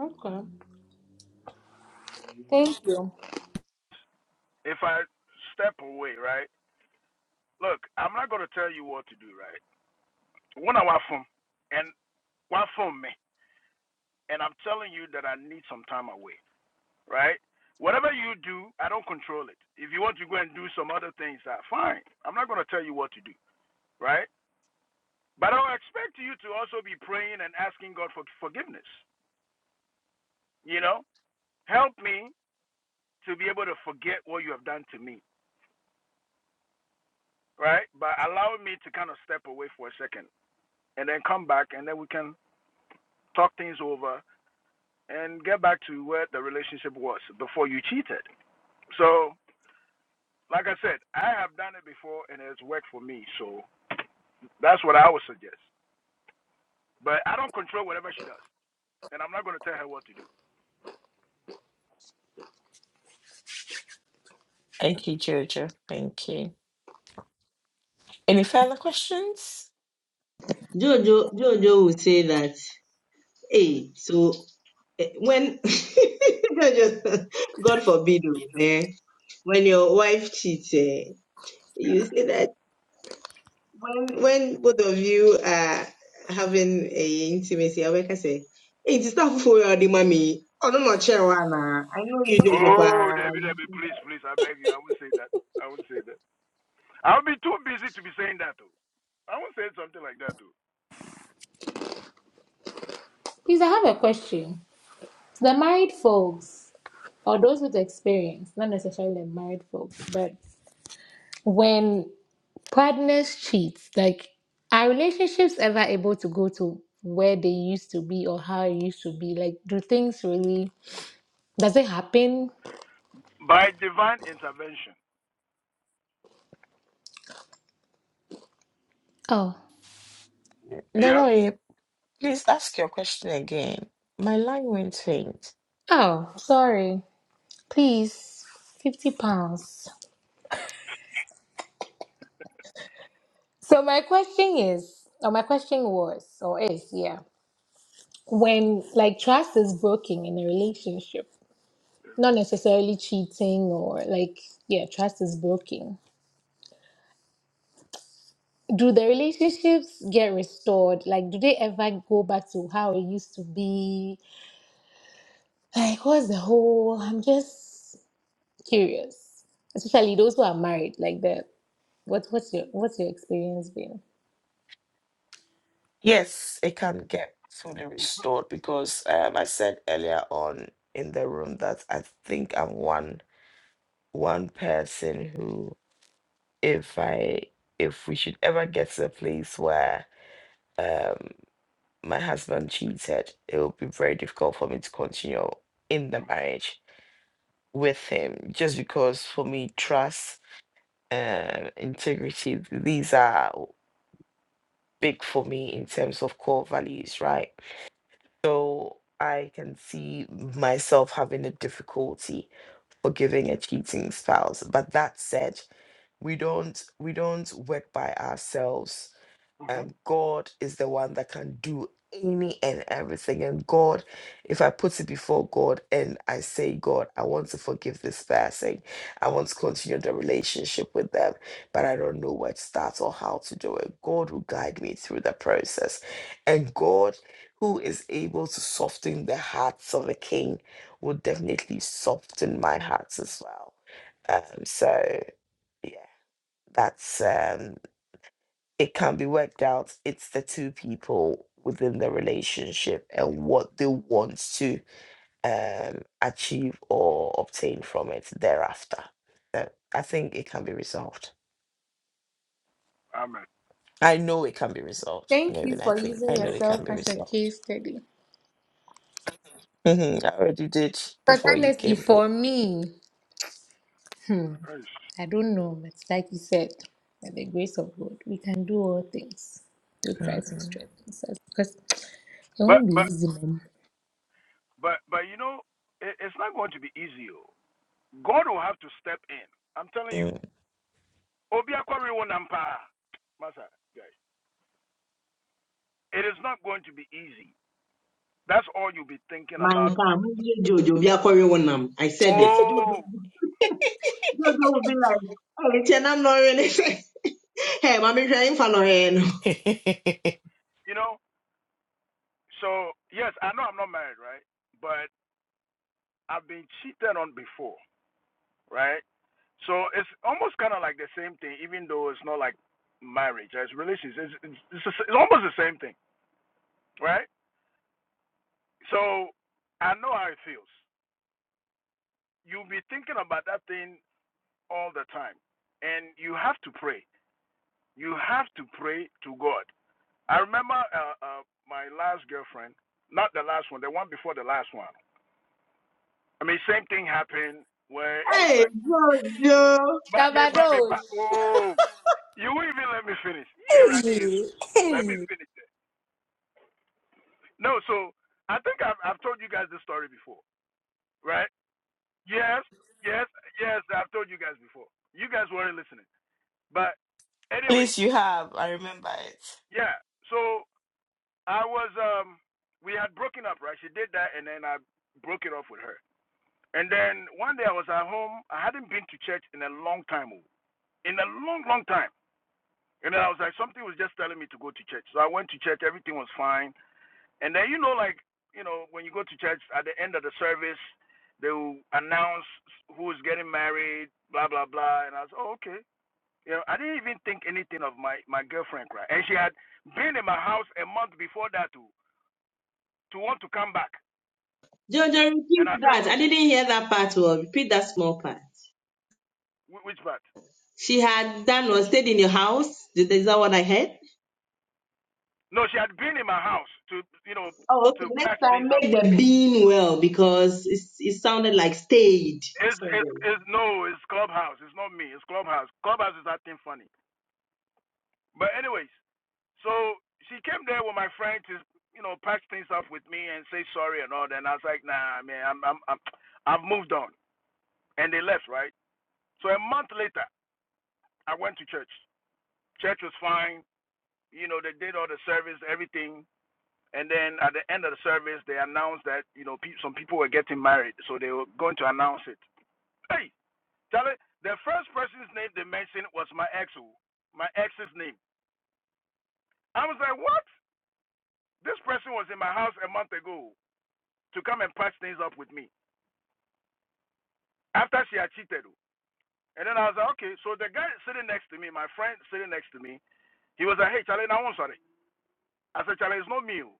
Speaker 3: Okay. Thank you.
Speaker 10: if I step away, right? Look, I'm not gonna tell you what to do, right? When I was from, and what from me, and I'm telling you that I need some time away, right? Whatever you do, I don't control it. If you want to go and do some other things, uh, fine. I'm not gonna tell you what to do, right? But I expect you to also be praying and asking God for forgiveness. You know, help me to be able to forget what you have done to me, right? But allow me to kind of step away for a second and then come back and then we can talk things over and get back to where the relationship was before you cheated. So, like I said, I have done it before and it's worked for me. So that's what I would suggest. But I don't control whatever she does. And I'm not going to tell her what to do.
Speaker 1: thank you jojo thank you any further questions
Speaker 5: Jojo, Jojo will say that, hey, so eh, when, Jojo, God forbid, oh, eh, when your wife cheats, eh, you say that when when both of you are having a intimacy, I can say, hey, it's not for your mommy. Oh no, no, chair one. ah. I know you, Jojo. Pa,
Speaker 10: Oh, Debbie, Debbie, please, please, I beg you. I won't say that. I won't say that. I'll be too busy to be saying that, though. I won't say something like that, though.
Speaker 3: Please, I have a question. The married folks, or those with experience, not necessarily the married folks, but when partners cheat, like, are relationships ever able to go to where they used to be or how it used to be? Like, do things really, does it happen?
Speaker 10: by divine intervention.
Speaker 3: Oh,
Speaker 1: no
Speaker 10: Yes.
Speaker 1: no eh, please ask your question again my line went faint
Speaker 3: Oh, sorry. Please, 50 pounds. So, my question is, or my question was, or is, yeah, when like trust is broken in a relationship. not necessarily cheating or like yeah trust is broken do the relationships get restored like do they ever go back to how it used to be like what's the whole i'm just curious especially those who are married like the what what's your what's your experience been
Speaker 1: Yes, it can get fully restored because um, I said earlier on in the room that I think I'm one one person who, if I if we should ever get to a place where um my husband cheated, it will be very difficult for me to continue in the marriage with him just because for me trust and integrity these are big for me in terms of core values, right? So I can see myself having a difficulty forgiving a cheating spouse. But that said, we don't we don't work by ourselves
Speaker 10: hmm
Speaker 1: and God is the one that can do any and everything. And God, if I put it before God and I say, God, I want to forgive this person, I want to continue the relationship with them, but I don't know where to start or how to do it, God will guide me through the process. And God, who is able to soften the hearts of a king, will definitely soften my hearts as well. Um, so, yeah, that's. Um, it can be worked out. It's the two people within the relationship and what they want to um, achieve or obtain from it thereafter. Uh, I think it can be resolved.
Speaker 10: Amen.
Speaker 1: I know it can be resolved.
Speaker 3: thank
Speaker 1: Not
Speaker 3: you
Speaker 1: even I
Speaker 3: for
Speaker 1: think
Speaker 3: using
Speaker 1: I know it
Speaker 3: yourself
Speaker 1: can be
Speaker 3: as a
Speaker 1: resolved.
Speaker 3: case study
Speaker 1: Mhm, I already did
Speaker 3: because
Speaker 1: before you
Speaker 3: honestly
Speaker 1: came,
Speaker 3: for
Speaker 1: Paul.
Speaker 3: me
Speaker 10: Yes.
Speaker 3: I don't know, but like you said, by the grace of God, we can do all things through
Speaker 10: Yeah.
Speaker 3: Christ who
Speaker 1: Mhm,
Speaker 3: strengthens us. Because it
Speaker 10: But
Speaker 3: won't be
Speaker 10: but
Speaker 3: easy, man.
Speaker 10: but but you know, it, it's not going to be easy. oh. God will have to step in. I'm telling you.
Speaker 1: mm.
Speaker 10: Obi akwari wo nampa. Masa, guys. It is not going to be easy. That's all you'll be thinking about.
Speaker 5: man, come, Jojo. Be a Korean one. um, I said it. Jojo,
Speaker 10: Oh,
Speaker 5: Jojo will be like, hey, chair, I'm not really. Hey, mommy, trying for no hand.
Speaker 10: you know. So yes, I know I'm not married, right? But I've been cheated on before, right? So it's almost kind of like the same thing, even though it's not like marriage as relations. It's, it's, it's, it's almost the same thing, right? So I know how it feels. You'll be thinking about that thing all the time, and you have to pray. You have to pray to God. I remember uh, uh, my last girlfriend, not the last one, the one before the last one. I mean, same thing happened where it was
Speaker 5: Hey,
Speaker 10: like,
Speaker 5: Jojo.
Speaker 10: but me, but me,
Speaker 3: Tabados.
Speaker 10: but oh, you won't even let me finish. Yeah, right, yes.
Speaker 8: Hey,
Speaker 10: Let me
Speaker 8: hey.
Speaker 10: finish. No, so I think I've I've told you guys this story before, right? Yes, yes, yes. I've told you guys before. You guys weren't listening, but anyways,
Speaker 1: Please, you have. I remember it.
Speaker 10: yeah. So I was um, we had broken up, right? She did that, and then I broke it off with her. And then one day I was at home. I hadn't been to church in a long time, oh, in a long, long time. And then I was like, something was just telling me to go to church. So I went to church. Everything was fine And then you know, like you know, when you go to church at the end of the service, they will announce who's getting married, blah blah blah. And I was, oh okay. You know, I didn't even think anything of my my girlfriend, right? And she had been in my house a month before that to to want to come back,
Speaker 5: Jojo,
Speaker 10: and
Speaker 5: repeat
Speaker 10: I said
Speaker 5: that. I
Speaker 10: no.
Speaker 5: didn't hear that part. Well, repeat that small part.
Speaker 10: Wh- Which part?
Speaker 5: She had done was stayed in your house. Is that what I heard?
Speaker 10: No, she had been in my house to you know
Speaker 5: Oh, okay.
Speaker 10: to
Speaker 5: Next
Speaker 10: patch
Speaker 5: time,
Speaker 10: things up
Speaker 5: make
Speaker 10: with
Speaker 5: the
Speaker 10: me.
Speaker 5: bean well because it, it sounded like stayed.
Speaker 10: It's it's,
Speaker 5: Sorry.
Speaker 10: it's no, it's clubhouse. It's not me. It's clubhouse. Clubhouse is acting funny. But anyways. So she came there with my friend to, you know, patch things up with me and say sorry and all that. And I was like, nah, man, I'm, I'm, I'm, I've moved on. And they left, right? So a month later, I went to church. Church was fine. You know, they did all the service, everything. And then at the end of the service, they announced that, you know, pe- some people were getting married. So they were going to announce it. Hey, Charlie, the first person's name they mentioned was my ex, oh, my ex's name. I was like, what? This person was in my house a month ago. to come and patch things up with me after she had cheated. oh. And then I was like, okay. So the guy sitting next to me, my friend sitting next to me, he was like, hey, Charlie, now I'm sorry. I said, Charlie, it's not me. oh."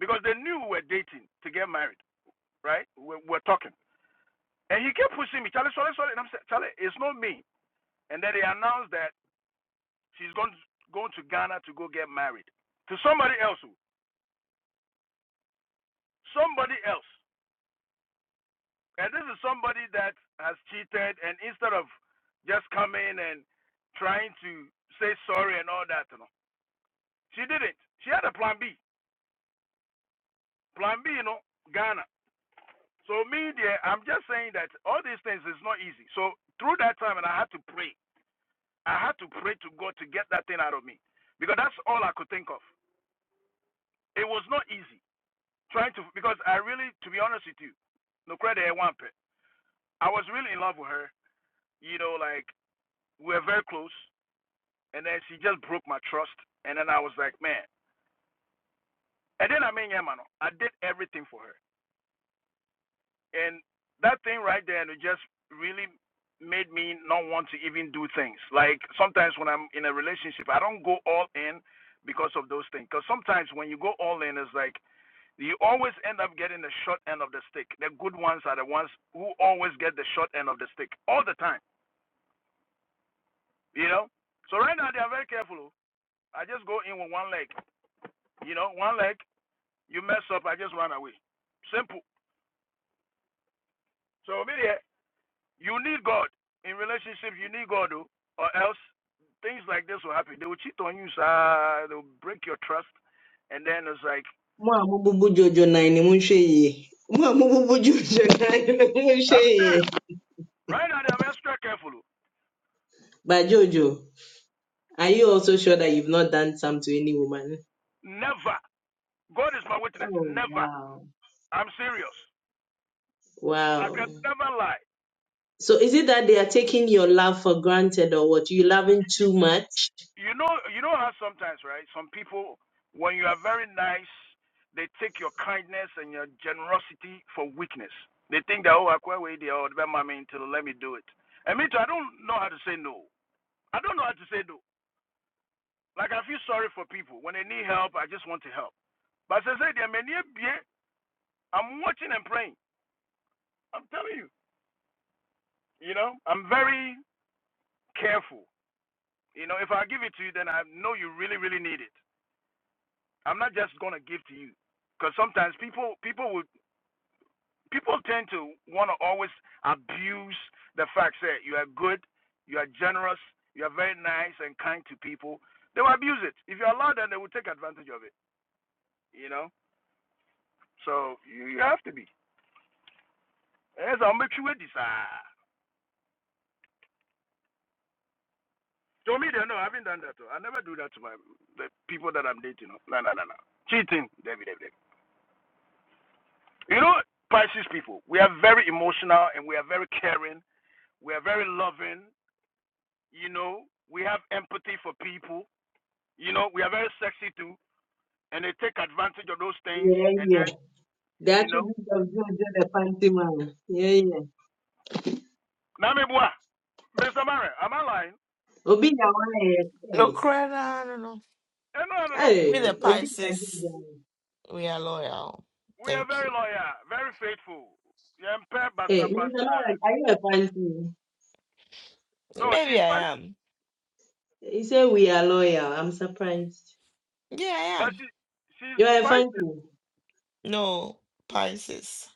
Speaker 10: Because they knew we were dating to get married, right? We were talking. And he kept pushing me, Charlie, sorry, sorry. And I'm saying, Charlie, it's not me. And then they announced that she's going to, going to Ghana to go get married to somebody else. oh. Somebody else. And this is somebody that has cheated, and instead of just coming and trying to say sorry and all that, you know, she didn't. She had a plan B. Plan B, you know, Ghana. So me, dear, I'm just saying that all these things is not easy. So through that time, and I had to pray. I had to pray to God to get that thing out of me because that's all I could think of. It was not easy trying to because I really, to be honest with you, no credit I want. I was really in love with her. You know, like we were very close. and then she just broke my trust. And then I was like, man. And then I mean, yeah, man, I did everything for her, and that thing right there, it just really made me not want to even do things. Like sometimes when I'm in a relationship, I don't go all in because of those things. Because sometimes when you go all in, it's like you always end up getting the short end of the stick. The good ones are the ones who always get the short end of the stick all the time, you know? So right now, they are very careful. oh. I just go in with one leg, you know, one leg. You mess up, I just run away. Simple. So over you need God. In relationships, you need God, oh, or else things like this will happen. They will cheat on you, sir. They will break your trust. And then it's like,
Speaker 5: Mo a mo bubu Jojo nine ni mo n ṣe yìí. Mo a mo bubu Jojo nine ni mo n ṣe
Speaker 10: I'm serious.
Speaker 5: yìí.
Speaker 10: Right now, I'm extra careful. oh.
Speaker 5: But Jojo, are you also sure that you've not done some to any woman?
Speaker 10: Never. God is my witness.
Speaker 5: Oh,
Speaker 10: Never.
Speaker 5: wow.
Speaker 10: I'm serious. I
Speaker 5: Wow.
Speaker 10: can never lie.
Speaker 5: So is it that they are taking your love for granted or what? You loving too much?
Speaker 10: you know you know how sometimes right some people when you are very nice they take your kindness and your generosity for weakness they think that oh i quite wait there or the mommy until let me do it and me too i don't know how to say no i don't know how to say no like i feel sorry for people when they need help i just want to help but as i say there many a i'm watching and praying i'm telling you you know i'm very careful you know if i give it to you then i know you really really need it I'm not just gonna give to you, because sometimes people people would people tend to want to always abuse the fact that you are good, you are generous, you are very nice and kind to people. They will abuse it. If you allow them, they will take advantage of it. You know, so you, you have to be. Yes, I'll make sure this. ah. To me, they know I haven't done that. oh. I never do that to my the people that I'm dating. oh. No, no, no, no. Cheating, David, David. David. You know, Pisces people, we are very emotional and we are very caring. We are very loving. You know, we have empathy for people. You know, we are very sexy too, and they take advantage of those things.
Speaker 5: Yeah,
Speaker 10: And then,
Speaker 5: yeah. The
Speaker 10: you know,
Speaker 5: attributes of Jojo the panty man. Yeah, yeah.
Speaker 10: Namibua, Miss Amara, am I lying?
Speaker 5: Obi na wa na
Speaker 1: No,
Speaker 5: ye.
Speaker 1: Crana, no, no.
Speaker 10: Eh, no, no, no.
Speaker 1: We the
Speaker 5: Hey, Obi
Speaker 1: Pisces, we are loyal.
Speaker 10: We are
Speaker 1: Thank
Speaker 10: very
Speaker 1: you.
Speaker 10: loyal, very faithful. Yempe basa
Speaker 5: Hey,
Speaker 10: basa.
Speaker 5: Mr. Lawrence, are you a fan team?
Speaker 10: No, she's
Speaker 1: Maybe I
Speaker 10: spicy,
Speaker 1: am.
Speaker 5: He said we are loyal. I'm surprised.
Speaker 1: Yeah, I
Speaker 10: but
Speaker 1: am.
Speaker 10: she she's
Speaker 5: You are a fan
Speaker 10: spicy.
Speaker 5: team.
Speaker 1: No, Pisces.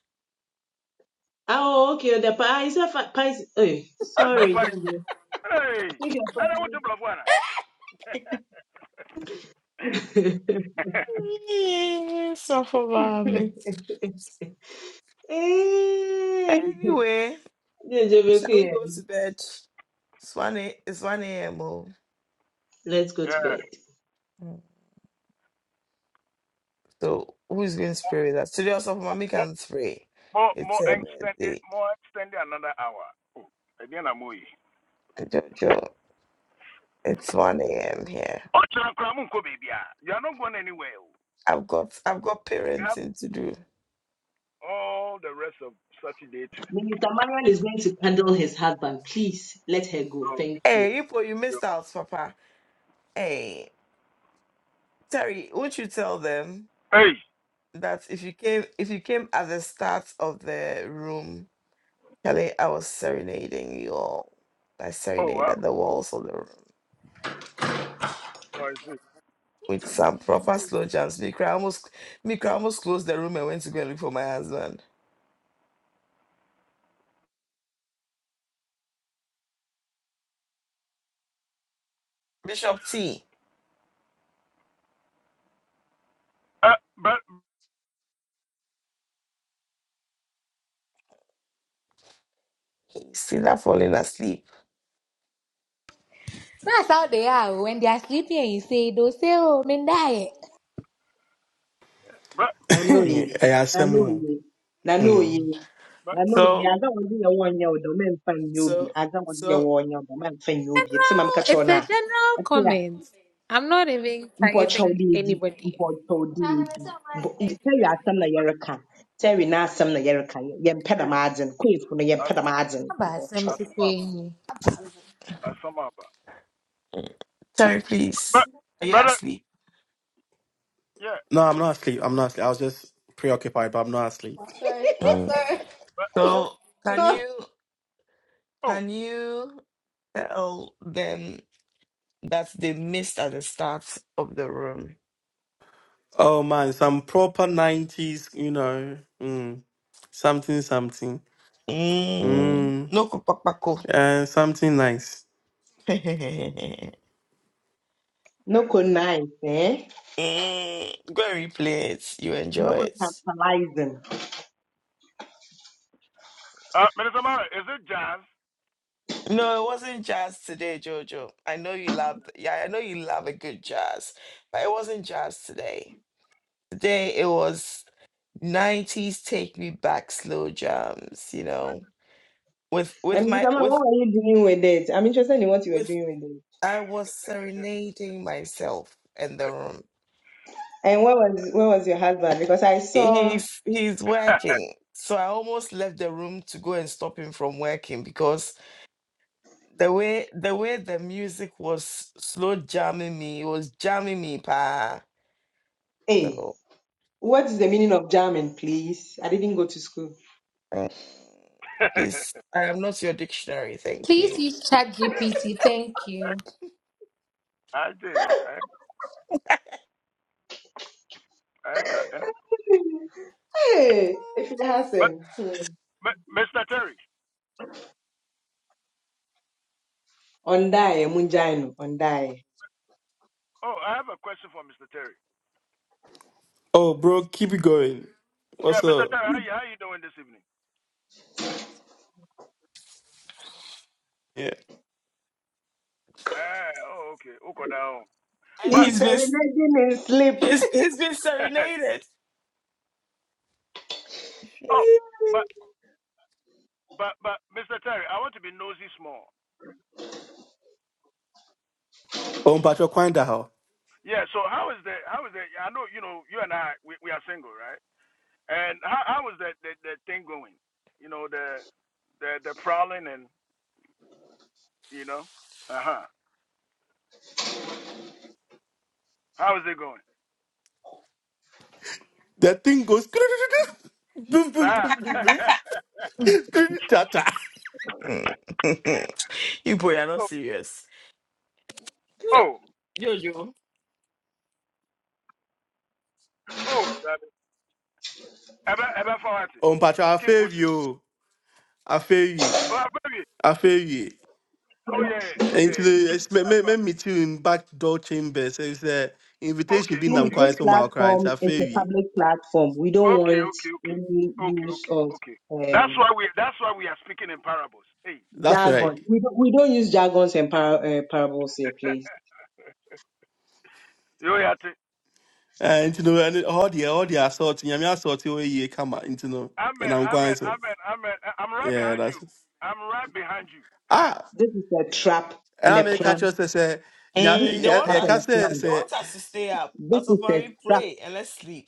Speaker 5: Oh, okay. The pa is a fan. Hey,
Speaker 10: I said
Speaker 5: sorry,
Speaker 1: Mm.
Speaker 5: George.
Speaker 10: spicy. Hey, and
Speaker 5: Take your
Speaker 10: I want to bluff one.
Speaker 5: fan
Speaker 1: Yeah, suffer me.
Speaker 5: Hey,
Speaker 1: Anyway,
Speaker 5: Jojo
Speaker 1: shall we
Speaker 5: Bekuye.
Speaker 1: go to bed? It's 1 a, it's 1 a.m. oh.
Speaker 5: Let's go to
Speaker 10: yeah,
Speaker 5: bed.
Speaker 1: Mm. So who is going to pray with us? Today also mommy
Speaker 10: more
Speaker 1: can pray.
Speaker 10: more
Speaker 1: It's
Speaker 10: more
Speaker 1: her
Speaker 10: extended,
Speaker 1: birthday.
Speaker 10: more extended another hour. Oh, again I'm away.
Speaker 1: And Jojo, it's 1 a.m. here.
Speaker 10: Ọchara You are not going anywhere.
Speaker 1: I've got I've got
Speaker 10: You have
Speaker 1: parenting to do.
Speaker 10: all the rest of Saturday too.
Speaker 5: Minister Marian is going to handle his husband. Please let her go.
Speaker 10: Oh,
Speaker 5: Thank you.
Speaker 1: Hey, Ipo, you
Speaker 10: yeah.
Speaker 1: missed out, Papa. Hey, Terry, won't you tell them?
Speaker 10: hey.
Speaker 1: that if you came if you came at the start of the room, Kelly, I was serenading you all. I
Speaker 10: Oh wow.
Speaker 1: serenaded the walls of the room
Speaker 10: What is is it?
Speaker 1: with some proper slow jams. Mikra almost Mikra almost closed the room and went to go and look for my husband. Bishop T.
Speaker 10: Uh, but
Speaker 1: He's still not falling asleep.
Speaker 3: That's how they are. When they are sleeping and you say, they'll say, oh, Mendai.
Speaker 10: but
Speaker 5: Nanoye,
Speaker 2: yeah, Semu.
Speaker 5: nanoye,
Speaker 1: Hmm.
Speaker 5: nanoye,
Speaker 2: Hmm.
Speaker 10: but
Speaker 5: nanoye.
Speaker 1: So
Speaker 5: Ada wɔdze yɛ wɔn nyɛ wo dɛ, memfa nyɛ obi.
Speaker 1: so
Speaker 5: Ada wɔdze yɛ
Speaker 1: so
Speaker 5: wɔn nyɛ wo dɛ, memfa nyɛ obi. Etse ma meka
Speaker 3: General,
Speaker 5: kyerɛ wo
Speaker 3: it's
Speaker 5: no
Speaker 3: a
Speaker 5: a,
Speaker 3: general
Speaker 5: ɛte a,
Speaker 3: comment. I'm not even
Speaker 5: mpɔkyɛw
Speaker 3: targeting
Speaker 5: dɛ edi,
Speaker 3: anybody.
Speaker 5: mpɔkyɛw dɛ edi. Mpɔ- Terry asɛm na yɛreka. Terry n'asɛm na yɛreka. Yɛmpɛ
Speaker 10: hey.
Speaker 5: dɛm adze no. Kweefo no,
Speaker 10: I
Speaker 5: yɛmpɛ dɛm adze no.
Speaker 3: Aba, Sam
Speaker 10: I sum up.
Speaker 3: Sukwuemi.
Speaker 10: I sum up.
Speaker 1: Terry,
Speaker 10: But
Speaker 1: please. Are you
Speaker 10: brother,
Speaker 1: asleep?
Speaker 10: yeah.
Speaker 2: No, I'm not asleep. I'm not asleep. I was just preoccupied, but I'm not asleep.
Speaker 3: Sorry, I'm
Speaker 1: Mm.
Speaker 10: But
Speaker 1: So can
Speaker 3: sorry.
Speaker 1: you
Speaker 10: oh
Speaker 1: can you tell them that they missed at the start of the room?
Speaker 2: Oh man, some proper nineties, you know. Mm. Something something.
Speaker 1: Mm,
Speaker 2: Mm.
Speaker 1: no kupakpako.
Speaker 2: Uh, something nice.
Speaker 1: mm,
Speaker 10: yeah.
Speaker 5: Noko nice, eh?
Speaker 1: go and replay it. You
Speaker 5: Noko
Speaker 1: enjoy it.
Speaker 5: tantalizing.
Speaker 10: Uh, Minister Mara, is it jazz?
Speaker 1: No, it wasn't jazz today, Jojo. I know you love. Yeah, I know you love a good jazz, but it
Speaker 10: Yes.
Speaker 1: wasn't jazz today. Today it was '90s take me back slow jams. You know, with with
Speaker 5: And
Speaker 1: my
Speaker 5: Mr. Man, what
Speaker 1: with
Speaker 5: were you doing with it? I'm interested in what you were
Speaker 1: with
Speaker 5: doing with it.
Speaker 1: I was serenading myself in the room.
Speaker 5: And where was where was your husband? Because I saw
Speaker 1: he's he's working so i almost left the room to go and stop him from working because the way the way the music was slow jamming me it was jamming me pa
Speaker 5: Hey,
Speaker 1: so
Speaker 5: what is the meaning of German, please? I didn't go to school.
Speaker 1: mm,
Speaker 10: I-
Speaker 1: please i am not your dictionary thank you
Speaker 3: Please use ChatGPT. Thank you.
Speaker 10: I just I I can't.
Speaker 5: Hey, if you ask
Speaker 10: But
Speaker 5: him.
Speaker 10: but Mr. Terry.
Speaker 5: Ondai, Munjainu, Ondai.
Speaker 10: Oh, I have a question for Mr. Terry.
Speaker 2: Oh bro, keep it going.
Speaker 10: Yeah,
Speaker 2: What's
Speaker 10: Mr.
Speaker 2: up?
Speaker 10: Terry, how you how you doing this evening?
Speaker 2: Yeah.
Speaker 10: Eh, oh, okay. Okay, down.
Speaker 1: and
Speaker 10: But,
Speaker 5: He's
Speaker 1: he's been s-
Speaker 5: serenading in sleep.
Speaker 1: he's, he's been serenaded
Speaker 10: oh, but, but, but, Mr. Terry, I want to be nosy small.
Speaker 2: Oh Patrick Quindaho.
Speaker 10: Yeah. So how is the, how is the? I know you know you and I we, we are single, right? And how how is that that the thing going? You know the the the prowling and you know, uh huh. How is it going?
Speaker 2: That thing goes boom boom
Speaker 10: Sir.
Speaker 2: boom boom boom. Tata.
Speaker 1: Mm. you boy are not
Speaker 10: oh,
Speaker 1: serious Eh,
Speaker 10: oh,
Speaker 1: jojo
Speaker 10: oh, Charlie. Ever ever forward it.
Speaker 2: Oh Patrick, I
Speaker 10: Keep
Speaker 2: feel
Speaker 10: pushing.
Speaker 2: you. I feel you.
Speaker 10: Oh, baby.
Speaker 2: I feel you.
Speaker 10: Oh yeah, yeah, yeah.
Speaker 2: Into
Speaker 10: yeah.
Speaker 2: the it's me me me meet you in back door chambers. So it's a
Speaker 10: Okay,
Speaker 2: invitation being
Speaker 5: Please,
Speaker 2: I'm
Speaker 10: okay, okay,
Speaker 2: crying
Speaker 5: this
Speaker 2: so
Speaker 10: okay.
Speaker 2: my crying. So
Speaker 5: platform
Speaker 2: I
Speaker 5: is
Speaker 2: feel
Speaker 5: a
Speaker 2: you.
Speaker 5: public platform. We don't
Speaker 10: Okay,
Speaker 5: want
Speaker 10: okay, okay,
Speaker 5: any
Speaker 10: okay,
Speaker 5: use
Speaker 10: okay,
Speaker 5: of
Speaker 10: okay. That's
Speaker 5: um,
Speaker 10: why we that's why we are speaking in parables. Hey,
Speaker 2: That's
Speaker 10: mother,
Speaker 2: right.
Speaker 5: jargon. We don't, we don't use jargons and par- uh, parables here, please.
Speaker 10: You yo yate.
Speaker 2: And you know, and all the all the assault, you know, assault you ye come out into no, and
Speaker 10: Amen,
Speaker 2: I'm
Speaker 10: amen,
Speaker 2: crying so
Speaker 10: amen, amen. I- I'm right
Speaker 2: yeah,
Speaker 10: behind you.
Speaker 2: that's
Speaker 10: I'm right behind you. Hey,
Speaker 2: ah.
Speaker 5: This is a trap
Speaker 2: And
Speaker 5: and
Speaker 2: I
Speaker 5: a
Speaker 2: make catch
Speaker 5: plan.
Speaker 2: us say, yeah,
Speaker 5: This
Speaker 1: mm,
Speaker 5: is
Speaker 1: they
Speaker 5: a
Speaker 1: want
Speaker 5: trap
Speaker 2: yeah,
Speaker 5: and
Speaker 1: us
Speaker 2: can
Speaker 5: a
Speaker 2: say
Speaker 1: they
Speaker 5: plan.
Speaker 2: say
Speaker 1: want us to stay up
Speaker 5: This
Speaker 1: as of
Speaker 5: is a
Speaker 1: we
Speaker 5: trap
Speaker 1: pray and let's sleep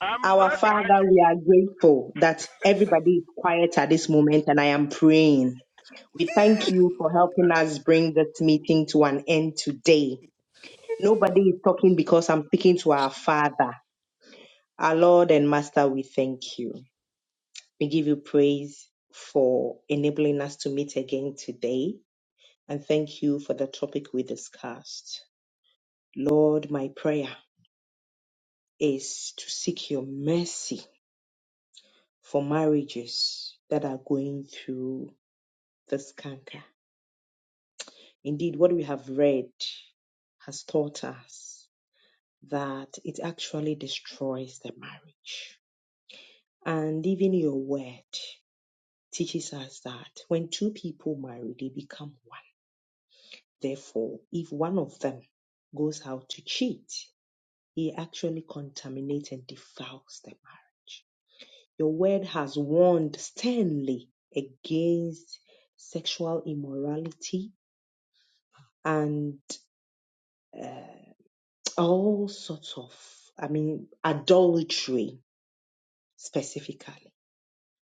Speaker 10: I'm
Speaker 5: Our
Speaker 10: right behind
Speaker 5: Father,
Speaker 10: you.
Speaker 5: we are grateful that everybody is quiet at this moment, and I am praying. We thank you for helping us bring this meeting to an end today. Nobody is talking because I'm speaking to our Father. Our Lord and Master, we thank you. We give you praise for enabling us to meet again today, and thank you for the topic we discussed. Lord, my prayer is to seek your mercy for marriages that are going through this canker. Indeed, what we have read has taught us that it actually destroys the marriage. And even your word teaches us that when two people marry, they become one. Therefore, if one of them goes out to cheat, he actually contaminates and defiles the marriage. Your word has warned sternly against sexual immorality and uh, all sorts of, I mean, adultery specifically.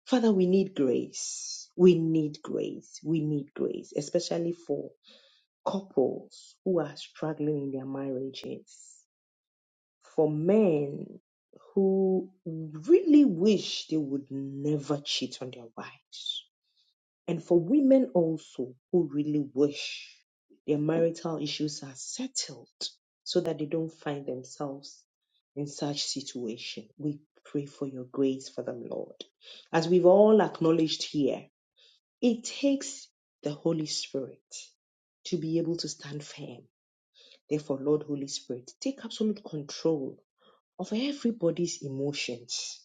Speaker 5: Father, we need grace. We need grace. We need grace, especially for couples who are struggling in their marriages, for men who really wish they would never cheat on their wives And for women also who really wish their marital issues are settled so that they don't find themselves in such situation. We pray for your grace for them, Lord. As we've all acknowledged here, it takes the Holy Spirit to be able to stand firm. Therefore, Lord Holy Spirit, take absolute control of everybody's emotions,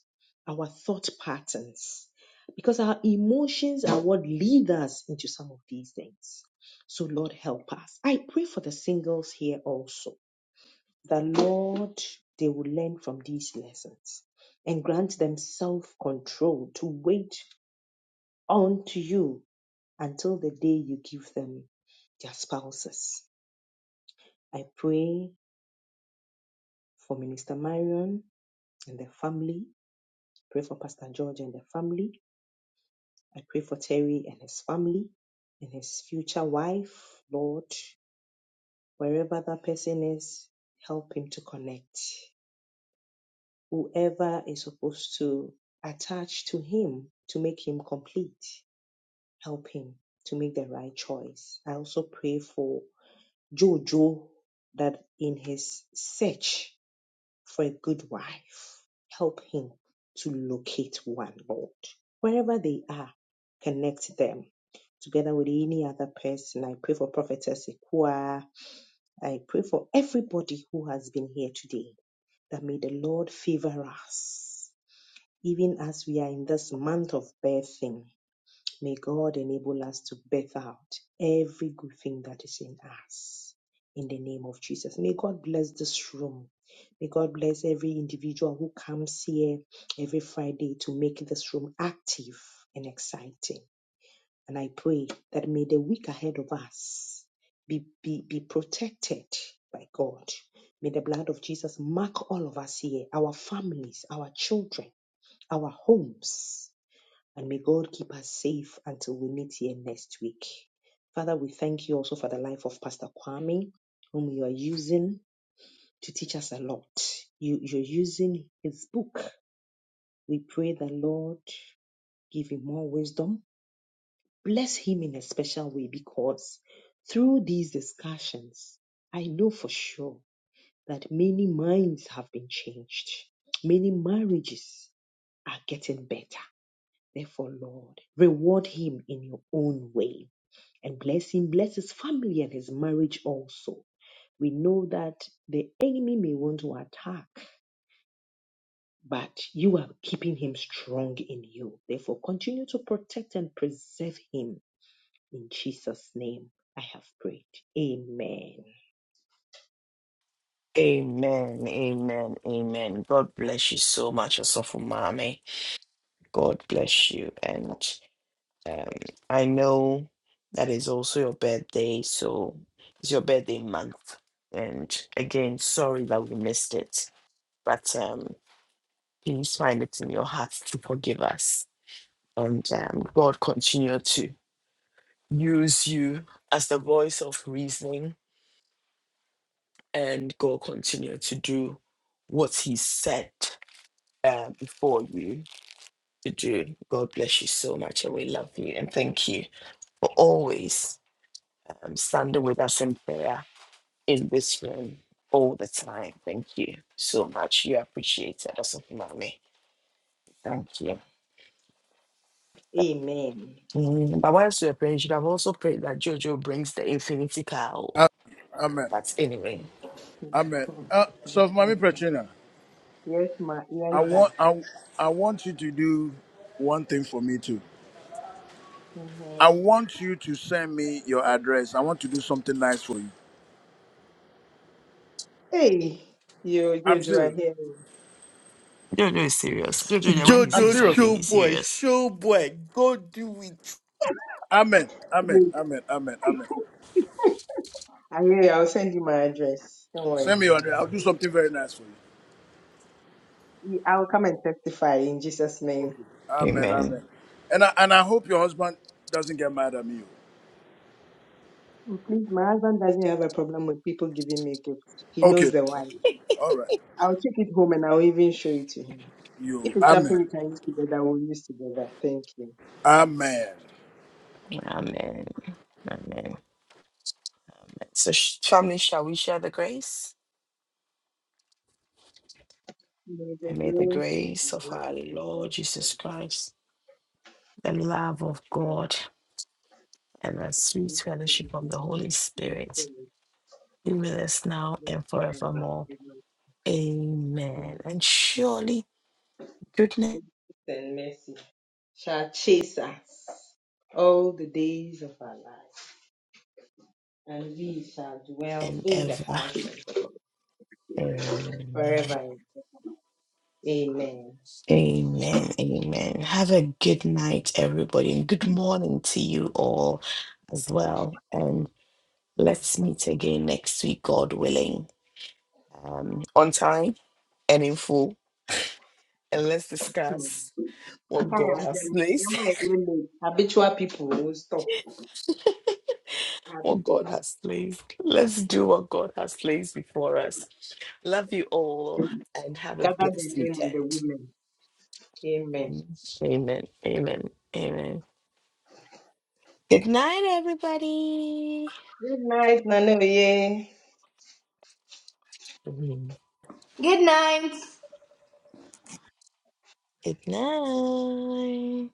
Speaker 5: our thought patterns, because our emotions are what lead us into some of these things. So, Lord, help us. I pray for the singles here also. The Lord, they will learn from these lessons and grant them self control to wait on to you until the day you give them their spouses. I pray for Minister Marion and their family. Pray for Pastor George and their family. I pray for Terry and his family and his future wife. Lord, wherever that person is, help him to connect. Whoever is supposed to attach to him to make him complete, help him to make the right choice. I also pray for Jojo that in his search for a good wife. Help him to locate one, Lord. Wherever they are, connect them together with any other person. I pray for Prophetess Ikua. I pray for everybody who has been here today that may the Lord favor us, even as we are in this month of birthing. May God enable us to birth out every good thing that is in us. In the name of Jesus. May God bless this room. May God bless every individual who comes here every Friday to make this room active and exciting. And I pray that may the week ahead of us be, be, be protected by God. May the blood of Jesus mark all of us here, our families, our children, our homes and may God keep us safe until we meet here next week. Father, we thank you also for the life of Pastor Kwame, whom you are using to teach us a lot. You, you're using his book. We pray the Lord give him more wisdom. Bless him in a special way because through these discussions, I know for sure that many minds have been changed. Many marriages are getting better. Therefore, Lord, reward him in your own way and bless him, bless his family and his marriage also. We know that the enemy may want to attack, but you are keeping him strong in you. Therefore, continue to protect and preserve him. In Jesus' name, I have prayed. Amen.
Speaker 1: Amen, amen, amen. God bless you so much, Asafu Mami. God bless you. And um, I know that is also your birthday, so it's your birthday month. And again, sorry that we missed it, but um, please find it in your heart to forgive us. And um, God continue to use you as the voice of reasoning, and God continue to do what He said uh, before you to do. God bless you so much, and we love you and thank you for always um, standing with us in prayer in this room all the time. Thank you so much. You appreciate it, also, mommy. Thank you.
Speaker 5: Amen.
Speaker 1: Mm, but whilst we are praying, you should have also prayed that Jojo brings the infinity cow.
Speaker 10: Ah, Amen.
Speaker 1: But anyway,
Speaker 10: Amen. Uh, so, Mami Petrina,
Speaker 5: yes, ma.
Speaker 10: I
Speaker 5: Yes,
Speaker 10: want
Speaker 5: that.
Speaker 10: I, I want you to do one thing for me too.
Speaker 5: Mhm.
Speaker 10: I want you to send me your address. I want to do something nice for you.
Speaker 5: Hey, you,
Speaker 10: I'm
Speaker 5: Jojo, I
Speaker 10: serious.
Speaker 5: hear you.
Speaker 1: Jojo is serious. Jojo, yeah, when he
Speaker 10: I'm
Speaker 1: says
Speaker 2: Jojo
Speaker 10: serious.
Speaker 1: something,
Speaker 10: bro.
Speaker 2: show
Speaker 1: he's
Speaker 2: boy,
Speaker 1: serious.
Speaker 2: show boy, go do it.
Speaker 10: Amen. Amen.
Speaker 5: You-
Speaker 10: Amen. Amen. Amen.
Speaker 5: I hear you. I'll send you my address. Don't worry.
Speaker 10: Send me your address. I'll do something very nice for you.
Speaker 5: I will come and testify in Jesus' name.
Speaker 10: Okay. Amen. Amen.
Speaker 1: Amen.
Speaker 10: And I, and I hope your husband doesn't get mad at me.
Speaker 5: Please, my husband doesn't have a problem with people giving me gifts. He
Speaker 10: oh. Okay.
Speaker 5: knows
Speaker 10: okay.
Speaker 5: the why.
Speaker 10: All right.
Speaker 5: I'll take it home and I'll even show it to him. If
Speaker 10: You.
Speaker 5: it's something
Speaker 10: Amen.
Speaker 5: we can use together, we'll use together. Thank you.
Speaker 10: Amen.
Speaker 1: Amen. Amen. So, sh- family, shall we share the grace?
Speaker 5: May the
Speaker 1: And may the
Speaker 5: grace of
Speaker 1: grace
Speaker 5: the
Speaker 1: of
Speaker 5: Lord
Speaker 1: our
Speaker 5: Jesus
Speaker 1: Lord
Speaker 5: Christ,
Speaker 1: Jesus Christ, the love of
Speaker 5: the Lord
Speaker 1: God, and the sweet fellowship of the Holy Spirit be with us now and
Speaker 5: and
Speaker 1: forevermore. Amen. And surely goodness
Speaker 5: mercy shall chase us all the days of our life, and we shall dwell
Speaker 1: and
Speaker 5: in the
Speaker 1: ever.
Speaker 5: house of God
Speaker 1: Amen.
Speaker 5: forever. Amen.
Speaker 1: Amen. Amen. Have a good night, everybody, and good morning to you all as well. And let's meet again next week, God willing, um, on time and in full. And let's discuss.
Speaker 5: I
Speaker 1: what
Speaker 5: can't
Speaker 1: God has
Speaker 5: attend.
Speaker 1: placed.
Speaker 5: Yama women, habitual people will stop.
Speaker 1: What God
Speaker 5: Habitual.
Speaker 1: has placed. Let's do what God has placed before us. Love you all and have a
Speaker 5: Gather the
Speaker 1: blessed
Speaker 5: men and the
Speaker 1: weekend.
Speaker 5: women. Amen.
Speaker 1: Amen. Amen. Amen. Good night, everybody. Mhm.
Speaker 3: Good night.
Speaker 1: Good night.